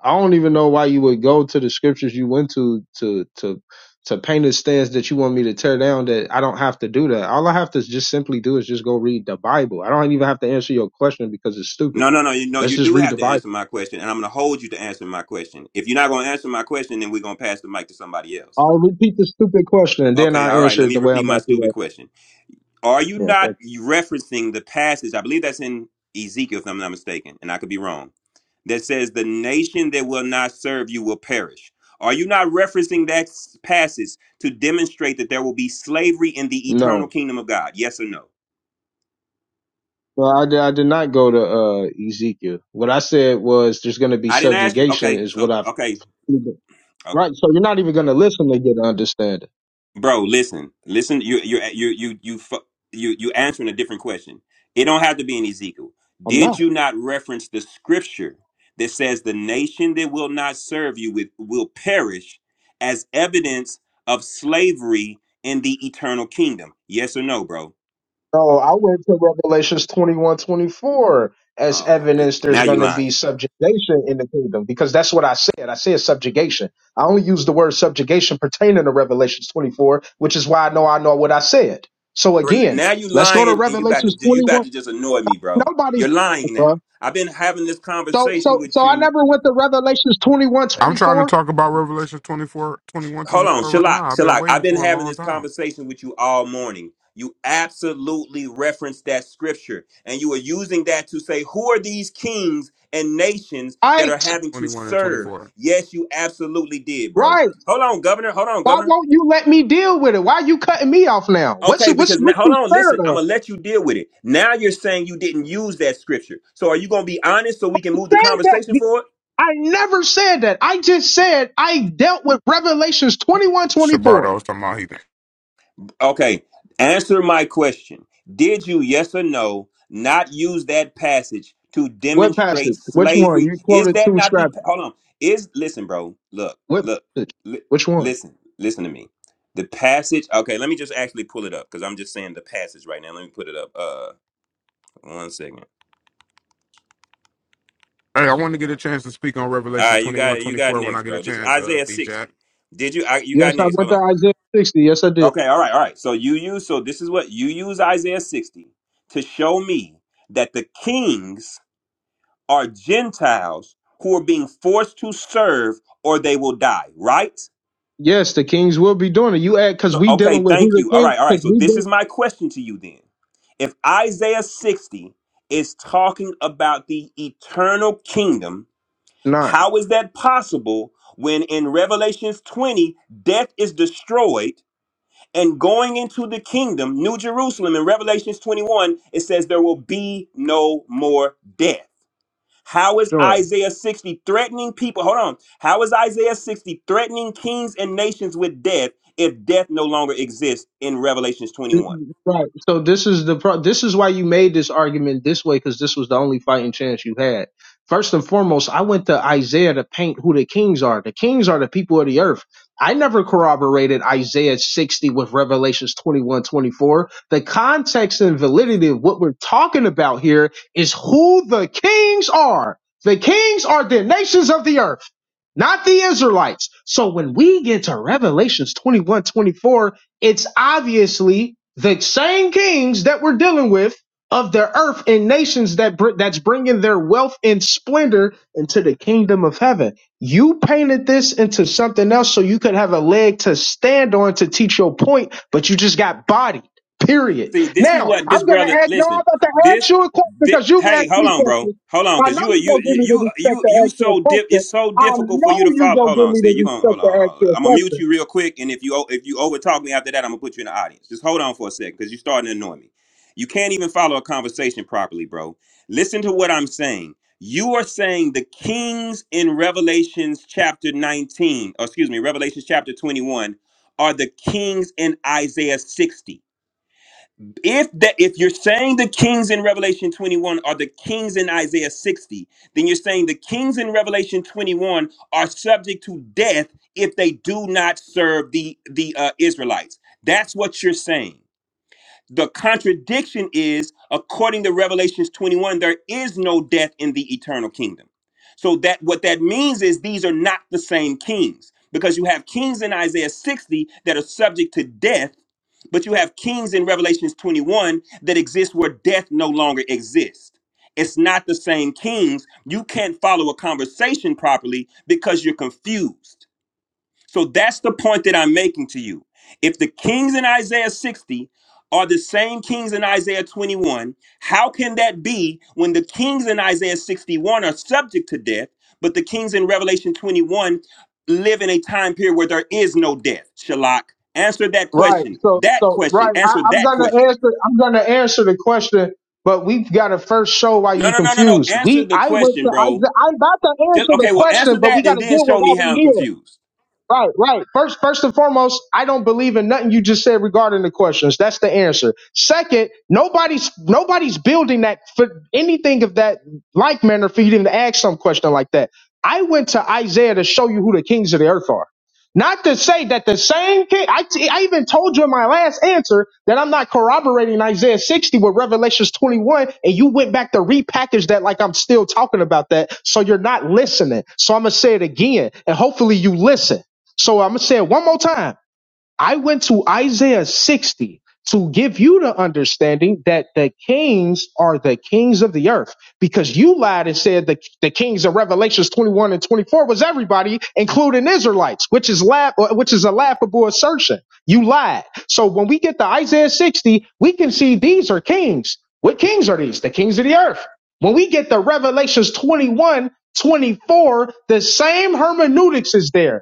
S7: I don't even know why you would go to the scriptures you went to to to to paint a stance that you want me to tear down that I don't have to do that. All I have to just simply do is just go read the Bible. I don't even have to answer your question because it's stupid.
S6: No, no, no, you know,
S7: Let's
S6: you
S7: just
S6: do
S7: read
S6: have
S7: the
S6: to
S7: Bible.
S6: answer my question, and I'm going to hold you to answering my question. If you're not going to answer my question, then we're going to pass the mic to somebody else.
S7: I'll repeat the stupid question and then
S6: Okay,
S7: I
S6: all right,
S7: answer
S6: let
S7: it
S6: me
S7: the way I'm
S6: repeat my
S7: about to. do
S6: stupid question. Are you
S7: Yeah,
S6: not
S7: thank
S6: referencing the passage? I believe that's in Ezekiel, if I'm not mistaken, and I could be wrong that says, The nation that will not serve you will perish. Are you not referencing that s- passage to demonstrate that there will be slavery in the
S7: you.
S6: eternal
S7: No.
S6: kingdom of God? Yes or no?
S7: Well, I did, I did not go to uh, Ezekiel. What I said was there's going to be
S6: I didn't ask you.
S7: subjugation
S6: Okay,
S7: is
S6: so,
S7: what I've.
S6: okay,
S7: Right. So you're not even going to listen to get an understanding.
S6: bro listen listen you you you you you fu- you you answering a different question it don't have to be in ezekiel
S7: I'm not.
S6: did you not reference the scripture that says the nation that will not serve you with will perish as evidence of slavery in the eternal kingdom yes or no bro
S7: No, I went to Revelations twenty one twenty four as
S6: oh my
S7: evidence there's
S6: now
S7: going
S6: you
S7: to be
S6: lying
S7: subjugation in the kingdom because that's what I said. I said subjugation. I only used the word subjugation pertaining to Revelations 24, which is why I know I know what I said. So
S6: bro
S7: again,
S6: now you
S7: let's go
S6: lying
S7: to
S6: and you about
S7: Revelations
S6: to you about
S7: 21.
S6: to just annoy me bro
S7: Nobody's
S6: you're lying
S7: bruh.
S6: now i've been having this
S7: So
S6: conversation
S7: so so
S6: with
S7: I
S6: you
S7: never went to Revelations 21
S12: I'm
S7: twenty
S12: trying to
S7: four.
S12: talk about Revelation 24, 21, twenty
S6: Hold on,
S12: four right
S6: Shalak,
S12: now. I've been
S6: Shalak. I've
S12: waiting
S6: been
S12: for a
S6: having
S12: long
S6: this
S12: time.
S6: conversation with you all morning. You absolutely referenced that scripture, and you are using that to say, who are these kings and nations that are
S7: Right,
S6: having to
S12: 21 and
S6: serve?
S12: 24.
S6: Yes, you absolutely did, bro.
S7: right.
S6: Hold on, Governor. Hold on,
S7: Why
S6: Governor.
S7: won't you let me deal with it? Why are you cutting me off now? What's
S6: Okay,
S7: it? what's
S6: because now,
S7: what you
S6: hold on,
S7: scared
S6: listen, I'm
S7: of?
S6: gonna let you deal with it. Now you're saying you didn't use that scripture. So are you gonna be honest so we can move the
S7: Said
S6: conversation
S7: that.
S6: forward?
S7: I never said that. I just said I dealt with Revelations 21 twenty
S12: Shabardo
S7: four.
S12: was talking about he.
S6: Okay, answer my question. Did you, yes or no, not use that passage to
S7: What
S6: demonstrate
S7: passage? Which one?
S6: slavery?
S7: You
S6: Is
S7: quoted
S6: that
S7: two
S6: not
S7: scrap.
S6: the hold on? Is listen, bro. Look,
S7: What
S6: look,
S7: passage?
S6: li-
S7: Which one?
S6: listen, listen to me. The passage. Okay, let me just actually pull it up because I'm just saying the passage right now. Let me put it up. Uh, one second.
S12: Hey, I want to get a chance to speak on
S6: All
S12: Revelation
S6: right, you
S12: 21,
S6: got you
S12: 24.
S6: got
S12: when I
S6: next,
S12: get a
S6: bro. This is
S12: chance, uh,
S6: Isaiah
S12: DJ.
S6: 60. Did you? I, you got
S7: Yes, I
S6: next. Hold
S7: went to
S6: on.
S7: Isaiah 60. Yes, I did.
S6: Okay, all right, all right. So you use so this is what you use Isaiah 60 to show me that the kings are Gentiles who are being forced to serve or they will die, right?
S7: Yes, the kings will be doing it. You add because
S6: So
S7: we
S6: okay,
S7: dealing with who
S6: thank
S7: the
S6: you. All
S7: king
S6: right, all right.
S7: because
S6: So
S7: we
S6: this
S7: did
S6: is my question to you then. If Isaiah 60 is talking about the eternal kingdom,
S7: not.
S6: how is that possible when in Revelations 20 death is destroyed and going into the kingdom, New Jerusalem, in Revelations 21, it says there will be no more death. How is
S7: Sure.
S6: Isaiah 60 threatening people? Hold on. How is Isaiah 60 threatening kings and nations with death if death no longer exists in Revelations 21?
S7: Right. So this is the pro- this is why you made this argument this way because this was the only fighting chance you had. First and foremost, I went to Isaiah to paint who the kings are. The kings are the people of the earth. I never corroborated Isaiah 60 with Revelations 21 24. The context and validity of what we're talking about here is who the kings are. The kings are the nations of the earth not the Israelites. So when we get to Revelations 21 24, it's obviously the same kings that we're dealing with of the earth and nations that br- that's bringing their wealth and splendor into the kingdom of heaven. You painted this into something else so you could have a leg to stand on to teach your point, but you just got bodied. Period.
S6: See, this is
S7: Now
S6: what this
S7: I'm gonna
S6: brother.
S7: ask. No, I'm
S6: Listen,
S7: about to ask
S6: this.
S7: you a question
S6: thi-
S7: because you've
S6: hey,
S7: asked
S6: hold
S7: me
S6: on, bro.
S7: questions.
S6: Hold on,
S7: I
S6: cause
S7: know
S6: you are
S7: you're
S6: you
S7: gonna give
S6: you
S7: me the
S6: you
S7: respect
S6: you
S7: to
S6: you
S7: ask you a
S6: so dip.
S7: question.
S6: It's so
S7: I
S6: difficult for you
S7: know
S6: to
S7: you
S6: follow.
S7: gonna
S6: Hold
S7: give
S6: on,
S7: me
S6: see,
S7: the
S6: you gonna hold
S7: respect
S6: on,
S7: to
S6: hold
S7: ask
S6: on. hold
S7: you
S6: on.
S7: a
S6: I'm gonna mute
S7: question.
S6: you real quick, and if you o- if you over talk me after that, I'm gonna put you in the audience. Just hold on for a second, cause you're starting to annoy me. You can't even follow a conversation properly, bro. Listen to what I'm saying. You are saying the kings in Revelations chapter 19, or excuse me, Revelations chapter 21, are the kings in Isaiah 60 if that if you're saying the kings in revelation 21 are the kings in isaiah 60 then you're saying the kings in revelation 21 are subject to death if they do not serve the the uh, israelites that's what you're saying the contradiction is, according to Revelations 21, there is no death in the eternal kingdom. So that what that means is these are not the same kings because you have kings in Isaiah 60 that are subject to death, but you have kings in Revelations 21 that exist where death no longer exists. It's not the same kings. You can't follow a conversation properly because you're confused. So that's the point that I'm making to you. If the kings in Isaiah 60 are the same kings in Isaiah 21, how can that be when the kings in Isaiah 61 are subject to death, but the kings in Revelation 21 live in a time period where there is no death? Shalak, answer that
S7: Right.
S6: question.
S7: So
S6: That
S7: so
S6: question.
S7: right, I,
S6: Answer
S7: I'm
S6: that
S7: gonna
S6: question.
S7: answer I'm gonna answer the question, but we've gotta first show why
S6: No,
S7: you
S6: no, no, no, no.
S7: confused.
S6: Answer
S7: We
S6: the
S7: I went
S6: question,
S7: to I
S6: bro.
S7: I'm about to
S6: Just
S7: answer the
S6: okay, well, answer
S7: question, but we
S6: that and
S7: gotta
S6: then
S7: deal with
S6: show
S7: why
S6: me
S7: we
S6: how I'm
S7: here.
S6: confused.
S7: Right, right. First, first and foremost, I don't believe in nothing you just said regarding the questions. That's the answer. Second, nobody's nobody's building that for anything of that like manner for you to even ask some question like that. I went to Isaiah to show you who the kings of the earth are. Not to say that the same king. I, t- I even told you in my last answer that I'm not corroborating Isaiah 60 with Revelations 21, and you went back to repackage that like I'm still talking about that. So you're not listening. So I'm gonna say it again, and hopefully you listen. So I'm gonna say it one more time. I went to Isaiah 60 to give you the understanding that the kings are the kings of the earth because you lied and said the, the kings of revelations 21 and 24 was everybody including israelites which is laugh which is a laughable assertion you lied so when we get to isaiah 60 we can see these are kings what kings are these the kings of the earth when we get to revelations 21 24 the same hermeneutics is there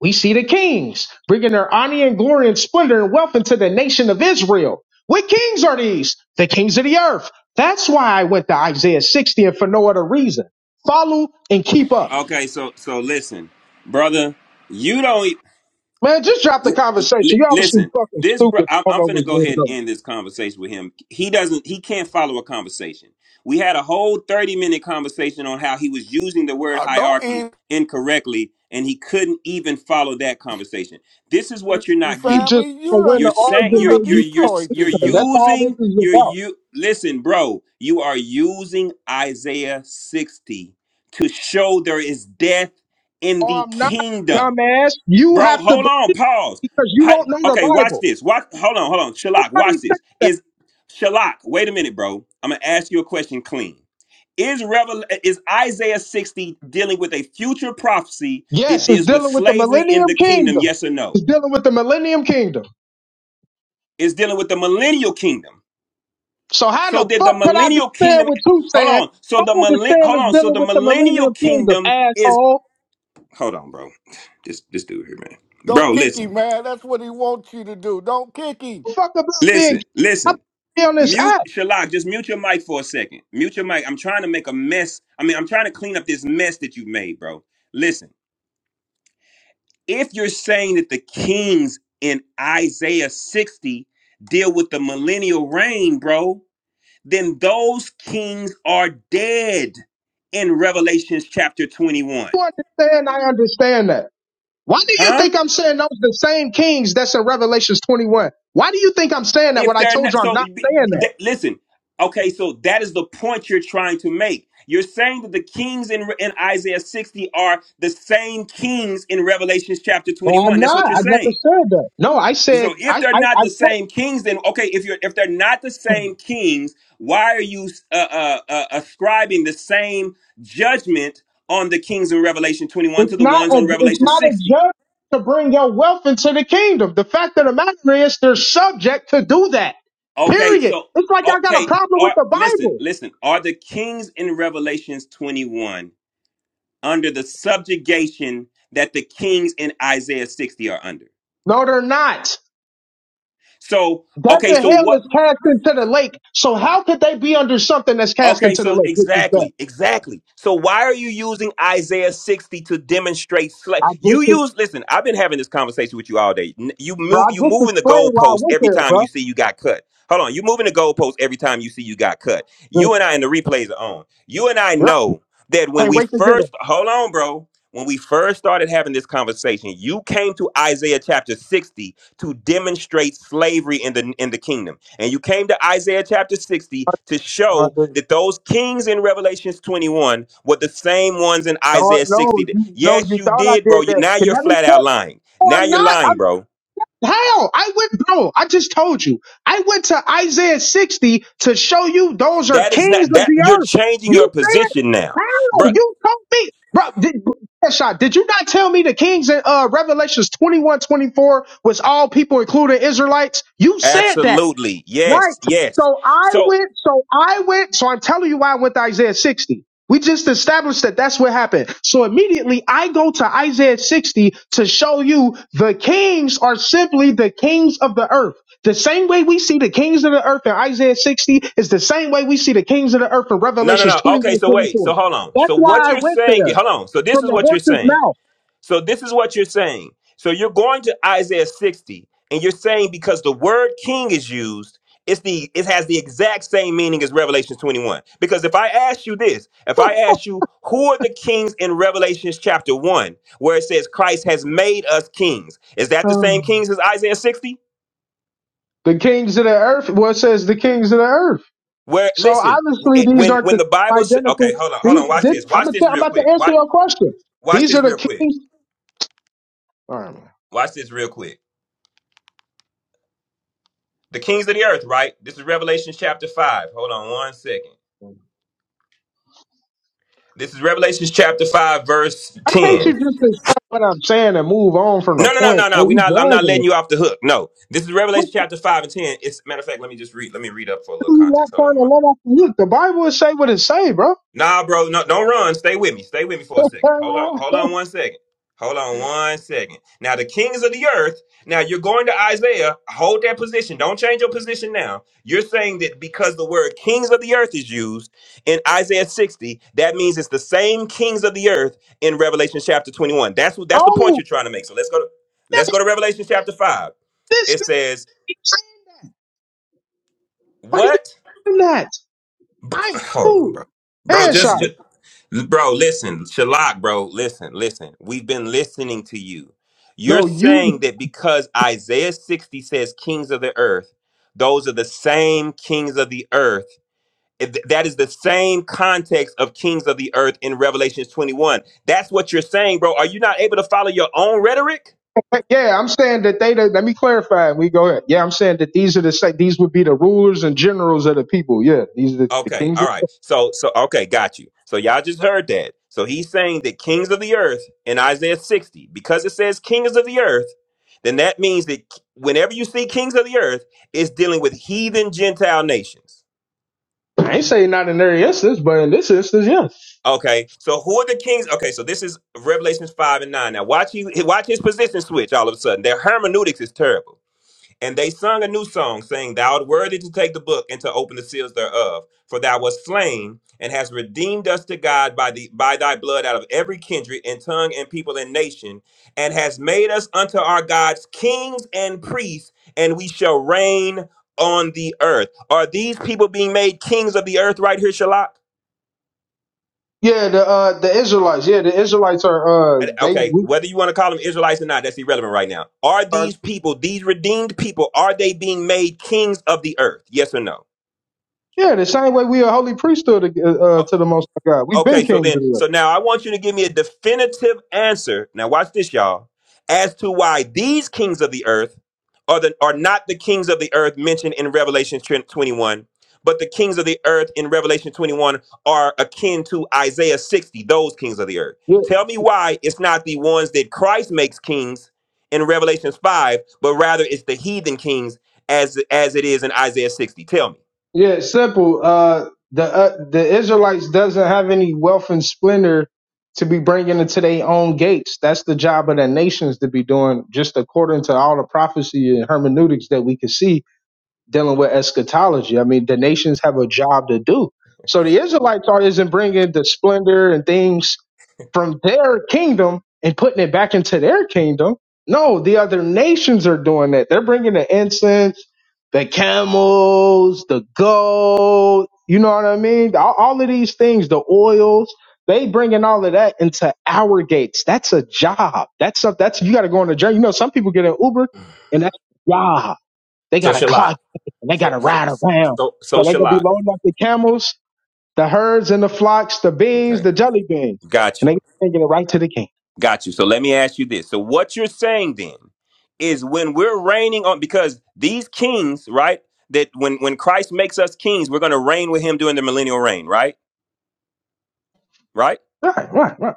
S7: we see the kings bringing their honor and glory and splendor and wealth into the nation of Israel. What kings are these? The kings of the earth. That's why I went to Isaiah 60 and for no other reason. Follow and keep up.
S6: Okay, so so listen, brother. You don't.
S7: Man, just drop the
S6: Li-
S7: conversation.
S6: li-
S7: You obviously
S6: listen,
S7: fucking
S6: this bro,
S7: stupid.
S6: I'm,
S7: I don't
S6: I'm
S7: know
S6: finna
S7: what's
S6: go ahead and
S7: going on.
S6: end this conversation with him. He doesn't, he can't follow a conversation. We had a whole 30 minute conversation on how he was using the word
S13: Uh, don't
S6: hierarchy
S13: end,
S6: incorrectly, and he couldn't even follow that conversation. This is what you're not
S7: You
S6: getting.
S7: just
S13: family. You
S7: win
S13: done,
S6: You're
S7: the
S6: saying
S13: you
S6: you're
S13: done
S7: argument.
S6: you're
S7: You
S6: you're
S7: can't
S13: destroyed
S6: you're
S13: this
S7: win. That's
S13: dude.
S7: all this
S6: using
S7: is
S6: you're
S7: about.
S6: you listen, bro. You are using Isaiah 60 to show there is death in
S7: Oh,
S6: the
S7: I'm not,
S6: kingdom.
S7: dumbass. You
S6: Bro,
S7: have to
S6: hold on,
S7: believe
S6: pause.
S7: because you
S6: Hi,
S7: don't know the
S6: okay, watch
S7: Bible.
S6: this. Watch hold on, hold on. Shalak,
S7: Nobody
S6: watch
S7: said
S6: this.
S7: that.
S6: Is Shalak, wait a minute, bro. I'm gonna ask you a question clean. Is Revel is Isaiah 60 dealing with a future prophecy that
S7: Yes, it's
S6: deals with
S7: dealing with the
S6: slavery in
S7: Millennium
S6: the kingdom?
S7: Kingdom.
S6: Yes or no?
S7: It's dealing with the Millennium Kingdom.
S6: It's dealing with the millennial kingdom.
S7: So how
S6: So
S7: the
S6: did the
S7: fuck could I be
S6: millennial
S7: saying
S6: kingdom
S7: what you
S6: hold
S7: saying?
S6: on. So
S7: I
S6: the millen
S7: understand
S6: hold
S7: it's
S6: on. So
S7: dealing
S6: the
S7: with the
S6: millennial
S7: Millennium Kingdom,
S6: kingdom is
S7: asshole.
S6: hold on, bro. This this dude here, man.
S13: Don't
S6: Bro,
S13: kick
S6: listen.
S13: him, man. That's what he wants you to do. Don't kick him.
S7: Fuck about being.
S6: Listen,
S7: I'm
S6: listen.
S7: be on this
S6: Mute
S7: app.
S6: Shalak, just mute your mic for a second. Mute your mic. I'm trying to make a mess. I mean, I'm trying to clean up this mess that you made, bro. Listen, if you're saying that the kings in Isaiah 60 deal with the millennial reign, bro, then those kings are dead in Revelations chapter 21.
S7: You understand? I understand that. Why do you
S6: Huh?
S7: think I'm saying those the same kings that's in Revelations 21? Why do you think I'm saying that
S6: if
S7: when I
S6: they're
S7: told
S6: not
S7: you I'm
S6: so
S7: not
S6: be-
S7: saying that?
S6: listen okay so that is the point you're trying to make you're saying that the kings in, in isaiah 60 are the same kings in revelation chapter
S7: Oh, I'm
S6: 21 that's
S7: not.
S6: what you're
S7: I never
S6: saying
S7: said that. No, I
S6: so
S7: said
S6: if
S7: I.
S6: they're
S7: I.
S6: not
S7: I
S6: the same kings then okay if you're if they're not the
S7: told.
S6: same kings why are you uh, uh, uh, ascribing the same judgment on the kings in revelation 21 to
S7: It's
S6: the
S7: not
S6: ones
S7: a
S6: on
S7: it's
S6: revelation
S7: not a
S6: 60
S7: journey to bring your wealth into the kingdom. The fact of the matter is they're subject to do that.
S6: Okay,
S7: Period.
S6: so
S7: It's like I got a
S6: okay,
S7: problem with
S6: are
S7: the
S6: listen,
S7: Bible.
S6: listen. Are the kings in Revelations 21 under the subjugation that the kings in Isaiah 60 are under?
S7: No, they're not.
S6: So,
S7: Death
S6: okay,
S7: and
S6: so what
S7: hell is cast into the lake. So how could they be under something that's cast
S6: Okay,
S7: into the
S6: so
S7: lake, which is death?
S6: exactly, exactly. So why are you using Isaiah 60 to demonstrate slave?
S7: I
S6: You
S7: just
S6: use
S7: ex-
S6: listen, I've been having this conversation with you all day. N- You
S7: bro,
S6: move
S7: I
S6: you
S7: just
S6: moving the
S7: explained why I
S6: goalpost
S7: went
S6: every
S7: there,
S6: time
S7: bro.
S6: you see you got cut. Hold on, you moving the goalpost every time you see you got cut. You and
S7: Goodness,
S6: I and the
S7: man.
S6: replays are on. You and I
S7: Yep.
S6: know that when
S7: Can't
S6: we
S7: wait to get them.
S6: first hold on, bro. When we first started having this conversation, you came to Isaiah chapter 60 to demonstrate slavery in the in the kingdom. And you came to Isaiah chapter 60 to
S7: No, I
S6: show
S7: didn't.
S6: that those kings in Revelations 21 were the same ones in
S7: No, I-
S6: Isaiah
S7: no,
S6: 60. that-
S7: you no,
S6: Yes,
S7: you
S6: you
S7: thought I
S6: did, bro.
S7: did
S6: You,
S7: that.
S6: now
S7: Can
S6: you're
S7: that be
S6: flat out
S7: put?
S6: lying.
S7: No,
S6: Now
S7: I'm
S6: you're
S7: not.
S6: lying, bro.
S7: How? I went, bro, I just told you. I went to Isaiah 60 to show you those are
S6: That is
S7: kings
S6: not
S7: of
S6: that
S7: the
S6: you're
S7: earth.
S6: changing your
S7: You said,
S6: position now. Bro,
S7: how? You told me. Bro, did, shot, did you not tell me the kings in uh, Revelations 21:24 was all people, including Israelites? You said that.
S6: absolutely.
S7: Right.
S6: Yes, yes.
S7: So I
S6: So
S7: went, so I went, so I'm telling you why I went to Isaiah 60. We just established that that's what happened. So immediately I go to Isaiah 60 to show you the kings are simply the kings of the earth. The same way we see the kings of the earth in Isaiah 60 is the same way we see the kings of the earth in
S6: no, no,
S7: Revelations
S6: no. Okay,
S7: 21:24.
S6: so wait. So hold on. So
S7: That's
S6: what
S7: why I
S6: you're
S7: went
S6: saying,
S7: there
S6: hold on. So this
S7: from
S6: is
S7: the
S6: what you're
S7: horse's
S6: saying.
S7: mouth.
S6: So this is what you're saying. So you're going to Isaiah 60, and you're saying because the word king is used, it's the it has the exact same meaning as Revelation 21. Because if I ask you this, if I ask you who are the kings in Revelation chapter 1, where it says Christ has made us kings, is that the same
S7: Um,
S6: kings as Isaiah 60?
S7: the kings of the earth, well, it says the kings of the earth.
S6: Where
S7: So
S6: listen, w-
S7: obviously,
S6: it-
S7: these
S6: when
S7: aren't
S6: when
S7: the
S6: the Bible says, okay,
S7: identical.
S6: hold on, hold
S7: These,
S6: on, watch
S7: this,
S6: this,
S7: I'm,
S6: watch
S7: gonna
S6: this
S7: tell- I'm
S6: real
S7: about to
S6: quick,
S7: answer
S6: watch
S7: your question.
S6: watch
S7: These are
S6: this
S7: the
S6: real quick,
S7: keys. All right, man.
S6: watch this real quick. the kings of the earth, right? This is Revelation chapter 5. Hold on one second. This is Revelation chapter 5, verse
S7: Why can't
S6: 10.
S7: you just accept what I'm saying and move on from the
S6: No, no, no,
S7: point?
S6: no,
S7: Are
S6: no. We
S7: you
S6: not I'm not
S7: dragging
S6: letting
S7: it?
S6: you off the hook. No. This is Revelation
S7: What's the
S6: chapter 5 and 10. It's matter of fact, let me just read, let me read up for a little
S7: what are you not
S6: context. Hold
S7: trying
S6: on.
S7: to let off the hook? The Bible will say what it say, bro.
S6: Nah, bro, no, don't run. Stay with me. Stay with me for a second. Hold on. Hold on one second. Hold on one second. Now, the kings of the earth. Now, you're going to Isaiah. Hold that position. Don't change your position now. You're saying that because the word kings of the earth is used in Isaiah 60, that means it's the same kings of the earth in Revelation chapter 21. That's what that's the point
S7: oh,
S6: you're trying to make. So let's go to let's go
S7: that,
S6: to Revelation chapter 5.
S7: this
S6: It
S7: is
S6: says,
S7: what are you
S6: What?
S7: doing that? I
S6: Hold on,
S7: do.
S6: bro. Bro, just,
S7: Headshot.
S6: just Bro, listen, Shalak, bro, listen, listen. We've been listening to you. You're
S7: No, you.
S6: saying that because Isaiah 60 says kings of the earth, those are the same kings of the earth. It- That is the same context of kings of the earth in Revelation 21. That's what you're saying, bro. Are you not able to follow your own rhetoric?
S7: Yeah, I'm saying that they. The, let me clarify. We go ahead. Yeah, I'm saying that these are the sa- these would be the rulers and generals of the people. Yeah, these are the, the
S6: Okay,
S7: kings.
S6: all
S7: Of,
S6: right. So, so okay, got you. So y'all just heard that. So he's saying that kings of the earth in Isaiah 60, because it says kings of the earth, then that means that whenever you see kings of the earth, it's dealing with heathen Gentile nations.
S7: I ain't saying not in every instance, but in this instance, yes.
S6: Okay, so who are the kings? Okay, so this is Revelations 5 and 9. Now watch you watch his position switch all of a sudden. Their hermeneutics is terrible. And they sung a new song, saying, Thou art worthy to take the book and to open the seals thereof, for thou wast slain and hast redeemed us to God by the by thy blood out of every kindred and tongue and people and nation, and hast made us unto our gods kings and priests, and we shall reign on the earth. Are these people being made kings of the earth right here, Shalak?
S7: Yeah, the uh the Israelites. Yeah, the Israelites are uh
S6: And-
S7: they
S6: Okay,
S7: we
S6: whether you want to call them Israelites or not, that's irrelevant right now. Are
S7: are
S6: these people, these redeemed people, are they being made kings of the earth? Yes or no?
S7: yeah the same way we are holy priesthood uh, uh, to the Most High God. We've been
S6: Okay, so
S7: kings of
S6: then,
S7: the earth.
S6: so now I want you to give me a definitive answer. Now, watch this, y'all, as to why these kings of the earth are the are not the kings of the earth mentioned in Revelation twen- 21, but the kings of the earth in Revelation 21 are akin to Isaiah 60, those kings of the earth.
S7: Yeah.
S6: Tell me why it's not the ones that Christ makes kings in Revelation 5, but rather it's the heathen kings as as it is in Isaiah 60. Tell me.
S7: Yeah, it's simple. Uh, the uh, the Israelites doesn't have any wealth and splendor to be bringing into their own gates. That's the job of the nations to be doing, just according to all the prophecy and hermeneutics that we can see dealing with eschatology. I mean, the nations have a job to do. So the Israelites are isn't bringing the splendor and things from their kingdom and putting it back into their kingdom. No, the other nations are doing that. They're bringing the incense, the camels, the gold. You know what I mean? All, all of these things, the oils. They bringing all of that into our gates. That's a job. That's a, that's you got to go on a journey. You know, some people get an Uber, and that's a job. They
S6: So
S7: got a
S6: Shalak.
S7: clock and they got
S6: So
S7: to
S6: so
S7: ride around.
S6: so, so
S7: So they going to be
S6: Shalak.
S7: loading up the camels, the herds and the flocks, the
S6: Okay.
S7: beans, the jelly beans.
S6: Got
S7: And
S6: you.
S7: they taking it right to the king.
S6: Got you. So let me ask you this. So what you're saying then is when we're reigning on because these kings, right? That when when Christ makes us kings, we're going to reign with him during the millennial reign, right? Right?
S7: Right, right, right.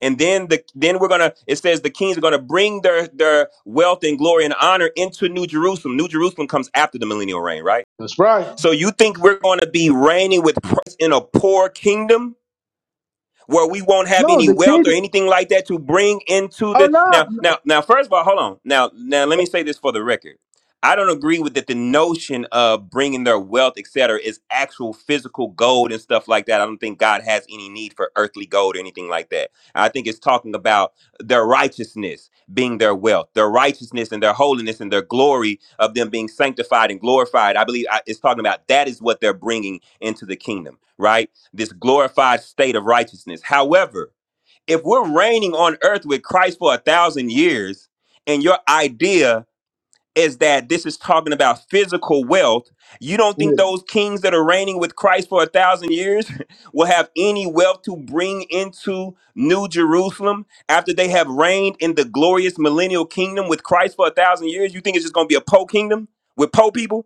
S6: And then the then we're going to it says the kings are going to bring their their wealth and glory and honor into New Jerusalem. New Jerusalem comes after the millennial reign, right?
S7: That's right.
S6: So you think we're going to be reigning with Christ in a poor kingdom? where we won't have
S7: No,
S6: any
S7: the king.
S6: wealth or anything like that to bring into the
S7: Oh,
S6: now now now first of all hold on now now let me say this for the record i don't agree with that the notion of bringing their wealth etc is actual physical gold and stuff like that i don't think god has any need for earthly gold or anything like that i think it's talking about their righteousness being their wealth their righteousness and their holiness and their glory of them being sanctified and glorified i believe I, it's talking about that is what they're bringing into the kingdom right this glorified state of righteousness. However, if we're reigning on earth with Christ for a thousand years, and your idea is that this is talking about physical wealth, you don't
S7: no.
S6: think those kings that are reigning with Christ for a thousand years will have any wealth to bring into New Jerusalem after they have reigned in the glorious millennial kingdom with Christ for a thousand years? You think it's just gonna be a po kingdom with po people?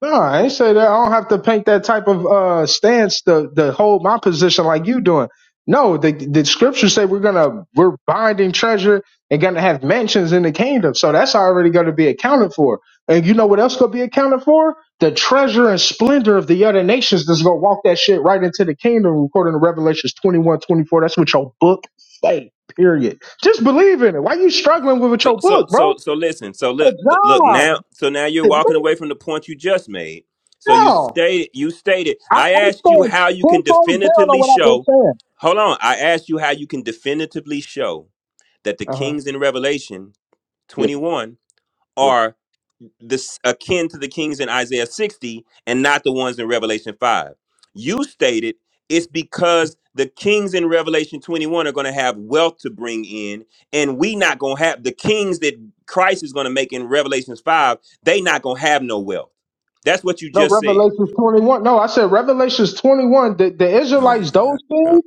S7: No, I ain't say that. I don't have to paint that type of uh, stance to, to hold my position like you doing. No, the, the scriptures say we're gonna we're binding treasure and gonna have mansions in the kingdom. So that's already gonna be accounted for. And you know what else gonna be accounted for? The treasure and splendor of the other nations that's gonna walk that shit right into the kingdom, according to Revelations 21 24. That's what your book say. Period. Just believe in it. Why you struggling with
S6: So
S7: your
S6: so
S7: book,
S6: so
S7: bro?
S6: so listen. So look
S7: Good
S6: look
S7: job.
S6: now. So now you're
S7: Good
S6: walking away from the point you just made. So you
S7: job.
S6: stated you stated.
S7: I'm,
S6: I
S7: I'm
S6: asked you
S7: staying
S6: how you
S7: ten
S6: can
S7: toes down on
S6: definitively
S7: what I've been
S6: show.
S7: saying.
S6: Hold on. I asked you how you can definitively show that the
S7: Uh huh.
S6: kings in Revelation
S7: Yeah.
S6: 21
S7: Yeah.
S6: are this akin to the kings in Isaiah 60 and not the ones in Revelation 5. You stated it's because the kings in Revelation 21 are going to have wealth to bring in and we not going to have the kings that Christ is going to make in Revelations 5, they not going to have no wealth. That's what you
S7: No,
S6: just said.
S7: Revelations 21. No, I said Revelations 21. The, the
S6: Oh
S7: Israelites,
S6: my god.
S7: those
S6: bro.
S7: things,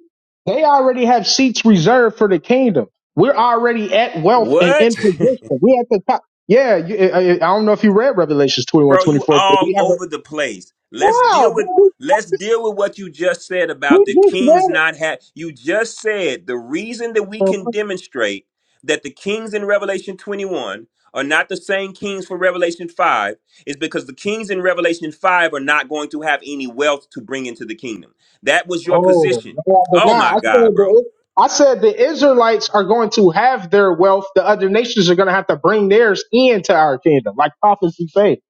S7: they already have seats reserved for the kingdom. We're already at wealth and
S6: What?
S7: in position. we at the top. Yeah. You, I, I I don't know if you read Revelations 21
S6: bro
S7: twenty
S6: you
S7: four, but
S6: all
S7: we have a.
S6: over the place let's
S7: Wow.
S6: deal with
S7: bro,
S6: let's deal with what you just said about
S7: We, we
S6: the
S7: just
S6: kings
S7: read
S6: not have you just said the reason that we
S7: it.
S6: can demonstrate that the kings in revelation 21 are not the same kings for revelation 5 is because the kings in revelation 5 are not going to have any wealth to bring into the kingdom that was your
S7: Oh,
S6: position
S7: no, I did
S6: oh
S7: not.
S6: my
S7: I said
S6: god bro
S7: the I said the Israelites are going to have their wealth. The other nations are going to have to bring theirs into our kingdom, like prophecy say.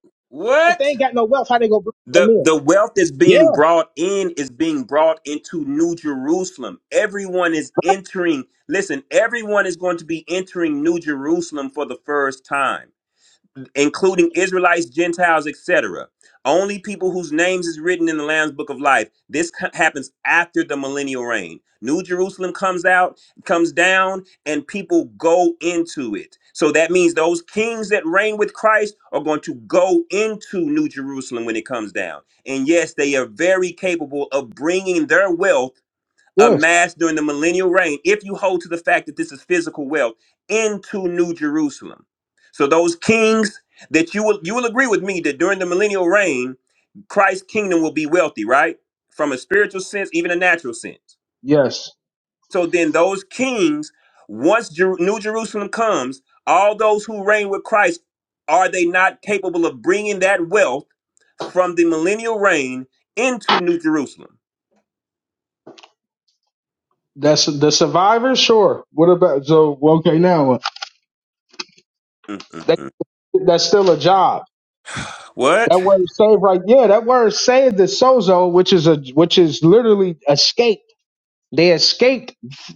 S7: How- If they
S6: what
S7: ain't got no wealth, how they gonna bring them
S6: the
S7: in?
S6: the wealth that's
S7: Yeah.
S6: being brought in is being brought into new jerusalem everyone is entering listen everyone is going to be entering new jerusalem for the first time including Israelites, Gentiles, etc. Only people whose names is written in the Lamb's Book of Life. This co- happens after the millennial reign. New Jerusalem comes out, comes down, and people go into it. So that means those kings that reign with Christ are going to go into New Jerusalem when it comes down. And yes, they are very capable of bringing their wealth
S7: Yes.
S6: amassed during the millennial reign, if you hold to the fact that this is physical wealth, into New Jerusalem. So those kings that you will you will agree with me that during the millennial reign, Christ's kingdom will be wealthy, right? From a spiritual sense, even a natural sense.
S7: Yes.
S6: So then those kings, once Jer- New Jerusalem comes, all those who reign with Christ, are they not capable of bringing that wealth from the millennial reign into New Jerusalem?
S7: That's the survivors. Sure. What about so? well, Okay, now that
S6: Mm-mm-mm.
S7: that's still a job.
S6: What?
S7: That word saved, right? Yeah, that word saved is sozo, which is a which is literally escape. They escaped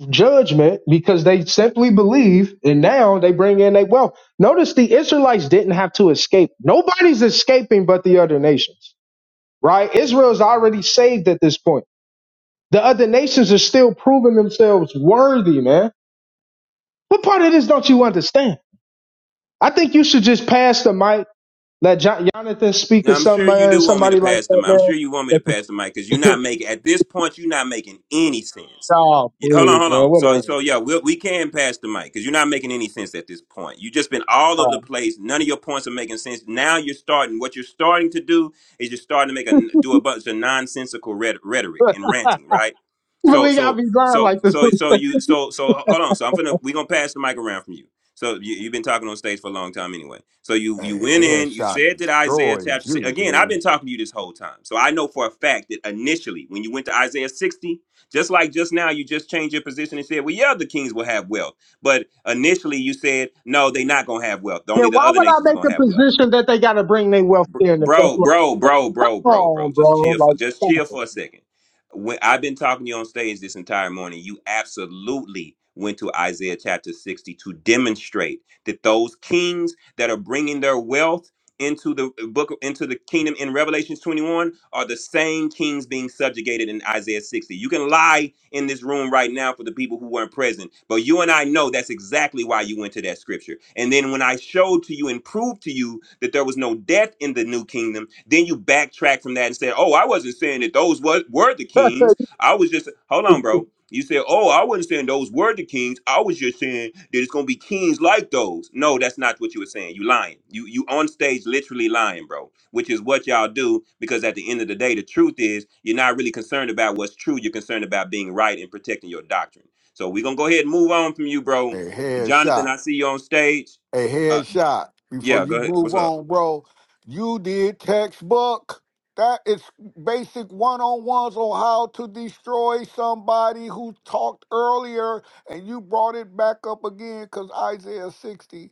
S7: judgment because they simply believe, and now they bring in their wealth. Notice the Israelites didn't have to escape. Nobody's escaping but the other nations, right? Israel's already saved at this point. The other nations are still proving themselves worthy, man. What part of this don't you understand? I think you should just pass the mic, let Jon- Jonathan speak
S6: Now
S7: or
S6: I'm sure you
S7: somebody,
S6: do want me to
S7: somebody like
S6: pass the
S7: that,
S6: mic. I'm
S7: man.
S6: sure you want me to
S7: That's what-
S6: pass the mic because you're not making at this point. You're not making any sense.
S7: oh,
S6: Y- Hold on,
S7: please,
S6: hold
S7: man,
S6: on. So,
S7: whatever.
S6: so yeah, we we can pass the mic because you're not making any sense at this point. you just been all over the place. None of your points are making sense. Now you're starting. What you're starting to do is you're starting to make a do a bunch of nonsensical rhet- rhetoric and ranting, right? So,
S7: Believe I
S6: so,
S7: be lying
S6: so,
S7: like this.
S6: so, so you, so, so, hold on. So I'm gonna we gonna pass the mic around from you. So you, you've been talking on stage for a long time anyway. So you
S13: A
S6: you went in, you
S13: headshot
S6: said that Isaiah
S13: destroys
S6: chapter six.
S13: you,
S6: Again, I've
S13: dude.
S6: been talking to you this whole time. So I know for a fact that initially when you went to Isaiah 60, just like just now, you just changed your position and said, Well, yeah, the kings will have wealth. But initially you said, No, they're not gonna have wealth.
S7: Then
S6: Only the
S7: why
S6: other
S7: would I
S6: nations are
S7: make
S6: gonna
S7: a
S6: have wealth.
S7: position that they got to bring their wealth
S6: Br-
S7: there in the first
S6: bro,
S7: place?
S6: bro, bro, bro,
S7: Come
S6: bro,
S7: on,
S6: bro.
S7: bro.
S6: Just chill for
S7: Like,
S6: just
S7: stop
S6: chill for a second. When I've been talking to you on stage this entire morning, you absolutely went to Isaiah chapter 60 to demonstrate that those kings that are bringing their wealth into the book into the kingdom in revelation 21 are the same kings being subjugated in isaiah 60 you can lie in this room right now for the people who weren't present but you and i know that's exactly why you went to that scripture and then when i showed to you and proved to you that there was no death in the new kingdom then you backtrack from that and said oh i wasn't saying that those was, were the kings i was just hold on
S7: it.
S6: bro you said, "Oh, I wasn't saying those were the kings. I was just saying that it's gonna be kings like those." No, that's not what you were saying. You lying. You you on stage literally lying, bro. Which is what y'all do because at the end of the day, the truth is you're not really concerned about what's true. You're concerned about being right and protecting your doctrine. So we're gonna go ahead and move on from you, bro.
S13: A
S6: Jonathan,
S13: headshot.
S6: I see you on stage.
S13: A
S6: Uh,
S13: headshot. Before
S6: yeah, go
S13: you
S6: ahead.
S13: move
S6: What's up?
S13: on, bro, you did textbook. That is basic one on ones on how to destroy somebody who talked earlier, and you brought it back up again because Isaiah 60,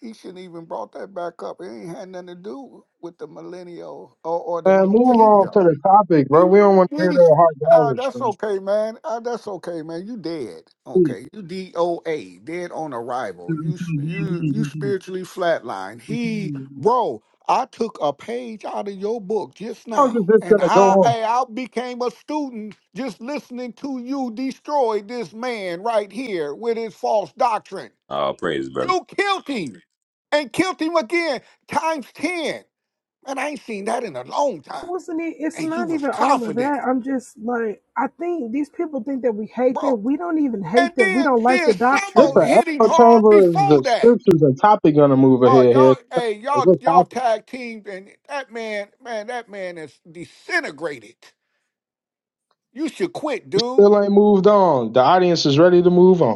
S13: he shouldn't even brought that back up. It ain't had nothing to do with the millennial or, or the
S7: Man,
S13: new
S7: move on
S13: kingdom.
S7: to the topic, bro. We don't want to hear
S13: Mm-hmm.
S7: that hard
S13: Ah,
S7: dollars,
S13: that's
S7: man.
S13: okay, man. Ah, that's okay, man. You dead.
S7: Jeez.
S13: Okay. You DOA, dead on arrival. You s- you you spiritually flatlined. He, bro, I took a page out of your book just
S7: How long is
S13: now.
S7: this
S13: And
S7: gonna go
S13: I
S7: on?
S13: hey, I became a student just listening to you destroy this man right here with his false doctrine.
S6: Oh, praise, brother.
S13: You killed him and killed him again times 10. Man, I ain't seen that in a long
S10: It
S13: time.
S10: wasn't it it's
S13: And you
S10: not
S13: was
S10: even all of
S13: confident,
S10: that i'm just like i think these people think that we hate
S13: bro.
S10: them we don't even
S13: And
S10: hate them we
S13: then
S10: don't like the
S13: then
S7: This
S13: Samo
S10: doctrine
S7: the
S13: hit him
S7: echo
S13: hard
S7: chamber is
S13: before
S7: the
S13: that.
S7: scriptures and topic gonna move
S13: Oh,
S7: ahead here.
S13: y'all, hey,
S7: Like
S13: y'all,
S7: what's
S13: y'all
S7: happening?
S13: tag teamed, and that man, man, that man is disintegrated. You should quit, dude.
S7: Still ain't moved on. The audience is ready to move on.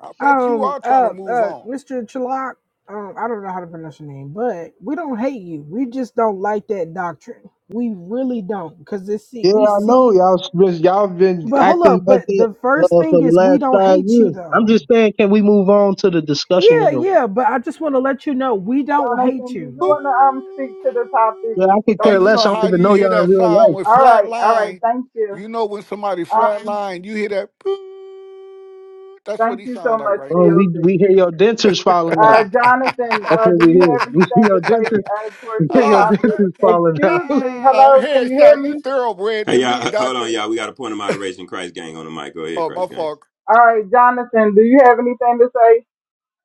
S13: I bet you
S10: Um,
S13: are trying to
S10: uh,
S13: move
S10: uh,
S13: on.
S10: Mr. Chalock, um, I don't know how to pronounce your name, but we don't hate you. We just don't like that doctrine. We really don't, because this see
S7: Yeah,
S10: we
S7: I know
S10: see.
S7: y'all. s- just- Y'all been
S10: But hold
S7: acting
S10: up,
S7: like
S10: but
S7: that
S10: the
S7: uh,
S10: first thing
S7: for the
S10: is we
S7: last
S10: don't
S7: five
S10: hate you
S7: years. I'm just
S10: though.
S7: saying, can we move on to the discussion
S10: Yeah,
S7: in the?
S10: yeah, but I just want to let you know we don't hate
S2: Jonathan, do
S10: you.
S2: you want to um speak to the topic?
S7: Yeah, I
S13: Ooh.
S7: could
S13: Hey,
S7: care
S2: Thank
S13: you
S2: you,
S7: less.
S13: know
S7: I don't
S13: how
S7: even
S2: Judy.
S13: you
S7: know
S13: hear
S7: y'all in
S13: that
S7: real
S13: sound
S7: life.
S13: with
S2: All
S13: flat
S2: right, all right.
S13: line?
S2: Thank you.
S13: You know when somebody flat
S2: Um,
S13: line, you hear that. "Boo." That's what
S2: thank
S13: he
S2: you so
S13: sound like
S2: much,
S13: right
S7: Uh,
S13: now.
S7: we
S2: DLC.
S7: we hear your dentures falling out.
S2: Uh, Jonathan,
S7: That's
S2: uh,
S7: what
S2: do
S7: we
S2: you
S7: hear.
S2: have anything
S7: We see
S2: to
S7: your
S2: say
S7: dentures.
S2: uh,
S7: We
S2: towards
S7: hear
S2: the
S7: your
S13: oh,
S2: topic?
S7: dentures falling out.
S2: Excuse me.
S13: Ah,
S2: Hello, can you hear
S13: headshot, you
S2: me?
S13: thoroughbred
S6: Hey,
S13: to me,
S6: y'all. h- Hold on,
S13: doctor.
S6: y'all. We got a point of moderation. Christ gang on the mic. Go ahead,
S13: Oh, my
S6: Christ gang.
S13: fault.
S2: All right, Jonathan, do you have anything to say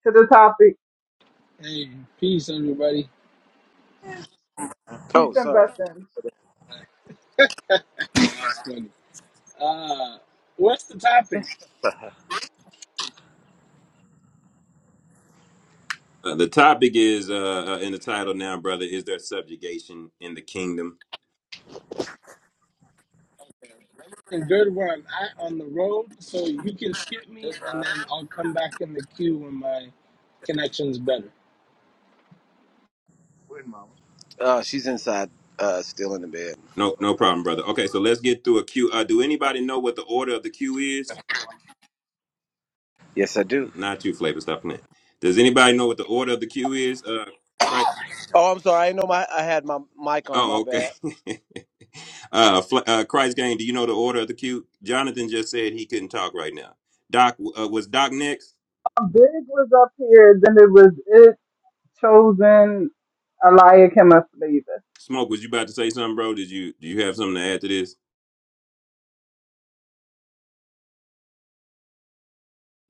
S2: to the topic?
S14: Hey, peace, everybody.
S2: Peace
S15: Oh,
S2: and
S15: sorry.
S2: blessings.
S14: That was funny. Uh, what's the topic?
S6: Uh, the topic is uh, uh, in the title now, brother. Is there subjugation in the kingdom?
S14: Good one. I on the road, so you can skip me, and then I'll come back in the queue when my connection's better.
S15: Uh, she's inside, uh, still in the bed.
S6: No, no problem, brother. Okay, so let's get through a queue. Uh, do anybody know what the order of the queue is?
S15: Yes, I do.
S6: N- Not you, Flavor. Stop playing. Does anybody know what the order of the queue is? Uh, right.
S15: Oh, I'm sorry. I didn't know my I had my mic on. My
S6: Oh, okay.
S15: bad.
S6: uh, Fla- uh, Christ gang. Do you know the order of the queue? Jonathan just said he couldn't talk right now. Doc uh, was Doc next.
S2: Um, Big was up here, then it was it chosen Eliakim of Flavor.
S6: Smoke, was you about to say something, bro? Did you do you have something to add to this?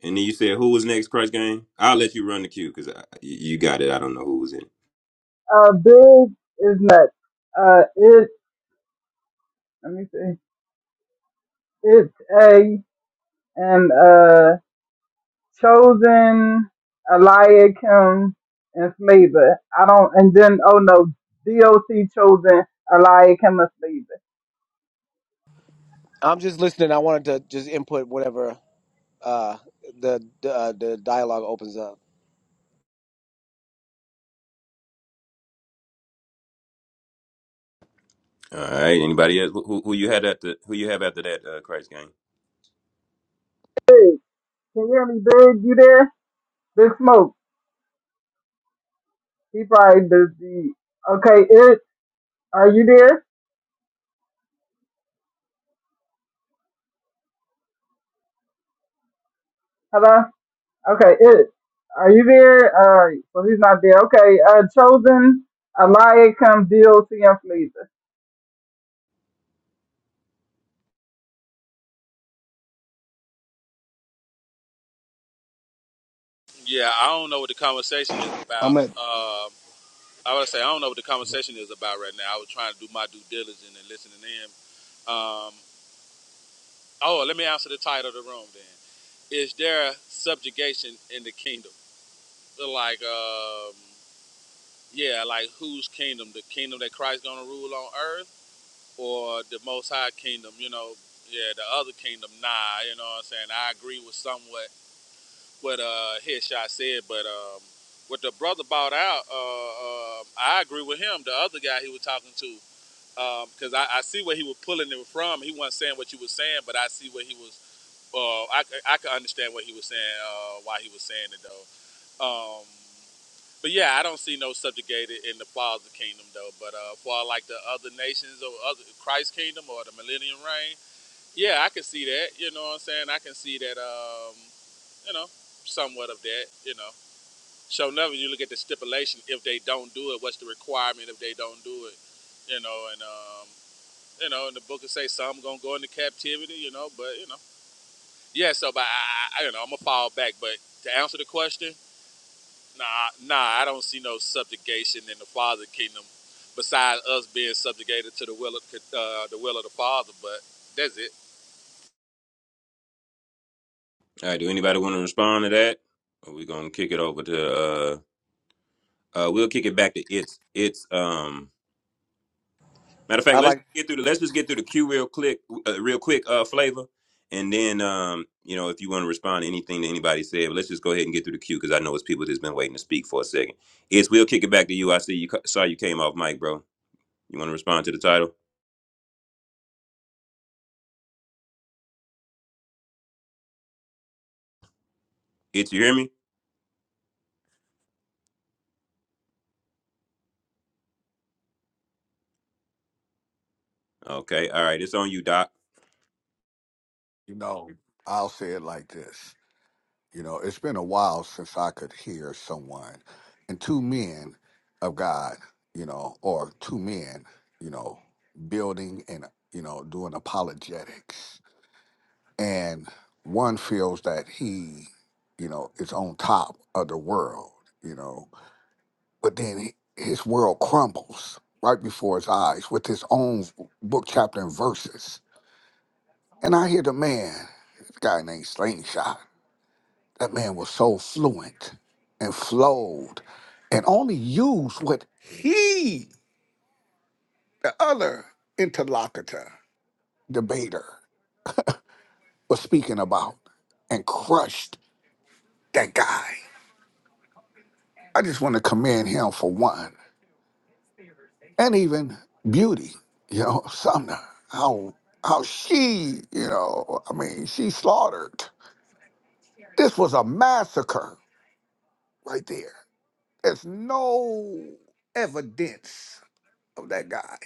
S6: And then you said, who was next, Christ Gang? I'll let you run the queue because you got it. I don't know who was in it.
S2: Uh, Big is next. Uh, it, let me see, it's A, and uh, chosen Eliakim and Flavor. I don't, and then, oh no, DOC chosen Eliakim of Flavor.
S15: I'm just listening. I wanted to just input whatever uh, the the, uh, the dialogue opens up.
S6: All right. Anybody else? Who, who you had after? Who you have after that, uh, Christ Gang?
S2: Can you hear me, Big? You there? Big Smoke. He probably busy. Okay, it. Are you there? Hello. Okay, it. Are you there? All right. So he's not there. Okay. Uh, chosen. Eliakim, DLC, and Fleeta.
S16: I'm at
S6: All right. Do anybody want to respond to that? Or we gonna kick it over to? uh uh We'll kick it back to it's it's. um Matter of fact,
S15: I
S6: let's
S15: like.
S6: get through. The, let's just get through the queue real quick, uh, real quick, uh, flavor, and then um you know if you want to respond to anything that anybody said, but let's just go ahead and get through the queue because I know it's people that's been waiting to speak for a second. It's we'll kick it back to you. I see you ca- saw you came off mic, bro. You want to respond to the title? It you hear me? Okay, all right. It's on you, Doc.
S13: You know, I'll say it like this. You know, it's been a while since I could hear someone and two men of God, you know, or two men, you know, building and, you know, doing apologetics. And one feels that he, you know, is on top of the world, you know. but then he- his world crumbles right before his eyes with his own book, chapter, and verses. And I hear the man, this guy named Slingshot, that man was so fluent and flowed and only used what he, the other interlocutor, debater, was speaking about and crushed that guy. I just want to commend him for one. and even beauty, you know, Sumner, how how she, you know, I mean, she slaughtered. This was a massacre right there. There's no evidence of that guy.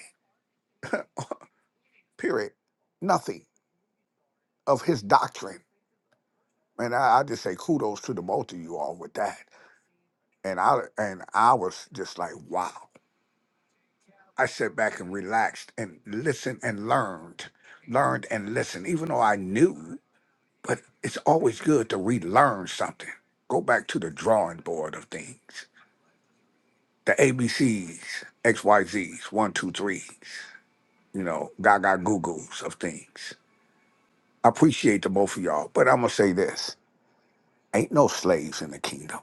S13: Period. Nothing of his doctrine. And I, I just say kudos to the both of you all with that. And I and I was just like, wow. I sat back and relaxed and listened and learned, learned and listened, even though I knew. But it's always good to relearn something. Go back to the drawing board of things. The A B C's, X Y Z's, one, two, threes, you know, gaga goo goos of things. I appreciate the both of y'all, but I'm gonna say this. Ain't no slaves in the kingdom,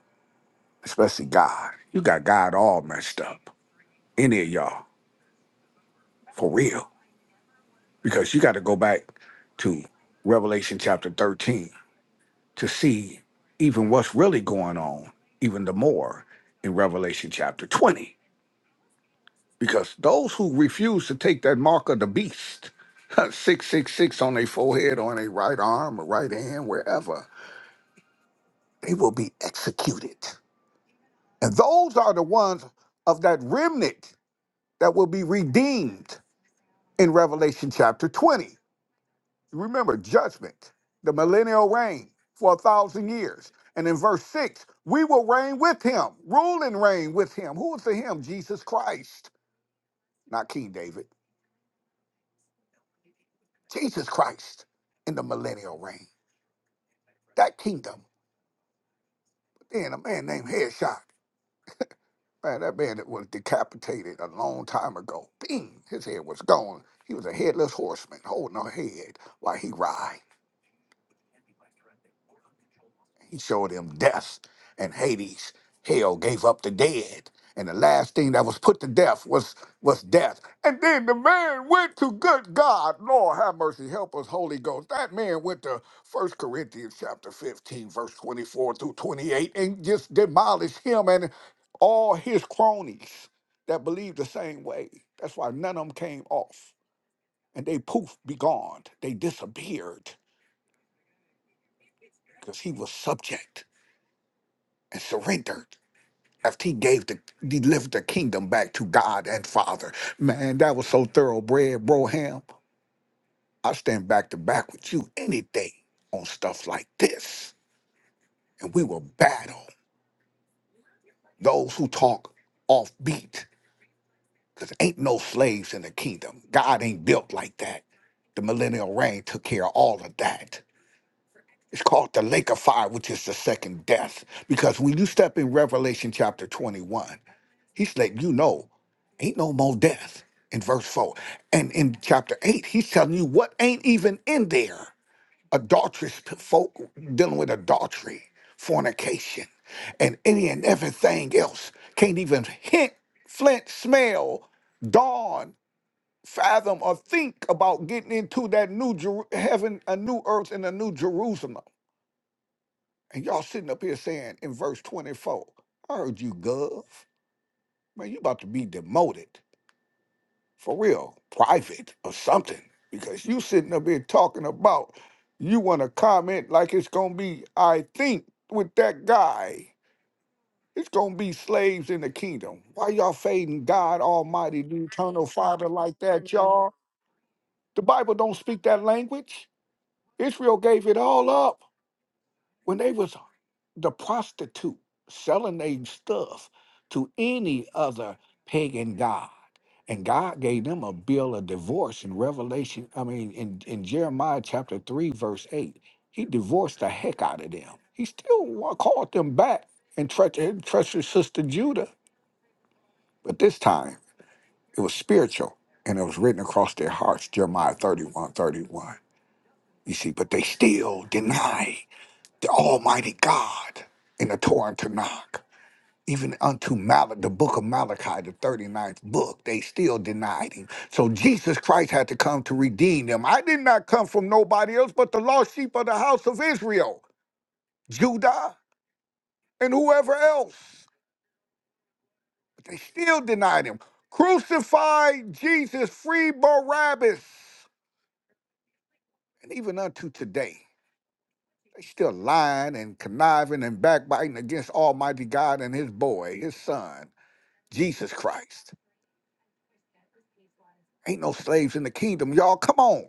S13: especially God. You got God all messed up. Any of y'all, for real. Because you gotta go back to Revelation chapter 13 to see even what's really going on, even the more in Revelation chapter 20. Because those who refuse to take that mark of the beast, 666 on their forehead, on their right arm, or right hand, wherever, they will be executed. And those are the ones of that remnant that will be redeemed in Revelation chapter 20. remember judgment, the millennial reign for a thousand years. And in verse six, we will reign with him, rule and reign with him. Who is the him? Jesus Christ, not King David. Jesus Christ in the millennial reign. That kingdom. Then a man named Headshot. Man, that man that was decapitated a long time ago. Bing, his head was gone. He was a headless horseman holding a head while he ride. He showed him death and Hades. Hell gave up the dead. And the last thing that was put to death was, was death. And then the man went to good God. Lord have mercy, help us, Holy Ghost. That man went to First Corinthians chapter 15, verse 24 through 28, and just demolished him and all his cronies that believed the same way. That's why none of them came off. And they poof, be gone. They disappeared because he was subject and surrendered. left, he gave the delivered the kingdom back to God and Father. Man, that was so thoroughbred, bro ham. I stand back to back with you any day on stuff like this. And we will battle those who talk off beat. Because ain't no slaves in the kingdom. God ain't built like that. The millennial reign took care of all of that. It's called the lake of fire, which is the second death. Because when you step in Revelation chapter 21, he's letting you know ain't no more death in verse 4. And in chapter 8, he's telling you what ain't even in there. Adulterous p- folk dealing with adultery, fornication, and any and everything else. Can't even hint, flint, smell, dawn, fathom, or think about getting into that new Jeru- heaven, a new earth, and a new Jerusalem. And y'all sitting up here saying in verse 24, I heard you, Gov. Man, you about to be demoted for real, private or something. Because you sitting up here talking about you want to comment like it's gonna be, I think, with that guy. It's gonna be slaves in the kingdom. Why y'all fading God Almighty, the eternal Father like that, y'all? The Bible don't speak that language. Israel gave it all up. when they was the prostitute selling their stuff to any other pagan god and god gave them a bill of divorce in revelation i mean in, in jeremiah chapter 3 verse 8 he divorced the heck out of them he still wa- called them back and treacherous and treacherous sister judah but this time it was spiritual and it was written across their hearts jeremiah 31, thirty-one. you see but they still denied the Almighty God in the Torah and Tanakh. Even unto Malachi, the book of Malachi, the thirty-ninth book, they still denied him. So Jesus Christ had to come to redeem them. I did not come from nobody else but the lost sheep of the house of Israel, Judah, and whoever else. But they still denied him. Crucify Jesus, free Barabbas. And even unto today, they still lying and conniving and backbiting against Almighty God and his boy, his son. Jesus Christ. Ain't no slaves in the kingdom, y'all. Come on.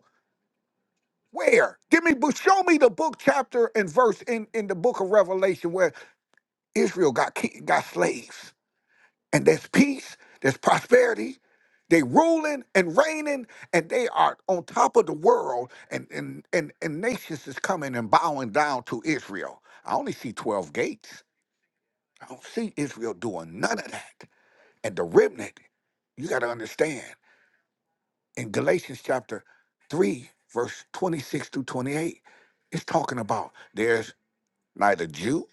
S13: Where? Give me book. Show me the book, chapter, and verse in, in the book of Revelation where Israel got ki- got slaves, and there's peace, there's prosperity. They ruling and reigning, and they are on top of the world, and and and, and nations is coming and bowing down to Israel. I only see twelve gates. I don't see Israel doing none of that. And the remnant, you got to understand. in Galatians chapter 3, verse 26 through 28, it's talking about there's neither Jew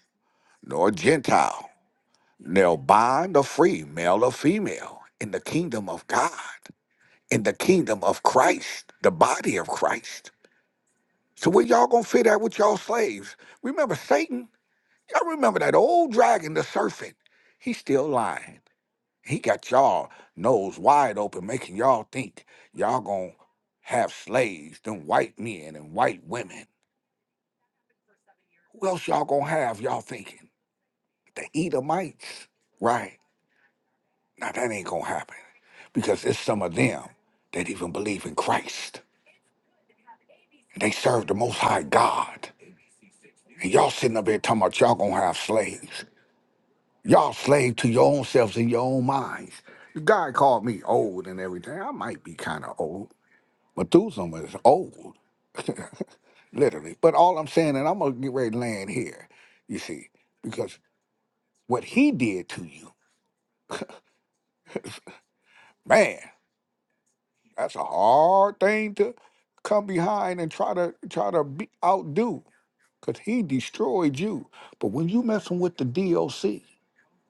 S13: nor Gentile, nor bond or free, male or female, in the kingdom of God, in the kingdom of Christ, the body of Christ. So where y'all gonna fit at with y'all slaves? Remember Satan? Y'all remember that old dragon, the serpent? He's still lying. He got y'all nose wide open, making y'all think y'all gonna have slaves, them white men and white women. Who else y'all gonna have? Y'all thinking the Edomites, right? Now that ain't gonna happen because it's some of them that even believe in Christ. They serve the Most High God, and y'all sitting up here talking about y'all gonna have slaves. Y'all slave to your own selves and your own minds. God called me old and everything. I might be kind of old. Methuselah is old, literally. But all I'm saying, and I'm gonna get ready to land here, you see, because what he did to you, man, that's a hard thing to come behind and try to try to be, outdo, because he destroyed you. But when you messing with the DOC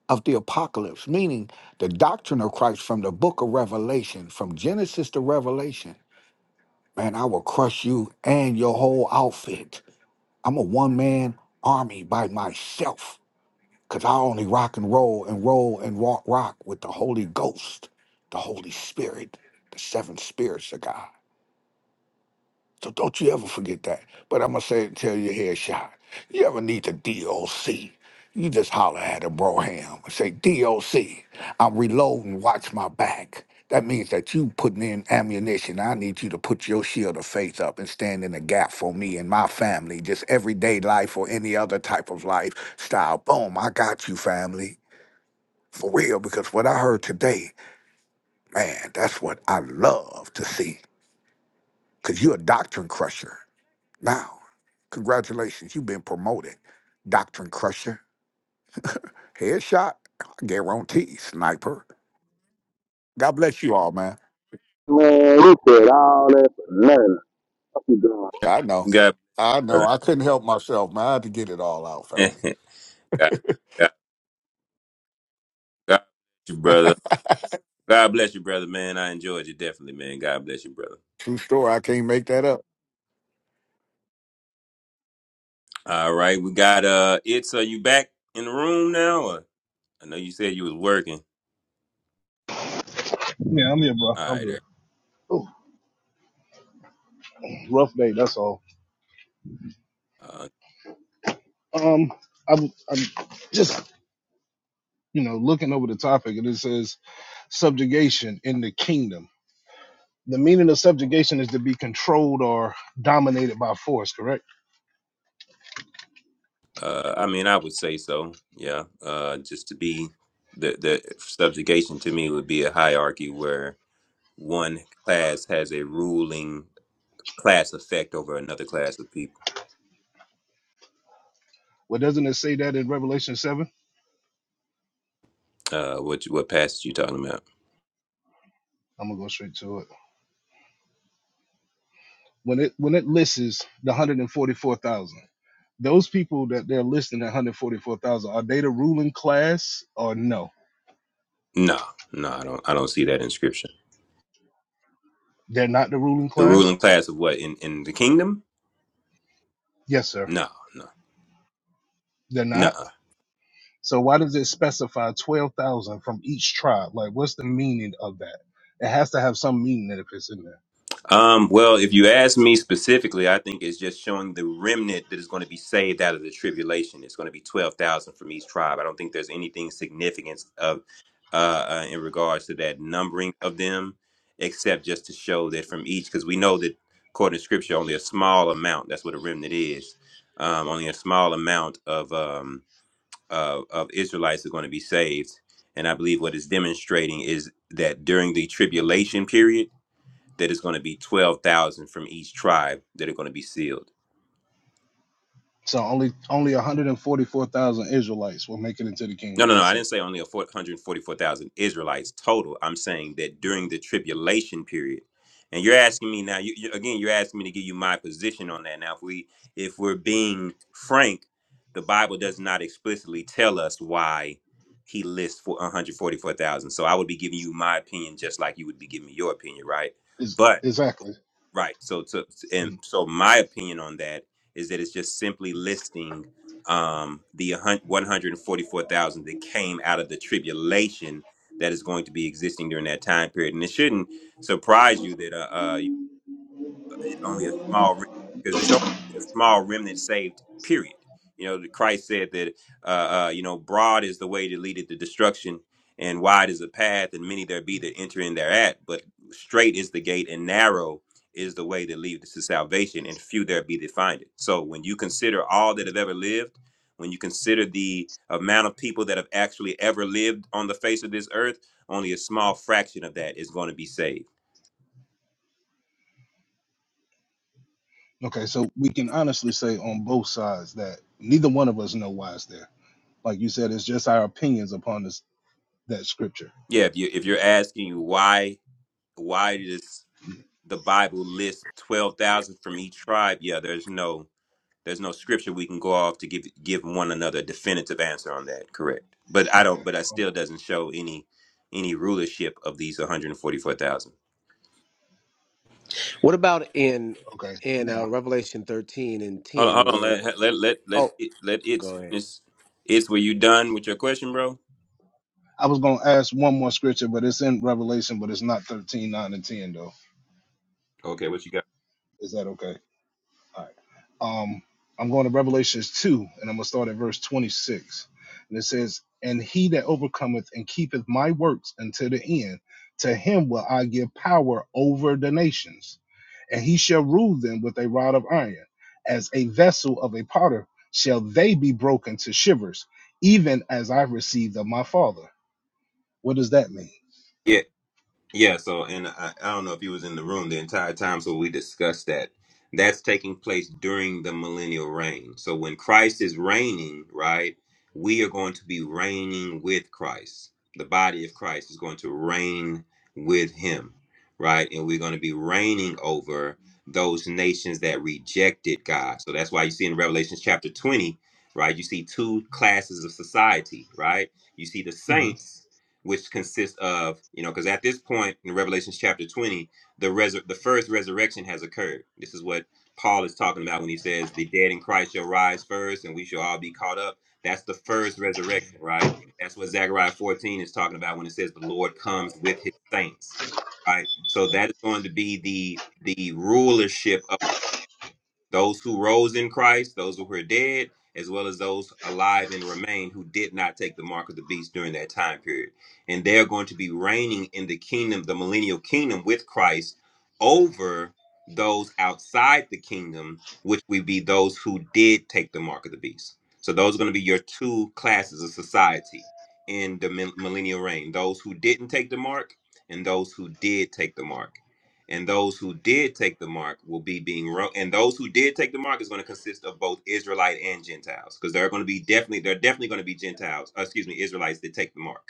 S13: of the apocalypse, meaning the doctrine of Christ from the book of Revelation, from Genesis to Revelation, man, I will crush you and your whole outfit. I'm a one man army by myself because I only rock and roll and roll and rock rock with the Holy Ghost, the Holy Spirit, the seven spirits of God. So don't you ever forget that. But I'm gonna say it till your head shot. You ever need the DOC? You just holler at a broham and say, DOC, I'm reloading, watch my back. That means that you putting in ammunition. I need you to put your shield of faith up and stand in the gap for me and my family, just everyday life or any other type of lifestyle. Boom, I got you, family. For real, because what I heard today, man, that's what I love to see. Cause you're a doctrine crusher. Now, congratulations, you've been promoted. Doctrine Crusher, headshot, guarantee, sniper. God bless you all, man.
S17: Man, look at all that for nothing. What you doing?
S13: I know.
S6: God,
S13: I know.
S6: brother.
S13: I couldn't help myself, man. I had to get it all out, family.
S6: God, God, God bless you, brother. God bless you, brother, man. I enjoyed you definitely, man. God bless you, brother.
S13: True story. I can't make that up.
S6: All right, we got uh it's are you back in the room now? Or I know you said you was working.
S16: Yeah, I'm here, bro.
S6: All
S16: I'm
S6: right,
S16: here.
S6: there.
S16: oh, rough day. That's all.
S6: Uh,
S16: Um, I'm, I'm just you know looking over the topic, and it says subjugation in the kingdom. The meaning of subjugation is to be controlled or dominated by force. Correct?
S6: uh I mean I would say so, yeah. Uh just to be the the subjugation to me would be a hierarchy where one class has a ruling class effect over another class of people.
S16: Well, doesn't it say that in Revelation seven?
S6: Uh, what what passage you talking about?
S16: I'm gonna go straight to it. When it when it lists the hundred and forty four thousand, those people that they're listing at hundred forty four thousand, are they the ruling class or no?
S6: No, no, I don't. I don't see that inscription.
S16: They're not the ruling
S6: The
S16: class.
S6: ruling class of what in in the kingdom?
S16: Yes, sir.
S6: No, no,
S16: They're not.
S6: no.
S16: So why does it specify twelve thousand from each tribe? Like, what's the meaning of that? It has to have some meaning if it's in there.
S6: Um, well, if you ask me specifically, I think it's just showing the remnant that is going to be saved out of the tribulation. It's going to be twelve thousand from each tribe. I don't think there's anything significant of uh, uh, in regards to that numbering of them, except just to show that from each, because we know that according to Scripture, only a small amount. That's what a remnant is. Um, only a small amount of um, of, of Israelites are going to be saved. And I believe what it's demonstrating is that during the tribulation period that it's going to be 12,000 from each tribe that are going to be sealed.
S16: So only only one hundred and forty four thousand Israelites will make it into the kingdom.
S6: No, no, no.
S16: That's
S6: I
S16: it.
S6: didn't say only a four hundred forty-four thousand Israelites total. I'm saying that during the tribulation period. And you're asking me now, you, you, again, you're asking me to give you my position on that. Now, if we if we're being frank, the Bible does not explicitly tell us why he lists for 144,000. So I would be giving you my opinion just like you would be giving me your opinion, right?
S16: Is
S6: But
S16: exactly.
S6: Right. So, so and
S16: Mm.
S6: so, my opinion on that is that it's just simply listing um, the one hundred forty-four thousand that came out of the tribulation that is going to be existing during that time period, and it shouldn't surprise you that uh, uh, only a small remnant because it's only a small remnant saved period you know the christ said that uh, uh you know broad is the way that leadeth to destruction and wide is the path and many there be that enter in thereat but straight is the gate and narrow is the way that leadeth to salvation and few there be that find it so when you consider all that have ever lived when you consider the amount of people that have actually ever lived on the face of this earth only a small fraction of that is going to be saved
S16: Okay, so we can honestly say on both sides that neither one of us know why it's there. Like you said, it's just our opinions upon this that scripture.
S6: yeah if, you, if you're asking why why does the Bible list twelve thousand from each tribe? Yeah, there's no there's no scripture we can go off to give give one another a definitive answer on that. Correct, but I don't.
S16: Okay.
S6: But I
S16: o-
S6: still doesn't show any any rulership of these one hundred forty four thousand.
S15: What about in
S16: Okay.
S15: in uh,
S16: Now
S15: Revelation thirteen and
S6: Hold on,
S15: ten,
S6: hold on.
S15: where
S6: Let let let let
S15: oh,
S6: it, let it's
S15: go ahead.
S6: finish. It's were you done with your question, bro?
S16: I was gonna ask one more scripture, but it's in Revelation, but it's not 13, 9, and 10 though.
S6: Okay, what you got?
S16: Is that okay? All right. Um, I'm going to Revelations 2, and I'm going to start at verse 26. And it says, And he that overcometh and keepeth my works until the end, to him will I give power over the nations, and he shall rule them with a rod of iron. As a vessel of a potter shall they be broken to shivers, even as I received of my father. What does that mean?
S6: Yeah, so and I, I don't know if he was in the room the entire time, so we discussed that. That's taking place during the millennial reign. So when Christ is reigning, right, we are going to be reigning with Christ. The body of Christ is going to reign with him, right? And we're going to be reigning over those nations that rejected God. So that's why you see in Revelation chapter 20, right, you see two classes of society, right? You see the
S16: Mhm.
S6: saints which consists of you know because at this point in Revelation chapter 20 the resur- the first resurrection has occurred this is what Paul is talking about when he says the dead in Christ shall rise first and we shall all be caught up that's the first resurrection right that's what Zechariah 14 is talking about when it says the Lord comes with his saints right so that is going to be the the rulership those who rose in Christ, those who were dead, as well as those alive and remain who did not take the mark of the beast during that time period. And they're going to be reigning in the kingdom, the millennial kingdom with Christ over those outside the kingdom, which would be those who did take the mark of the beast. So those are going to be your two classes of society in the mil- millennial reign those who didn't take the mark and those who did take the mark and those who did take the mark will be being ro- and those who did take the mark is going to consist of both Israelite and Gentiles because there are going to be definitely there are definitely going to be Gentiles uh, excuse me Israelites that take the mark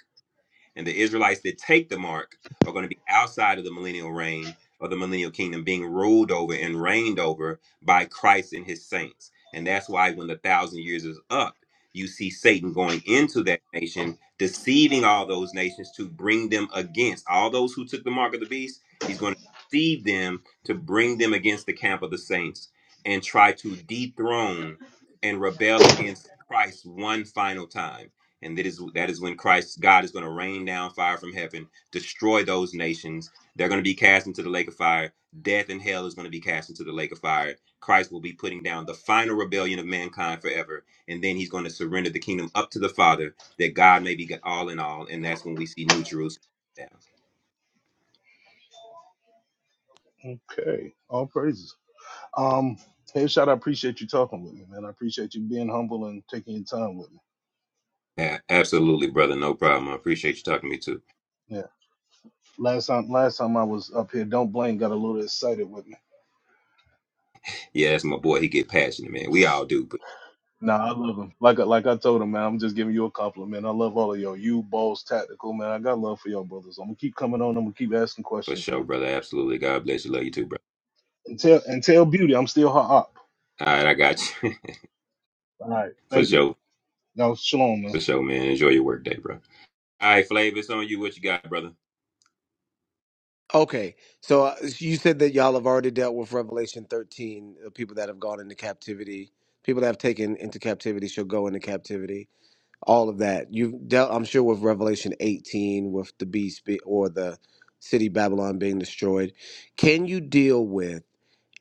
S6: and the Israelites that take the mark are going to be outside of the millennial reign of the millennial kingdom, being ruled over and reigned over by Christ and his saints. And that's why when the thousand years is up, you see Satan going into that nation, deceiving all those nations to bring them against all those who took the mark of the beast. He's going to deceive them to bring them against the camp of the saints and try to dethrone and rebel against Christ one final time and that is that is when Christ God is going to rain down fire from heaven, destroy those nations. They're going to be cast into the lake of fire. Death and hell is going to be cast into the lake of fire. Christ will be putting down the final rebellion of mankind forever, and then he's going to surrender the kingdom up to the Father, that God may be g- all in all, and that's when we see New Jerusalem. down.
S16: Okay, all praises. Um, hey, shot. I appreciate you talking with me, man. I appreciate you being humble and taking your time with me.
S6: Yeah, absolutely, brother. No problem. I appreciate you talking to me too.
S16: Yeah. Last time, last time I was up here, don't blame got a little excited with me.
S6: Yeah, that's my boy. He get passionate, man. We all do, but
S16: Nah, I love him. Like, I- like I told him, man. I'm just giving you a compliment. I love all of y'all. You, balls, tactical, man. I got love for y'all, brothers. I'm gonna keep coming on. I'm gonna keep asking
S6: for
S16: questions, man.
S6: sure, brother. Absolutely. God bless you. Love you too, brother.
S16: And tell, and tell Beauty, I'm still her op.
S6: All right, I got you.
S16: All right.
S6: for
S16: Thank you.
S6: sure.
S16: Now, shalom, man.
S6: For sure, man. Enjoy your work day, bro. All right, Flav, it's on you. What you got, brother?
S15: Okay, so uh, you said that y'all have already dealt with Revelation thirteen, the people that have gone into captivity, people that have taken into captivity shall go into captivity. all of that. You've dealt, I'm sure, with Revelation 18, with the beast be, or the city Babylon being destroyed. Can you deal with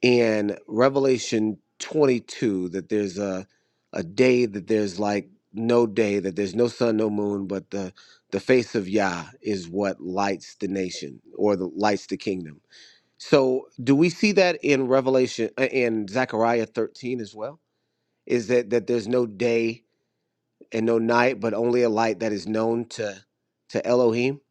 S15: in Revelation 22 that there's a a day that there's like no day that there's no sun, no moon, but the the face of Yah is what lights the nation or the lights the kingdom. So, do we see that in Revelation uh, in Zechariah 13 as well? Is that that there's no day? and no night, but only a light that is known to to Elohim.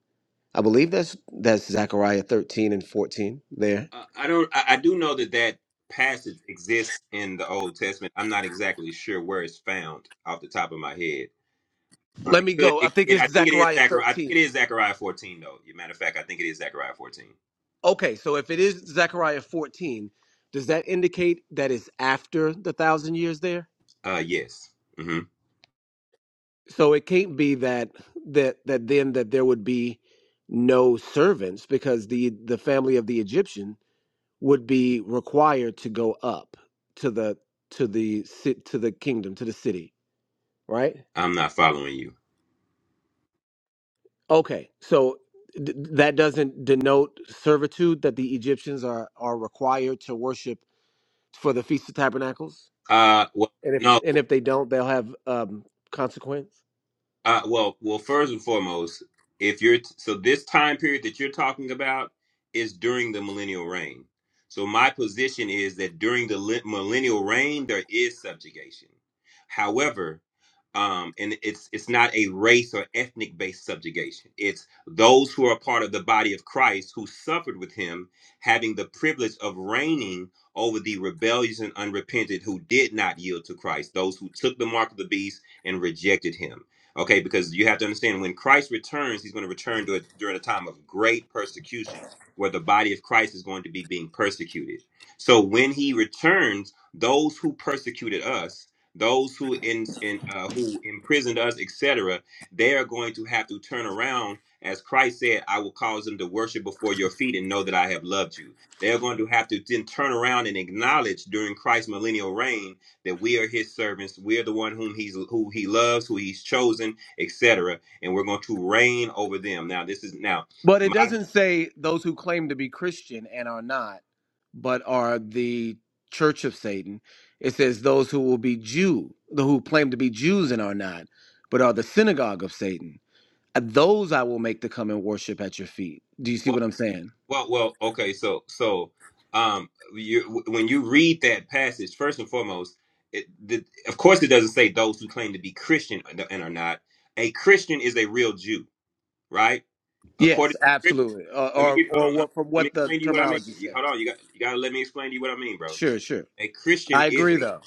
S15: I believe that's that's Zechariah 13 and 14 there.
S6: Uh, I don't. I, I do know that that passage exists in the Old Testament. I'm not exactly sure where it's found off the top of my head. Um,
S15: Let
S6: it
S15: me
S6: could,
S15: go. I
S6: it,
S15: think
S6: it,
S15: it's
S6: I think it is
S15: Zechariah
S6: Zechariah. I think
S15: 13.
S6: it is Zechariah 14, though. As a matter of fact, I think it is Zechariah 14.
S15: Okay, so if it is Zechariah 14, does that indicate that it's after the thousand years there?
S6: Uh, yes. hmm
S15: So it can't be that that that then that there would be no servants because the the family of the Egyptian would be required to go up to the to the ci- to the kingdom to the city, right?
S6: I'm not following you.
S15: Okay, so th- that doesn't denote servitude that the Egyptians are are required to worship for the Feast of Tabernacles,
S6: Uh, well,
S15: and if
S6: no.
S15: and if they don't, they'll have um, consequence.
S6: Uh, well, well, first and foremost, if you're so this time period that you're talking about is during the millennial reign. So my position is that during the li- millennial reign, there is subjugation. However, um, and it's it's not a race or ethnic based subjugation. It's those who are part of the body of Christ who suffered with him, having the privilege of reigning over the rebellious and unrepentant who did not yield to Christ, those who took the mark of the beast and rejected him. Okay, because you have to understand when Christ returns, he's going to return to during a time of great persecution where the body of Christ is going to be being persecuted. So when he returns, those who persecuted us, those who in, in uh, who imprisoned us, etc., they are going to have to turn around as Christ said, I will cause them to worship before your feet and know that I have loved you. They are going to have to then turn around and acknowledge during Christ's millennial reign that we are his servants we are the one whom he's who he loves who he's chosen etc and we're going to reign over them now this is now
S15: But it
S6: my
S15: doesn't say those who claim to be Christian and are not, but are the Church of Satan. It says those who will be Jew, the who claim to be Jews and are not, but are the synagogue of Satan. Uh, Those I will make to come and worship at your feet. Do you see
S6: well
S15: what I'm saying?
S6: well, well okay so so um you when you read that passage first and foremost it, the, of course it doesn't say those who claim to be christian and are not a christian is a real jew right according
S15: Yes,
S6: to scripture
S15: absolutely. Or,
S6: let me
S15: or,
S6: get hold on
S15: or
S6: hold on.
S15: what from
S6: let me
S15: what the
S6: explain to you what i mean
S15: terminology
S6: you, hold
S15: says.
S6: on you got you got to let me explain to you what i mean bro
S15: Sure, sure.
S6: a christian
S15: I
S6: is
S15: agree,
S6: a
S15: though.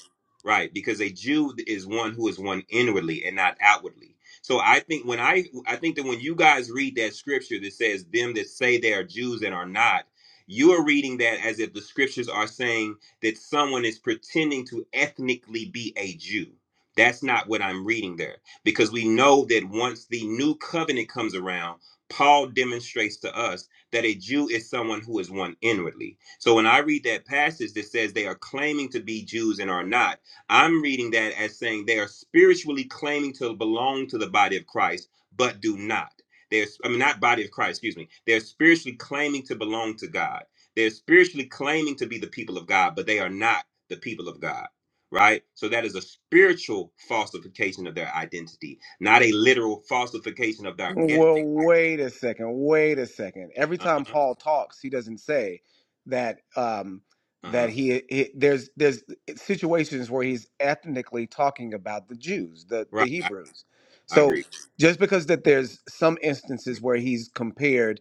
S6: Right, because a Jew is one who is one inwardly and not outwardly. So I think when I I think that when you guys read that scripture that says them that say they are Jews and are not, you are reading that as if the scriptures are saying that someone is pretending to ethnically be a Jew. That's not what I'm reading there because we know that once the new covenant comes around, Paul demonstrates to us that a Jew is someone who is one inwardly. So when I read that passage that says they are claiming to be Jews and are not, I'm reading that as saying they are spiritually claiming to belong to the body of Christ, but do not. They're, I mean, not body of Christ, excuse me. They're spiritually claiming to belong to God. They're spiritually claiming to be the people of God, but they are not the people of God, right? So that is a spiritual falsification of their identity, not a literal falsification of their
S15: Well,
S6: ethnic identity.
S15: wait a second. Wait a second. Every
S6: Uh
S15: time
S6: huh.
S15: Paul talks, he doesn't say that um,
S6: Uh
S15: that
S6: huh.
S15: he, he there's there's situations where he's ethnically talking about the Jews, the the
S6: Right. I,
S15: Hebrews.
S6: I
S15: So
S6: agree.
S15: just because that there's some instances where he's compared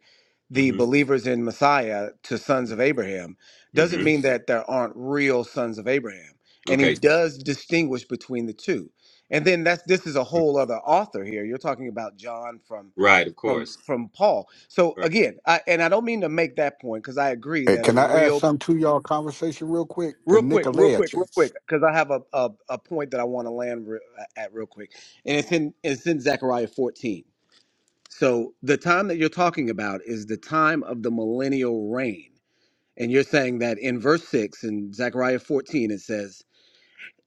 S6: Mm
S15: the
S6: hmm.
S15: believers in Messiah to sons of Abraham
S6: Mm
S15: doesn't
S6: hmm.
S15: mean that there aren't real sons of Abraham. And he
S6: Okay.
S15: does distinguish between the two and then that's this is a whole other author here you're talking about john from
S6: Right. Of
S15: from
S6: course.
S15: from paul so
S6: Right.
S15: again i and i don't mean to make that point because i agree
S13: Hey,
S15: that a
S13: can I add
S15: real
S13: something to y'all conversation real quick? The
S15: real quick real quick real
S13: Nicolaitans.
S15: quick because i have a, a a point that i want to land re- at real quick and it's in it's in zechariah 14 so the time that you're talking about is the time of the millennial reign and you're saying that in verse 6 in zechariah 14 it says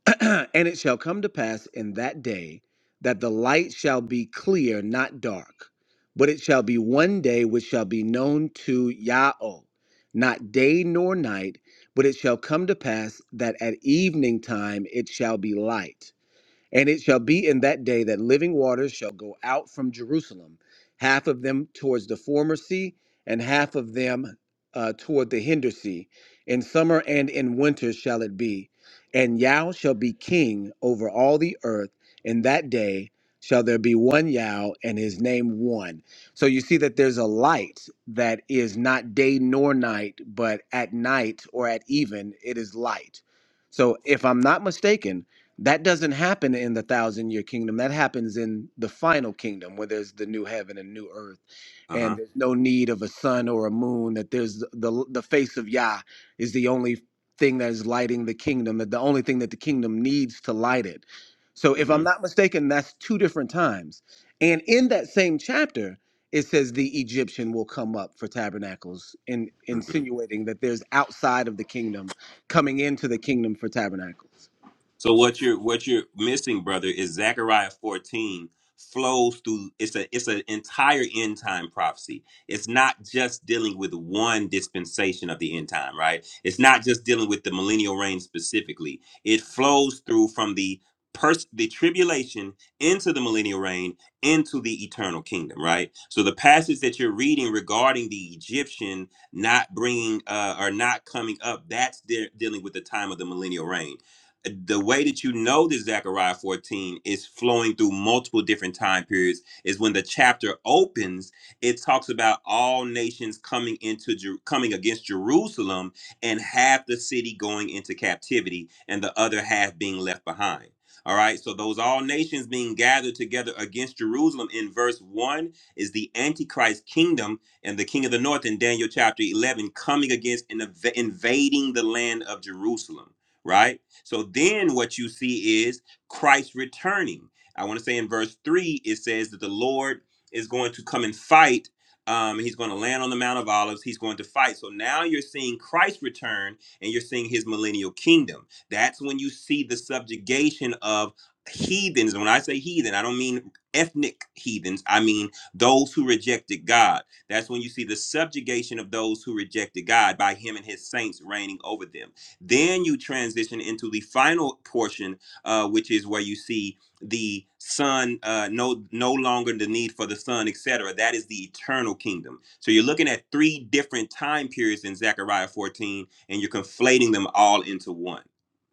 S15: and it shall come to pass in that day that the light shall be clear, not dark. But it shall be one day which shall be known to Yahweh, not day nor night. But it shall come to pass that at evening time it shall be light. And it shall be in that day that living waters shall go out from Jerusalem, half of them towards the former sea, and half of them uh, toward the hinder sea. In summer and in winter shall it be. And Yah shall be king over all the earth. In that day shall there be one Yah, and his name one. So you see that there's a light that is not day nor night, but at night or at even, it is light. So if I'm not mistaken, that doesn't happen in the thousand year kingdom. That happens in the final kingdom where there's the new heaven and new earth
S6: Uh
S15: and
S6: huh.
S15: there's no need of a sun or a moon that there's the the, the face of Yah is the only thing that is lighting the kingdom that the only thing that the kingdom needs to light it. So if I'm
S6: Mm
S15: not mistaken that's two different times. And in that same chapter it says the Egyptian will come up for tabernacles in
S6: hmm.
S15: insinuating that there's outside of the kingdom coming into the kingdom for tabernacles.
S6: So what you're what you're missing, brother, is Zechariah 14 flows through it's a it's an entire end time prophecy. It's not just dealing with one dispensation of the end time, right? It's not just dealing with the millennial reign specifically. It flows through from the pers- the tribulation into the millennial reign into the eternal kingdom right so the passage that you're reading regarding the egyptian not bringing uh or not coming up that's de- dealing with the time of the millennial reign the way that you know that Zechariah 14 is flowing through multiple different time periods is when the chapter opens, it talks about all nations coming into Jer- coming against Jerusalem and half the city going into captivity and the other half being left behind. All right, so those all nations being gathered together against Jerusalem in verse 1 is the Antichrist kingdom and the king of the north in Daniel chapter 11 coming against and inv- invading the land of Jerusalem right? So then what you see is Christ returning. I want to say in verse 3, it says that the Lord is going to come and fight. Um, he's going to land on the Mount of Olives. He's going to fight. So now you're seeing Christ return and you're seeing his millennial kingdom. That's when you see the subjugation of heathens. When I say heathen, I don't mean ethnic heathens, I mean those who rejected God. That's when you see the subjugation of those who rejected God by him and his saints reigning over them. Then you transition into the final portion, uh, which is where you see the sun, uh, no, no longer the need for the sun, etc. That is the eternal kingdom. So you're looking at three different time periods in Zechariah 14, and you're conflating them all into one.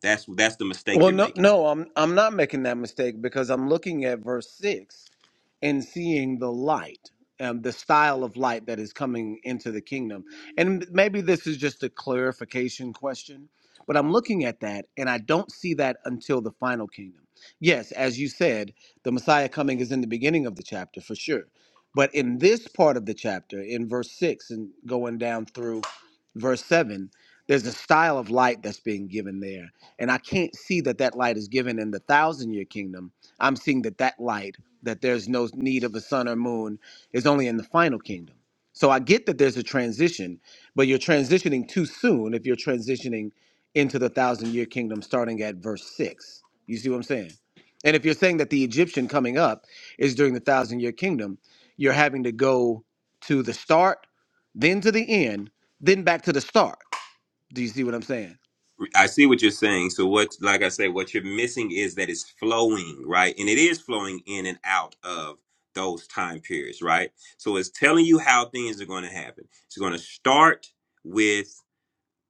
S6: That's that's the mistake
S15: Well,
S6: you're
S15: no,
S6: making.
S15: no, I'm I'm not making that mistake because I'm looking at verse six and seeing the light, um, the style of light that is coming into the kingdom. And maybe this is just a clarification question, but I'm looking at that and I don't see that until the final kingdom. Yes, as you said, the Messiah coming is in the beginning of the chapter for sure, but in this part of the chapter, in verse six and going down through verse seven, there's a style of light that's being given there and I can't see that that light is given in the thousand year kingdom. I'm seeing that that light, that there's no need of a sun or moon, is only in the final kingdom. So I get that there's a transition, but you're transitioning too soon if you're transitioning into the thousand year kingdom starting at verse six. You see what I'm saying? And if you're saying that the Egyptian coming up is during the thousand year kingdom, you're having to go to the start, then to the end, then back to the start. Do you see what I'm saying?
S6: I see what you're saying. So what, like I say, what you're missing is that it's flowing, right? And it is flowing in and out of those time periods, right? So it's telling you how things are going to happen. It's going to start with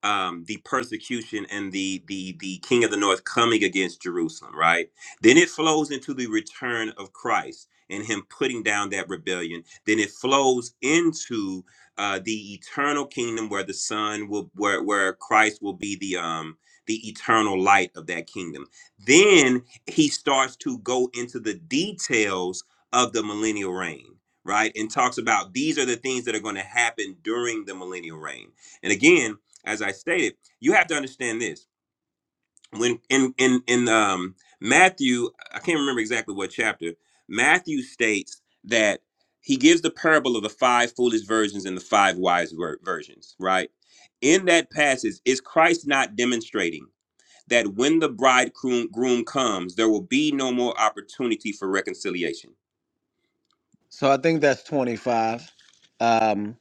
S6: um, the persecution and the the the king of the north coming against Jerusalem, right? Then it flows into the return of Christ and him putting down that rebellion. Then it flows into uh, the eternal kingdom where the Son will where where Christ will be the um the eternal light of that kingdom. Then he starts to go into the details of the millennial reign, right? And talks about these are the things that are going to happen during the millennial reign. And again, as I stated, you have to understand this. When in in in um, Matthew, I can't remember exactly what chapter. Matthew states that he gives the parable of the five foolish virgins and the five wise ver- virgins. Right in that passage, is Christ not demonstrating that when the bridegroom groom comes, there will be no more opportunity for reconciliation?
S15: So I think that's 25. Um,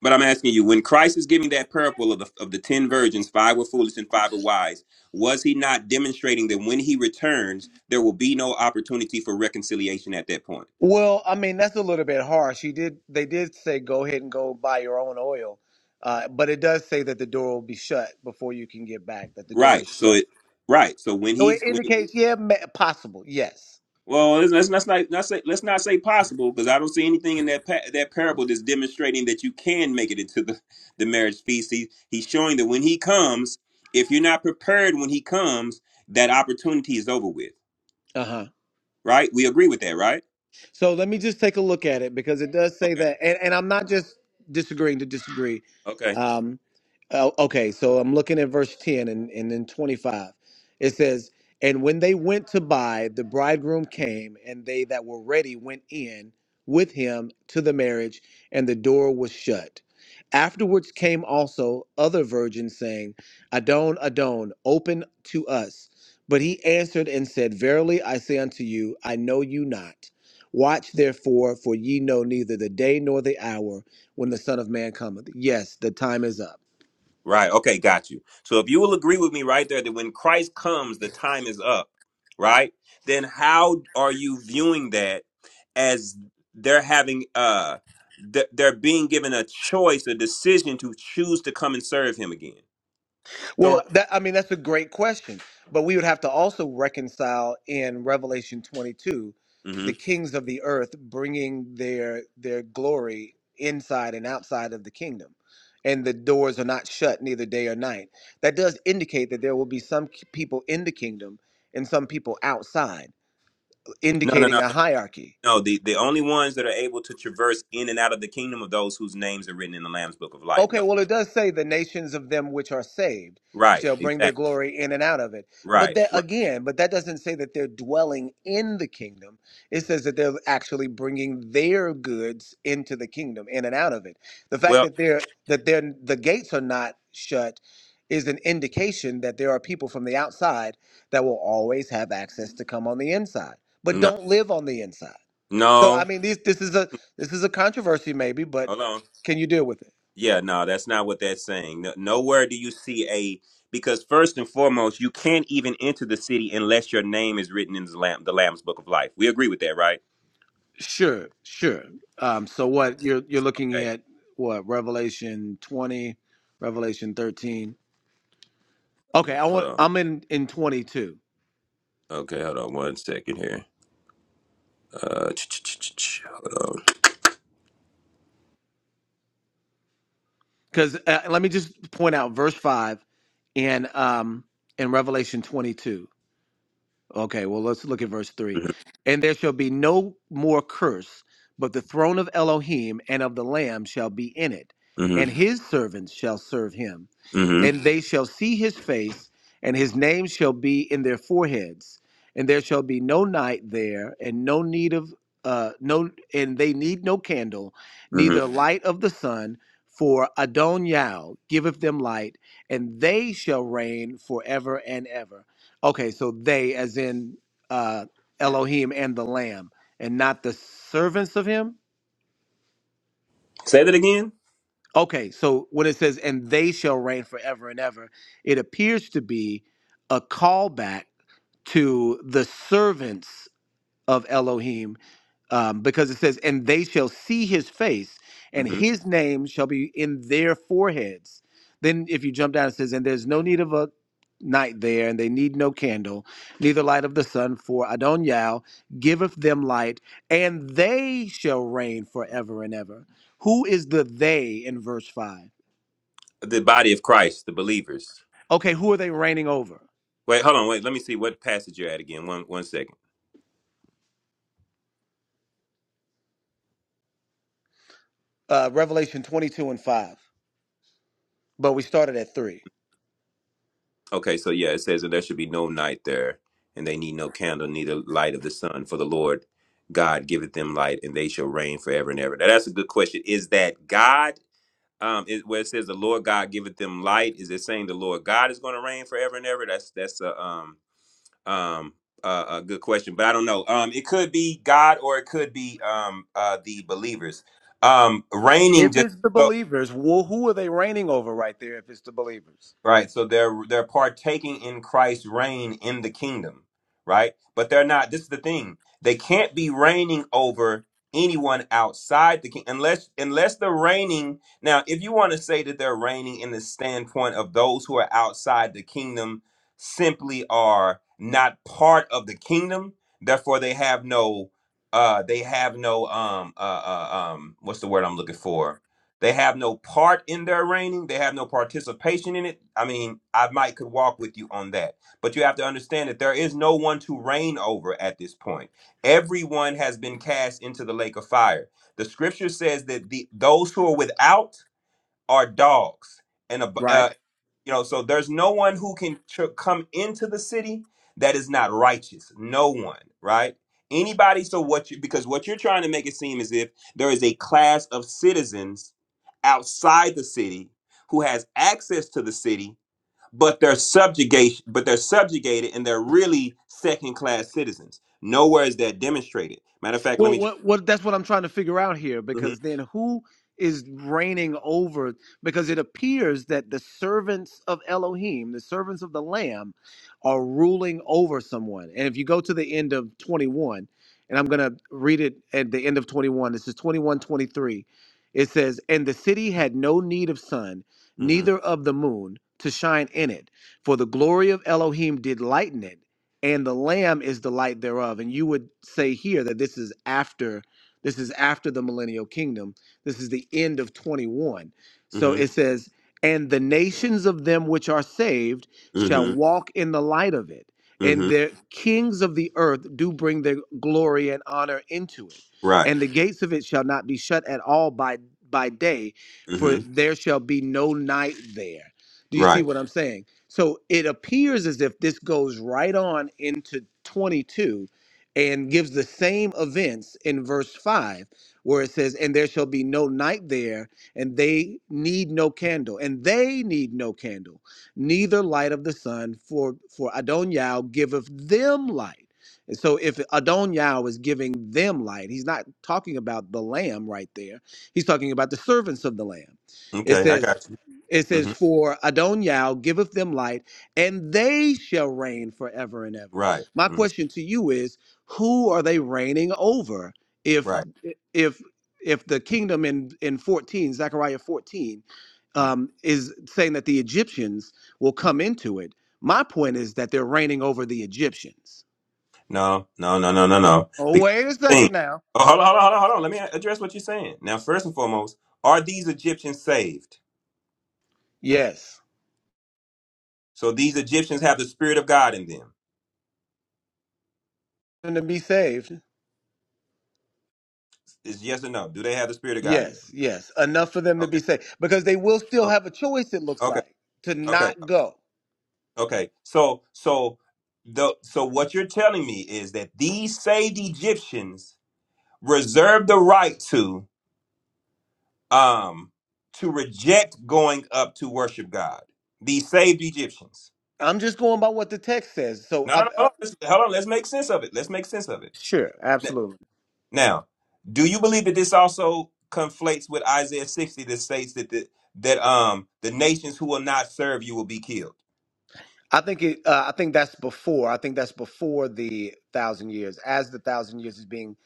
S6: But I'm asking you, when Christ is giving that parable of the, of the 10 virgins, five were foolish and five were wise, was he not demonstrating that when he returns, there will be no opportunity for reconciliation at that point?
S15: well, I mean that's a little bit harsh. He did. They did say go ahead and go buy your own oil, uh, but it does say that the door will be shut before you can get back. That the door
S6: Right.
S15: is
S6: So
S15: shut.
S6: it, right. So when
S15: So
S6: he,
S15: it
S6: when,
S15: indicates, yeah, ma- possible. Yes.
S6: well, let's, let's, let's not, not say, let's not say possible because I don't see anything in that, pa- that parable that's demonstrating that you can make it into the, the marriage feast. He, he's showing that when he comes, if you're not prepared when he comes, that opportunity is over with.
S15: Uh huh.
S6: Right. We agree with that, right?
S15: So let me just take a look at it because it does say
S6: Okay.
S15: that, and, and I'm not just disagreeing to disagree.
S6: Okay.
S15: Um, oh, okay, so I'm looking at verse 10 and, and then 25. It says, And when they went to buy, the bridegroom came, and they that were ready went in with him to the marriage, and the door was shut. Afterwards came also other virgins, saying, Adon, Adon, open to us. But he answered and said, Verily I say unto you, I know you not. Watch therefore, for ye know neither the day nor the hour when the Son of Man cometh. Yes, the time is up.
S6: Right. Okay. Got you. So if you will agree with me right there that when Christ comes, the time is up, right? Then how are you viewing that as they're having, uh, th- they're being given a choice, a decision to choose to come and serve him again? So,
S15: Well, that I mean that's a great question, but we would have to also reconcile in Revelation 22 the
S6: Mhm.
S15: kings of the earth bringing their their glory inside and outside of the kingdom. And the doors are not shut neither day or night. That does indicate that there will be some people in the kingdom and some people outside,
S6: no, no,
S15: indicating
S6: no,
S15: a
S6: no.
S15: hierarchy
S6: no. The, the only ones that are able to traverse in and out of the kingdom of those whose names are written in the Lamb's book of life.
S15: Okay,
S6: No.
S15: well, it does say the nations of them which are saved
S6: Right.
S15: shall bring their
S6: Exactly.
S15: glory in and out of it. But
S6: Right.
S15: that
S6: Right.
S15: again, but that doesn't say that they're dwelling in the kingdom. It says that they're actually bringing their goods into the kingdom, in and out of it. The fact
S6: Well,
S15: that they're that they're the gates are not shut is an indication that there are people from the outside that will always have access to come on the inside, but
S6: no,
S15: don't live on the inside. So
S6: no.
S15: I mean, these this is a this is a controversy maybe, but
S6: Hold on.
S15: can you deal with it?
S6: Yeah, no, that's not what that's saying. No, nowhere do you see a because first and foremost, you can't even enter the city unless your name is written in the Lamb, the Lamb's Book of Life. We agree with that, right?
S15: Sure, sure. Um, so what you're you're looking
S6: Okay,
S15: at what Revelation 20, Revelation 13. Okay, I
S6: hold
S15: want
S6: on.
S15: I'm in in 22
S6: Okay, hold on one second here. Uh, ch- ch- ch- ch- ch- hold on.
S15: because uh, let me just point out verse five in um in Revelation 22. Okay, well let's look at verse three. And there shall be no more curse, but the throne of Elohim and of the Lamb shall be in it,
S6: Mm-hmm,
S15: and his servants shall serve him
S6: mm-hmm,
S15: and they shall see his face, and his name shall be in their foreheads, and there shall be no night there, and no need of uh no and they need no candle,
S6: mm-hmm.
S15: neither light of the sun, for Adon Yao giveth them light, and they shall reign forever and ever. Okay, so they as in uh Elohim and the Lamb, and not the servants of him.
S6: Say that again.
S15: Okay, so when it says, and they shall reign forever and ever, it appears to be a callback to the servants of Elohim um, because it says, And they shall see his face, and
S6: Mm-hmm.
S15: his name shall be in their foreheads. Then, if you jump down, it says, And there's no need of a night there, and they need no candle, neither light of the sun, for Adon Yao giveth them light, and they shall reign forever and ever. Who is the they in verse 5?
S6: The body of Christ, the believers.
S15: Okay, who are they reigning over?
S6: Wait, hold on. Wait, let me see what passage you're at again. One, one second.
S15: Uh, Revelation 22 and 5. But we started at 3.
S6: Okay, so yeah, it says, and there should be no night there, and they need no candle, neither light of the sun, for the Lord God giveth them light, and they shall reign forever and ever. Now, that's a good question. Is that God? Um, is, where it says the Lord God giveth them light, is it saying the Lord God is going to reign forever and ever? That's that's a um um uh, a good question, but I don't know. Um, it could be God or it could be um uh the believers. Um, reigning
S15: If
S6: just
S15: it's the
S6: so.
S15: believers, well, who are they reigning over right there if it's the believers?
S6: Right. So they're they're partaking in Christ's reign in the kingdom, right? But they're not. This is the thing. They can't be reigning over anyone outside the king unless unless they're reigning. Now, if you want to say that they're reigning in the standpoint of those who are outside the kingdom simply are not part of the kingdom, therefore they have no uh they have no um uh, uh um what's the word I'm looking for? They have no part in their reigning. They have no participation in it. I mean, I might could walk with you on that. But you have to understand that there is no one to reign over at this point. Everyone has been cast into the lake of fire. The scripture says that the, those who are without are dogs and above
S15: Right?
S6: you know so there's no one who can tr- come into the city that is not righteous no one right anybody so what you because what you're trying to make it seem as if there is a class of citizens outside the city who has access to the city but they're subjugation but they're subjugated and they're really second class citizens nowhere is that demonstrated matter of fact let
S15: Well,
S6: me just
S15: what what that's what I'm trying to figure out here
S6: hmm
S15: because then who is reigning over because it appears that the servants of Elohim, the servants of the lamb are ruling over someone. And if you go to the end of 21, and I'm going to read it at the end of 21. This is 21:23. It says, "And the city had no need of sun,
S6: hmm
S15: neither of the moon to shine in it, for the glory of Elohim did lighten it." and the lamb is the light thereof and you would say here that this is after this is after the millennial kingdom this is the end of 21 so
S6: hmm
S15: it says and the nations of them which are saved shall
S6: hmm
S15: walk in the light of it and
S6: hmm
S15: the kings of the earth do bring their glory and honor into it
S6: right
S15: and the gates of it shall not be shut at all by by day for
S6: hmm
S15: there shall be no night there do you see
S6: right
S15: what i'm saying so it appears as if this goes right on into 22 and gives the same events in verse 5, where it says, And there shall be no night there, and they need no candle, and they need no candle, neither light of the sun, for, for Adoniah giveth them light. And so if Adoniah is giving them light, he's not talking about the lamb right there. He's talking about the servants of the lamb. It
S6: okay i
S15: says,
S6: got you
S15: it
S6: hmm
S15: says, For Adon Yao giveth them light, and they shall reign forever and ever.
S6: right
S15: My
S6: mm-hmm.
S15: question to you is, who are they reigning over? If
S6: Right.
S15: if if the kingdom in, in 14, Zechariah 14,
S6: Mm.
S15: um, is saying that the Egyptians will come into it. My point is that they're reigning over the Egyptians.
S6: No, no, no, no, no, no.
S15: Oh,
S6: Because
S15: wait a
S6: thing.
S15: second now.
S6: Oh, hold on, hold on, hold on, hold on. Let me address what you're saying. Now, first and foremost, are these Egyptians saved?
S15: Yes.
S6: So these Egyptians have the spirit of God in them.
S15: And to be saved.
S6: Is yes or no? Do they have the spirit of God in them?
S15: Yes, yes. Enough for them to
S6: Okay.
S15: be safe because they will still
S6: Okay.
S15: have a choice, it looks
S6: Okay.
S15: like, to not
S6: Okay.
S15: go.
S6: Okay. So so the so what you're telling me is that these saved Egyptians reserve the right to um to reject going up to worship God. These saved Egyptians.
S15: I'm just going by what the text says. So,
S6: No,
S15: I,
S6: no,
S15: I,
S6: no. Hold on. Let's, hold on. Let's make sense of it. Let's make sense of it.
S15: sure,
S6: N-
S15: absolutely.
S6: Now, do you believe that this also conflates with Isaiah 60 that states that the, that um the nations who will not serve you will be killed?
S15: I think it. Uh, I think that's before. I think that's before the thousand years, as the thousand years is being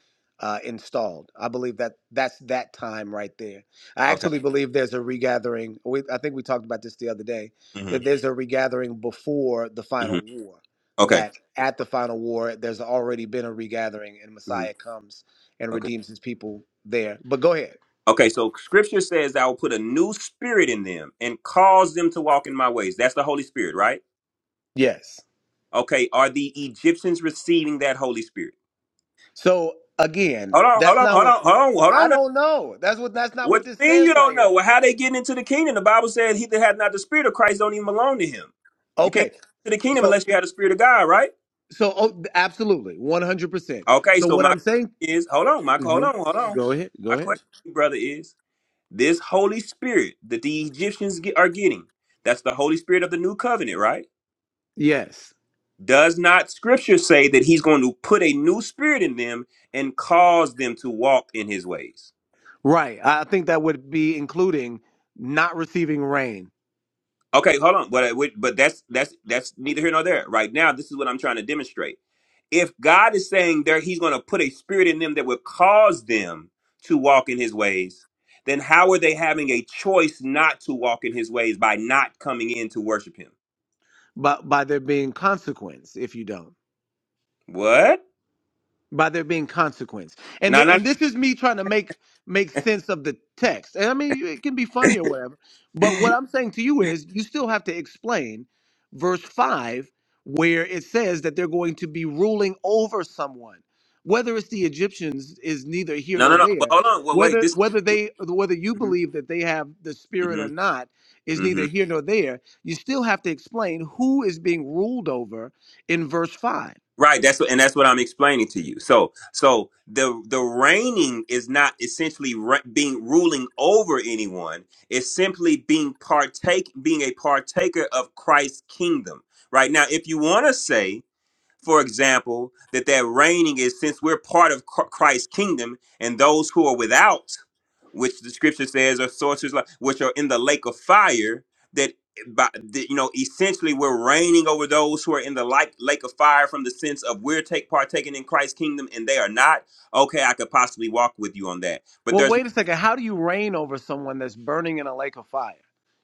S15: uh, installed. I believe that that's that time right there. I
S6: Okay.
S15: actually believe there's a regathering. We, I think we talked about this the other day.
S6: hmm
S15: That there's a regathering before the
S6: hmm
S15: final war.
S6: Okay.
S15: That at the final war, there's already been a regathering, and
S6: hmm
S15: Messiah comes and
S6: Okay.
S15: redeems his people there. But go ahead.
S6: Okay. So Scripture says, "I will put a new spirit in them and cause them to walk in my ways." That's the Holy Spirit, right?
S15: Yes.
S6: Okay. Are the Egyptians receiving that Holy Spirit?
S15: So again,
S6: Hold on. Hold
S15: that's
S6: on.
S15: not
S6: Hold
S15: what
S6: on. Hold on. Hold
S15: I
S6: on.
S15: don't know. That's what that's not
S6: What
S15: what this
S6: you mean
S15: says
S6: you
S15: right
S6: don't
S15: here.
S6: know? Well, how they getting into the kingdom? The Bible says he that hath not the spirit of Christ don't even belong to him. You can't
S15: Okay.
S6: get into the kingdom
S15: So
S6: unless you have the spirit of God, right?
S15: so oh, absolutely, one hundred percent.
S6: Okay,
S15: So
S6: so
S15: what
S6: my
S15: I'm saying.
S6: question is hold on, Michael, hold
S15: hmm
S6: on, hold on.
S15: Go ahead. Go
S6: My question,
S15: ahead.
S6: brother, is this Holy Spirit that the Egyptians get, are getting, that's the Holy Spirit of the new covenant, right?
S15: Yes.
S6: Does not scripture say that he's going to put a new spirit in them and cause them to walk in his ways?
S15: Right. I I think that would be including not receiving rain,
S6: Okay, hold on, but I but that's that's that's neither here nor there. Right now, this is what I'm trying to demonstrate. If God is saying there, He's going to put a spirit in them that would cause them to walk in His ways. Then how are they having a choice not to walk in His ways by not coming in to worship Him?
S15: but by there being consequence if you don't.
S6: What?
S15: by there being consequence. And
S6: No,
S15: th-
S6: no,
S15: and this is me trying to make make sense of the text. And I mean, it can be funny or whatever. But what I'm saying to you is, you still have to explain verse five, where it says that they're going to be ruling over someone. Whether it's the Egyptians is neither here
S6: no, no,
S15: nor
S6: no. no, But
S15: there.
S6: hold on. Well, wait.
S15: Whether
S6: This.
S15: whether they whether you
S6: Mm-hmm.
S15: believe that they have the spirit
S6: Mm-hmm.
S15: or not is
S6: mm-hmm.
S15: neither here nor there. You still have to explain who is being ruled over in verse five
S6: Right. That's what, and that's what I'm explaining to you. So, so the the reigning is not essentially re- being ruling over anyone. It's simply being partake, being a partaker of Christ's kingdom. Right now, if you want to say for example, that that reigning is since we're part of Chr- Christ's kingdom, and those who are without, which the scripture says are sorcerers, like- which are in the lake of fire, that by that, you know, essentially we're reigning over those who are in the like lake of fire from the sense of we're take partaking in Christ's kingdom and they are not. Okay, I could possibly walk with you on that, but
S15: Well,
S6: there's
S15: wait a second. How do you reign over someone that's burning in a lake of fire?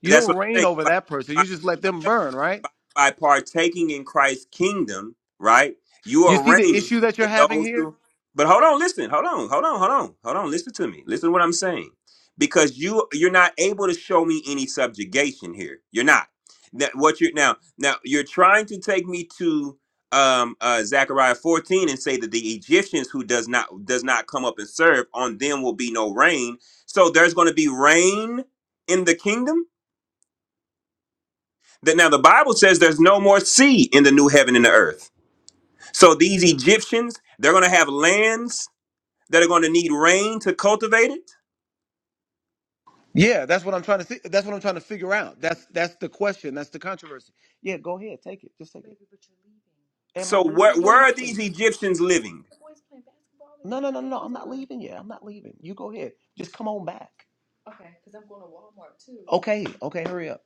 S15: You
S6: that's
S15: don't
S6: what
S15: reign
S6: I'm
S15: over
S6: saying.
S15: that person. You just let them burn, right?
S6: by partaking in Christ's kingdom, right? You
S15: You
S6: are
S15: see the
S6: reigning
S15: issue that you're
S6: in
S15: having
S6: those
S15: here?
S6: who. But hold on, listen, hold on, hold on, hold on, hold on. Listen to me. Listen to what I'm saying, because you you're not able to show me any subjugation here. You're not. That what you're now now you're trying to take me to um uh Zechariah 14 and say that the Egyptians who does not does not come up and serve on them will be no rain. So there's going to be rain in the kingdom that now the Bible says there's no more sea in the new heaven and the earth. So these Egyptians, they're going to have lands that are going to need rain to cultivate it.
S15: Yeah, that's what I'm trying to see. That's what I'm trying to figure out. That's that's the question. That's the controversy. Yeah, go ahead. Take it. Just take it. Am I
S6: So where
S15: leaving? When
S6: where
S15: am I
S6: are these
S15: leaving?
S6: Egyptians living?
S15: No, no, no, no, no. I'm not leaving yet. I'm not leaving. You go ahead. Just come on back. Okay, okay, hurry up.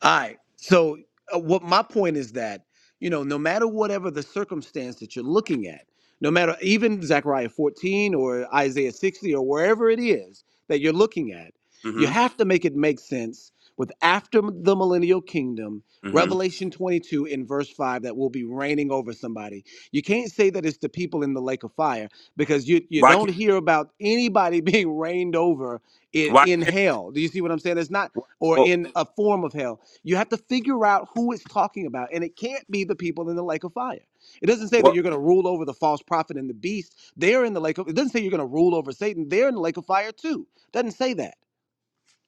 S15: All right. So, uh, what my point is that you know, no matter whatever the circumstance that you're looking at, no matter even Zechariah 14 or Isaiah 60 or wherever it is that you're looking at, you
S6: hmm
S15: have to make it make sense with after the millennial kingdom,
S6: hmm
S15: Revelation 22 in verse 5 that will be reigning over somebody. You can't say that it's the people in the lake of fire because you you
S6: Why
S15: don't
S6: can't
S15: hear about anybody being reigned over in,
S6: why
S15: in
S6: can't
S15: hell. Do you see what I'm saying? It's not or
S6: well
S15: in a form of hell you have to figure out who it's talking about, and it can't be the people in the lake of fire. It doesn't say that
S6: well
S15: you're going to rule over the false prophet and the beast. They're in the lake of. It doesn't say you're going to rule over Satan. They're in the lake of fire too. It Doesn't say that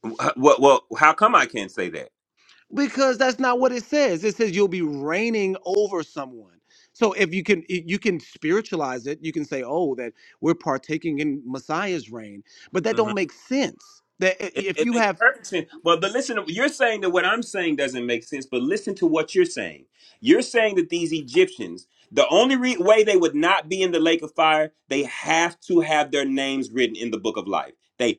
S6: well, well how come I can't say that?
S15: because that's not what it says. It says you'll be reigning over someone. So if you can you can spiritualize it, you can say, "Oh, that we're partaking in Messiah's reign," but that
S6: Mm-hmm.
S15: don't make sense. That eh,
S6: It,
S15: if
S6: it
S15: you
S6: makes
S15: have,
S6: perfect sense. Well, but listen, you're saying that what I'm saying doesn't make sense, but listen to what you're saying. You're saying that these Egyptians, the only re- way they would not be in the lake of fire, they have to have their names written in the book of life. They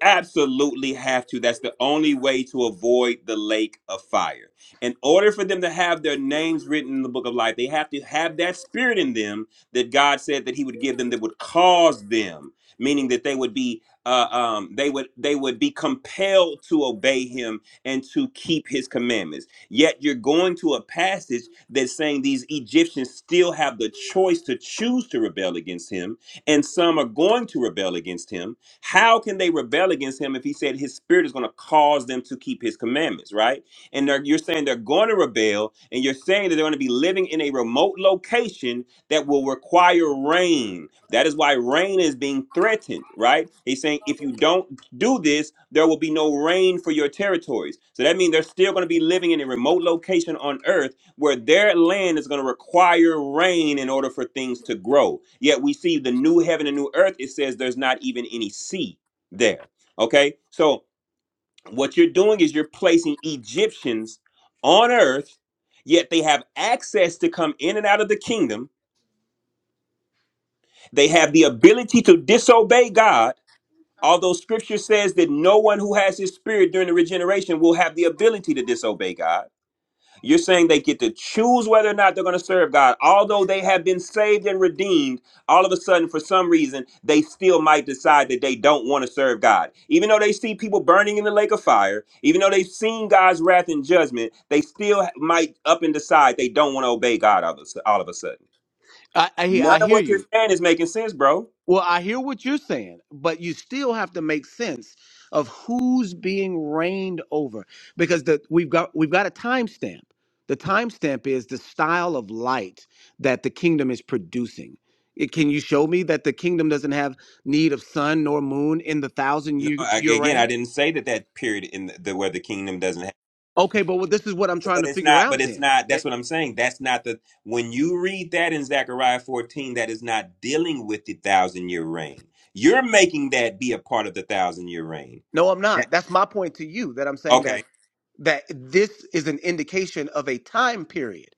S6: Absolutely have to. That's the only way to avoid the lake of fire. In order for them to have their names written in the book of life, they have to have that spirit in them that God said that He would give them that would cause them, meaning that they would be uh, um, they would they would be compelled to obey Him and to keep His commandments. Yet you're going to a passage that's saying these Egyptians still have the choice to choose to rebel against Him, and some are going to rebel against Him how can they rebel against him if he said his spirit is going to cause them to keep his commandments, right? And they're, you're saying they're going to rebel, and you're saying that they're going to be living in a remote location that will require rain. That is why rain is being threatened, right? He's saying if you don't do this, there will be no rain for your territories. So that means they're still going to be living in a remote location on earth where their land is going to require rain in order for things to grow. Yet we see the new heaven and new earth, it says there's not even any sea there. Okay? So what you're doing is you're placing Egyptians on earth, yet they have access to come in and out of the kingdom. They have the ability to disobey God. Although scripture says that no one who has his spirit during the regeneration will have the ability to disobey God You're saying they get to choose whether or not they're going to serve God. Although they have been saved and redeemed, all of a sudden, for some reason, they still might decide that they don't want to serve God. Even though they see people burning in the lake of fire, even though they've seen God's wrath and judgment, they still might up and decide they don't want to obey God all of, a all of a sudden.
S15: I, I,
S6: None
S15: I
S6: of
S15: hear
S6: what you're
S15: you.
S6: saying is making sense, bro.
S15: Well, I hear what you're saying, but you still have to make sense of who's being reigned over because the, we've got we've got a timestamp. The timestamp is the style of light that the kingdom is producing. It, can you show me that the kingdom doesn't have need of sun nor moon in the thousand
S6: No,
S15: year,
S6: I,
S15: year
S6: again, I
S15: reign?
S6: didn't say that that period in the, the where the kingdom doesn't
S15: Okay, but what this is what I'm trying
S6: But
S15: to
S6: it's
S15: figure
S6: not, but
S15: out
S6: it's
S15: then.
S6: not,
S15: Eh,
S6: that's what I'm saying. That's not the, when you read that in Zechariah 14, that is not dealing with the thousand year reign. You're making that be a part of the thousand year reign.
S15: no, I'm
S6: That-
S15: not. That's my point to you that I'm saying that
S6: Okay.
S15: that this is an indication of a time period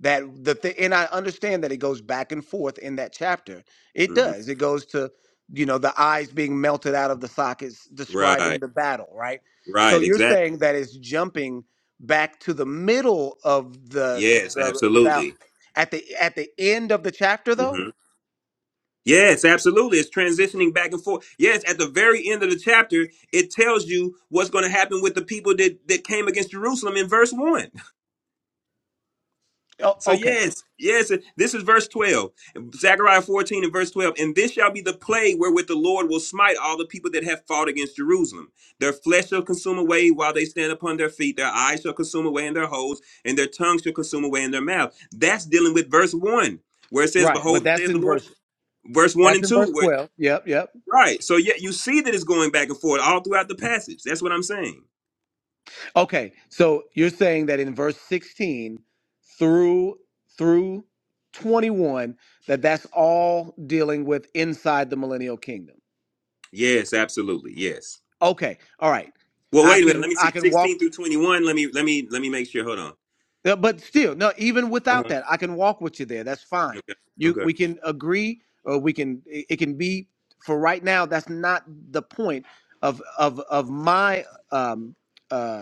S15: that the th- and I understand that it goes back and forth in that chapter. It
S6: hmm
S15: does. It goes to you know the eyes being melted out of the sockets describing
S6: Right.
S15: the battle, right? So
S6: Right.
S15: you're
S6: Exactly.
S15: saying that it's jumping back to the middle of the
S6: Yes,
S15: the thou-
S6: absolutely.
S15: at the at the end of the chapter though,
S6: hmm Yes, absolutely. It's transitioning back and forth. Yes, at the very end of the chapter, it tells you what's going to happen with the people that, that came against Jerusalem in verse 1.
S15: oh,
S6: So
S15: okay.
S6: yes, yes, this is verse 12. Zechariah 14 and verse 12. And this shall be the plague wherewith the Lord will smite all the people that have fought against Jerusalem. Their flesh shall consume away while they stand upon their feet, their eyes shall consume away in their holes, and their tongue shall consume away in their mouth. That's dealing with verse 1, where it says,
S15: Right, but
S6: Behold the day
S15: that's
S6: of the
S15: in
S6: Lord,
S15: verse
S6: verse 1
S15: that's
S6: and
S15: in
S6: 2.
S15: verse
S6: Where,
S15: 12. Yep, yep.
S6: right. So yeah, you see that it's going back and forth all throughout the passage. That's what I'm saying.
S15: Okay. So you're saying that in verse 16 through through 21 that that's all dealing with inside the millennial kingdom.
S6: Yes, absolutely. Yes.
S15: Okay. All right.
S6: Well,
S15: I
S6: wait a minute.
S15: can
S6: Let me see.
S15: I can walk
S6: 16 through 21. Let me let me let me make sure. Hold
S15: Yeah, but still, no. Even
S6: on.
S15: without that, I can walk with you there. That's fine.
S6: Okay.
S15: You,
S6: Okay.
S15: we can agree, or we can. It, it can be for right now. That's not the point of of of my um, uh,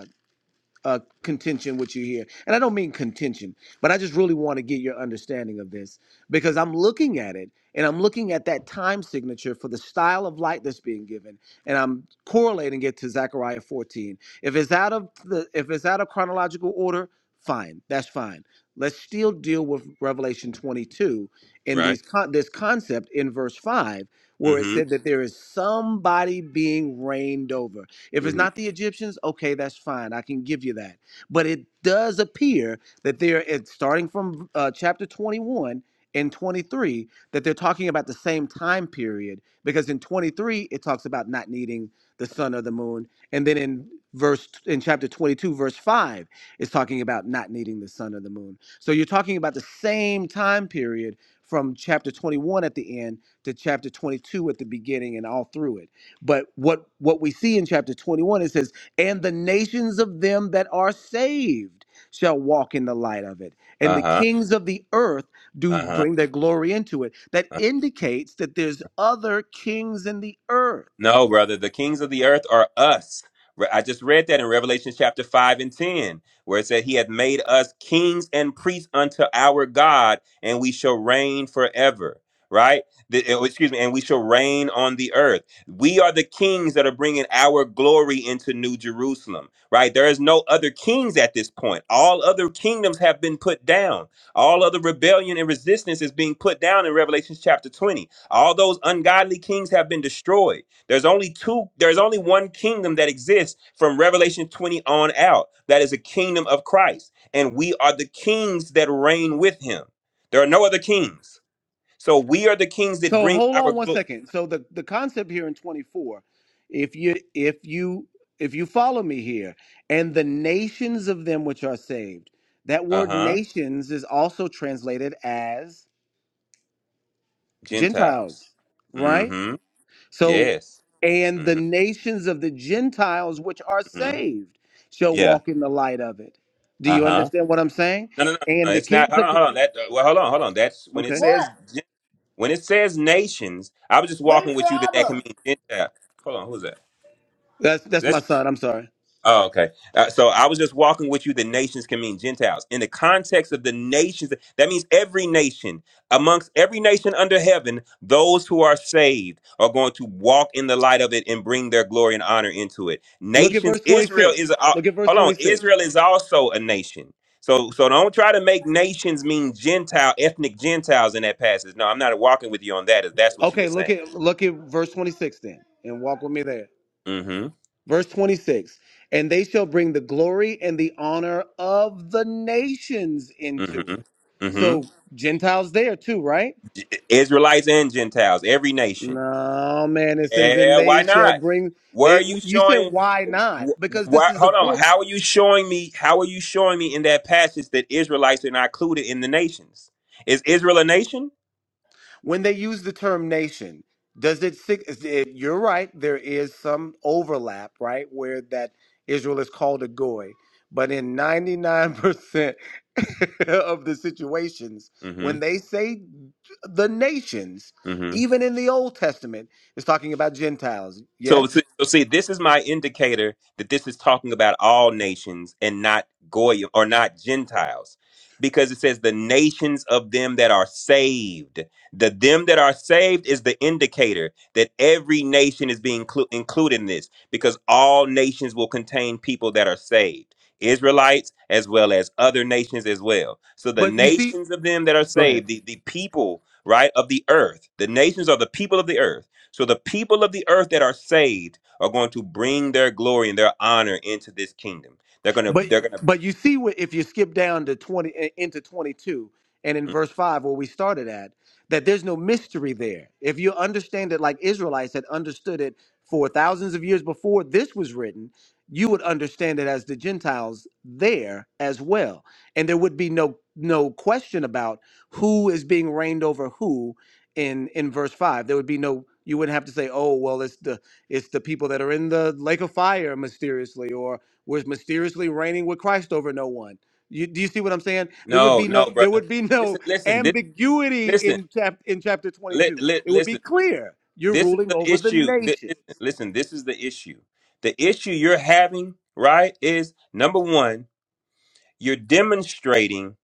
S15: uh, contention with you here. And I don't mean contention, but I just really want to get your understanding of this because I'm looking at it and I'm looking at that time signature for the style of light that's being given and I'm correlating it to Zechariah 14. If it's out of the if it's out of chronological order, fine. That's fine. Let's still deal with Revelation 22 and
S6: Right.
S15: these con- this concept in verse 5 where it
S6: Mm-hmm.
S15: said that there is somebody being reigned over. If it's
S6: Mm-hmm.
S15: not the Egyptians, okay, that's fine. I can give you that. But it does appear that they're it's starting from uh, chapter 21 and 23 that they're talking about the same time period because in 23 it talks about not needing the sun or the moon and then in verse in chapter 22 verse 5 is talking about not needing the sun or the moon so you're talking about the same time period from chapter 21 at the end to chapter 22 at the beginning and all through it but what what we see in chapter 21 it says, "And the nations of them that are saved shall walk in the light of it, and the
S6: Uh-huh.
S15: kings of the earth do bring
S6: Uh-huh.
S15: their glory into it." That indicates that there's other kings in the earth.
S6: No, brother, the kings of the earth are us. Re- I just read that in Revelation chapter 5 and 10, where it said, He hath made us kings and priests unto our God, and we shall reign forever. Right? The- eh, oh, excuse me, and we shall reign on the earth. We are the kings that are bringing our glory into New Jerusalem, right? There is no other kings at this point. All other kingdoms have been put down. All other rebellion and resistance is being put down in Revelation chapter 20. All those ungodly kings have been destroyed there's only two, there's only one kingdom that exists from Revelation 20 on out. That is a kingdom of Christ. And we are the kings that reign with him. There are no other kings. So we are the kings that
S15: So
S6: bring
S15: hold
S6: our
S15: on one
S6: glory.
S15: second. So the the concept here in 24, if you if you if you follow me here, and the nations of them which are saved, that
S6: Uh
S15: word
S6: huh.
S15: nations is also translated as
S6: Gentiles.
S15: Gentiles,
S6: Mm
S15: right?
S6: hmm.
S15: So,
S6: Yes.
S15: and the
S6: Mm
S15: nations of the Gentiles which are
S6: hmm.
S15: saved shall
S6: Yeah.
S15: walk in the light of it. Do
S6: Uh
S15: you
S6: huh.
S15: understand what I'm saying?
S6: No, no, no, no.
S15: And the
S6: It's not.
S15: kings
S6: Hold
S15: of
S6: on,
S15: the
S6: hold on. That, well, hold on, hold on. That's when it
S15: okay, What?
S6: says, gen- when it says nations, I was just walking
S15: Where's
S6: with you that that can
S15: Robert?
S6: mean Gentile. Hold on. Who's that?
S15: that's that's my son. I'm sorry.
S6: Oh, okay. Uh, so I was just walking with you. The nations can mean Gentiles. In the context of the nations, that means every nation, amongst every nation under heaven, those who are saved are going to walk in the light of it and bring their glory and honor into it.
S15: Look at
S6: Nations,
S15: verse
S6: Israel is,
S15: 26.
S6: uh,
S15: Look at verse
S6: hold on,
S15: 26.
S6: Israel is also a nation. So, so don't try to make nations mean Gentile, ethnic Gentiles in that passage. No, I'm not walking with you on that. If that's what you were
S15: Okay, look
S6: saying.
S15: at look at verse 26 then, and walk with me there.
S6: Mm-hmm.
S15: Verse 26. And they shall bring the glory and the honor of the nations into it.
S6: Mm-hmm. Mm-hmm.
S15: So Gentiles there too, right?
S6: Israelites and Gentiles, every nation.
S15: No, man. It says, and
S6: Yeah,
S15: they
S6: why
S15: shall
S6: not?
S15: bring.
S6: Where are
S15: They.
S6: you
S15: You said,
S6: showing?
S15: why
S6: wh-
S15: not? Because this
S6: Why,
S15: is a
S6: hold on.
S15: book.
S6: How are you showing me? How are you showing me in that passage that Israelites are not included in the nations? Is Israel a nation?
S15: When they use the term nation, does it? sig- is it- You're right. There is some overlap, right, where that Israel is called a goy. But in 99% of the situations,
S6: Mm-hmm.
S15: when they say the nations,
S6: mm-hmm.
S15: even in the Old Testament, it's talking about Gentiles.
S6: So,
S15: Yes,
S6: so so see, this is my indicator that this is talking about all nations and not Goyim or not Gentiles. Because it says the nations of them that are saved. The them that are saved is the indicator that every nation is being clu- included in this because all nations will contain people that are saved. Israelites as well as other nations as well. So the
S15: but you see.
S6: nations of them that are
S15: go ahead.
S6: saved, the, the people, right, of the earth, the nations are the people of the earth so the people of the earth that are saved are going to bring their glory and their honor into this kingdom. They're gonna,
S15: But
S6: they're gonna.
S15: but you see what if you skip down to twenty i- into twenty two and in
S6: Mm.
S15: verse five where we started at that there's no mystery there. If you understand it like Israelites had understood it for thousands of years before this was written, you would understand it as the Gentiles there as well, and there would be no no question about who is being reigned over who in in verse five. There would be no you wouldn't have to say, oh well, it's the it's the people that are in the lake of fire mysteriously, or was mysteriously reigning with Christ over no one. You, do you see what I'm saying? There would
S6: No,
S15: be
S6: no,
S15: no there
S6: brother.
S15: would be no
S6: Listen, listen, this,
S15: ambiguity
S6: listen,
S15: in chap, in chapter
S6: li,
S15: 22.
S6: li,
S15: It would be
S6: listen.
S15: clear. You're
S6: This is
S15: ruling
S6: the
S15: over the
S6: issue. Thi-
S15: nations.
S6: listen, listen, this is the issue. The issue you're having, right, is number one, you're demonstrating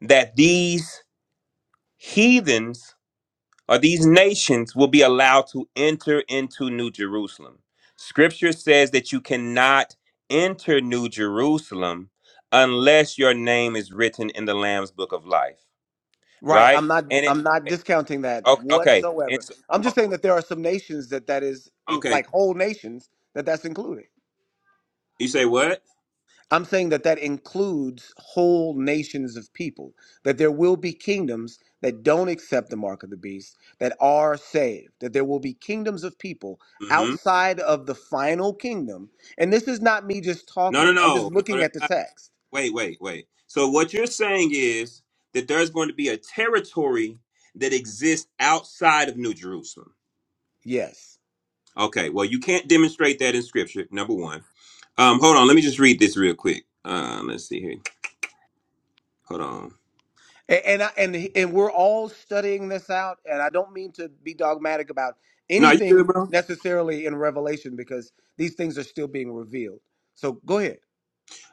S6: that these heathens or these nations will be allowed to enter into New Jerusalem. Scripture says that you cannot enter New Jerusalem unless your name is written in the Lamb's Book of Life,
S15: Right.
S6: right?
S15: I'm not
S6: And it
S15: I'm not discounting that
S6: o- okay,
S15: whatsoever.
S6: it's
S15: I'm just saying
S6: o-
S15: that there are some nations that that is in,
S6: okay.
S15: like whole nations that that's included.
S6: You say what?
S15: I'm saying that that includes whole nations of people, that there will be kingdoms that don't accept the mark of the beast that are saved, that there will be kingdoms of people
S6: Mm-hmm.
S15: outside of the final kingdom. And this is not me just
S6: No, no,
S15: talking, I'm just
S6: no, no.
S15: looking
S6: that's
S15: at the
S6: not-
S15: text.
S6: Wait, wait, wait. So what you're saying is that there's going to be a territory that exists outside of New Jerusalem.
S15: Yes.
S6: Okay, well, you can't demonstrate that in scripture, number one. Um, hold on, let me just read this real quick. Um, let's see here. Hold on.
S15: A- And I, and and we're all studying this out and I don't mean to be dogmatic about
S6: No, you good,
S15: anything
S6: bro?
S15: necessarily in revelation because these things are still being revealed. So go ahead.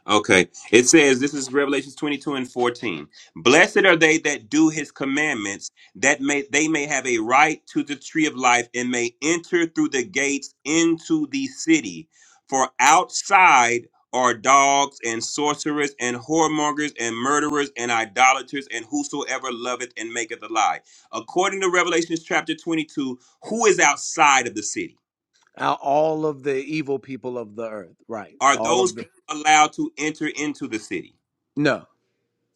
S6: Okay. It says, this is Revelations 22 and 14. Blessed are they that do his commandments, that may they may have a right to the tree of life and may enter through the gates into the city. For outside are dogs and sorcerers and whoremongers and murderers and idolaters and whosoever loveth and maketh a lie. According to Revelations chapter 22, who is outside of the city?
S15: Uh, all of the evil people of the earth, right?
S6: Are
S15: All
S6: those
S15: of the
S6: people allowed to enter into the city?
S15: no.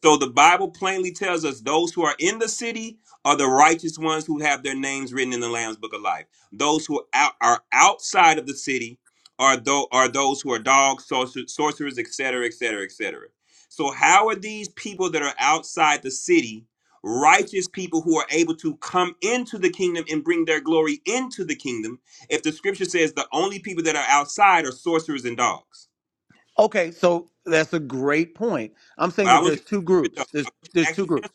S6: So the Bible plainly tells us those who are in the city are the righteous ones who have their names written in the Lamb's Book of Life. Those who out, are outside of the city are tho- are those who are dogs, sorcer- sorcerers, etc., etc., etc. So how are these people that are outside the city righteous people who are able to come into the kingdom and bring their glory into the kingdom if the scripture says the only people that are outside are sorcerers and dogs?
S15: Okay, so that's a great point. I'm
S6: But
S15: saying
S6: I
S15: that
S6: want you
S15: there's two
S6: to, I
S15: groups. There's
S6: want you to
S15: there's two
S6: actually
S15: groups.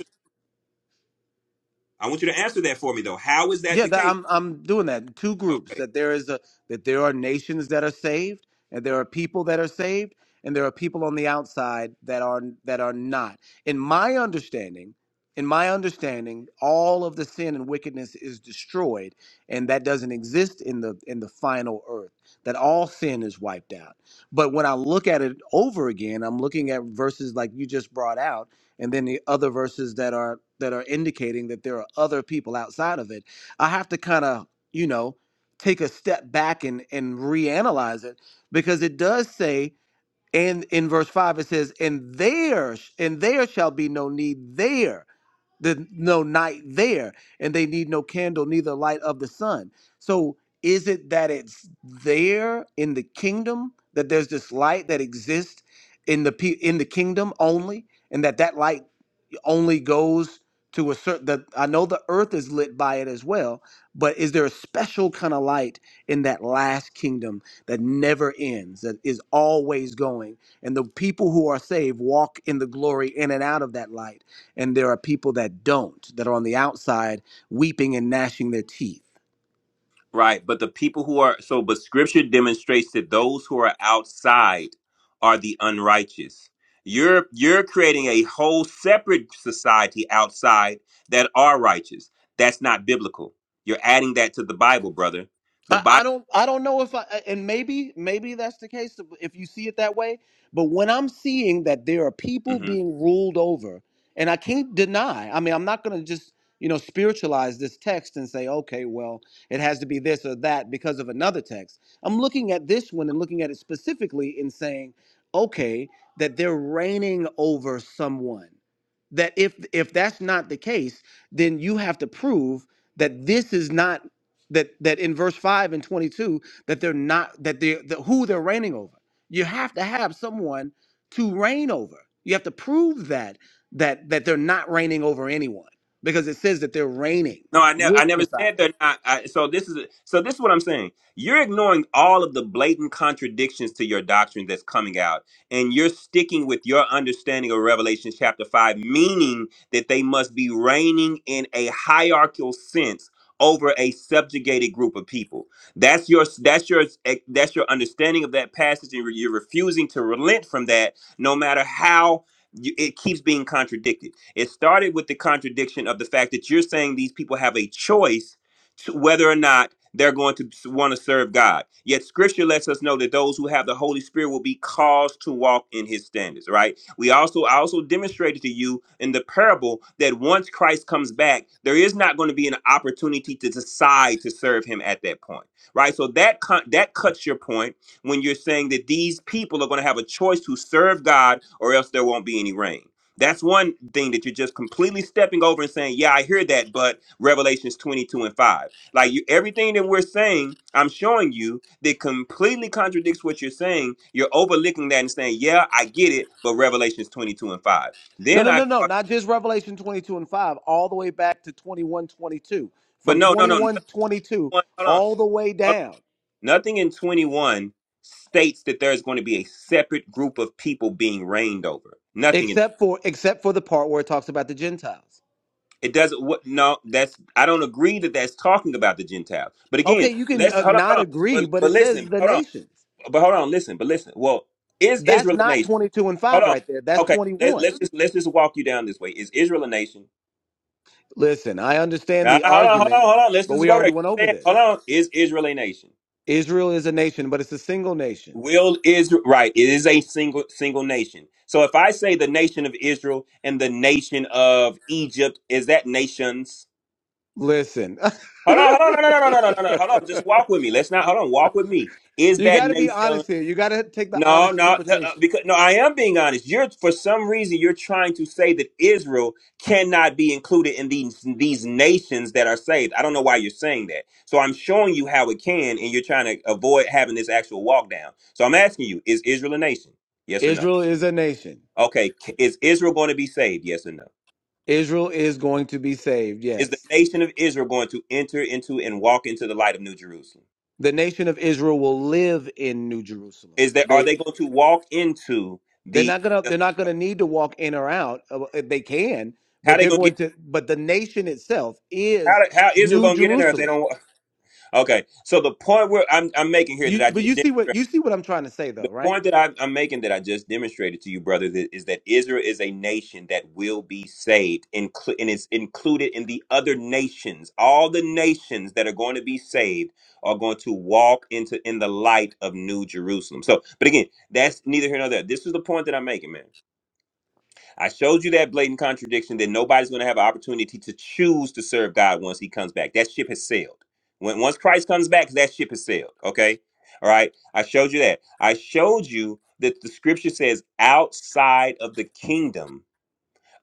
S6: I want you to answer that for me though. How is that
S15: Yeah,
S6: the
S15: that,
S6: case?
S15: I'm I'm doing that. in Two groups
S6: Okay.
S15: that there is a that there are nations that are saved, and there are people that are saved, and there are people on the outside that are that are not. In my understanding, in my understanding, all of the sin and wickedness is destroyed, and that doesn't exist in the in the final earth. That all sin is wiped out. But when I look at it over again, I'm looking at verses like you just brought out, and then the other verses that are that are indicating that there are other people outside of it I have to kind of, you know, take a step back and and reanalyze it because it does say and in verse 5 it says and there sh- and there shall be no need there the no night there and they need no candle neither light of the sun so is it that it's there in the kingdom that there's this light that exists in the pe- in the kingdom only and that that light only goes to a certain that I know the earth is lit by it as well, but is there a special kind of light in that last kingdom that never ends, that is always going? And the people who are saved walk in the glory in and out of that light. And there are people that don't, that are on the outside weeping and gnashing their teeth.
S6: Right. But the people who are so, but scripture demonstrates that those who are outside are the unrighteous. You're you're creating a whole separate society outside that are righteous. That's not biblical. You're adding that to the Bible, brother. The
S15: I,
S6: Bible.
S15: I don't I don't know if I and maybe maybe that's the case if you see it that way. But when I'm seeing that there are people being ruled over, and I can't deny, I mean, I'm not gonna just, you know, spiritualize this text and say, okay, well, it has to be this or that because of another text. I'm looking at this one and looking at it specifically and saying, okay, that they're reigning over someone. That if if that's not the case, then you have to prove that this is not that that in verse 5 and 22 that they're not that they're the, who they're reigning over you have to have someone to reign over you have to prove that that that they're not reigning over anyone because it says that they're reigning
S6: No, I never.
S15: with
S6: I never
S15: messiah
S6: said they're not. I, so this is. So this is what I'm saying. You're ignoring all of the blatant contradictions to your doctrine that's coming out, and you're sticking with your understanding of Revelation chapter five, meaning that they must be reigning in a hierarchical sense over a subjugated group of people. That's your. That's your. That's your understanding of that passage, and you're refusing to relent from that, no matter how you, it keeps being contradicted. It started with the contradiction of the fact that you're saying these people have a choice to whether or not they're going to want to serve God. Yet scripture lets us know that those who have the Holy Spirit will be caused to walk in his standards, right? We also I also demonstrated to you in the parable that once Christ comes back, there is not going to be an opportunity to decide to serve him at that point. Right? So that con- that cuts your point when you're saying that these people are going to have a choice to serve God or else there won't be any rain that's one thing that you're just completely stepping over and saying, "Yeah, I hear that," but Revelations 22 and 5. Like you, everything that we're saying, I'm showing you that completely contradicts what you're saying. You're overlooking that and saying, "Yeah, I get it," but Revelations 22 and 5.
S15: no
S6: Then
S15: no
S6: I,
S15: no no not just revelation 22 and 5 all the way back to 21 22
S6: but
S15: from
S6: no, no,
S15: twenty
S6: no, no,
S15: one 22
S6: hold on.
S15: all the way down
S6: Nothing in 21 states that there's going to be a separate group of people being reigned over. Nothing in
S15: except for except for the part where it talks about the gentiles
S6: It doesn't. What? No, that's. I don't agree that that's talking about the Gentiles. But
S15: okay
S6: again,
S15: you can
S6: let's
S15: uh,
S6: hold on,
S15: not
S6: hold on.
S15: agree
S6: But
S15: but
S6: but
S15: it says
S6: listen,
S15: the
S6: hold on.
S15: nations
S6: But hold on, listen. But listen. Well, is
S15: That's
S6: Israel a
S15: not
S6: nation?
S15: 22 and
S6: Hold
S15: 5
S6: on.
S15: right there. That's
S6: Okay, let's
S15: 21.
S6: let's just let's just walk you down this way. Is Israel a nation?
S15: Listen, I understand
S6: Now,
S15: the
S6: hold on, hold on,
S15: argument,
S6: hold on. Let's
S15: but
S6: just
S15: we
S6: go there.
S15: already went
S6: You
S15: over
S6: said, hold
S15: this.
S6: on. Is Israel a nation?
S15: Israel is a nation, but it's a single nation.
S6: Will is right. It is a single single nation. So if I say the nation of Israel and the nation of Egypt, is that nations?
S15: Listen,
S6: Hold on, hold on, no, no, no, no, no, no, no, no. Hold on. Just walk with me. Let's not. Hold on. Walk with me. Is
S15: you
S6: that
S15: got to be
S6: nation?
S15: honest here. You got to take the
S6: No,
S15: honest
S6: no, th- uh,
S15: interpretation.
S6: because no. I am being honest. You're for some reason you're trying to say that Israel cannot be included in these these nations that are saved. I don't know why you're saying that. So I'm showing you how it can, and you're trying to avoid having this actual walk down. So I'm asking you: Is Israel a nation? Yes or no?
S15: Israel is a nation.
S6: Okay. c- Is Israel going to be saved? Yes or no?
S15: Israel is going to be saved,
S6: Is the
S15: yes.
S6: nation of Israel going to enter into and walk into the light of New Jerusalem?
S15: The nation of Israel will live in New Jerusalem.
S6: is that are they going to walk into
S15: They're
S6: the,
S15: not gonna
S6: the
S15: they're not gonna need to walk in or out. uh, uh, They can,
S6: how
S15: but
S6: they
S15: they're
S6: going to get
S15: going to. But the nation itself
S6: how,
S15: is
S6: how Israel
S15: New
S6: going to get in there if they
S15: Jerusalem.
S6: don't? wa- Okay, so the point where I'm I'm making here that
S15: You
S6: I
S15: but
S6: just
S15: you see what
S6: demonstrated,
S15: you see what I'm trying to say
S6: the
S15: though, right?
S6: point that I'm, I'm making that I just demonstrated to you, brother, that, is that Israel is a nation that will be saved, inclu- and it's included in the other nations. All the nations that are going to be saved are going to walk into in the light of New Jerusalem. So, but again, that's neither here nor there. This is the point that I'm making, man I showed you that blatant contradiction that nobody's going to have an opportunity to choose to serve God once he comes back. That ship has sailed. When once Christ comes back, that ship has sailed. Okay? All right. I showed you that. I showed you that the scripture says outside of the kingdom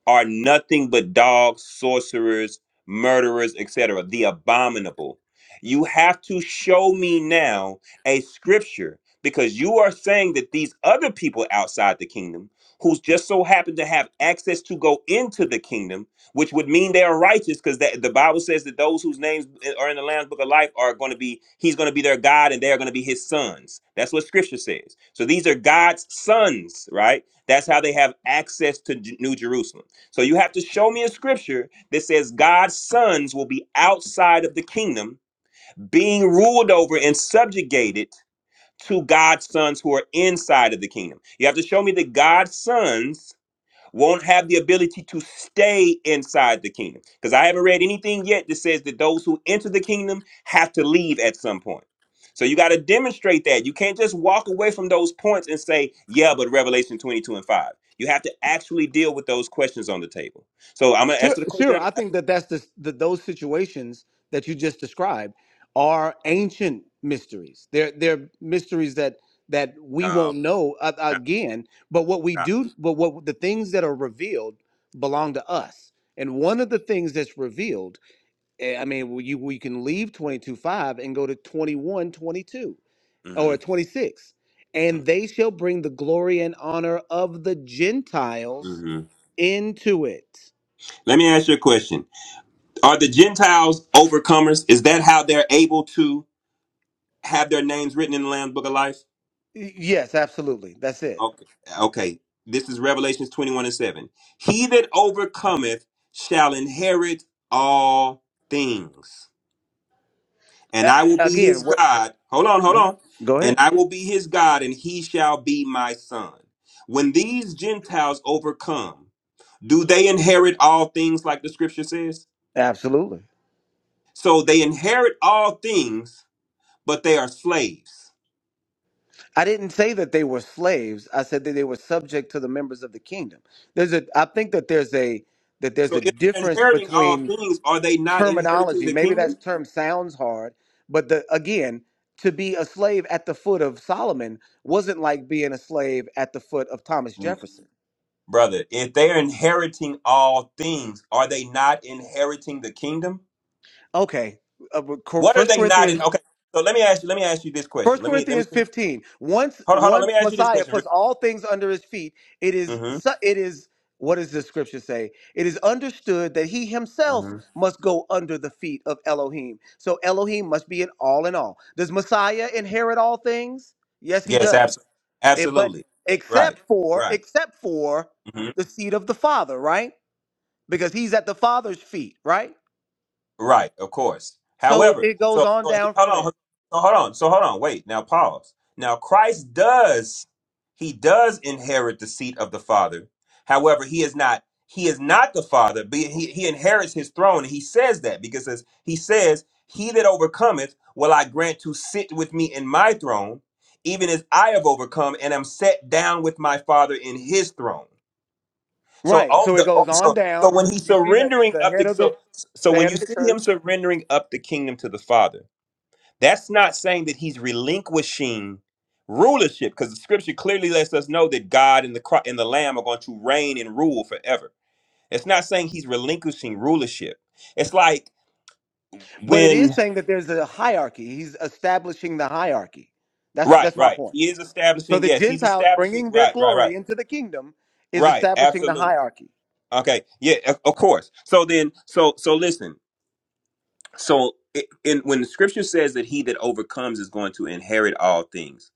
S6: are nothing but dogs, sorcerers, murderers, etc., the abominable. You have to show me now a scripture because you are saying that these other people outside the kingdom who just so happen to have access to go into the kingdom, which would mean they are righteous because the, the Bible says that those whose names eh, are in the Lamb's Book of Life are going to be, he's going to be their God and they are going to be his sons. That's what scripture says. So these are God's sons, right? That's how they have access to J- New Jerusalem. So you have to show me a scripture that says God's sons will be outside of the kingdom, being ruled over and subjugated to God's sons who are inside of the kingdom. You have to show me that God's sons won't have the ability to stay inside the kingdom. Because I haven't read anything yet that says that those who enter the kingdom have to leave at some point. So you got to demonstrate that. You can't just walk away from those points and say, yeah, but Revelation 22 and 5. You have to actually deal with those questions on the table. So I'm going to
S15: Sure,
S6: answer the question.
S15: sure.
S6: I'm
S15: I
S6: gonna ask-
S15: think that that's the, the those situations that you just described are ancient mysteries. They're they're mysteries that that we
S6: no,
S15: won't know uh,
S6: stop,
S15: again. But what we
S6: stop.
S15: do, but what the things that are revealed belong to us. And one of the things that's revealed Eh, I mean, well, you we can leave twenty two five and go to 21 22 or
S6: Mhm,
S15: 26.
S6: mhm.
S15: And they shall bring the glory and honor of the Gentiles
S6: mhm.
S15: into it.
S6: Let me ask you a question. Are the Gentiles overcomers? Is that how they're able to have their names written in the Lamb's Book of Life?
S15: Y- Yes, absolutely. That's it.
S6: Okay. Okay. This is Revelations 21 and 7. He that overcometh shall inherit all things. And
S15: A-
S6: I will be his
S15: again, what
S6: God. Hold on, hold on.
S15: go
S6: And
S15: ahead.
S6: I will be his God, and he shall be my son. When these Gentiles overcome, do they inherit all things like the scripture says?
S15: Absolutely.
S6: So they inherit all things, but they are slaves.
S15: I didn't say that they were slaves. I said that they were subject to the members of the kingdom. There's a I think that there's a that there's
S6: So
S15: a
S6: if they're
S15: difference
S6: inheriting all
S15: between
S6: things, are they not inheriting
S15: terminology.
S6: the
S15: Maybe
S6: kingdom?
S15: that term sounds hard, but the again, to be a slave at the foot of Solomon wasn't like being a slave at the foot of Thomas Jefferson.
S6: brother, if they're inheriting all things, are they not inheriting the kingdom?
S15: Okay, uh, but Cor-
S6: What are
S15: First
S6: they not in?
S15: Corinthians.
S6: Okay, so let me ask you. Let me ask you this question.
S15: First
S6: Let me let me
S15: Corinthians
S6: put it.
S15: 15. Once
S6: Hold on, hold on. Let
S15: once
S6: me ask you this
S15: Messiah
S6: question.
S15: puts all things under his feet, it is
S6: Mm-hmm.
S15: su- it is what does the scripture say? It is understood that he himself
S6: Mm-hmm.
S15: must go under the feet of Elohim. So Elohim must be an all in all. Does Messiah inherit all things? Yes, he
S6: Yes,
S15: does.
S6: absolutely,
S15: Eh, but
S6: absolutely. Yeah, Right,
S15: except for
S6: right.
S15: except for
S6: mm-hmm.
S15: the seat of the Father, right? Because he's at the Father's feet, right?
S6: Right, of course.
S15: So
S6: However,
S15: it goes
S6: so,
S15: on
S6: so he-
S15: down from
S6: hold
S15: there.
S6: on, so hold on, so hold on, wait. Now pause. Now Christ does, he does inherit the seat of the Father. However, he is not, he is not the Father. But he he inherits his throne, and he says that because as he says, "He that overcometh, will I grant to sit with me in my throne, even as I have overcome and am set down with my Father in His throne." So
S15: Right.
S6: all
S15: So it
S6: the oh,
S15: goes on
S6: so so
S15: down.
S6: when he's
S15: You see the,
S6: surrendering
S15: the
S6: up the
S15: head of the
S6: so so
S15: the
S6: when
S15: head
S6: you
S15: of the
S6: see him
S15: church.
S6: surrendering up the kingdom to the Father, that's not saying that he's relinquishing rulership, because the Scripture clearly lets us know that God and the Chri- and the Lamb are going to reign and rule forever. It's not saying he's relinquishing rulership. It's like
S15: But it is
S6: when
S15: saying that there's a hierarchy. He's establishing the hierarchy. That's
S6: right,
S15: that's my
S6: right,
S15: point.
S6: he is
S15: So
S6: establishing.
S15: the
S6: Yes, he's
S15: Gentiles
S6: establishing.
S15: bringing their
S6: Right, right, right,
S15: glory into the kingdom is
S6: right.
S15: establishing the
S6: Absolutely.
S15: hierarchy.
S6: Okay. Yeah. Of of course. So then, so so listen. So, i- in, when the scripture says that he that overcomes is going to inherit all things,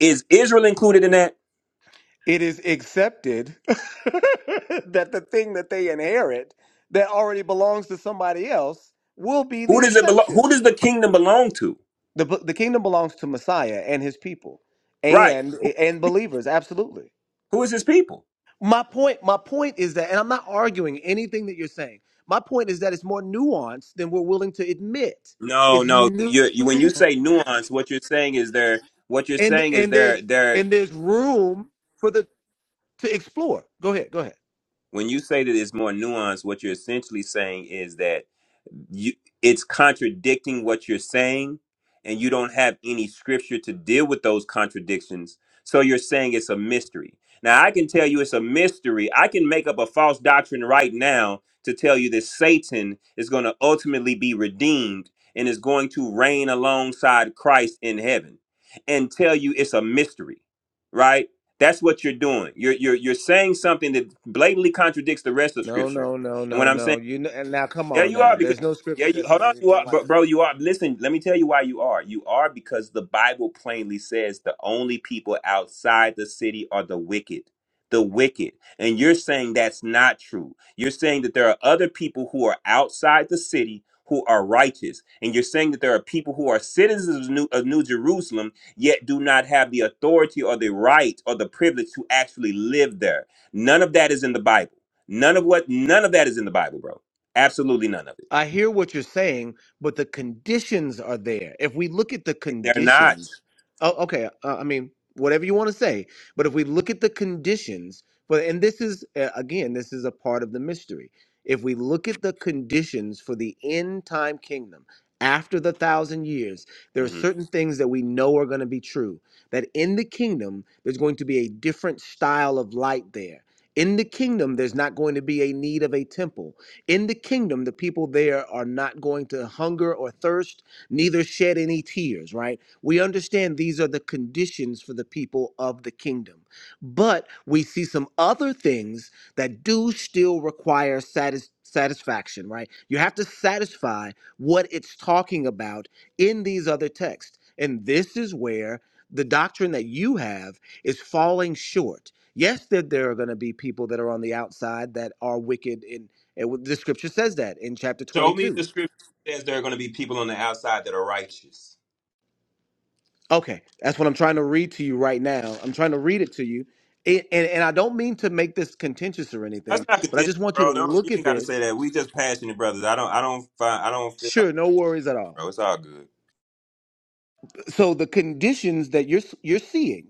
S6: is Israel included in that?
S15: it is accepted that the thing that they inherit that already belongs to somebody else will be
S6: Who
S15: the
S6: does it belong? Who
S15: exception.
S6: does the kingdom belong to?
S15: The, the kingdom belongs to Messiah and his people
S6: Right.
S15: and
S6: Who,
S15: and believers absolutely.
S6: who is his people?
S15: My point my point is that and I'm not arguing anything that you're saying. My point is that it's more nuanced than we're willing to admit.
S6: No,
S15: It's
S6: no.
S15: new
S6: You, you, when you say nuance, what you're saying is there. What you're
S15: and
S6: saying is
S15: and there's
S6: there. There.
S15: and there's room for the to explore. Go ahead. Go ahead.
S6: When you say that it's more nuanced, what you're essentially saying is that you it's contradicting what you're saying and you don't have any scripture to deal with those contradictions so you're saying it's a mystery now i can tell you it's a mystery i can make up a false doctrine right now to tell you that satan is going to ultimately be redeemed and is going to reign alongside christ in heaven and tell you it's a mystery right that's what you're doing you're you're, you're saying something that blatantly contradicts the rest of
S15: No,
S6: scripture
S15: no, no,
S6: and when
S15: no,
S6: I'm saying
S15: no. You know, and now come
S6: yeah,
S15: on
S6: you
S15: now.
S6: are because
S15: There's no
S6: yeah,
S15: scripture
S6: you
S15: that
S6: hold
S15: says
S6: on, you
S15: anything
S6: are, bro,
S15: like
S6: bro.
S15: that.
S6: You are. Listen, let me tell you why you are. You are because the Bible plainly says the only people outside the city are the wicked, the wicked, and you're saying that's not true. You're saying that there are other people who are outside the city who are righteous, and you're saying that there are people who are citizens of New, of New Jerusalem yet do not have the authority or the right or the privilege to actually live there. None of that is in the Bible. None of what. None of that is in the Bible, bro. Absolutely none of it.
S15: I hear what you're saying, but the conditions are there. If we look at the
S6: they're not,
S15: conditions, oh, okay, uh, I mean, whatever you want to say, but if we look at the conditions, but and this is uh, again, this is a part of the mystery. If we look at the conditions for the end time kingdom after the thousand years, there are
S6: mhm.
S15: certain things that we know are going to be true. That in the kingdom, there's going to be a different style of light there. In the kingdom, there's not going to be a need of a temple in the kingdom, the people there are not going to hunger or thirst, neither shed any tears, right? We understand these are the conditions for the people of the kingdom. But we see some other things that do still require satis- satisfaction, right? You have to satisfy what it's talking about in these other texts. And this is where the doctrine that you have is falling short. Yes, that there are going to be people that are on the outside that are wicked and it, the scripture says that in chapter
S6: show me
S15: 22.
S6: the scripture that says there are going to be people on the outside that are righteous.
S15: Okay, that's what I'm trying to read to you right now. I'm trying to read it to you. It, and, and I don't mean to make this contentious or
S6: That's
S15: anything,
S6: not
S15: but I
S6: contention,
S15: just want you to
S6: bro. Don't you
S15: look at
S6: ain't got to say
S15: this.
S6: that. We just passionate brothers. I don't. I don't find. I don't feel like,
S15: Sure, no worries at all.
S6: bro. It's all good.
S15: so the conditions that you're you're seeing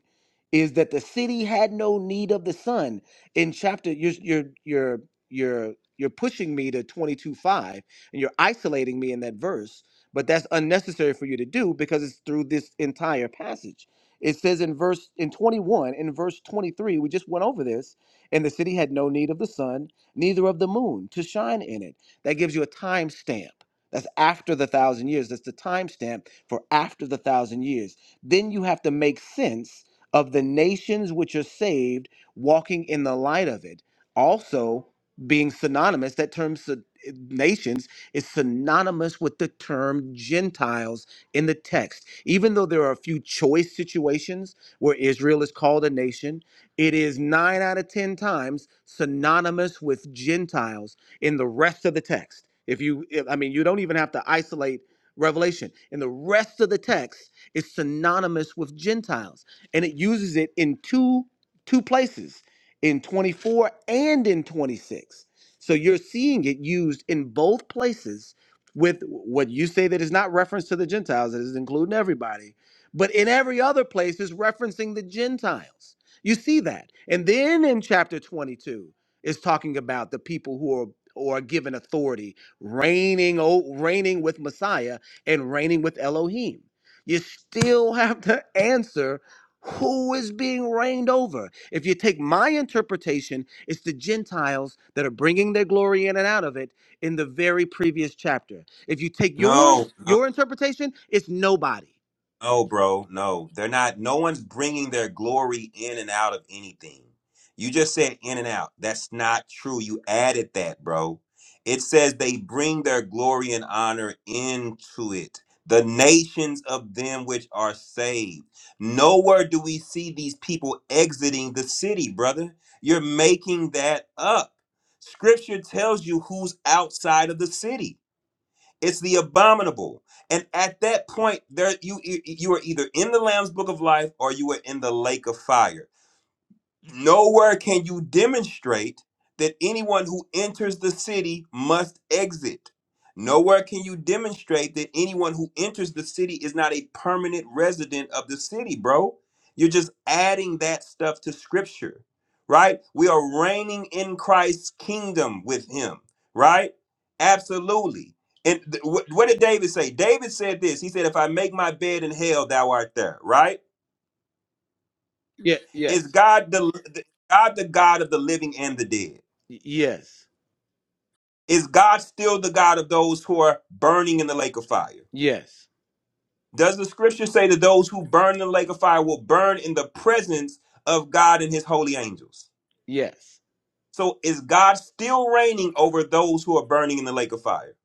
S15: is that the city had no need of the sun in chapter you're you're you're you're you're pushing me to twenty two five and you're isolating me in that verse but that's unnecessary for you to do because it's through this entire passage it says in verse in 21 in verse 23 we just went over this and the city had no need of the sun neither of the moon to shine in it that gives you a time stamp that's after the thousand years that's the timestamp for after the thousand years. Then you have to make sense of the nations which are saved walking in the light of it. Also, being synonymous, that term syn- nations is synonymous with the term Gentiles in the text. Even though there are a few choice situations where Israel is called a nation, it is nine out of 10 times synonymous with Gentiles in the rest of the text. If you, if, I mean, you don't even have to isolate Revelation. And the rest of the text is synonymous with Gentiles. And it uses it in two two places, in 24 and in 26. So you're seeing it used in both places with what you say that is not reference to the Gentiles, it is including everybody, but in every other place is referencing the Gentiles. You see that. And then in chapter 22, is talking about the people who are or are given authority reigning o- reigning with messiah and reigning with Elohim. You still have to answer who is being reigned over. If you take my interpretation, it's the Gentiles that are bringing their glory in and out of it in the very previous chapter. If you take
S6: No.
S15: yours,
S6: no.
S15: your interpretation, it's nobody.
S6: No, bro. No, they're not. No one's bringing their glory in and out of anything. You just said in and out. That's not true. You added that, bro. It says they bring their glory and honor into it. The nations of them which are saved. Nowhere do we see these people exiting the city, brother. You're making that up. Scripture tells you who's outside of the city. It's the abominable. And at that point, there you you are either in the Lamb's Book of Life or you are in the lake of fire. Nowhere can you demonstrate that anyone who enters the city must exit. Nowhere can you demonstrate that anyone who enters the city is not a permanent resident of the city, bro. You're just adding that stuff to scripture, right? We are reigning in Christ's kingdom with him, right? Absolutely. And th- wh- what did David say? David said this. He said, If I make my bed in hell, thou art there, right?
S15: Yeah,
S6: Is
S15: yes.
S6: God the God the God of the living and the dead?
S15: Yes.
S6: Is God still the God of those who are burning in the lake of fire?
S15: Yes.
S6: Does the scripture say that those who burn in the lake of fire will burn in the presence of God and his holy angels?
S15: Yes.
S6: So is God still reigning over those who are burning in the lake of fire?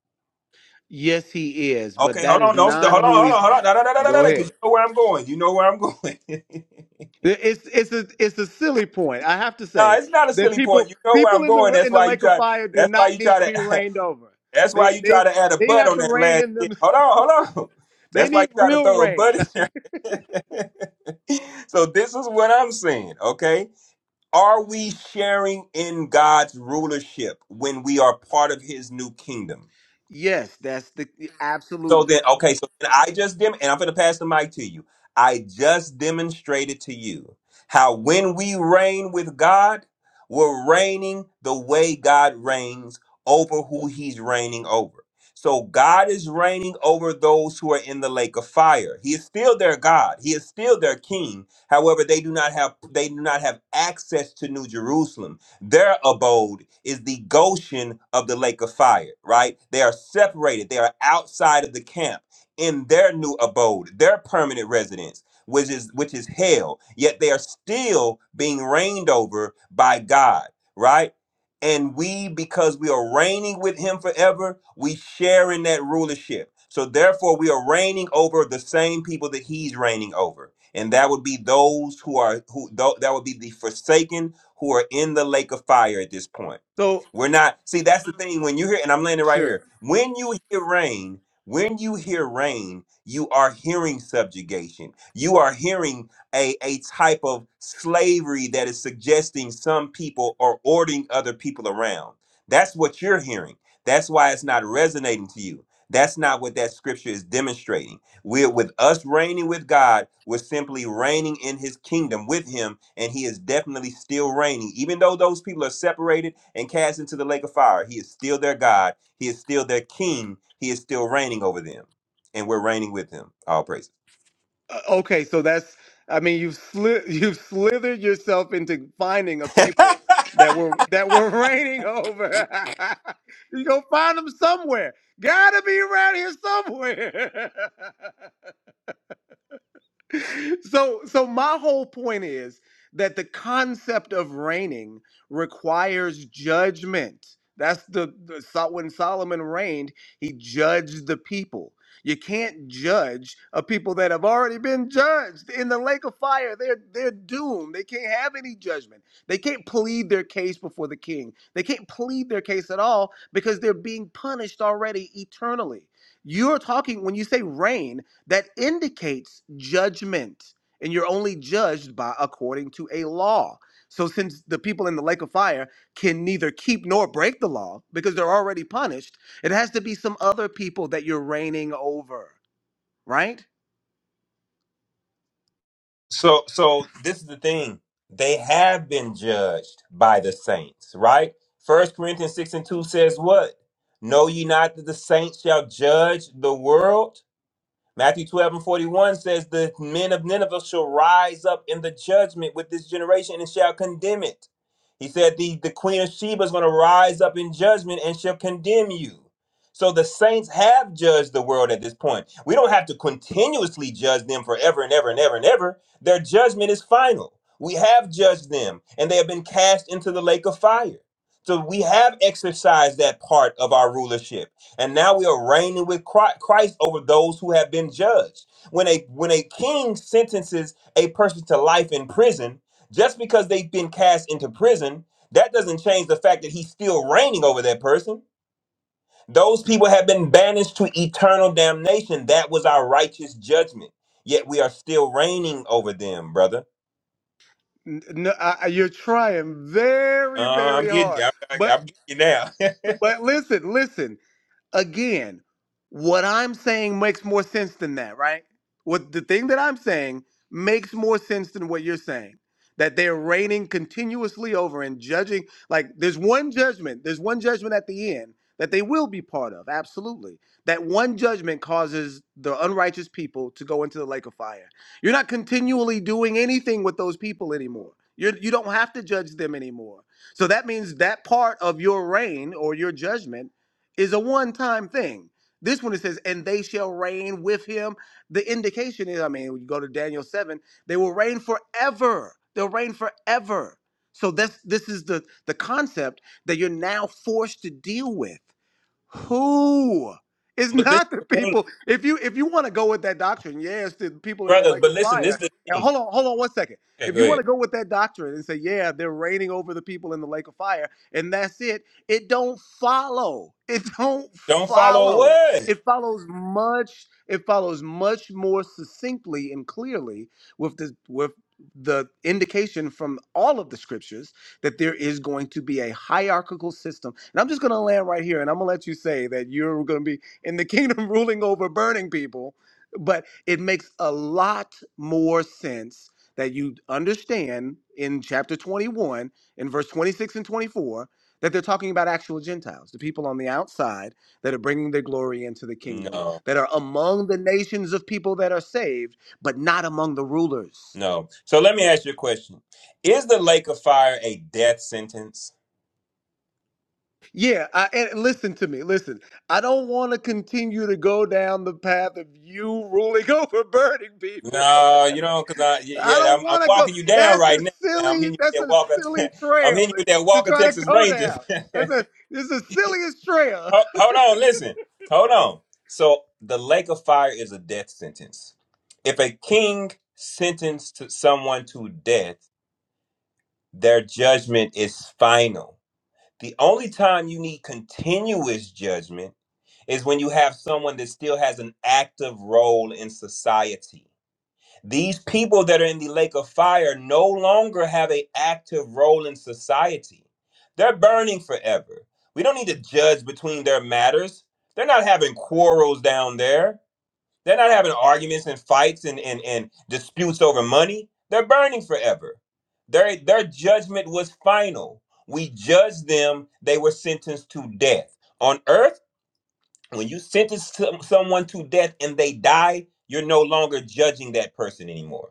S15: Yes, he is, but
S6: Okay,
S15: that
S6: hold
S15: is
S6: on, don't st-
S15: not
S6: hold on,
S15: who
S6: hold on,
S15: he's.
S6: hold on, no, no, no, no, no,
S15: Go
S6: no, because you
S15: ahead.
S6: know where I'm going. You know where I'm going. no,
S15: It's it's a it's a silly point. I have to say
S6: it's not a
S15: that
S6: silly point.
S15: people
S6: You know where
S15: people
S6: I'm
S15: in
S6: going.
S15: the
S6: That's
S15: in the
S6: why you
S15: lake of
S6: try.
S15: fire do
S6: That's why
S15: not
S6: you
S15: need
S6: try
S15: to be
S6: to.
S15: rained over.
S6: That's why
S15: They
S6: you try
S15: they
S6: to add a
S15: they
S6: butt
S15: have
S6: on
S15: to
S6: that
S15: rain
S6: last
S15: in them.
S6: shit. Hold on, hold on.
S15: They
S6: That's why you
S15: need
S6: try to
S15: real
S6: throw a butt
S15: rain.
S6: in there. so this is what I'm saying, okay? Are we sharing in God's rulership when we are part of his new kingdom?
S15: yes, that's the
S6: So then,
S15: absolutely.
S6: okay, so then I just dem and I'm going to pass the mic to you. I just demonstrated to you how when we reign with God, we're reigning the way God reigns over who he's reigning over. So God is reigning over those who are in the lake of fire. He is still their God. He is still their king. However, they do not have they do not have access to New Jerusalem their abode is the Goshen of the lake of fire, right? They are separated, they are outside of the camp in their new abode, their permanent residence, which is which is hell. Yet they are still being reigned over by God, right? And we, because we are reigning with him forever, we share in that rulership. So therefore, we are reigning over the same people that he's reigning over. And that would be those who are who tho- that would be the forsaken who are in the lake of fire at this point.
S15: So
S6: We're not, see, that's the thing. When you hear, and I'm landing right
S15: sure.
S6: here, when you hear rain, when you hear rain, you are hearing subjugation. You are hearing a, a type of slavery that is suggesting some people are ordering other people around. That's what you're hearing. That's why it's not resonating to you. That's not what that scripture is demonstrating we're with us reigning with God, we're simply reigning in his kingdom with him, and he is definitely still reigning. Even though those people are separated and cast into the lake of fire, he is still their God, he is still their king, he is still reigning over them, and we're reigning with him. All praises.
S15: Uh, okay, so that's I mean you've sli- you've slithered yourself into finding a people that were that were raining over. you gonna find them somewhere. Gotta be around here somewhere. so so my whole point is that the concept of reigning requires judgment that's the, the so- when solomon reigned he judged the people you can't judge a people that have already been judged in the lake of fire they're they're doomed they can't have any judgment they can't plead their case before the king they can't plead their case at all because they're being punished already eternally you're talking when you say reign that indicates judgment and you're only judged by according to a law so since the people in the lake of fire can neither keep nor break the law because they're already punished it has to be some other people that you're reigning over right
S6: so so this is the thing. They have been judged by the saints, right? First Corinthians 6 and 2 says what? Know ye not that the saints shall judge the world? Matthew 12 and 41 says, The men of Nineveh shall rise up in the judgment with this generation and shall condemn it. He said, The, the queen of Sheba is going to rise up in judgment and shall condemn you. So the saints have judged the world at this point. We don't have to continuously judge them forever and ever and ever and ever. Their judgment is final. We have judged them and they have been cast into the lake of fire. So we have exercised that part of our rulership and now we are reigning with Chri- Christ over those who have been judged. When a when a king sentences a person to life in prison, just because they've been cast into prison, that doesn't change the fact that he's still reigning over that person. Those people have been banished to eternal damnation. That was our righteous judgment. Yet we are still reigning over them, brother.
S15: N- No, I, I- you're trying
S6: Uh,
S15: very,
S6: I'm
S15: very
S6: getting you.
S15: hard.
S6: I, I,
S15: But
S6: I'm getting you now.
S15: but listen, listen. Again, what I'm saying makes more sense than that, right? What the thing that I'm saying makes more sense than what you're saying. That they're reigning continuously over and judging. Like, there's one judgment, there's one judgment at the end that they will be part of, absolutely. That one judgment causes the unrighteous people to go into the lake of fire. You're not continually doing anything with those people anymore. You're, you you do not have to judge them anymore. So that means that part of your reign or your judgment is a one time thing. This one it says, and they shall reign with him. The indication is, I mean, when you go to Daniel 7, they will reign forever. They'll reign forever. So that's this is the the concept that you're now forced to deal with. Who? It's
S6: but this
S15: not the
S6: is the thing,
S15: people. If you if you want to go with that doctrine, yeah, it's the people in the
S6: brother.
S15: lake
S6: But
S15: of
S6: listen, this
S15: fire.
S6: is
S15: And hold on, hold on one second.
S6: okay.
S15: If
S6: Go
S15: you want
S6: ahead.
S15: to go with that doctrine and say, yeah, they're reigning over the people in the lake of fire, and that's it, it don't follow. It don't
S6: Don't follow
S15: follow.
S6: what?
S15: It follows much, it follows much more succinctly and clearly with the with the indication from all of the scriptures that there is going to be a hierarchical system. And I'm just going to land right here and I'm going to let you say that you're going to be in the kingdom ruling over burning people. But it makes a lot more sense that you understand in chapter 21, in verse 26 and 24, that they're talking about actual Gentiles, the people on the outside that are bringing their glory into the kingdom,
S6: No.
S15: that are among the nations of people that are saved, but not among the rulers
S6: No. So let me ask you a question. Is the lake of fire a death sentence?
S15: Yeah, I, and listen to me. Listen, I don't want to continue to go down the path of you ruling over burning people.
S6: No, you don't, because I, y-
S15: I
S6: yeah,
S15: don't
S6: I'm, I'm
S15: want to go.
S6: walking you down
S15: That's a
S6: right now. I'm
S15: silly.
S6: hitting you with
S15: That's
S6: that
S15: a
S6: Walker,
S15: silly
S6: I'm hitting
S15: trail
S6: you
S15: to,
S6: with that
S15: to
S6: Walker
S15: try to
S6: Texas
S15: go
S6: Rangers.
S15: down. That's
S6: Ho-
S15: a. It's the silliest trail.
S6: hold on, listen. Hold on. So the lake of fire is a death sentence. If a king sentenced to someone to death, their judgment is final. The only time you need continuous judgment is when you have someone that still has an active role in society. These people that are in the lake of fire no longer have an active role in society. They're burning forever. We don't need to judge between their matters. They're not having quarrels down there. They're not having arguments and fights and, and, and disputes over money. They're burning forever. Their, their judgment was final. We judged them, they were sentenced to death. On earth, when you sentence some, someone to death and they die, you're no longer judging that person anymore.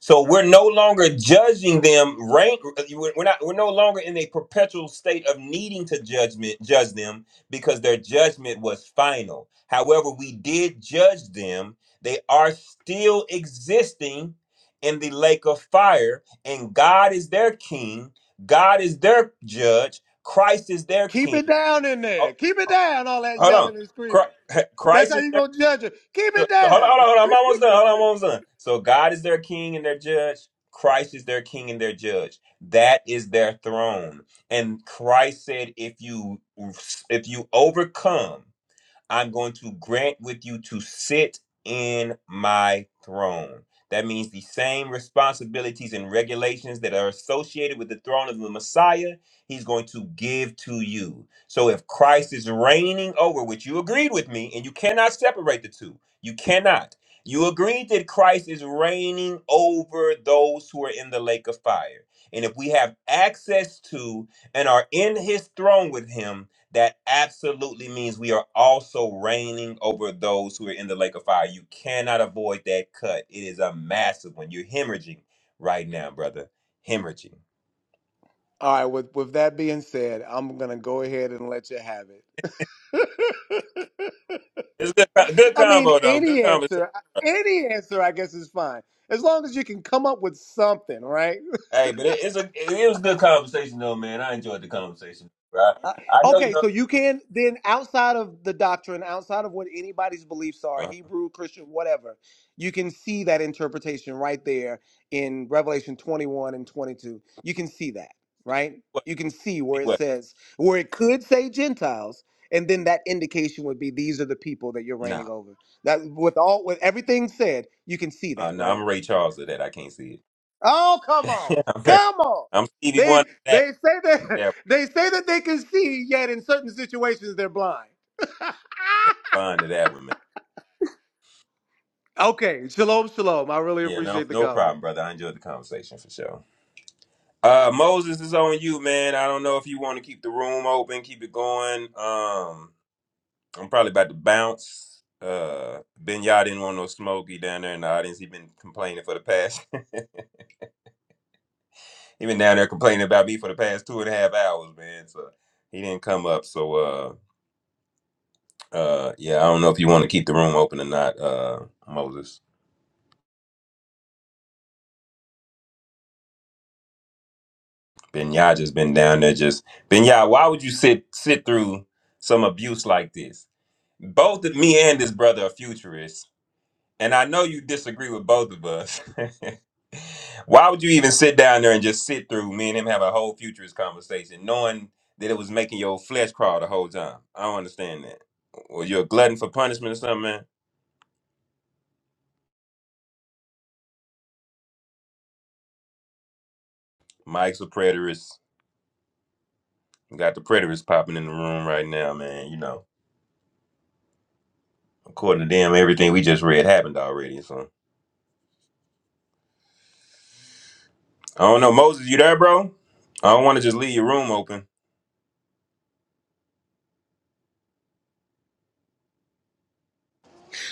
S6: So we're no longer judging them. Rank, we're we're not. We're no longer in a perpetual state of needing to judgment judge them because their judgment was final. However, we did judge them. They are still existing in the lake of fire, and God is their king. God is their judge. Christ is their
S15: Keep it
S6: king.
S15: down in
S6: Oh,
S15: there. Keep it down. All that
S6: hold on.
S15: yelling and screaming.
S6: Chri- Christ
S15: That's how
S6: is
S15: you
S6: their
S15: gonna judge it. Keep
S6: so,
S15: it
S6: so hold on,
S15: down.
S6: hold on, hold on. I'm almost done. Hold on, I'm almost done. So God is their king and their judge. Christ is their king and their judge. That is their throne. And Christ said, if you if you overcome I'm going to grant with you to sit in my throne. That means the same responsibilities and regulations that are associated with the throne of the Messiah, he's going to give to you. So if Christ is reigning over, which you agreed with me, and you cannot separate the two, you cannot. You agreed that Christ is reigning over those who are in the lake of fire. And if we have access to and are in his throne with him, that absolutely means we are also reigning over those who are in the lake of fire. You cannot avoid that cut. It is a massive one. You're hemorrhaging right now, brother. Hemorrhaging.
S15: All right. With with that being said, I'm gonna go ahead and let you have it.
S6: It's good, good
S15: I
S6: combo
S15: mean,
S6: though. Good
S15: any
S6: conversation.
S15: answer, any answer, I guess is fine as long as you can come up with something, right?
S6: Hey, but it, it's a it was good conversation though, man. I enjoyed the conversation. Right?
S15: Uh,
S6: I know you.
S15: okay,
S6: Know,
S15: so you can then outside of the doctrine, outside of what anybody's beliefs are,
S6: uh,
S15: Hebrew, Christian, whatever, you can see that interpretation right there in Revelation 21 and 22. You can see that, right?
S6: what?
S15: You can see
S6: See
S15: where it
S6: what?
S15: says where it could say Gentiles. And then that indication would be these are the people that you're
S6: No,
S15: reigning over. That with all with everything said, you can see
S6: uh,
S15: that,
S6: no.
S15: right?
S6: I'm Ray Charles of that. I can't see
S15: Oh, come on.
S6: it. I'm, Ray,
S15: Come on.
S6: I'm Stevie
S15: They
S6: Wonder. of That
S15: they say that
S6: that
S15: they say that they can see, yet in certain situations they're blind.
S6: yeah, blind to that one, man.
S15: Okay. Shalom, shalom. I really
S6: Yeah, no,
S15: appreciate the
S6: no problem,
S15: combo.
S6: brother. I enjoyed the conversation for sure. Uh, Moses is on you, man. I don't know if you want to keep the room open, keep it going. Um, I'm probably about to bounce. Uh, Ben Yah didn't want no smoky down there in the audience. He been complaining for the past. he been down there complaining about me for the past two and a half hours, man. So he didn't come up. So uh, uh, yeah, I don't know if you want to keep the room open or not, uh, Moses. Ben Yah just been down there. Just Ben Yah, why would you sit sit through some abuse like this? Both of me and this brother are futurists And I know you disagree with both of us. Why would you even sit down there and just sit through me and him have a whole futurist conversation, knowing that it was making your flesh crawl the whole time? I don't understand that. Well, you're a glutton for punishment or something, man. Mike's a preterist. We got the preterists popping in the room right now, man. You know, according to them, everything we just read happened already. So I don't know, Moses, you there, bro? I don't want to just leave your room open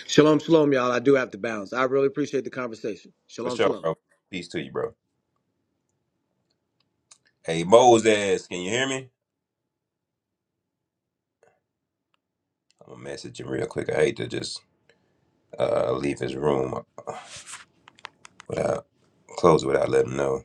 S15: Shalom, shalom, y'all. I do have to bounce. I really appreciate the conversation.
S6: for
S15: Shalom,
S6: sure,
S15: shalom.
S6: bro. Peace to you, bro. Hey, Moses, can you hear me? I'm gonna message him real quick. I hate to just uh, leave his room without close it without letting him know.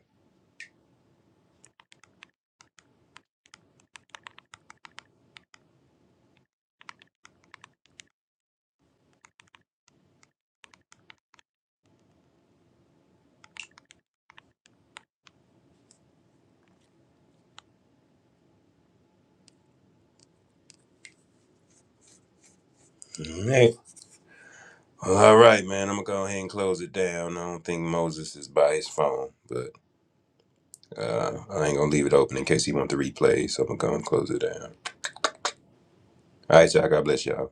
S6: All right, Well, all right, man. I'm gonna go ahead and close it down. I don't think Moses is by his phone, but uh, I ain't gonna leave it open in case he wants to replay. So I'm gonna go and close it down. All right, y'all. God bless y'all.